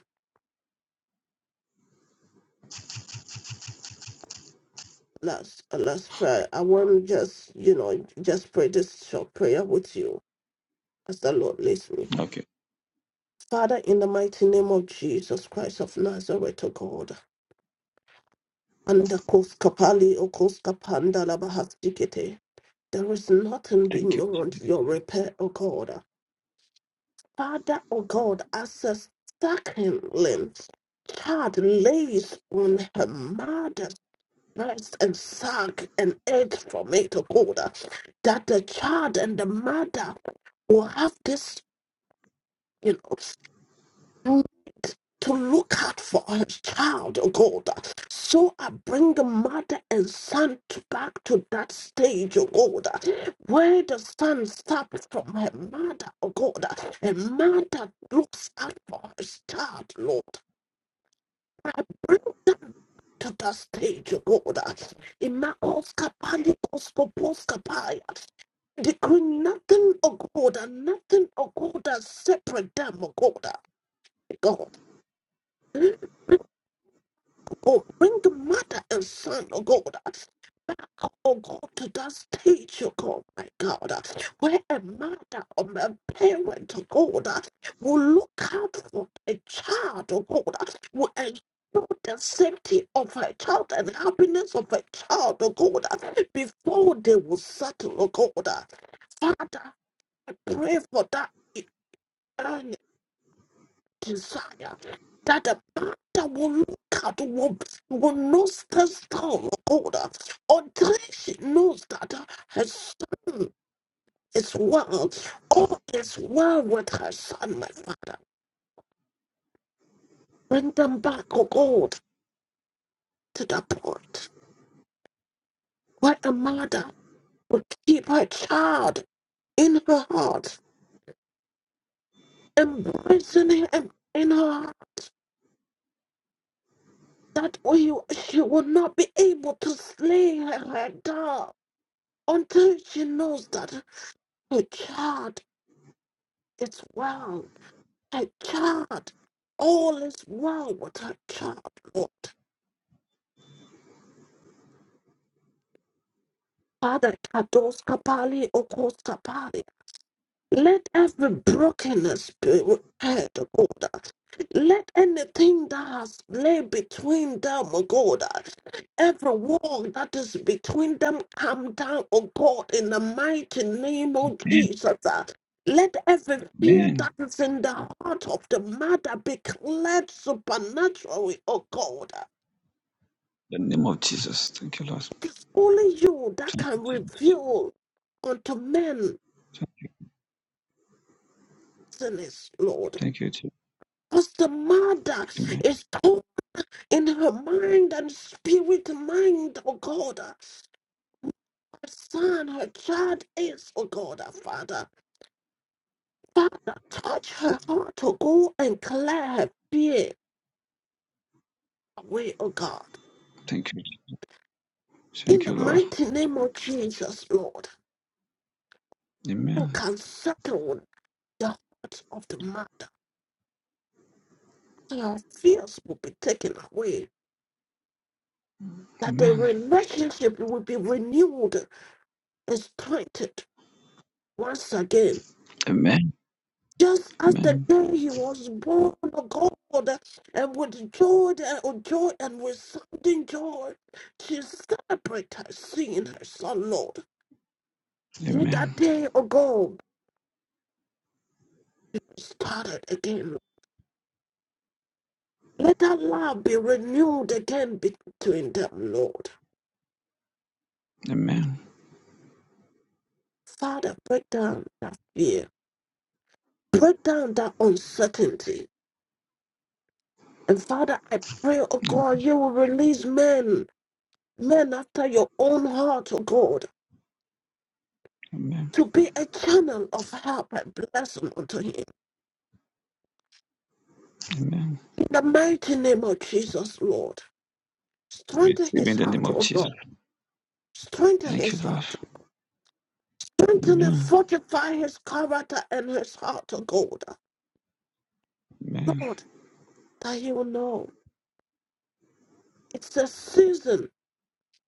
last uh, last prayer. I want to just you know just pray this short prayer with you as the Lord leads me. okay. Father, in the mighty name of Jesus Christ of Nazareth, O God, and the Kos Kapali O Kos Kapanda Labahastikete. There is nothing Thank you. beyond your repair, O God. Father, O God, as a second lens, child lays on her mother. breast and suck and egg for me to hold her, that the child and the mother will have this, you know, mm, to look out for her child, oh God. uh, So I bring the mother and son to back to that stage, oh God, uh, where the son stops from her mother, oh God, uh, and mother looks out for her child, Lord. the stage, God, in my Oscar Panicosco Poscapaya, decree nothing, oh God, and nothing, oh God, that separate them, oh God, God. God, bring the mother and son, oh God, uh, back, oh God, to that stage, oh God, my God, uh, where a mother or a parent, oh God, uh, will look out for a child, oh God, uh, will ensure the safety of her child and happiness of her child, oh God, uh, before they will settle, oh God. uh. Father, I pray for that desire that the Father will look at, will, will not stand strong, oh God, uh, until she knows that uh, her son is well, all is well with her son, my Father. Bring them back, oh God, to the point where a mother will keep her child in her heart, embracing him in her heart. That way she will not be able to slay her, her dog until she knows that. Hey God, it's wrong. Hey God, all is wrong with her God, Lord. Father, Kados Kapali, Let every brokenness be repaired, O God. Let anything that has lay between them, O God, every wall that is between them come down, O God, in the mighty name of Amen. Jesus. Let every fear Amen. that is in the heart of the mother be cleared supernaturally, O God. the name of Jesus. Thank you, Lord. It's only you that Thank you, can Jesus. reveal unto men sinners, Lord. Thank you, Jesus. Because the mother Amen. is in her mind and spirit mind, oh God. Her son, her child is, oh God, her Father. Father, touch her heart, oh God, and clear her fear away, oh God. Thank you. Jesus. In Thank the you, Lord. mighty name of Jesus, Lord, Amen. who can settle the heart of the mother, that her fears will be taken away, that the Amen. relationship will be renewed and strengthened once again Amen. just as the Amen. day he was born, O God, and with joy and joy and with sounding joy, she celebrated seeing her son, Lord. Let Amen. that day, O God, be started again. Lord. Let that love be renewed again between them, Lord. Amen. Father, break down that fear, break down that uncertainty. And Father, I pray, O God, you will release men, men after your own heart, O God Amen. to be a channel of help and blessing unto him. Amen. In the mighty name of Jesus, Lord, strengthen Receive his in the name heart, of O God. Jesus. Strengthen Thank you, his Lord. heart. Strengthen and Amen. fortify his character and his heart, O God. Amen. Lord, that he will know it's a season,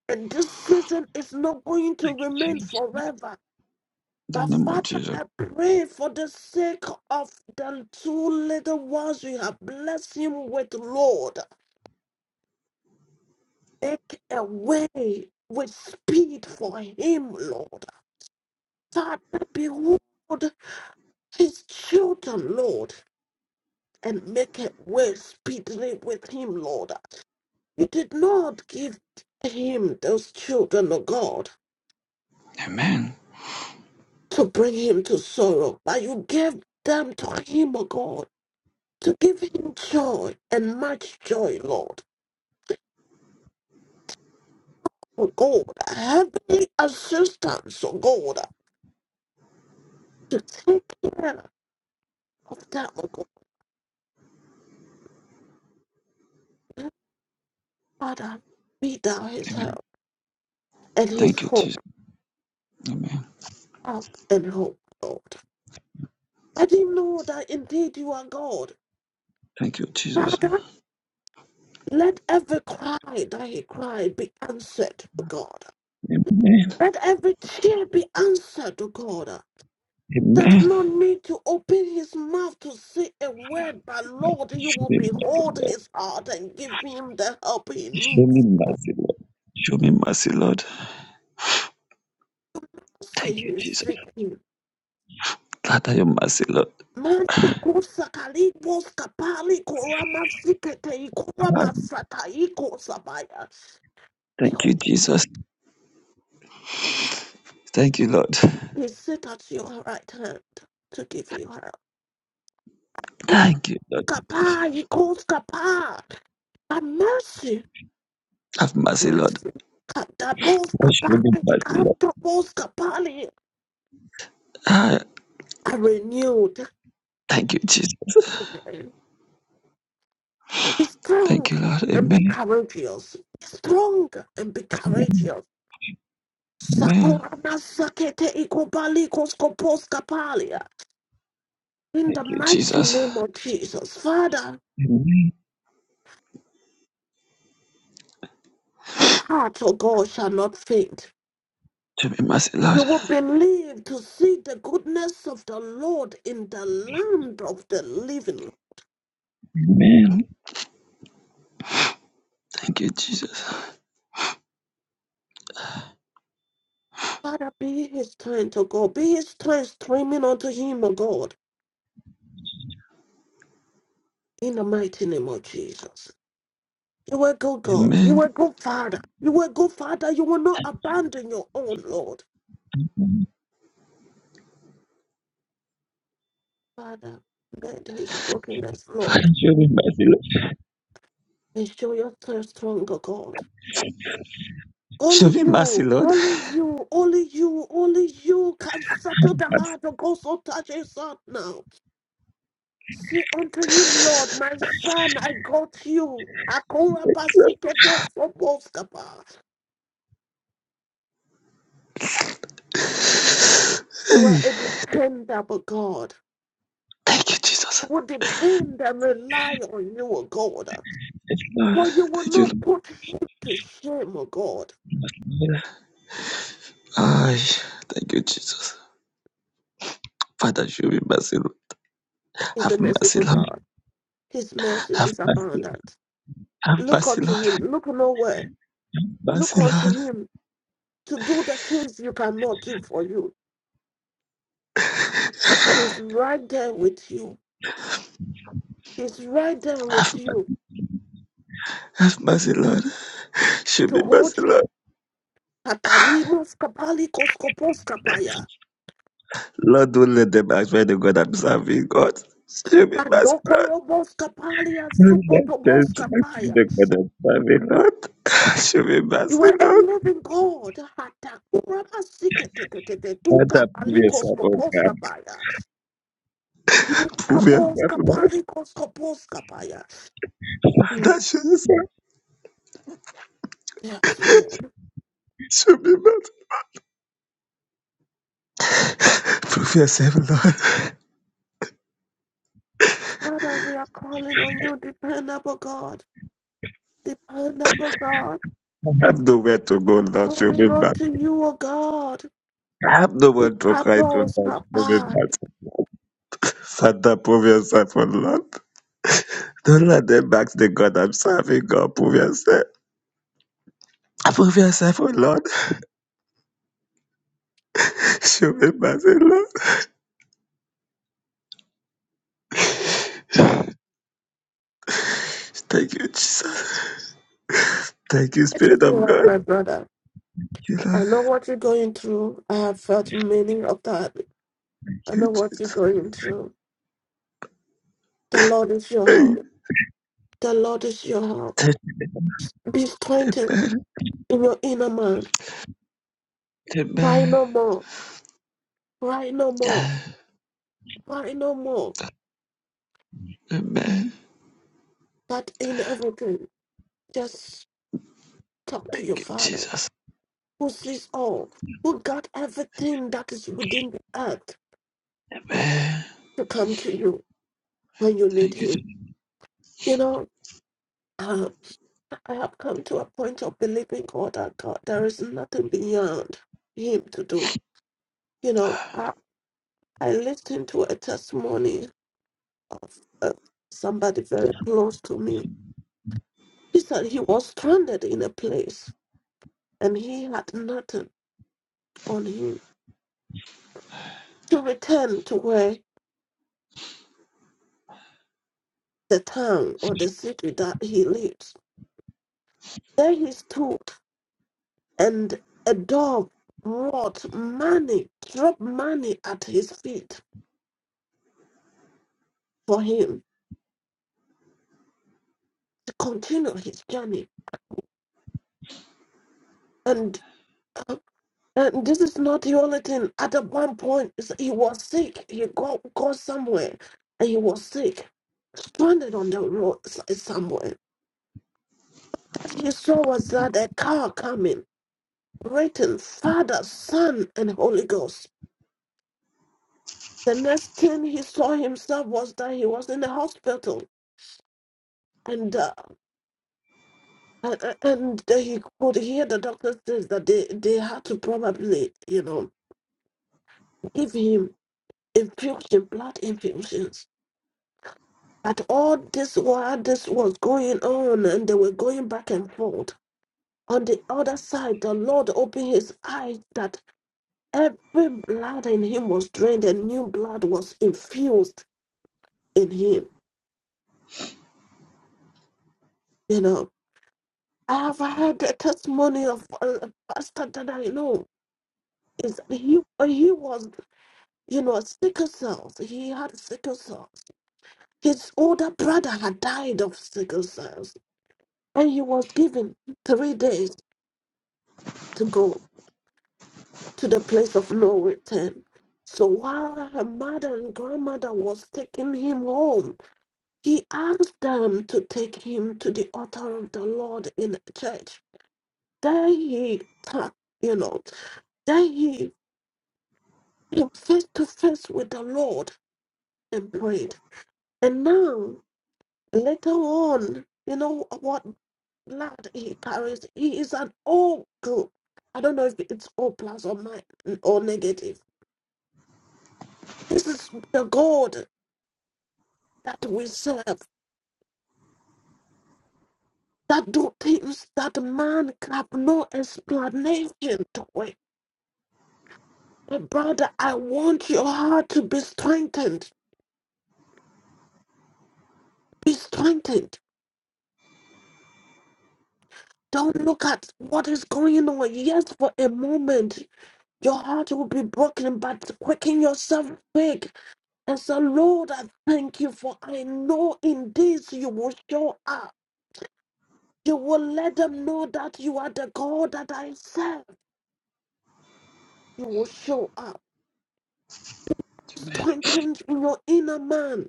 and this season is not going to Thank you, remain Jesus. forever. In But the name of Father, Jesus. I pray for the sake of the two little ones you have blessed him with, Lord. Make a way with speed for him, Lord. Father, behold his children, Lord, and make a way speedily with him, Lord. You did not give him those children, O God, Amen. to bring him to sorrow, but you gave them to him, O God, to give him joy and much joy, Lord. O God, heavenly assistance, O God, to take care of them, O God. Father, be thou his Amen. help and his Thank you, Jesus. hope, Amen. help and hope, Lord. Let him know that indeed you are God. Thank you, Jesus. Father, let every cry that he cried be answered, O God. Amen. Let every tear be answered, O God. Does Amen. not need to open his mouth to say a word, but Lord, you Show will me mercy, behold Lord. his heart and give him the help he Show me needs. mercy, Lord. Show me mercy, Lord. Thank See you, his Jesus. seeking. Father, your mercy, Lord. Manda kusa kalibo skapali kurama sikete Ah, ikurama sata iko sabaya. Thank Behold, you, Jesus. Thank you, Lord. He sit at your right hand to give you help. Thank you, Lord. Jesus. Ikapa iko skapa. A mercy, Have mercy, Lord. mercy. Kadabo Show me skapali mercy, Lord. kantabo skapali. Ah, Are renewed Thank you, Jesus. every day. Be Thank strong you, Lord. and be Amen. courageous. Be strong and be courageous. Amen. Sakurama sakete ikobali koskopos kapalia. In Thank the you, mighty name Jesus. of Jesus, Father, Amen. his heart, O God, shall not faint. Show me mercy, You Lord. will believe to see the goodness of the Lord in the land of the living. Amen. Thank you, Jesus. Father, be his strength, O God. Be his strength streaming unto him, O God, in the mighty name of Jesus. You will go, God. You Amen. will go, Father. You will go, Father. You will not abandon your own, Lord. Father, mend his brokenness, Lord, Show me mercy, Lord. and show yourself stronger, God. Show Only me mercy, you, Lord. only you, only you, only you can settle the heart of God so touch his heart now. Say unto him, Lord, my son, I got you. Akura pasikete soboskapa. You are Hey. a dependable God. Thank you, Jesus. I will depend and rely on you, O God. Lord. For you will Thank you, not Lord. put him to shame, O God. Ay. Thank you, Jesus. Father, show me mercy, Lord. He's Have a mercy, merciful Lord. God. His mercy Have is mercy. abundant. Have Look mercy, unto Lord. Have him. Look nowhere. Look mercy, unto Lord. him to do the things you cannot do for you. He's right there with you. He's right there Have with you mercy, Lord. Show to hold Lord. you. Patalimos kapalikos kopos kapaya. Lord. Show us mercy. Lord. Padokorobos kapalia Thanks sukotobos to kapaya. my God and You Father. are a living God. Hatakurama siketetetete Hata dukapalikos kopos Puvia kapaya. Puvia, Kapos kapalikos kopos kapaya. Mm. that should be back. Yes, Lord. Should be back. Puvia said, "Lord, Father, we are calling on you, dependable God, dependable God, I have nowhere to go now. Should be calling on back. to you, O God. I have nowhere It to cry to paddles, now. Should be Papa. back. Father, Puvia said, for Lord. Don't let them back to the God I'm serving, God. Puvia said, Puvia said, for Lord. Should be back. Lord. Thank you, Jesus. Thank you, Let us Spirit of help God. my brother. you, I Lord. know what you're going through. I have felt many of that. I Thank you, know what Jesus. you're going through. The Lord is your help. The Lord is your help. Thank Be strengthened in your inner man. Cry no more. Cry no more. Cry no more. But in everything, just talk to your Thank you, father Jesus. who sees all, who got everything that is within the earth to come to you when you need Thank you, Him. Jesus. You know, uh, I have come to a point of believing God that God, there is nothing beyond Him to do. You know, I, I listened to a testimony of uh, somebody very close to me. He said he was stranded in a place and he had nothing on him to return to where the town or the city that he lives. There he stood and a dog brought money, dropped money at his feet for him to continue his journey. And, uh, and this is not the only thing. At that one point, is- he was sick. He got, got somewhere and he was sick, stranded on the road s- somewhere. That he saw was that a car coming, written Father, Son, and Holy Ghost. The next thing he saw himself was that he was in the hospital. And, and and then he could hear the doctor says that they, they had to probably, you know, give him infusion, blood infusions. But all this while this was going on and they were going back and forth. On the other side, the Lord opened his eyes that every blood in him was drained and new blood was infused in him. You know, I have heard the testimony of a a pastor that I know is he he was you know, sickle cells. He had sickle cells. His older brother had died of sickle cells, and he was given three days to go to the place of no return. So while her mother and grandmother was taking him home, he asked them to take him to the altar of the Lord in the church. There he, ta- you know, there he came face to face with the Lord and prayed. And now Later on, you know what lad he carries? He is an O group. I don't know if it's O plus or my or negative. This is the God that we serve. That do things that man have no explanation to it. My brother, I want your heart to be strengthened. Be strengthened. Don't look at what is going on. Yes, for a moment, your heart will be broken, but quicken yourself quick And so, Lord, I thank you for I know in this you will show up. You will let them know that you are the God that I serve. You will show up. Strengthen your inner man.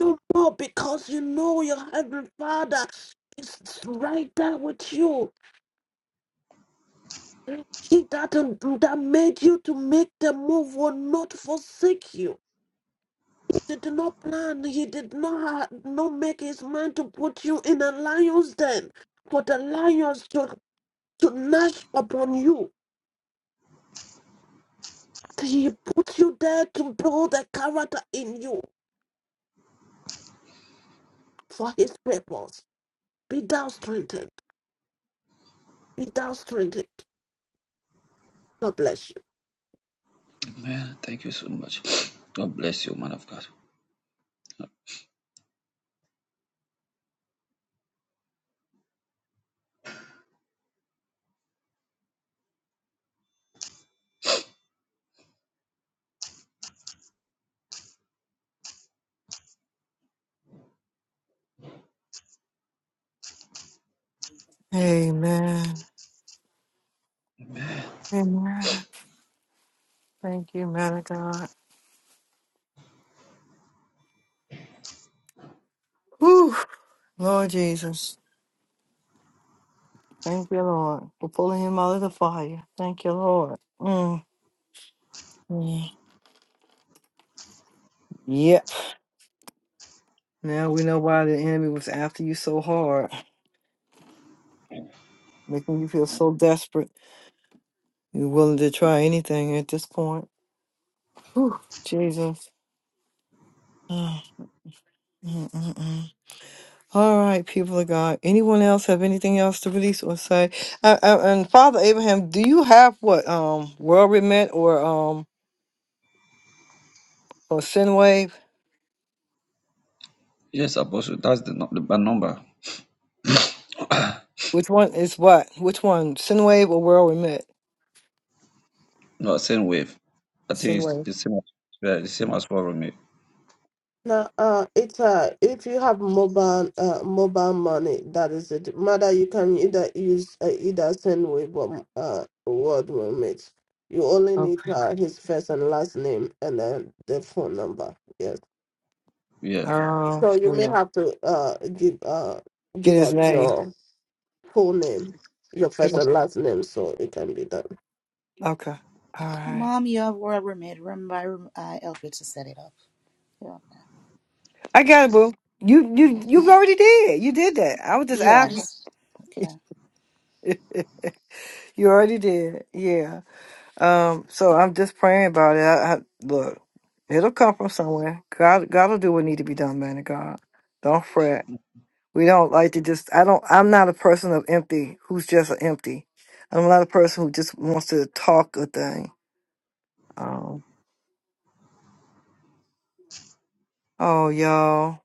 No more because you know your heavenly Father is right there with you. He that, that made you to make the move will not forsake you did not plan. He did not ha- not make his mind to put you in a lion's den for the lions to to gnash upon you. He put you there to build a character in you for his purpose. Be thou strengthened. Be thou strengthened. God bless you. man. Thank you so much. God bless you, man of God. Amen. Amen. Thank you, man of God. Whew, Lord Jesus. Thank you, Lord, for pulling him out of the fire. Thank you, Lord. Mm. mm. Yep. Now we know why the enemy was after you so hard, making you feel so desperate. You're willing to try anything at this point. Whew, Jesus. Ah, mm, mm, mm. All right, people of God. Anyone else have anything else to release or say? Uh, uh, and Father Abraham, do you have what um world remit or um or sin wave? Yes, Apostle, that's the, nu- the bad number. Which one is what? Which one? Sin wave or world remit? No, same wave. I Sin think it's wave. the same as yeah, the same as for me. No, uh, it's uh, if you have mobile uh, mobile money, that is it. Matter you can either use uh, either send Weibo uh, word roommates. You only Okay. need uh, his first and last name and then the phone number. Yes. Yeah. Oh, So you may yeah. have to uh give uh get give his out name. your full name, your first and last name, so it can be done. Okay. All right. Mom, you have word remade. Remember, I, rem- I helped you to set it up. Yeah. I got it, boo. You you you already did. You did that. I was just asking. Yes. Okay. you already did. Yeah. Um. So I'm just praying about it. I, I, look, it'll come from somewhere. God God will do what need to be done, man. of God, don't fret. We don't like to just. I don't. I'm not a person of empty. Who's just empty. I'm not a person who just wants to talk a thing. Um. Oh, y'all.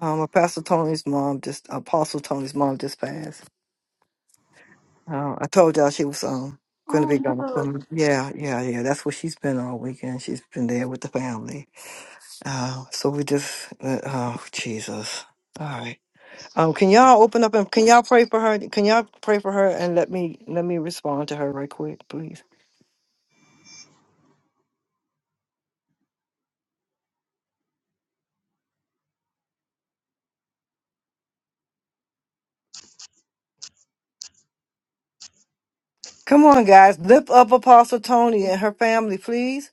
Um, Apostle Tony's mom just Apostle Tony's mom just passed. Uh, I told y'all she was um going to be gone. from- yeah, yeah, yeah. That's what she's been all weekend. She's been there with the family. Uh, so we just uh, oh Jesus. All right. Um, can y'all open up and can y'all pray for her? Can y'all pray for her and let me let me respond to her right quick, please. Come on, guys, lift up Apostle Tony and her family, please.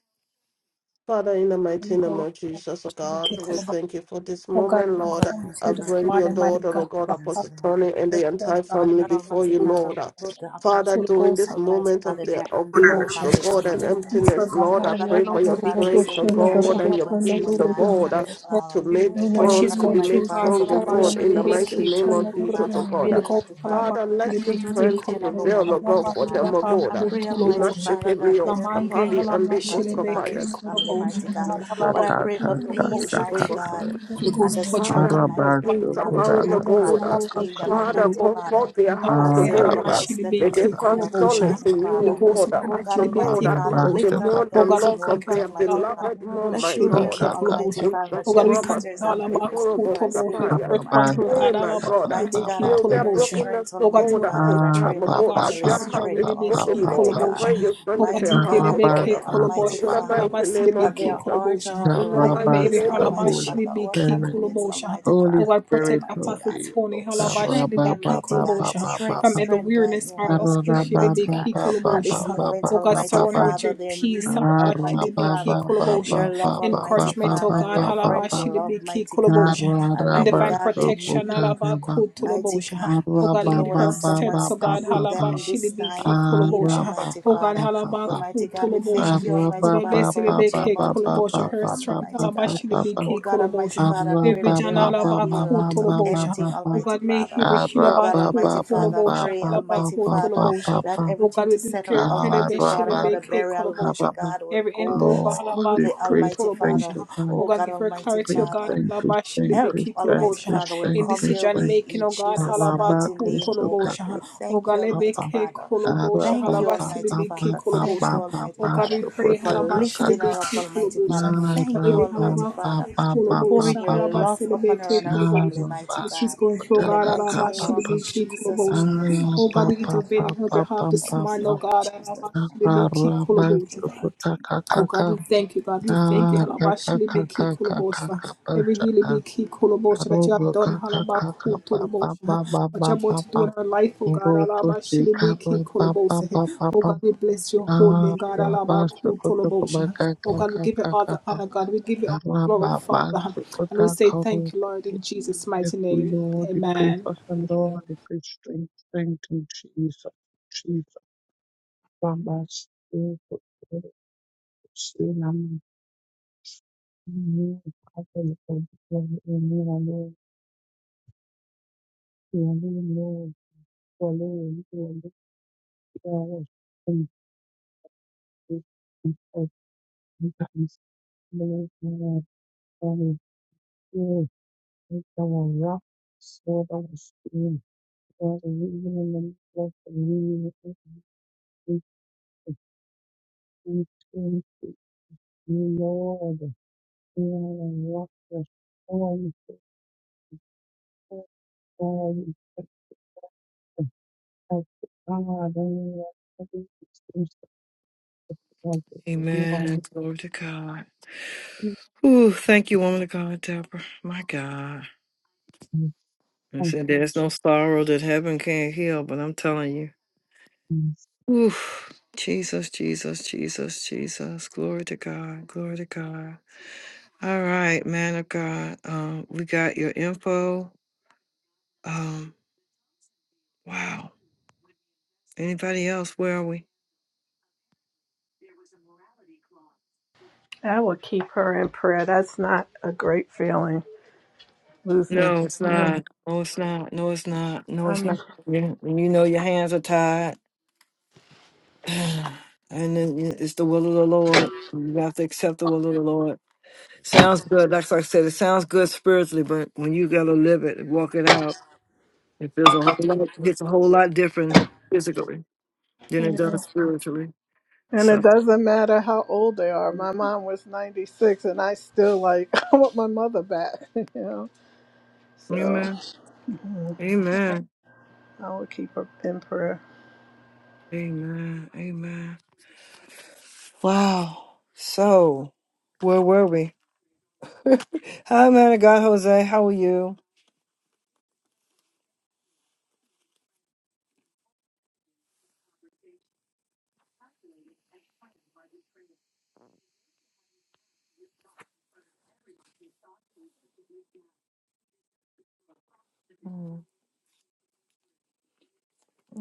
Father, in the Holy mighty name Ghost, of Father, Jesus, O should we God, take we all of our- thank you for this Oh God, moment, we Lord, I Lord. come thank you, to I the Father, bring we smart your and mighty daughter, your O God on God, presence, behalf Apostle Almighty Tony, God. and of the the Lord entire God. family God before Almighty you, who to Father, we the Lord. put the Father, apostle, Holy during Ghost, this have Almighty moment of Father, in the your of hands and our loss, devotion. O family, God, For Almighty and the Father. future, emptiness, God, Lord, In Oh how I God about pray for Almighty your should we Father, you say strength, we keep O all of should not our- how God, weep and about your when we someone peace, to O the died, devotion? God, Almighty uh, Oh God, to Father. you made know the what Oh she's strong, God name to of going be Almighty through, made Father, God. Jesus. so How strong, O today about we God, pray should in we the your be Hallelujah. mighty key strength, name of Almighty collaboration? Jesus, Father. O I pray, Holy God. Ghost, Almighty how Father, about Father, let that should you we be your touch key strength each and every collaboration? one, prevail, O How God, Almighty about for should we Father. them, O I God. be key pray, Almighty collaboration? Father, that Imastikelios, there be Lamange no Kapali, words, and halaba Almighty shilebe Father, ke Likos, in this family, mighty kolobosha. God. God Ta But I ta pray ta for ta ta peace, halaba mighty Atatakataka. God. Holy Ghost, touch her, God. Understanding, Father, mighty let God, and peace Habakkuk, knowledge, abound the Almighty Kolobos, Father, gold. between Arabasukudakakakakaka. them, Habakkuk, Father, Almighty Kolobos. Father comfort their hearts, as the Habane, they are gold. about to set May up their they Hanamashilibiki, find funeral, Arabasukakakaka. Kolobos. solace Almighty in you, Holy O Father. Ghost, God, Oh as God, the Almighty Hanamashilibiki, God, Father, Kolobos. the lift her more up the Oh at God, this we loss of thank moment, Arabasukakakakakakakakaka. God their for Almighty Allah, Father. beloved mom, Let my you remember, Hanamashilibiki, God. Almighty Kolobos. In Father, that Oh she God, we has Sakuraba, thank sisters God, and brothers in Habakkuk, Sakuraba, Christ who Kolobos. love Sapaya. her, Breath upon mighty her, God. Oh, God, my God. Mighty God, I Hanamashilibiki, Heal pray their her Arabasukakakakakakakaka. Kolobos. brokenness, strength, the Oh God, you Almighty God, know at Father, her this as I strength, pray time, O my oh God, God. family's Their sharpen her heart is strength willy be also, key broken, mighty Lord. I God. Arabapapapapapapapapa. pray kolobosha. you Oh strengthen God, Mighty their deep God, hearts, in I O be God. key pray, Almighty In kolobosha, the Father. Arabasarabaka. mighty kalabasili name be of But key their Jesus. hearts kolobosha. are at the In the Oh right God, may mighty place, every name now, Arabasika. of Almighty Jesus. Holy Father. halabashili be Our key Spirit, condolence, kolobosha. Almighty Holy Father, Oh God, to them, protect Spirit, mighty Apostle Holy, God. you Tony know, Ka ra Strengthen halabashili ba be them, key ba mighty ba God. ba kolobosha ba Strength, from ba every strength, like weariness no or other Arababa strength, opposition mighty be God. key At this kolobosha. moment, Oh God, Almighty surround her with Father, your their peace. need, Almighty halabashili be key Father, your kolobosha. love, Almighty Encouragement, oh Father, and God, their friends' halabashili be love, key mighty God. kolobosha and Almighty divine God, they protection. need Mighty Alabakutulobosha. God, Oh to God, lead know that her someone steps. Oh stand God, with them in this time halabashilibiki of need, kulobosha. Almighty Oh God, Father. So, mighty God, we thank halabakutulobosha. you, Oh Almighty God, Father, bless for what you're Rebecca about to do for kulobosha. our Her family, strength, mighty God. Oh alabashilibiki God, Almighty kulobosha. Father, I The pray that they vision, will not be lacked of alabakutulobosha. anything, Oh Almighty God, may Father. he be Oh God, Almighty Father, I hilabakutulobosha. pray, Almighty Father, Halabakutulobosha. that Oh everything God, to we set up, declare Ah, Almighty Father, Rabba, for the Philibeshilibiki burial, Almighty kulobosha. God, will Every go endova Lord, the smoothly, priest, Almighty thank halabakutolobosha. Father. to God, Oh Oh God, God, give her Almighty clarity, oh priest, Father God, thank, priest, thank, help, priest, thank, Almighty halabashilibikikoloboshah. Father, priest, will in thank, come their priest, decision thank, way making, in oh God, Jesus' Rabba, mighty name, oh God. halabakutolobosha. We Oh thank God, you, Almighty Papa, Father. Rabba, lebekekolobosha, Thank you, Baba, Almighty Baba, Father. Thank Baba, you, halabasilibikikoloboshah. Almighty Oh God, Father, we pray for lifting her up, Almighty halabashilibikikoloboshah. Father. for Thank you, every Almighty Father, for pouring halabakutolobosha, your love upon her and her family, halabasilibikikoloboshah. mighty and she's God. going through, oh In the God, mighty name of Papa, Jesus, we halabashilibikikoloboshah. pray. Ah, Oh God, we Papa, Amen. intervene on her behalf this Thank morning, you, oh Lord God, Jesus. Thank you, halabashilibikikoloboshah. God. Thank Oh God, we thank you, God, we thank you. Ah, ka ka Halabashili ka be key ka ka ka kulabosha. ka ba Every sha healing ka. be key kulabosha that you Arobo have done. ka ka ka ka Halabaku ba ba tulabosha. ba ba What ba you're about ba to ba. do in our life, oh Ro God. to shi Halabashili ka be ra key ba ba ba kulabosha. ba Oh ba. God, we bless your holy name, Ah, God. ra ba shi Halabaku ko to ko ba tulabosha. ka Oh ka God, we ka give you ka all ka the ba. honor, God. We give you all the Ra ba glory, ba Father. shi ko And ta we say ka ro. thank you, Lord, in Jesus' mighty Yes, name. Lord, we pray Amen. for her, Lord, we pray strength, strength in Jesus, Jesus, Baba, Spirit, Spirit, Spirit, Amen. Amen. Father, we thank Wanaume wawili wamekaa wakisikiliza wakiwa wamevaa sura nzuri Amen. Glory to God. Ooh, thank you, woman of God, Deborah. My God. I Thank said, you, There's no sorrow that heaven can't heal, but I'm telling you. Jesus. Oof. Jesus, Jesus, Jesus, Jesus. Glory to God. Glory to God. All right, man of God. Um, we got your info. Um, wow. Anybody else? Where are we? I will keep her in prayer. That's not a great feeling, losing No, it's him. not. No, it's not. No, it's not. No, I it's mean, not. You, you know your hands are tied. And then you- it's the will of the Lord. You have to accept the will of the Lord. Sounds good. That's Like I said, it sounds good spiritually, but when you gotta live it and walk it out, it feels a whole lot. It's a whole lot different physically than it you does know. spiritually. And it So, doesn't matter how old they are. My mom was 96, and I still like, I want my mother back, you know. So amen, mm, amen, I will keep her in prayer. amen, amen. Wow. So, where were we? Hi, man of God, Jose. How are you?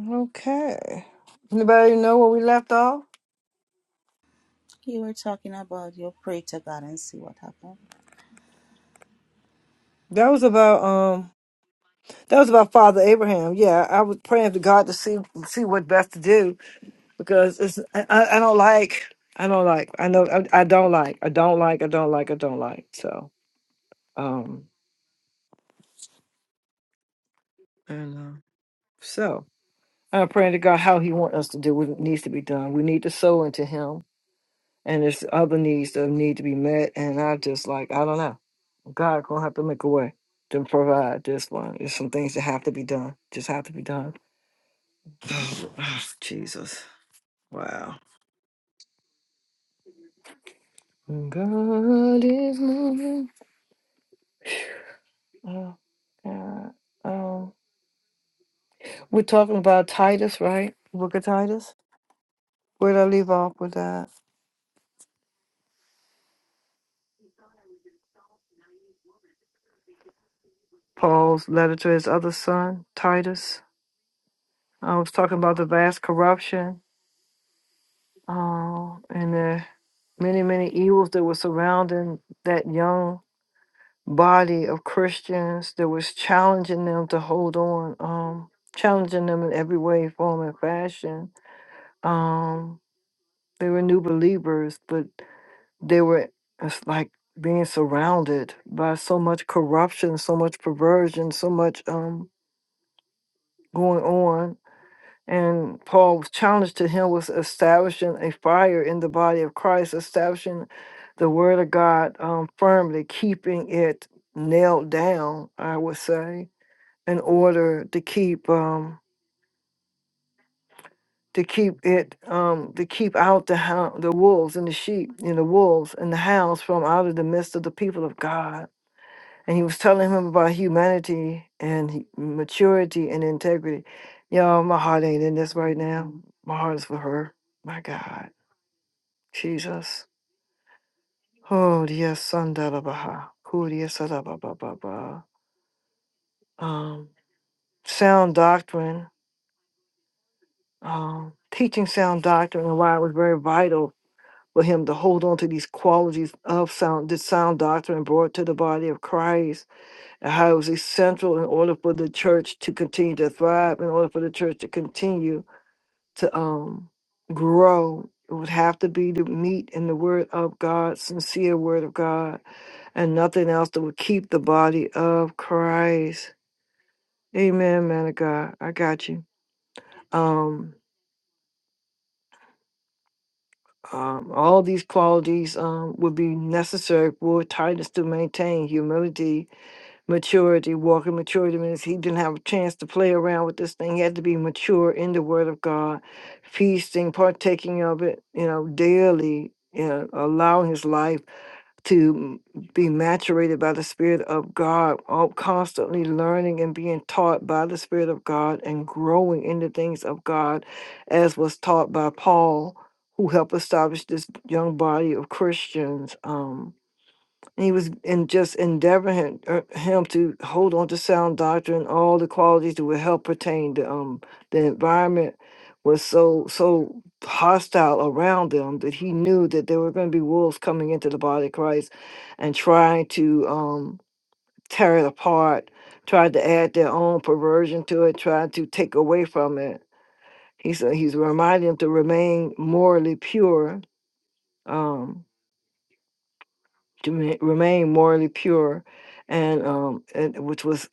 Okay. Anybody know where we left off? you. You were talking about your pray to God and see what happens. That was about um. That was about Father Abraham. Yeah, I was praying to God to see see what best to do because it's I, I I don't like I don't like I know I, I don't like I don't like I don't like I don't like so um and uh, so I'm praying to God how He wants us to do what needs to be done. We need to sow into Him, and there's other needs that need to be met. And I just like I don't know, God gonna have to make a way to provide this one. There's some things that have to be done, just have to be done. Oh, oh, Jesus, wow. God is moving. Oh God. Um, We're talking about Titus, right? Book of Titus. Where that? Paul's letter to his other son, Titus. I was talking about the vast corruption uh, and the many, many evils that were surrounding that young body of Christians that was challenging them to hold on, um, challenging them in every way, form, and fashion. Um, they were new believers, but they were it's like being surrounded by so much corruption so much perversion so much um going on and paul's challenge to him was establishing a fire in the body of christ establishing the word of god um, firmly keeping it nailed down i would say in order to keep um to keep it um to keep out the hound the wolves and the sheep and the wolves and the hounds from out of the midst of the people of god and he was telling him about humanity and he, maturity and integrity. Y'all, my heart ain't in this right now. My heart is for her. My God, Jesus. Oh, dear son, da da ba ha. Cool, dear son, da ba ba ba ba. Um, sound doctrine, um, teaching sound doctrine, and why it was very vital for him to hold on to these qualities of these, and how you to um grow. It would have to be to meet in the word of God, sincere word of God and nothing else that would keep the body of Christ. Amen, man of God. I got you. Um, the maturity, he play around with this thing. He had to be mature in the Word of God, feasting, partaking of it, you know, daily, you know, allowing his life. to be maturated by the Spirit of God, all constantly learning and being taught by the Spirit of God and growing in the things of God, as was taught by Paul, who helped establish this young body of Christians. Um, and he was in just endeavoring him, er, him to hold on to sound doctrine, all the qualities that would help pertain to um, the environment was so so hostile around them that he knew that there were going to be wolves coming into the body of Christ and tried to um, tear it apart, tried to add their own perversion to it, tried to take away from it. He said he's reminding them to be pure, um, to me, um, and, which was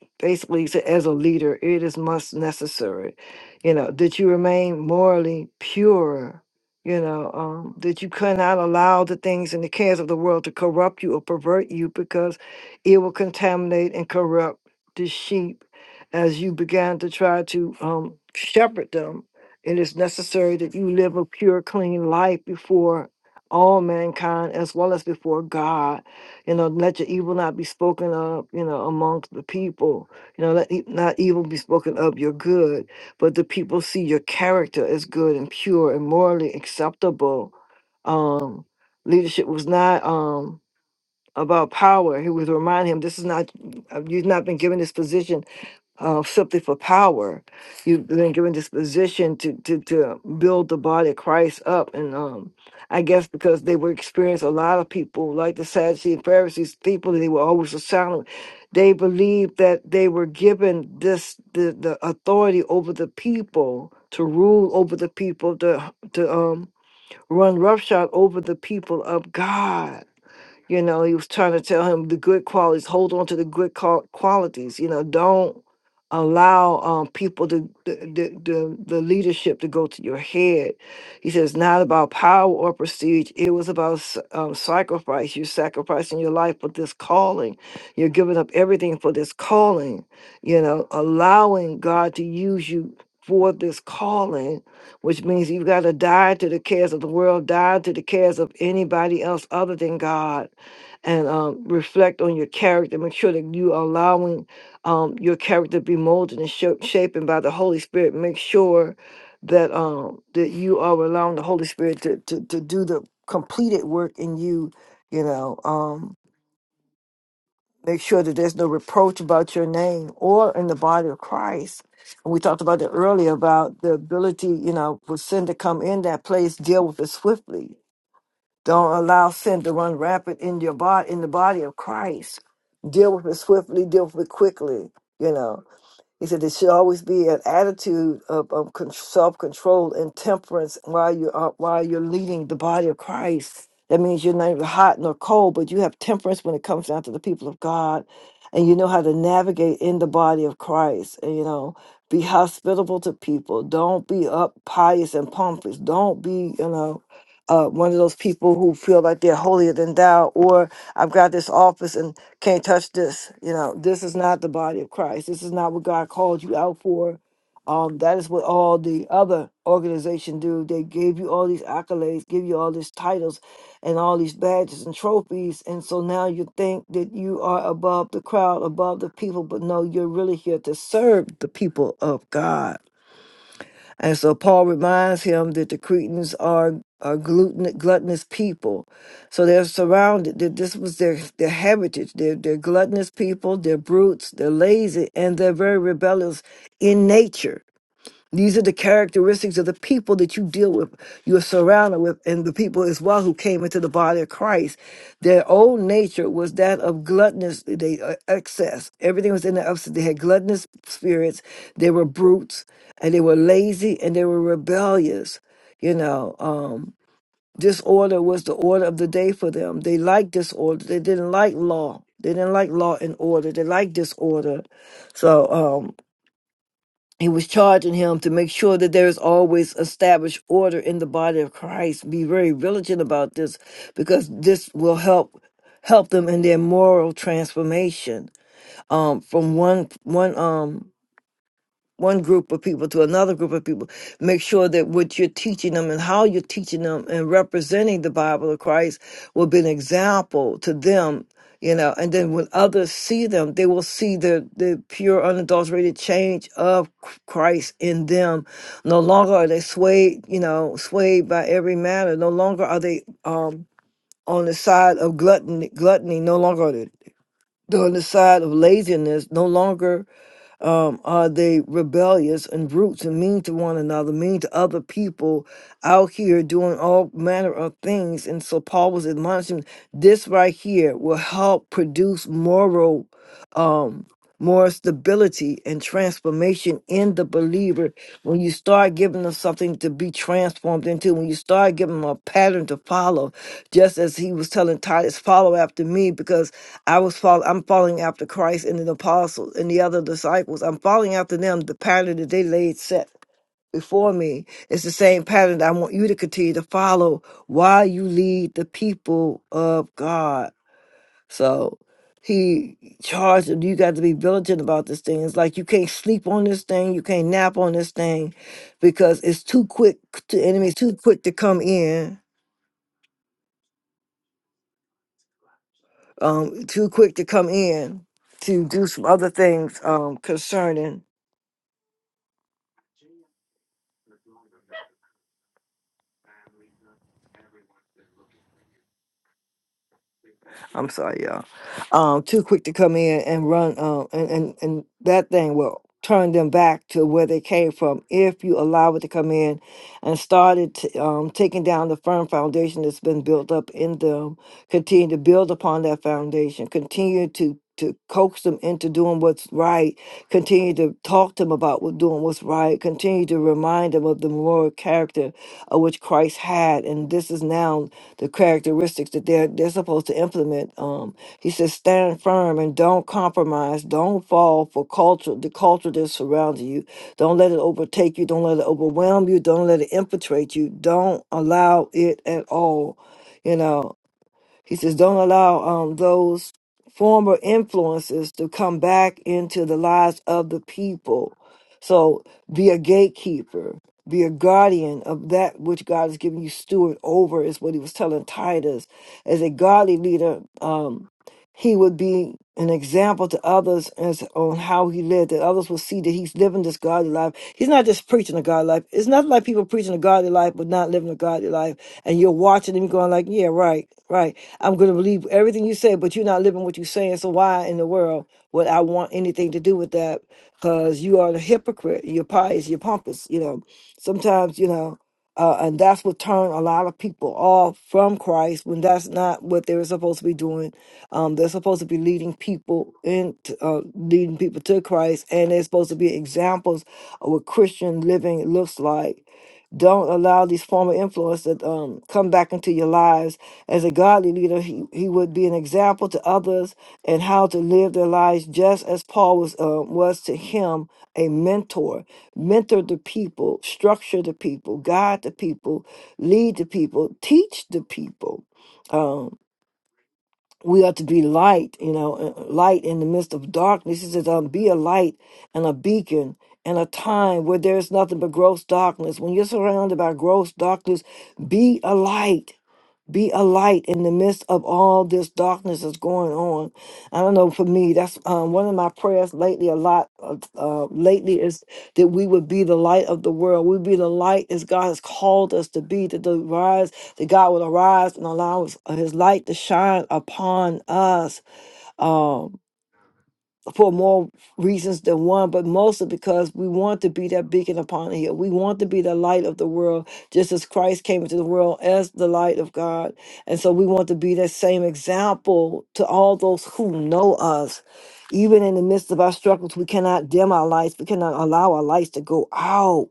later, it is most necessary. You know, that you remain morally pure, you know, um, that you cannot allow the things in the, of the world to corrupt you or pervert you because it contaminate and corrupt the sheep as you began to try to um, shepherd them. It is necessary that you live a pure, clean life before all mankind as well as before God. You know, let your evil not be spoken of, you know, amongst the people. You know, let e- not evil be spoken of your good, but the people see your character as good and pure and morally acceptable. Um, leadership was not. Um, about power. He was reminding him, this is not, uh, you've not been given this position uh, simply for power. You've been given this position to, to, to build the body of Christ up. And um, I guess because they were experienced, a lot of people, like the Sadducees and Pharisees, people that they were always astounded. They believed that they were given this, the, the authority over the people to rule over the people, to, to um, run roughshod over the people of God you know, he was trying to tell him the good qualities, hold on to the good qual- qualities. You know, don't allow um, people to, the, the, the, the leadership to go to your head. He says, not about power or prestige. It was about s- um, sacrifice. You're sacrificing your life for this calling. You're giving up everything for this calling, you know, allowing God to use you for this calling, which means you've got to die to the cares of the world, die to the cares of anybody else other than God and um, reflect on your character. Make sure that you are allowing um, your character to be molded and shaped shapen by the Holy Spirit. Make sure that um, that you are allowing the Holy Spirit to, to, to do the completed work in you. You know, um, make sure that there's no reproach about your name or in the body of Christ. And we talked about that earlier about the ability, you know, for sin to come in that place, deal with it swiftly don't allow sin to run rampant in your body, in the body of Christ. Deal with it swiftly, deal with it quickly, you know. He said there should always be an attitude of, of con- self-control and temperance while you're uh, while you're leading the body of Christ. That means you're neither hot nor cold, but you have temperance when it comes down to the people of God, and you know how to navigate in the body of Christ. And, you know, be hospitable to people. Don't be up pious and pompous. Don't be, you know, uh, one of those people who feel like they're holier than thou, or I've got this office and can't touch this. You know, this is not the body of Christ. This is not what God called you out for. Um, that is what all the other organization do. They gave you all these accolades, give you all these titles and all these badges and trophies. And so now you think that you are above the crowd, above the people, but no, you're really here to serve the people of God. And so Paul reminds him that the Cretans are are gluten, gluttonous people. So they're surrounded. That this was their their heritage. They're, they're gluttonous people. They're brutes. They're lazy, and they're very rebellious in nature. These are the characteristics of the people that you deal with, you're surrounded with, and the people as well who came into the body of Christ. Their old nature was that of gluttonous, they uh, excess. Everything was in the upset. They had gluttonous spirits. They were brutes, and they were lazy, and they were rebellious. You know, um, disorder was the order of the day for them. They liked disorder. They didn't like law. They didn't like law and order. They liked disorder. So. um, he was charging him to make sure that there is always established order in the body of Christ. Be very vigilant about this because this will help help them in their moral transformation um, from one one um one group of people to another group of people. Make sure that what you're teaching them and how you're teaching them and representing the Bible of Christ will be an example to them, you know. And then when others see them, they will see the, the pure, unadulterated change of Christ in them. No longer are they swayed, you know, swayed by every matter. No longer are they um, on the side of gluttony, gluttony. No longer are they the laziness, no longer out things or possible ability and transformation in the believer when you start giving them something to be transformed into when you start giving them a pattern to follow just as he was telling titus follow after me because i was follow, i'm following after christ and the apostles and the other disciples i'm following after them the pattern that they laid set before me it's the same pattern that i want you to continue to follow while you lead the people of god so he charged him, you got to be militant about this thing. It's like you can't sleep on this thing, you can't nap on this thing because it's too quick to enemies too quick to come in, um, too quick to come in to do some other things um concerning I'm sorry, y'all. Um, too quick to come in and run. Um, and and and that thing will turn them back to where they came from if you allow it to come in and started t- um, taking down the firm foundation that's been built up in them. Continue to build upon that foundation. Continue to to coax them into doing what's right. Continue to talk to them about what doing what's right. Continue to remind them of the moral character of which Christ had, and this is now the characteristics that they're they're supposed to implement. Um, he says, stand firm and don't compromise. Don't fall for culture, the culture that's surrounding you. Don't let it overtake you. Don't let it overwhelm you. Don't let it infiltrate you. Don't allow it at all. You know, he says, don't allow um, those former influences to come back into the lives of the people. So be a gatekeeper, be a guardian of that which God has given you steward over, is what he was telling Titus. As a godly leader, um, he would be an example to others as on how he lived, that others will see that he's living this godly life. He's not just preaching a godly life. It's not like people preaching a godly life but not living a godly life and you're watching them going like, yeah, right, right. I'm going to believe everything you say, but you're not living what you're saying. So why in the world would I want anything to do with that? Because you are the hypocrite. You're pious. You're pompous. You know, sometimes, you know, uh, and that's what turned a lot of people off from Christ when that's not what they're supposed to be doing. Um, they're supposed to be leading people in, uh, leading people to Christ, and they're supposed to be examples of what Christian living looks like don't allow these former influence to um, come back into your lives. As a godly leader, he, he would be an example to others and how to live their lives, just as Paul was uh, was to him a mentor. Mentor the people, structure the people, guide the people, lead the people, teach the people. Um, we are to be light, you know, uh, uh, light in the midst of darkness. He says, um, be a light and a beacon in a time where there is nothing but gross darkness. When you're surrounded by gross darkness, be a light be a light in the midst of all this darkness that's going on. I don't know for me, that's um, one of my prayers lately. A lot uh, uh, lately is that we would be the light of the world. We would be the light as God has called us to be. That the rise, that God would arise and allow us, uh, His light to shine upon us. um, for more reasons than one, but mostly because we want to be that beacon upon a hill. We want to be the light of the world, just as Christ came into the world as the light of God. And so we want to be that same example to all those who know us. Even in the midst of our struggles, we cannot dim our lights. We cannot allow our lights to go out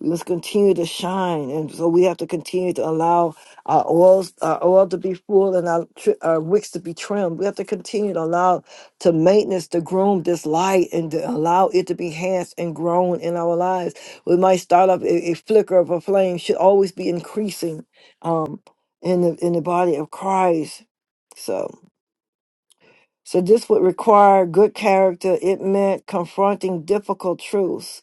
must continue to shine. And so we have to continue to allow our oils, our oil to be full and our, tri- our wicks to be trimmed. We have to continue to allow to maintenance, to groom this light and to allow it to be enhanced and grown in our lives. We might start off a, a flicker of a flame should always be increasing um, in the, in the body of Christ. So, so this would require good character. It meant confronting difficult truths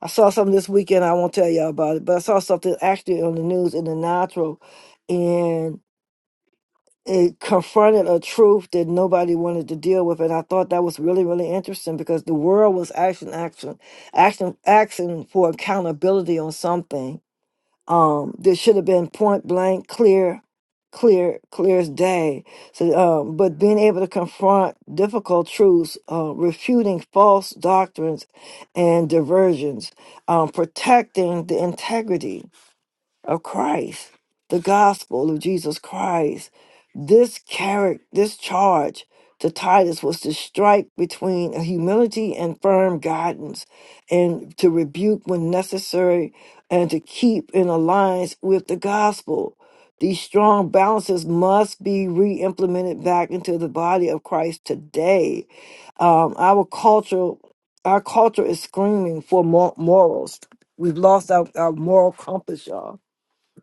I saw something this weekend. I won't tell y'all about it, but I saw something actually on the news in the natural, and it confronted a truth that nobody wanted to deal with. And I thought that was really, really interesting because the world was action, action, action, action for accountability on something um, there should have been point blank, clear, clear, clear as day. So, um, but being able to confront difficult truths, uh, refuting false doctrines and diversions, um, protecting the integrity of Christ, the gospel of Jesus Christ this character, this charge to Titus was to strike between humility and firm guidance, and to rebuke when necessary, and to keep in alliance with the gospel. These strong balances must be re implemented back into the body of Christ today. Um, our culture, our culture is screaming for mor- morals. We've lost our, our moral compass, y'all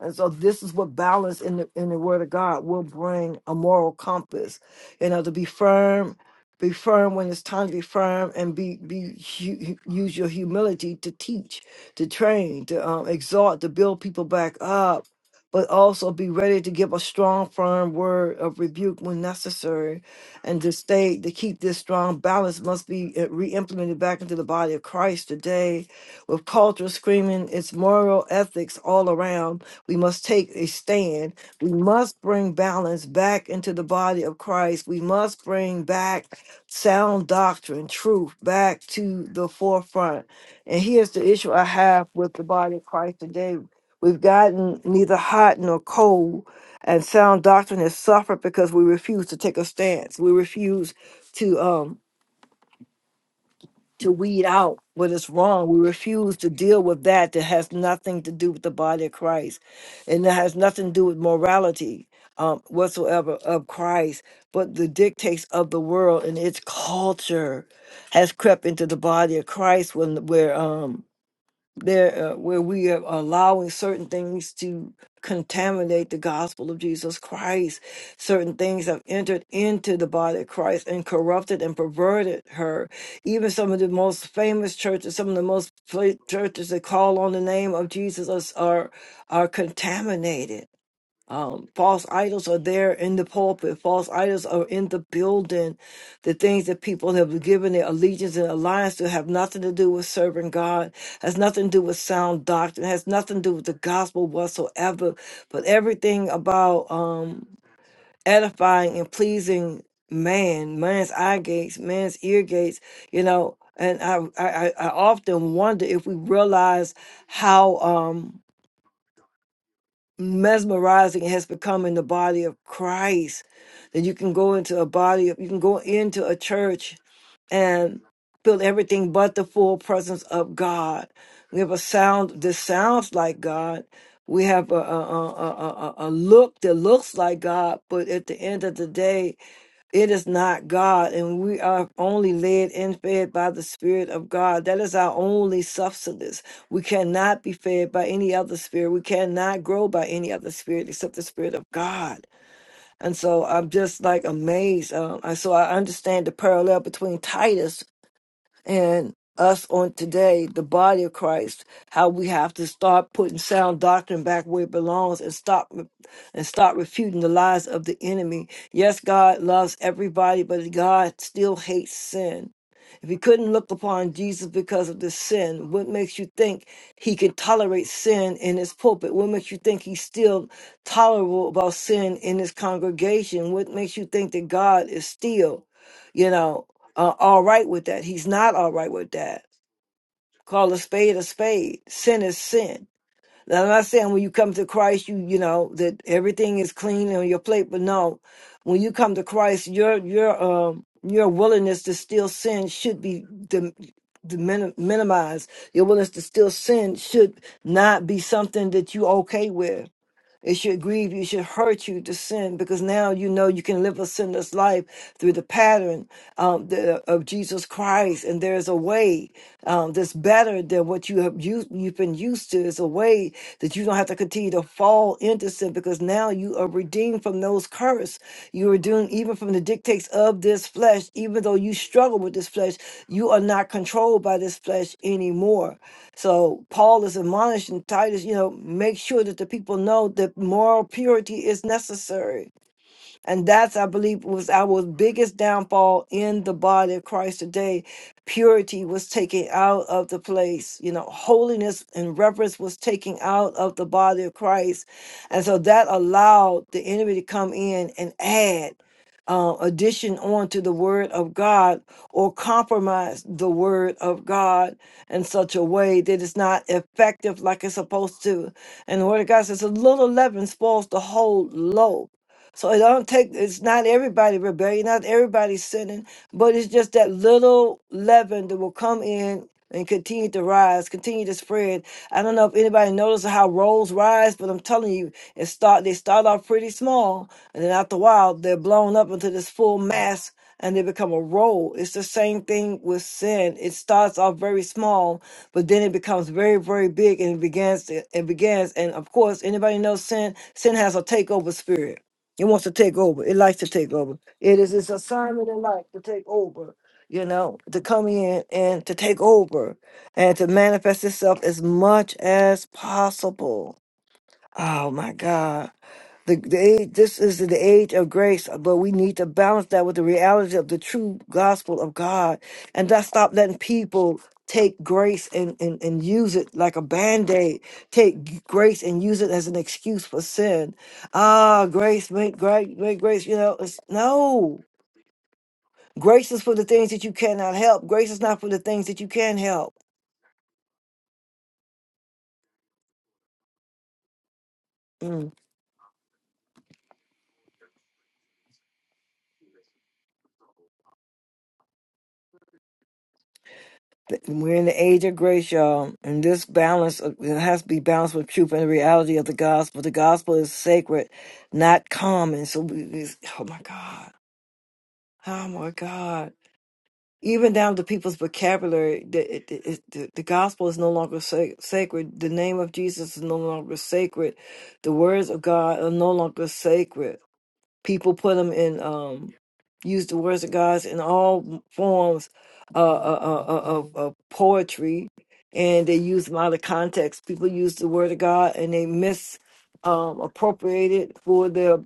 and so this is what balance in the in the word of God will bring a moral compass. You know, to be firm, be firm when it's time to be firm and be be hu- use your humility to teach, to train, to um, exhort, to build people back up, but also be ready to give a strong, firm word of rebuke when necessary. And to stay to keep this strong balance must be uh, re-implemented back into the body of Christ today with culture screaming its moral ethics all around we must take a stand. We must bring balance back into the body of Christ. We must bring back sound doctrine, truth back to the forefront. And here's the issue I have with the body of Christ today. We've gotten neither hot nor cold, and sound doctrine has suffered because we refuse to take a stance. We refuse to. um to weed out what is wrong. We refuse to deal with that that has nothing to do with the body of Christ and that has nothing to do with morality um, whatsoever of Christ, but the dictates of the world and its culture has crept into the body of Christ when where um there uh, where we are allowing certain things to contaminate the gospel of Jesus Christ. Certain things have entered into the body of Christ and corrupted and perverted her. Even some of the most famous churches, some of the most pla- churches that call on the name of Jesus are are, are contaminated um, false idols are there in the pulpit. False idols are in the building. The things that people have given their allegiance and alliance to have nothing to do with serving God, has nothing to do with sound doctrine, has nothing to do with the gospel whatsoever, but everything about um, edifying and pleasing man, man's eye gates, man's ear gates, as that you can go, you can go in church and feel everything but the full presence of God. We have a sound that sounds like God. We have a, a, a, a, a a look that looks like God, but at the end of the day, it is not God. And we are only led and fed by the Spirit of God. That is our only substance. We cannot be fed by any other spirit. We cannot grow by any other spirit except the Spirit of God. And so I'm just like amazed. Um, and so I understand the parallel between Titus and us on today, the body of Christ, how we have to start putting sound doctrine back where it belongs and stop and start refuting the lies of the enemy. Yes, God loves everybody, but God still hates sin. If he couldn't look upon Jesus because of the sin, what makes you think he can tolerate sin in his pulpit? What makes you think he's still tolerable about sin in his congregation? What makes you think that God is still? you know, uh, all right with that. He's not all right with that. Call a spade a spade. Sin is sin. Now, I'm not saying when you come to Christ, you you know that everything is clean on your plate, but no, when you come to Christ, your your um your willingness to still sin should be dim- dimin- minimized. Your willingness to still sin should not be something that you okay with it should grieve you, it should hurt you to sin because now you know you can live a sinless life through the pattern um, the, of Jesus Christ. And there's a way um, that's better than what you have used, you've been used to. It's a way that you don't have to continue to fall into sin because now you are redeemed from those curse. You are doing even from the dictates of this flesh, even though you struggle with this flesh, you are not controlled by this flesh anymore. So Paul is admonishing Titus, you know, make sure that the people know that moral purity is necessary and that's, I believe, was our biggest downfall in the body of Christ today. Purity was taken out of the place, you know, holiness and reverence was taken out of the body of Christ. And so that allowed the enemy to come in and add. Uh, addition onto the word of God or compromise the word of God in such a way that it's not effective like it's supposed to. And the word of God says a little leaven spoils the whole loaf so it don't take it's not everybody rebellion, not everybody sinning, but it's just that little leaven that will come in and continue to rise, continue to spread. I don't know if anybody noticed how rolls rise, but I'm telling you, it start they start off pretty small, and then after a while they're blown up into this full mass and they become a roll. It's the same thing with sin. It starts off very small, but then it becomes very, very big and it begins it begins and of course anybody knows sin, sin has a takeover spirit it wants to take over. It likes to take over. It is its assignment in life to take over, you know, to come in and to take over and to manifest itself as much as possible. Oh my God. The, the age, this is the age of grace, but we need to balance that with the reality of the true gospel of God and not stop letting people take grace and, and, and use it like a band-aid take g- grace and use it as an excuse for sin ah grace make great make grace you know it's no grace is for the things that you cannot help grace is not for the things that you can help Mm. Th- We're in the age of grace, y'all, and this balance of- it has to be balanced with truth and the reality of the gospel. The gospel is sacred, not common. So, we, we- oh my God, oh my God. Even down to people's vocabulary, the, it, it, it- the, the gospel is no longer sa- sacred. The name of Jesus is no longer sacred. The words of God are no longer sacred people put them in um use the words of God in all forms uh, uh, uh, uh, of, of poetry and they use them out of context people use the word of god and they misappropriate um, appropriate it for their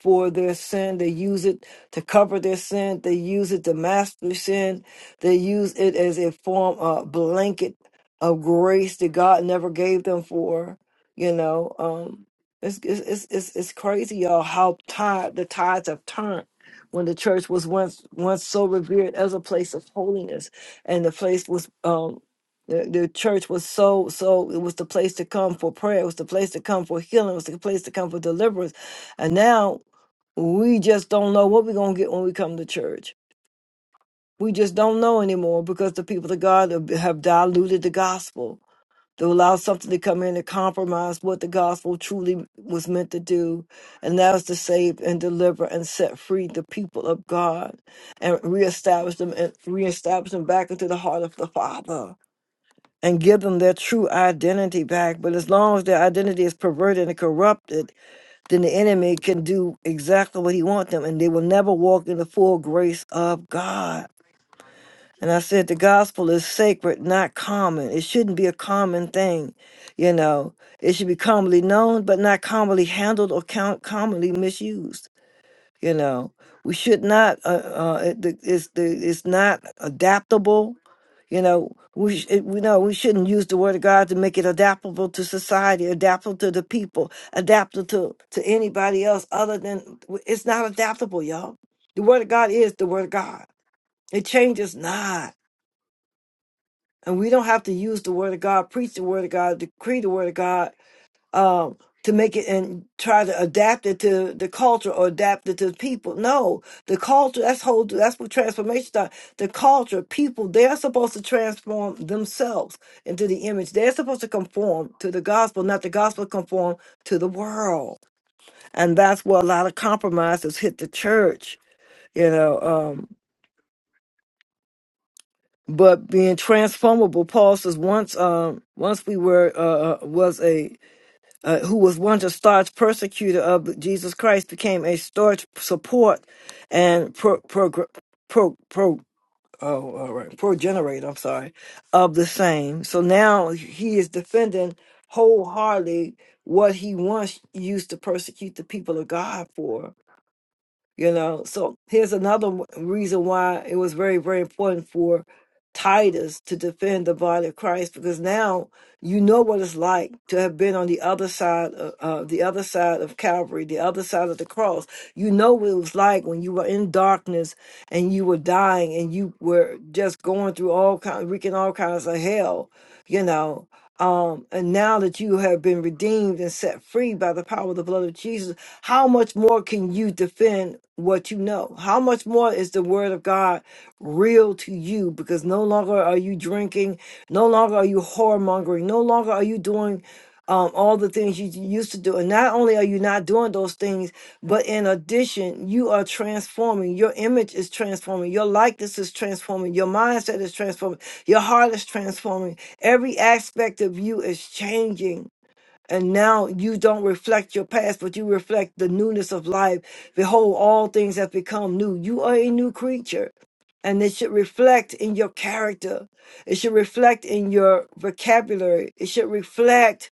for their sin. They use it to cover their sin. They use it to mask their sin. They use it as a form of blanket of grace that God never gave them for. You know, um, it's it's it's it's, it's crazy, y'all, how tide the tides have turned. When the church was once once so revered as a place of holiness, and the place was um, the, the church was so so it was the place to come for prayer, it was the place to come for healing, it was the place to come for deliverance, and now we just don't know what we're going to get when we come to church. We just don't know anymore because the people of God have have diluted the gospel. They allow something to come in and compromise what the gospel truly was meant to do, and that was to save and deliver and set free the people of God and reestablish them and reestablish them back into the heart of the Father and give them their true identity back. But as long as their identity is perverted and corrupted, then the enemy can do exactly what he wants them, and they will never walk in the full grace of God. And I said the gospel is sacred, not common. It shouldn't be a common thing, you know. It should be commonly known, but not commonly handled or count commonly misused. You know, we should not. Uh, uh, it, the- it's the, it's not adaptable. You know, we sh- we know we shouldn't use the word of God to make it adaptable to society, adaptable to the people, adaptable to to anybody else other than it's not adaptable, y'all. The word of God is the word of God. It changes not. And we don't have to use the word of God, preach the word of God, decree the word of God um, to make it and try to adapt it to the culture or adapt it to the people. No, the culture, that's whole, that's what transformation starts. The culture, people, they're supposed to transform themselves into the image. They're supposed to conform to the gospel, not the gospel conform to the world. And that's where a lot of compromises hit the church. You know, um, but being transformable, Paul says once, um, once uh, uh, was a who was once a staunch persecutor of Jesus Christ, became a staunch support and pro pro pro pro. Oh, all right, progenerator. I'm sorry, of the same. So now he is defending wholeheartedly what he once used to persecute the people of God for. You know, so here's another w- reason why it was very, very important for Titus to defend the body of Christ because now you know what it's like to have been on the other side of uh, the other side of Calvary, the other side of the cross. You know what it was like when you were in darkness and you were dying and you were just going through all kinds, wreaking all kinds of hell, you know. Um, and now that you have been redeemed and set free by the power of the blood of Jesus, how much more can you defend what you know? How much more is the word of God? real to you because no longer are you drinking, no longer are you whoremongering, no longer are you doing um, all the things you used to do. And not only are you not doing those things, but in addition, you are transforming. Your image is transforming. Your likeness is transforming. Your mindset is transforming. Your heart is transforming. Every aspect of you is changing and now you don't reflect your past, but you reflect the newness of life. Behold, all things have become new. You are a new creature. And it should reflect in your character. It should reflect in your vocabulary. It should reflect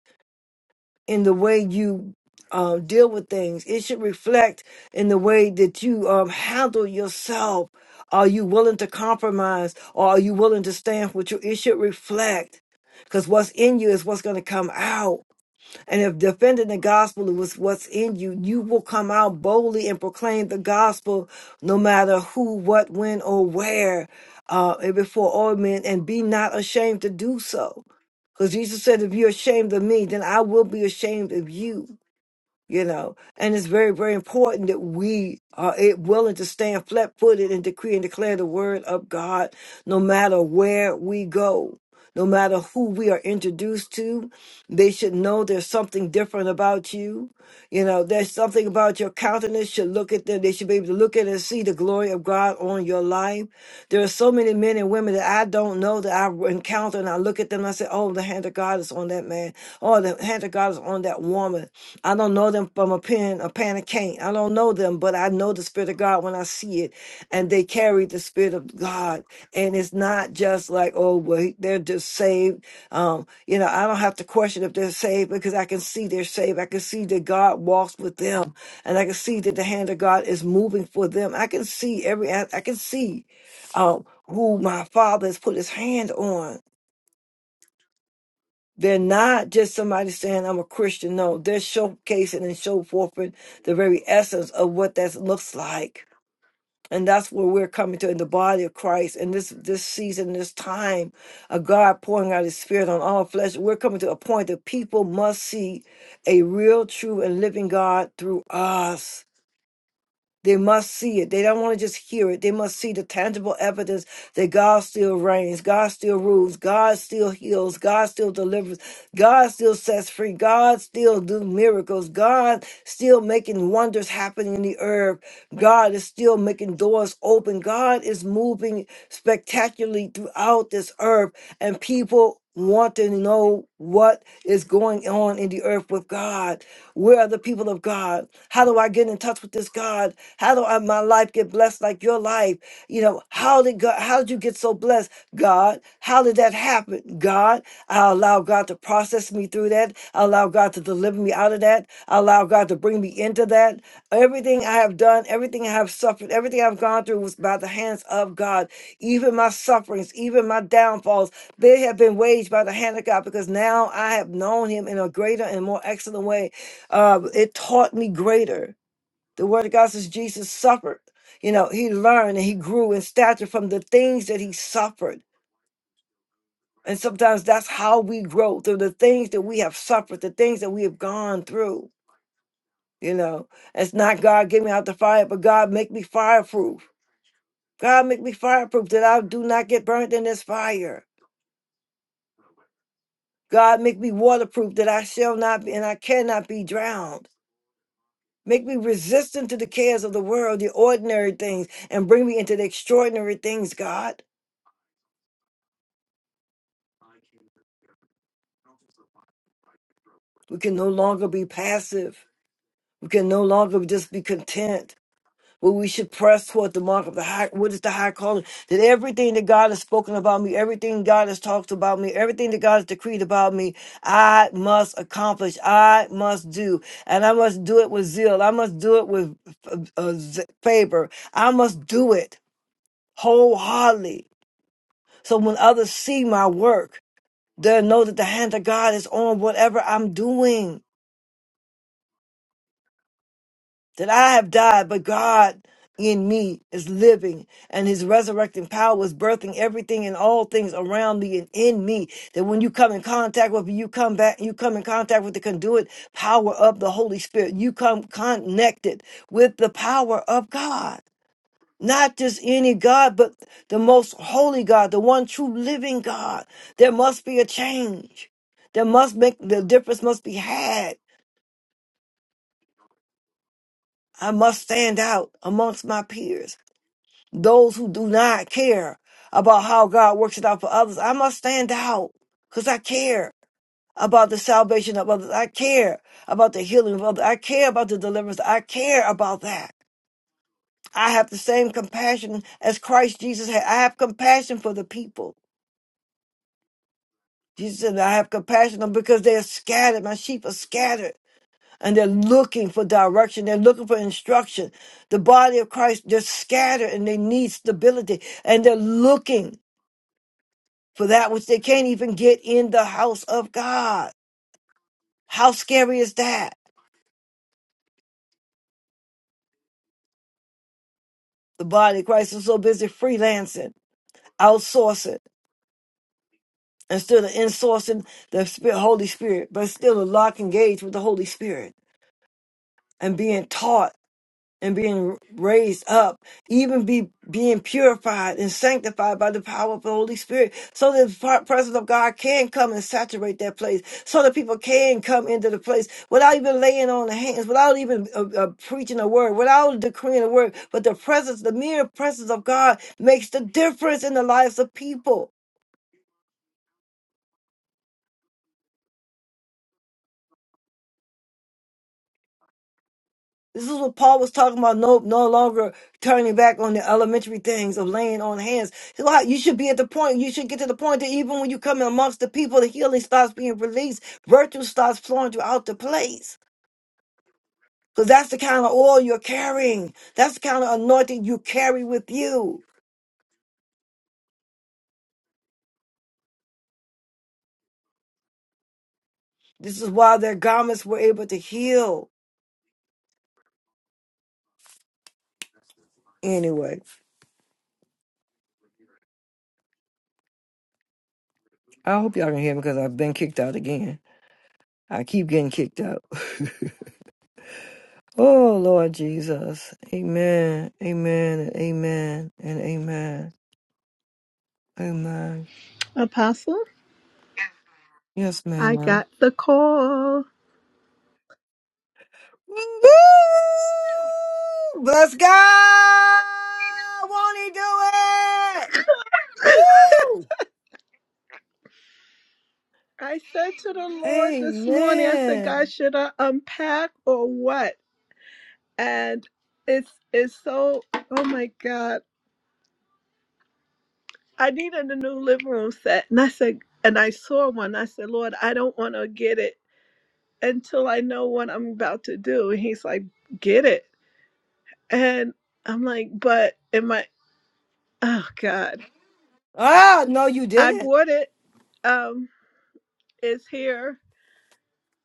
in the way you um, deal with things. It should reflect in the way that you um, handle yourself. Are you willing to compromise or are you willing to stand for what you? It should reflect because what's in you is what's going to come out and if defending the gospel is what's in you, you will come out boldly and proclaim the gospel no matter who, what, when, or where, uh, and before all men, and be not ashamed to do so. Because Jesus said, if you're ashamed of me, then I will be ashamed of you you know. And it's very, very important that we are it- willing to stand flat footed and decree and declare the word of God no matter where we go. No matter who we are introduced to, they should know there's something different about you. You know, there's something about your countenance should look at them. They should be able to look at it and see the glory of God on your life. There are so many men and women that I don't know that I encounter and I look at them and I say, oh, the hand of God is on that man. Oh, the hand of God is on that woman I don't know them from a pen, a pan of cane. I don't know them, but I know the Spirit of God when I see it. And they carry the Spirit of God. And it's not just like, oh, well, he- they're just saved. Um, you know, I don't have to question if they're saved because I can see they're saved. I can see that God walks with them. And I can see that the hand of God is moving for them. I can see every, I I can see um, who my Father has put his hand on they're not just somebody saying I'm a Christian. No, they're showcasing and show forthing the very essence of what that looks like. And that's where we're coming to in the body of Christ. And this this season, this time of God pouring out his spirit on all flesh, we're coming to a point that people must see a real, true, and living God through us. They must see it. They don't want to just hear it. They must see the tangible evidence that God still reigns, God still rules, God still heals, God still delivers, God still sets free, God still do miracles, God still making wonders happen in the earth. God is still making doors open. God is moving spectacularly throughout this earth, and people want to know what is going on in the earth with God. Where are the people of God? How do I get in touch with this God? How do I, my life get blessed like your life? You know, how did God, how did you get so blessed? God, how did that happen? God, I allow God to process me through that. I allow God to deliver me out of that. I allow God to bring me into that. Everything I have done, everything I have suffered, everything I've gone through was by the hands of God. Even my sufferings, even my downfalls, they have been waged by the hand of God because now I have known Him in a greater and more excellent way. Uh, it taught me greater. The word of God says Jesus suffered. You know, he learned and he grew in stature from the things that he suffered. And sometimes that's how we grow through the things that we have suffered, the things that we have gone through. You know, it's not God get me out the fire, but God make me fireproof. God make me fireproof that I do not get burnt in this fire. God make me waterproof that I shall not be and I cannot be drowned. Make me resistant to the cares of the world, the ordinary things, and bring me into the extraordinary things, God. We can no longer be passive. We can no longer just be content. But we should press toward the mark of the high. What is the high calling? That everything that God has spoken about me, everything God has talked about me, everything that God has decreed about me, I must accomplish. I must do, and I must do it with zeal. I must do it with uh, uh, z- favor. I must do it wholeheartedly. So when others see my work, they'll know that the hand of God is on whatever I'm doing. that I have died, but God in me is living, and his resurrecting power is birthing everything and all things around me and in me. That when you come in contact with me, you come back, you come in contact with the conduit power of the Holy Spirit. You come connected with the power of God. Not just any God, but the most holy God, the one true living God. There must be a change. There must make the difference must be had. I must stand out amongst my peers. Those who do not care about how God works it out for others, I must stand out because I care about the salvation of others. I care about the healing of others. I care about the deliverance. I care about that. I have the same compassion as Christ Jesus had. I have compassion for the people. Jesus said, I have compassion on because they are scattered. My sheep are scattered and they're looking for direction. They're looking for instruction. The body of Christ, they're scattered and they need stability and they're looking for that which they can't even get in the house of God. How scary is that? The body of Christ is so busy freelancing, outsourcing, instead of insourcing the Spirit, Holy Spirit, but still a lock engaged with the Holy Spirit and being taught and being raised up, even be being purified and sanctified by the power of the Holy Spirit, so that the par- presence of God can come and saturate that place, so that people can come into the place without even laying on the hands, without even uh, uh, preaching a word, without decreeing a word. But the presence, the mere presence of God, makes the difference in the lives of people. This is what Paul was talking about. No, no longer turning back on the elementary things of laying on hands. So how- You should be at the point. You should get to the point that even when you come in amongst the people, the healing starts being released. Virtue starts flowing throughout the place. Because that's the kind of oil you're carrying. That's the kind of anointing you carry with you. This is why their garments were able to heal. Anyway, I hope y'all have been. I, oh, you Apostle, I know. got the call. Let's go! Won't he do it? I said to the Lord this morning, I said, God, Amen. should I unpack or what? And it's it's so oh my God. I needed a new living room set. And I said, and I saw one. I said, Lord, I don't want to get it until I know what I'm about to do. And he's like, get it. And I'm like, but am I, oh God. Ah, no, you I didn't. bought it. Um, it's here.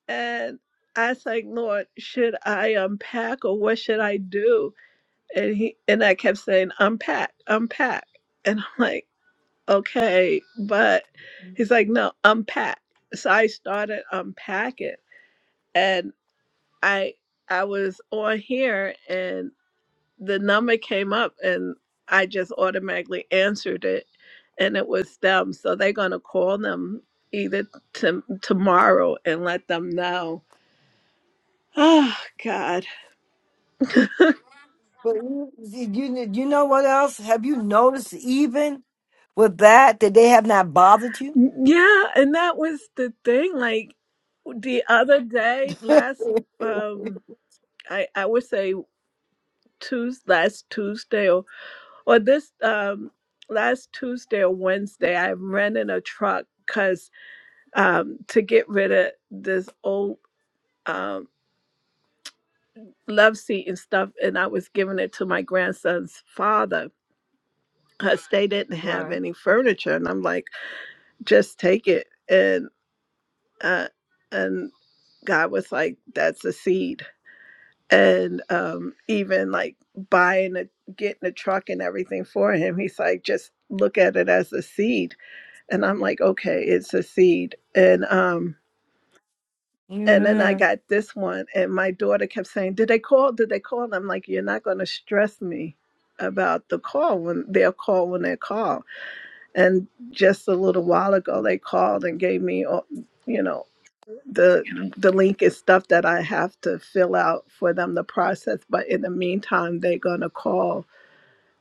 And I was like, Lord, should I unpack or what should I do? And he, and I kept saying, unpack, unpack. And I'm like, okay, but he's like, no, unpack. So I started unpacking and I I was on here and the number came up and I just automatically answered it and it was them. So they're gonna call them either to, tomorrow and let them know. Oh God. But you, you, you know what else? Have you noticed even with that that they have not bothered you? Yeah, and that was the thing. Like the other day, last um I I would say Tues last Tuesday or or this um, last Tuesday or Wednesday, I'm renting a truck because um, to get rid of this old um, love seat and stuff, and I was giving it to my grandson's father because they didn't have Right. any furniture, and I'm like, just take it, and uh, and God was like, that's a seed and um even like buying a getting a truck and everything for him he's like just look at it as a seed and i'm like okay it's a seed and um and then i got this one and my daughter kept saying did they call did they call and i'm like you're not going to stress me about the call when they'll call when they call and just a little while ago they called and gave me all you know the the link is stuff that I have to fill out for them to process. But in the meantime, they're gonna call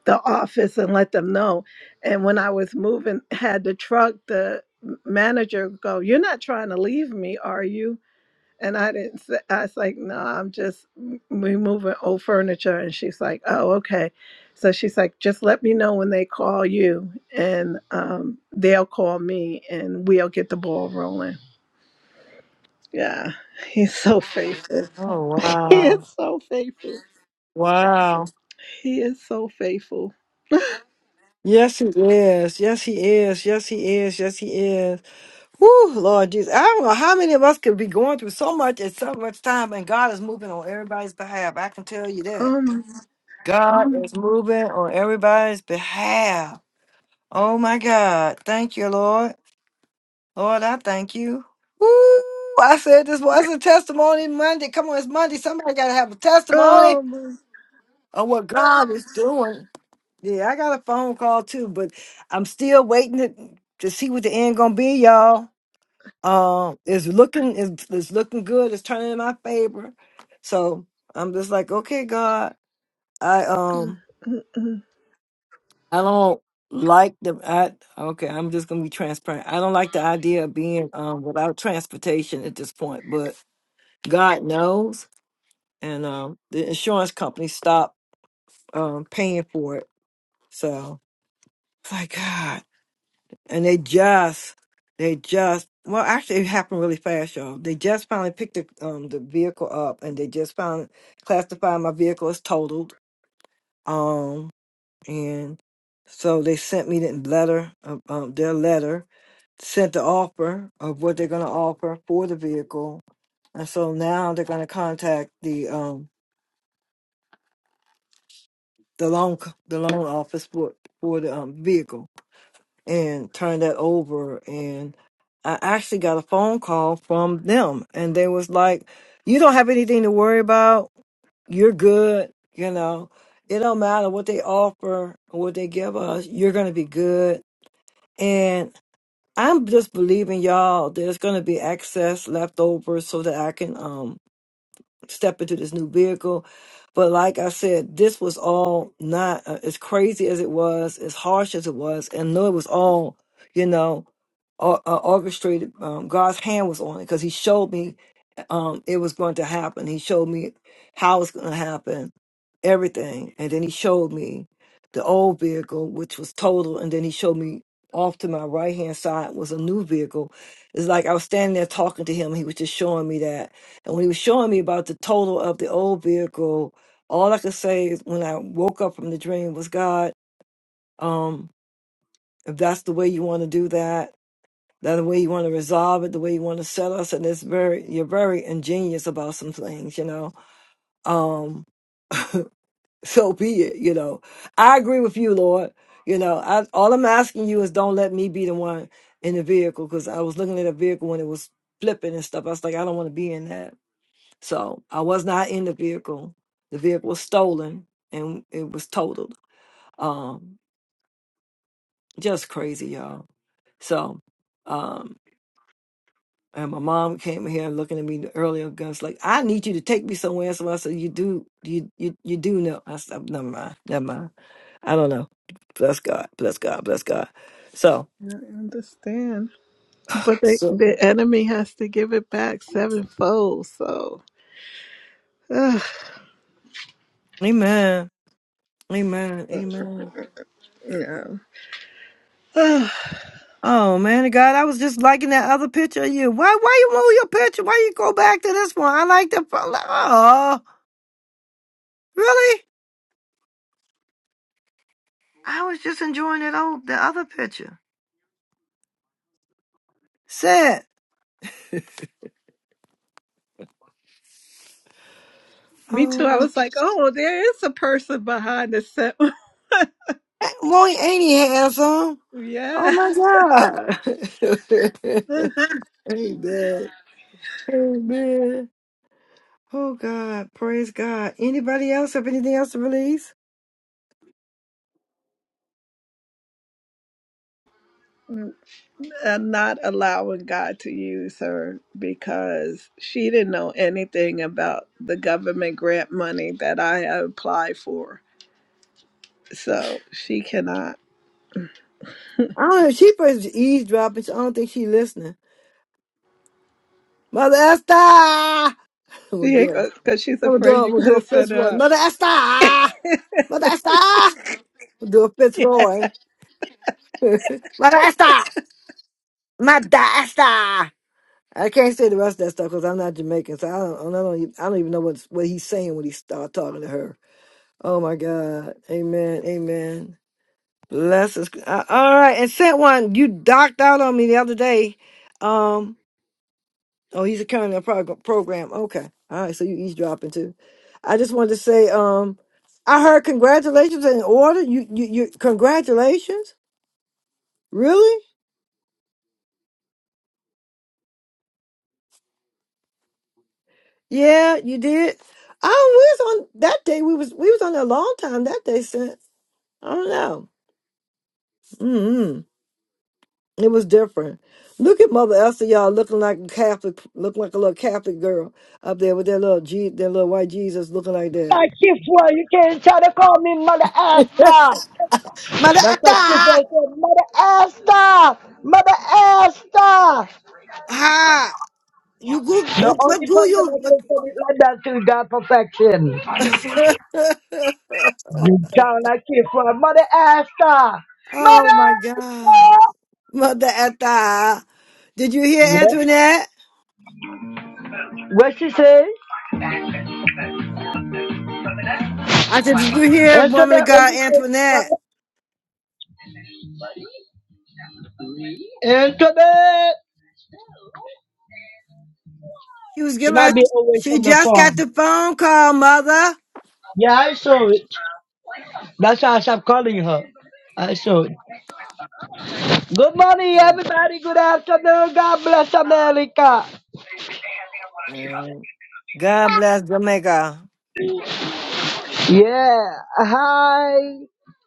the office and let them know. And when I was moving, had the truck, the manager go, "You're not trying to leave me, are you?" And I didn't. Say, I was like, "No, I'm just removing old furniture." And she's like, "Oh, okay." So she's like, "Just let me know when they call you, and um, they'll call me, and we'll get the ball rolling." Yeah, he's so faithful. Oh He is wow. so faithful. Wow. He is so faithful. Yes, he is. Yes, he is. Yes, he is. Yes, he is. Whew, Lord Jesus. I don't know how many of us could be going through so much at so much time, and God is moving on everybody's behalf. I can tell you that. Oh my, God is moving on everybody's behalf. Oh my God. Thank you, Lord. Lord, I thank you. Woo! I said this was a testimony Monday. Come on, it's Monday. Somebody got to have a testimony oh my. of what God is doing. Yeah, I got a phone call too, but I'm still waiting to, to see what the end gonna be, y'all. Um, it's looking, it's, it's looking good. It's turning in my favor. So I'm just like, okay, God, I Mm, um, mm, mm. I don't like the I okay. I'm just gonna be transparent. I don't like the idea of being um without transportation at this point, but God knows. And um, the insurance company stopped um, paying for it. So it's like God. And they just, they just, well, actually, it happened really fast, y'all. They just finally picked the um the vehicle up, and they just found classified my vehicle as totaled. Um, and so they sent me the letter, uh, um, their letter, sent the offer of what they're gonna offer for the vehicle, and so now they're gonna contact the um the loan c- the loan office for for the um, vehicle and turned that over and I actually got a phone call from them and they was like you don't have anything to worry about you're good you know it don't matter what they offer or what they give us you're going to be good and I'm just believing y'all there's going to be excess left over so that I can um step into this new vehicle. But like I said, this was all not uh, as crazy as it was, as harsh as it was, and no, it was all, you know, or- uh, orchestrated. Um, God's hand was on it because He showed me um, it was going to happen. He showed me how it's going to happen, everything. And then he showed me the old vehicle, which was total. And then he showed me off to my right hand side was a new vehicle. It's like I was standing there talking to him. He was just showing me that. And when he was showing me about the total of the old vehicle, all I could say is when I woke up from the dream was God, um, if that's the way you want to do that, that's the way you want to resolve it, the way you want to settle us, and it's very you're very ingenious about some things, you know. Um, so be it. You know, I agree with you, Lord. You know, I, all I'm asking you is don't let me be the one in the vehicle because I was looking at a vehicle when it was flipping and stuff. I was like, I don't want to be in that. So I was not in the vehicle. The vehicle was stolen and it was totaled. Um, just crazy, y'all. So, um, And my mom came here looking at me earlier, guns like, "I need you to take me somewhere." So I said, "You do, you you you do know." I said, "Never mind, never mind. I don't know. Bless God, bless God, bless God." So, I understand, but they, so, the enemy has to give it back sevenfold. So, ugh, Amen, Amen, Amen. yeah. Ugh. Oh man, God, I was just liking that other picture of you. Why, why you move your picture? Why you go back to this one? I like the. Oh, really? I was just enjoying it. Oh. Me too. I was like, oh, there is a person behind the set. Whoa. Oh yeah. my God. Oh God, praise God. Anybody else have anything else to release? and not allowing God to use her because she didn't know anything about the government grant money that I had applied for. So she cannot. I don't know. She first eavesdropping. so I don't think she listening. Mother Esther, I'm gonna She do ain't it. because she's I'm gonna do. afraid A, I'm you're gonna going do a to set fist her roll. up. Mother Esther, Mother Esther, I'm gonna do a fist roll. Mother Esther, Mother Esther. I can't say the rest of that stuff because I'm not Jamaican, so I don't. I don't. Even, I don't even know what's, what he's saying when he start talking to her. Oh my God. Amen. Amen. Bless us. Uh, all right, and sent one. You docked out on me the other day. Um. Oh, he's a kind of prog- program. Okay. All right. So you eavesdropping too. I just wanted to say, um, I heard congratulations in order. You, you, you, congratulations. Really? Yeah, you did. I was on that day. We was, we was on there a long time that day since. I don't know. mm It was different. Look at Mother Esther, y'all, looking like a Catholic, looking like a little Catholic girl up there with their little G, their little white Jesus looking like that. Like Kifwa, you can't try to call me Mother Asta. Mother That's like Kifwa Esther, said, Mother Asta, Mother Asta. ha! You good? The What, what only do person that you? can say it like that is God perfection. You sound like Kifwa, Mother Asta, Oh Mother my God. Asta. Mother Etta. Did you hear Yeah. Antoinette? What she say? I said, Did you hear Answer woman of that when God you Antoinette? say, answer that. She was She giving her might be away she from the just got phone. the phone call, mother. Yeah, I saw it. That's why I stopped calling her. I saw it. Good morning, everybody. Good afternoon. God bless America. Amen. God bless Jamaica. Yeah. Hi,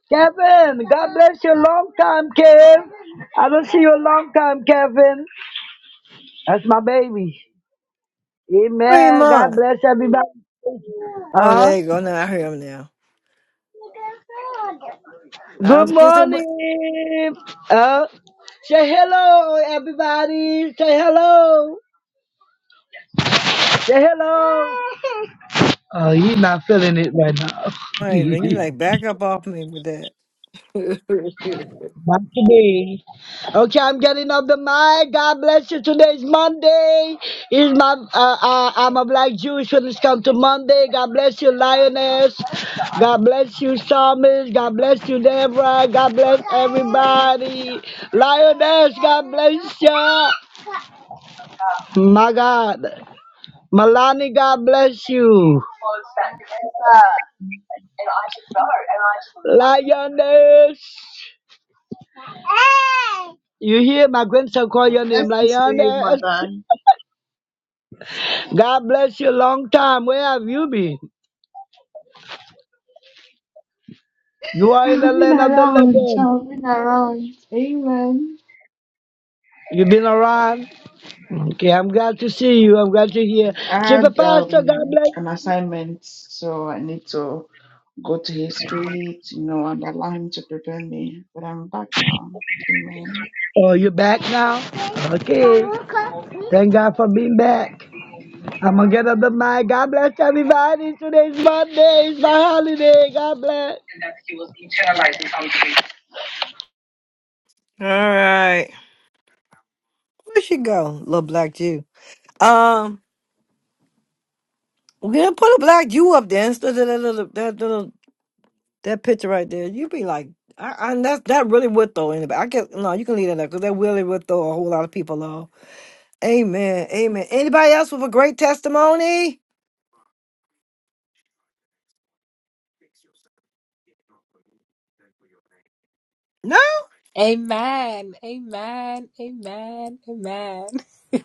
Kevin. God bless you. Long time, Kevin. I don't see you a long time, Kevin. That's my baby. Wait a Amen. God minute. bless everybody. Oh, Huh? there you go. Now I hear him now. I Good was getting some morning. Uh, say hello, everybody. Say hello. Say hello. Oh, he's not feeling it right wait, man, now. you like back up off me with that. Not today. Okay, I'm getting off the mic. God bless you. Today is Monday. Is my uh, uh, I'm a black Jewish when it's come to Monday. God bless you, Lioness. God bless you, Psalmist. God bless you, Deborah. God bless everybody. Lioness, God bless you. My God. Milani, God bless you. Lioness. You hear my grandson call your name, Lionel. God bless you. Long time. Where have you been? You are in the I've been land of the around. living. I've been around. Amen. You've been around. Okay, I'm glad to see you. I'm glad to hear. I Super had Pastor, God um, bless. an assignment, so I need to go to his feet, you know, and allow him to prepare me. But I'm back now. Amen. Oh, you back now? Okay. Thank God for being back. I'm gonna get up the mic. God bless everybody. Today's Monday. It's my holiday. God bless. Right. Where she go? Little black Jew. Um we're gonna put a black Jew up there instead of that little that little That picture right there, you be like, I, I that's that really would throw anybody. I guess no, you can leave that up because that really would throw a whole lot of people off. Amen, amen. Anybody else with a great testimony? Amen. Amen. Amen. Amen.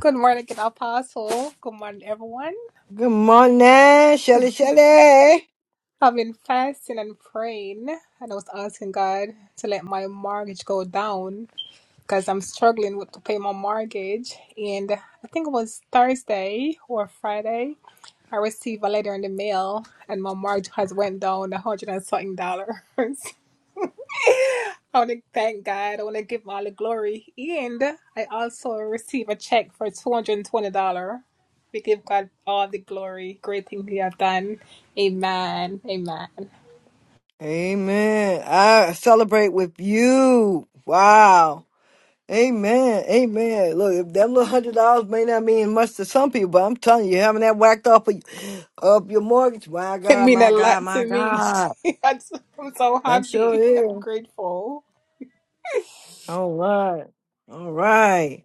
Good morning, good apostle. Good morning, everyone. Good morning, Shelly Shelly. I've been fasting and praying, and I was asking God to let my mortgage go down because I'm struggling with to pay my mortgage. And I think it was Thursday or Friday. I received a letter in the mail, and my mortgage has went down a hundred and something dollars. I want to thank God. I want to give him all the glory. And I also receive a check for $220. We give God all the glory. Great thing he have done. Amen. Amen. Amen. I celebrate with you. Wow. Amen. Amen. Look, if that little hundred dollars may not mean much to some people, but I'm telling you, having that whacked off of, of your mortgage, my It God, mean my a God, lot my to me. God, I'm so I'm so that sure happy is. and grateful. All right. All right.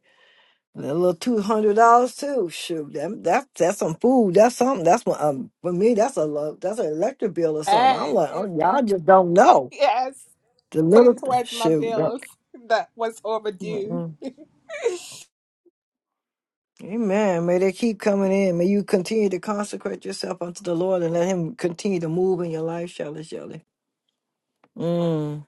And a little two hundred dollars too. Shoot, that, that that's some food. That's something. That's what um for me. That's a lo- that's an electric bill or something. I'm Amen. like, oh, Amen. y'all just don't know Yes. the Put little it towards my shoot. bills don't- that was overdue. Mm-mm. Amen. May they keep coming in. May you continue to consecrate yourself unto the Lord and let Him continue to move in your life, Shelley. Shelley. Mm.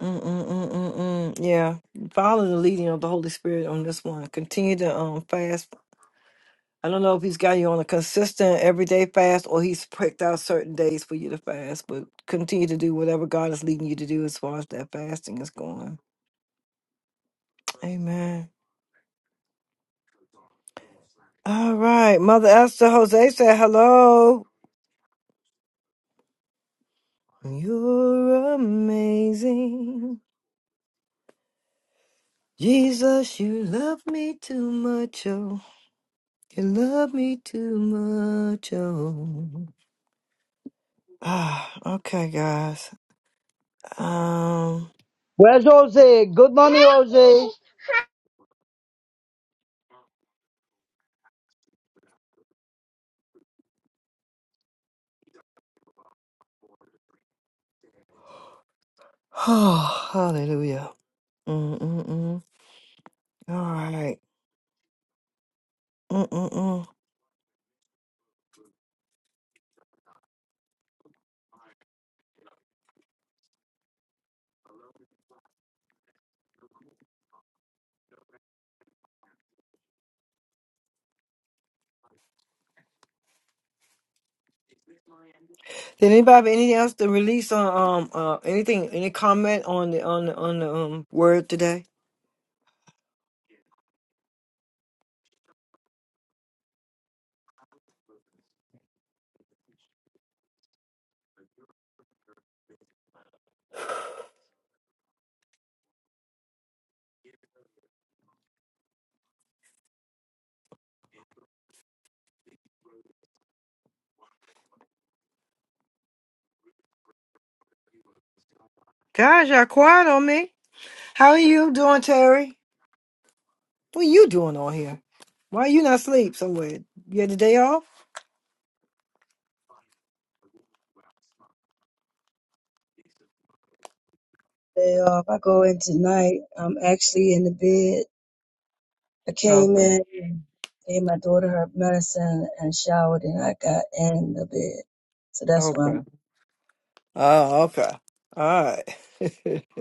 Mm, mm, mm, mm, mm. Yeah, follow the leading of the Holy Spirit on this one. Continue to um fast I don't know if he's got you on a consistent everyday fast or he's picked out certain days for you to fast, but continue to do whatever God is leading you to do as far as that fasting is going. Amen. All right. Mother Esther Jose said hello. You're a man. Where's Jose? Good morning, Jose. Oh, hallelujah. Mm-mm-mm. All right. Mm-mm-mm. Did anybody have anything else to release on um uh anything any comment on the on the on the um word today? Gosh, y'all quiet on me. How are you doing, Terry? What are you doing on here? Why are you not asleep somewhere? You had the day off? day off. I go in tonight. I'm actually in the bed. I came Okay. in and gave my daughter her medicine and showered, and I got in the bed. So that's why Okay. I'm. Oh, okay. All ah, All right.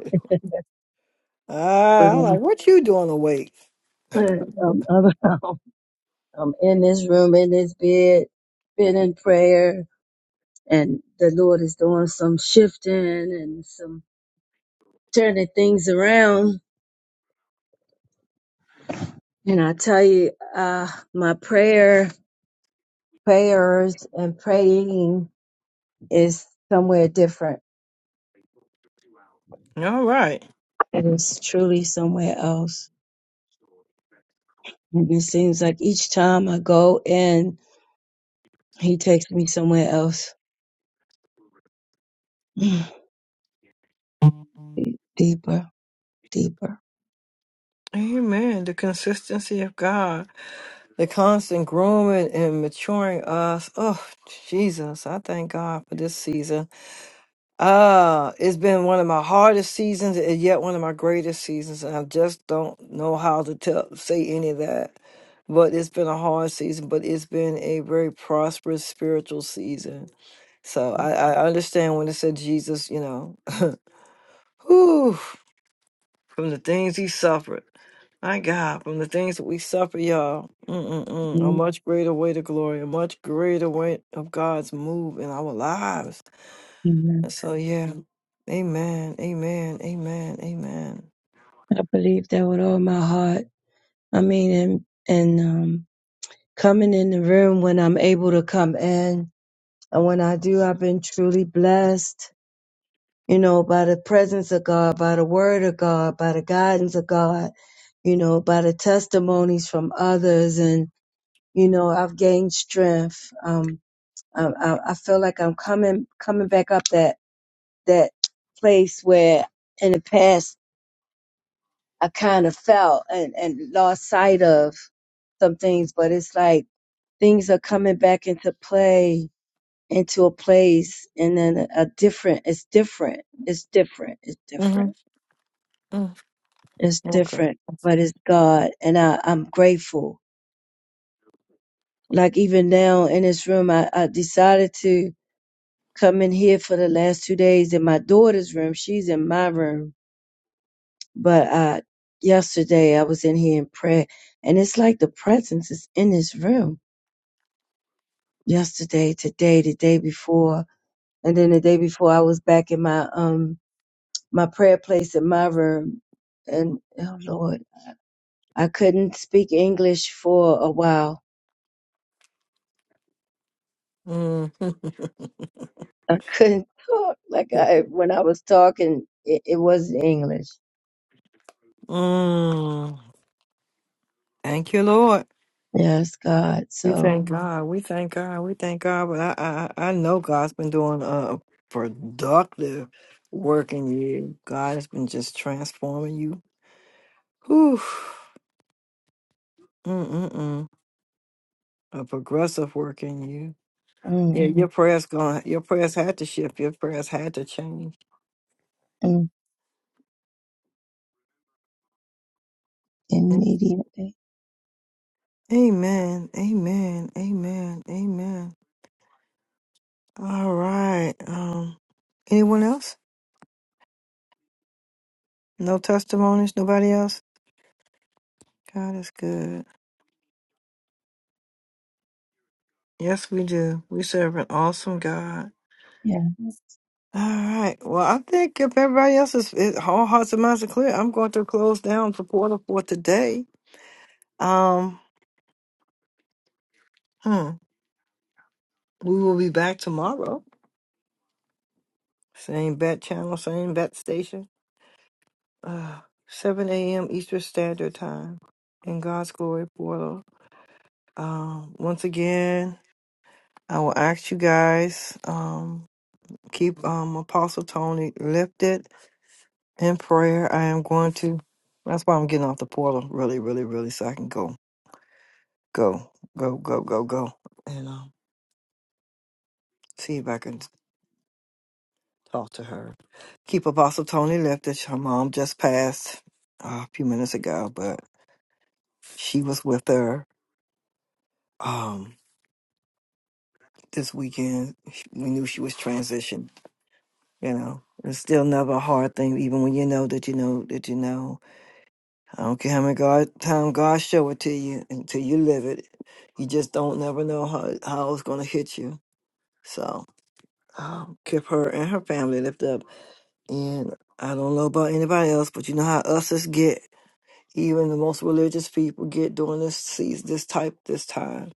But Ah, I'm like, I'm, what you doing awake? I'm, I'm in this room, in this bed, been in prayer, and the Lord is doing some shifting and some turning things around. And I tell you, uh, my prayer, prayers, and praying is somewhere different All right. It is truly somewhere else. And it seems like each time I go in, he takes me somewhere else. deeper, deeper. Amen. The consistency of God, the constant grooming and maturing us. Oh, Jesus. I thank God for this season. Ah, it's been one of my hardest seasons and yet one of my greatest seasons, and I just don't know how to tell say any of that. But it's been a hard season, but it's been a very prosperous spiritual season. So I, I understand when it said Jesus, you know, whew, from the things he suffered. My God, from the things that we suffer, y'all, Mm-mm-mm. a Mhm. much greater way to glory, a much greater way of God's move in our lives Amen. so yeah. Amen. Amen. Amen. Amen. I believe that with all my heart. I mean, and, and um, coming in the room when I'm able to come in. And when I do, I've been truly blessed, you know, by the presence of God, by the word of God, by the guidance of God, you know, by the testimonies from others. And, you know, I've gained strength. Um, Um, I, I feel like I'm coming coming back up that that place where in the past I kind of felt and, and lost sight of some things, but it's like things are coming back into play into a place and then a different it's different. It's different. It's hmm different. It's different. But it's God and I, I'm grateful. Like even now in this room I, I decided to come in here for the last two days in my daughter's room. She's in my room But uh, yesterday I was in here in prayer, and it's like the presence is in this room. Yesterday, today, the day before, and then the day before, I was back in my um my prayer place in my room, and oh Lord, I couldn't speak English for a while. I couldn't talk like I when I was talking, it, it wasn't English. Mm. Thank you, Lord. Yes, God. We So thank God. We thank God. We thank God. But I, I, I know God's been doing a productive work in you. God has been just transforming you. Whew. Mm-mm-mm. A progressive work in you. mm, Yeah, your prayers going. Your prayers had to shift. Your prayers had to change. mm, immediately, Amen. Amen. Amen. Amen. All right. Um, anyone else? No testimonies? Nobody else? God is good. Yes, we do. We serve an awesome God. yeah, All right. Well, I think if everybody else is, is all hearts and minds are clear, I'm going to close down for portal for today. Um, hmm. We will be back tomorrow. Same bat channel, same bat station. Uh, 7 a.m. Eastern Standard Time in God's Glory Portal. Um, once again, I will ask you guys, um, keep um, Apostle Tony lifted in prayer. I am going to, that's why I'm getting off the portal really, really, really, so I can go, go, go, go, go, go, and um, see if I can talk to her. Keep Apostle Tony lifted. Her mom just passed uh, a few minutes ago, but she was with her um, this weekend. We knew she was transitioned, you know. It's still never a hard thing, even when you know that you know that you know I don't care how many God time God show it to you until you live it. You just don't never know how how it's gonna hit you. So um, keep her and her family lifted up. And I don't know about anybody else, but you know how us us get. Even the most religious people get during this season, this type, this time.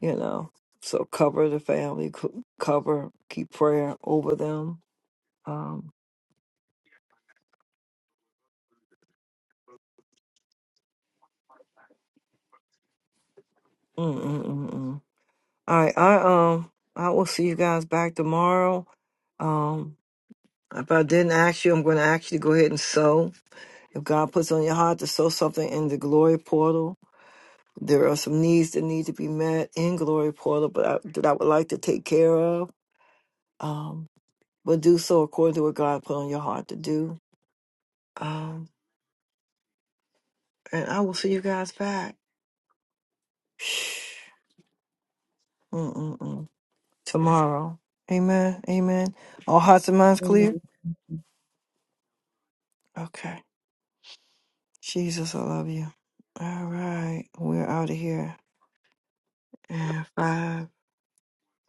You know, so cover the family, co- cover, keep prayer over them. Um, mm, mm, mm, mm. All right, I um, I will see you guys back tomorrow. Um, If I didn't ask you, I'm going to ask you to go ahead and sow. If God puts on your heart to sow something in the glory portal, there are some needs that need to be met in glory portal, but I, that I would like to take care of. Um, but do so according to what God put on your heart to do. Um, and I will see you guys back Mm-mm-mm. tomorrow. Amen. Amen. All hearts and minds clear. Amen. Okay. Jesus, I love you. All right, we're out of here. And five,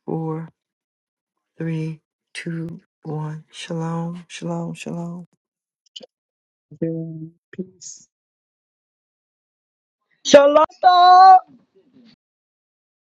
four. three, two, one. Shalom, shalom, shalom. Peace. Shalom.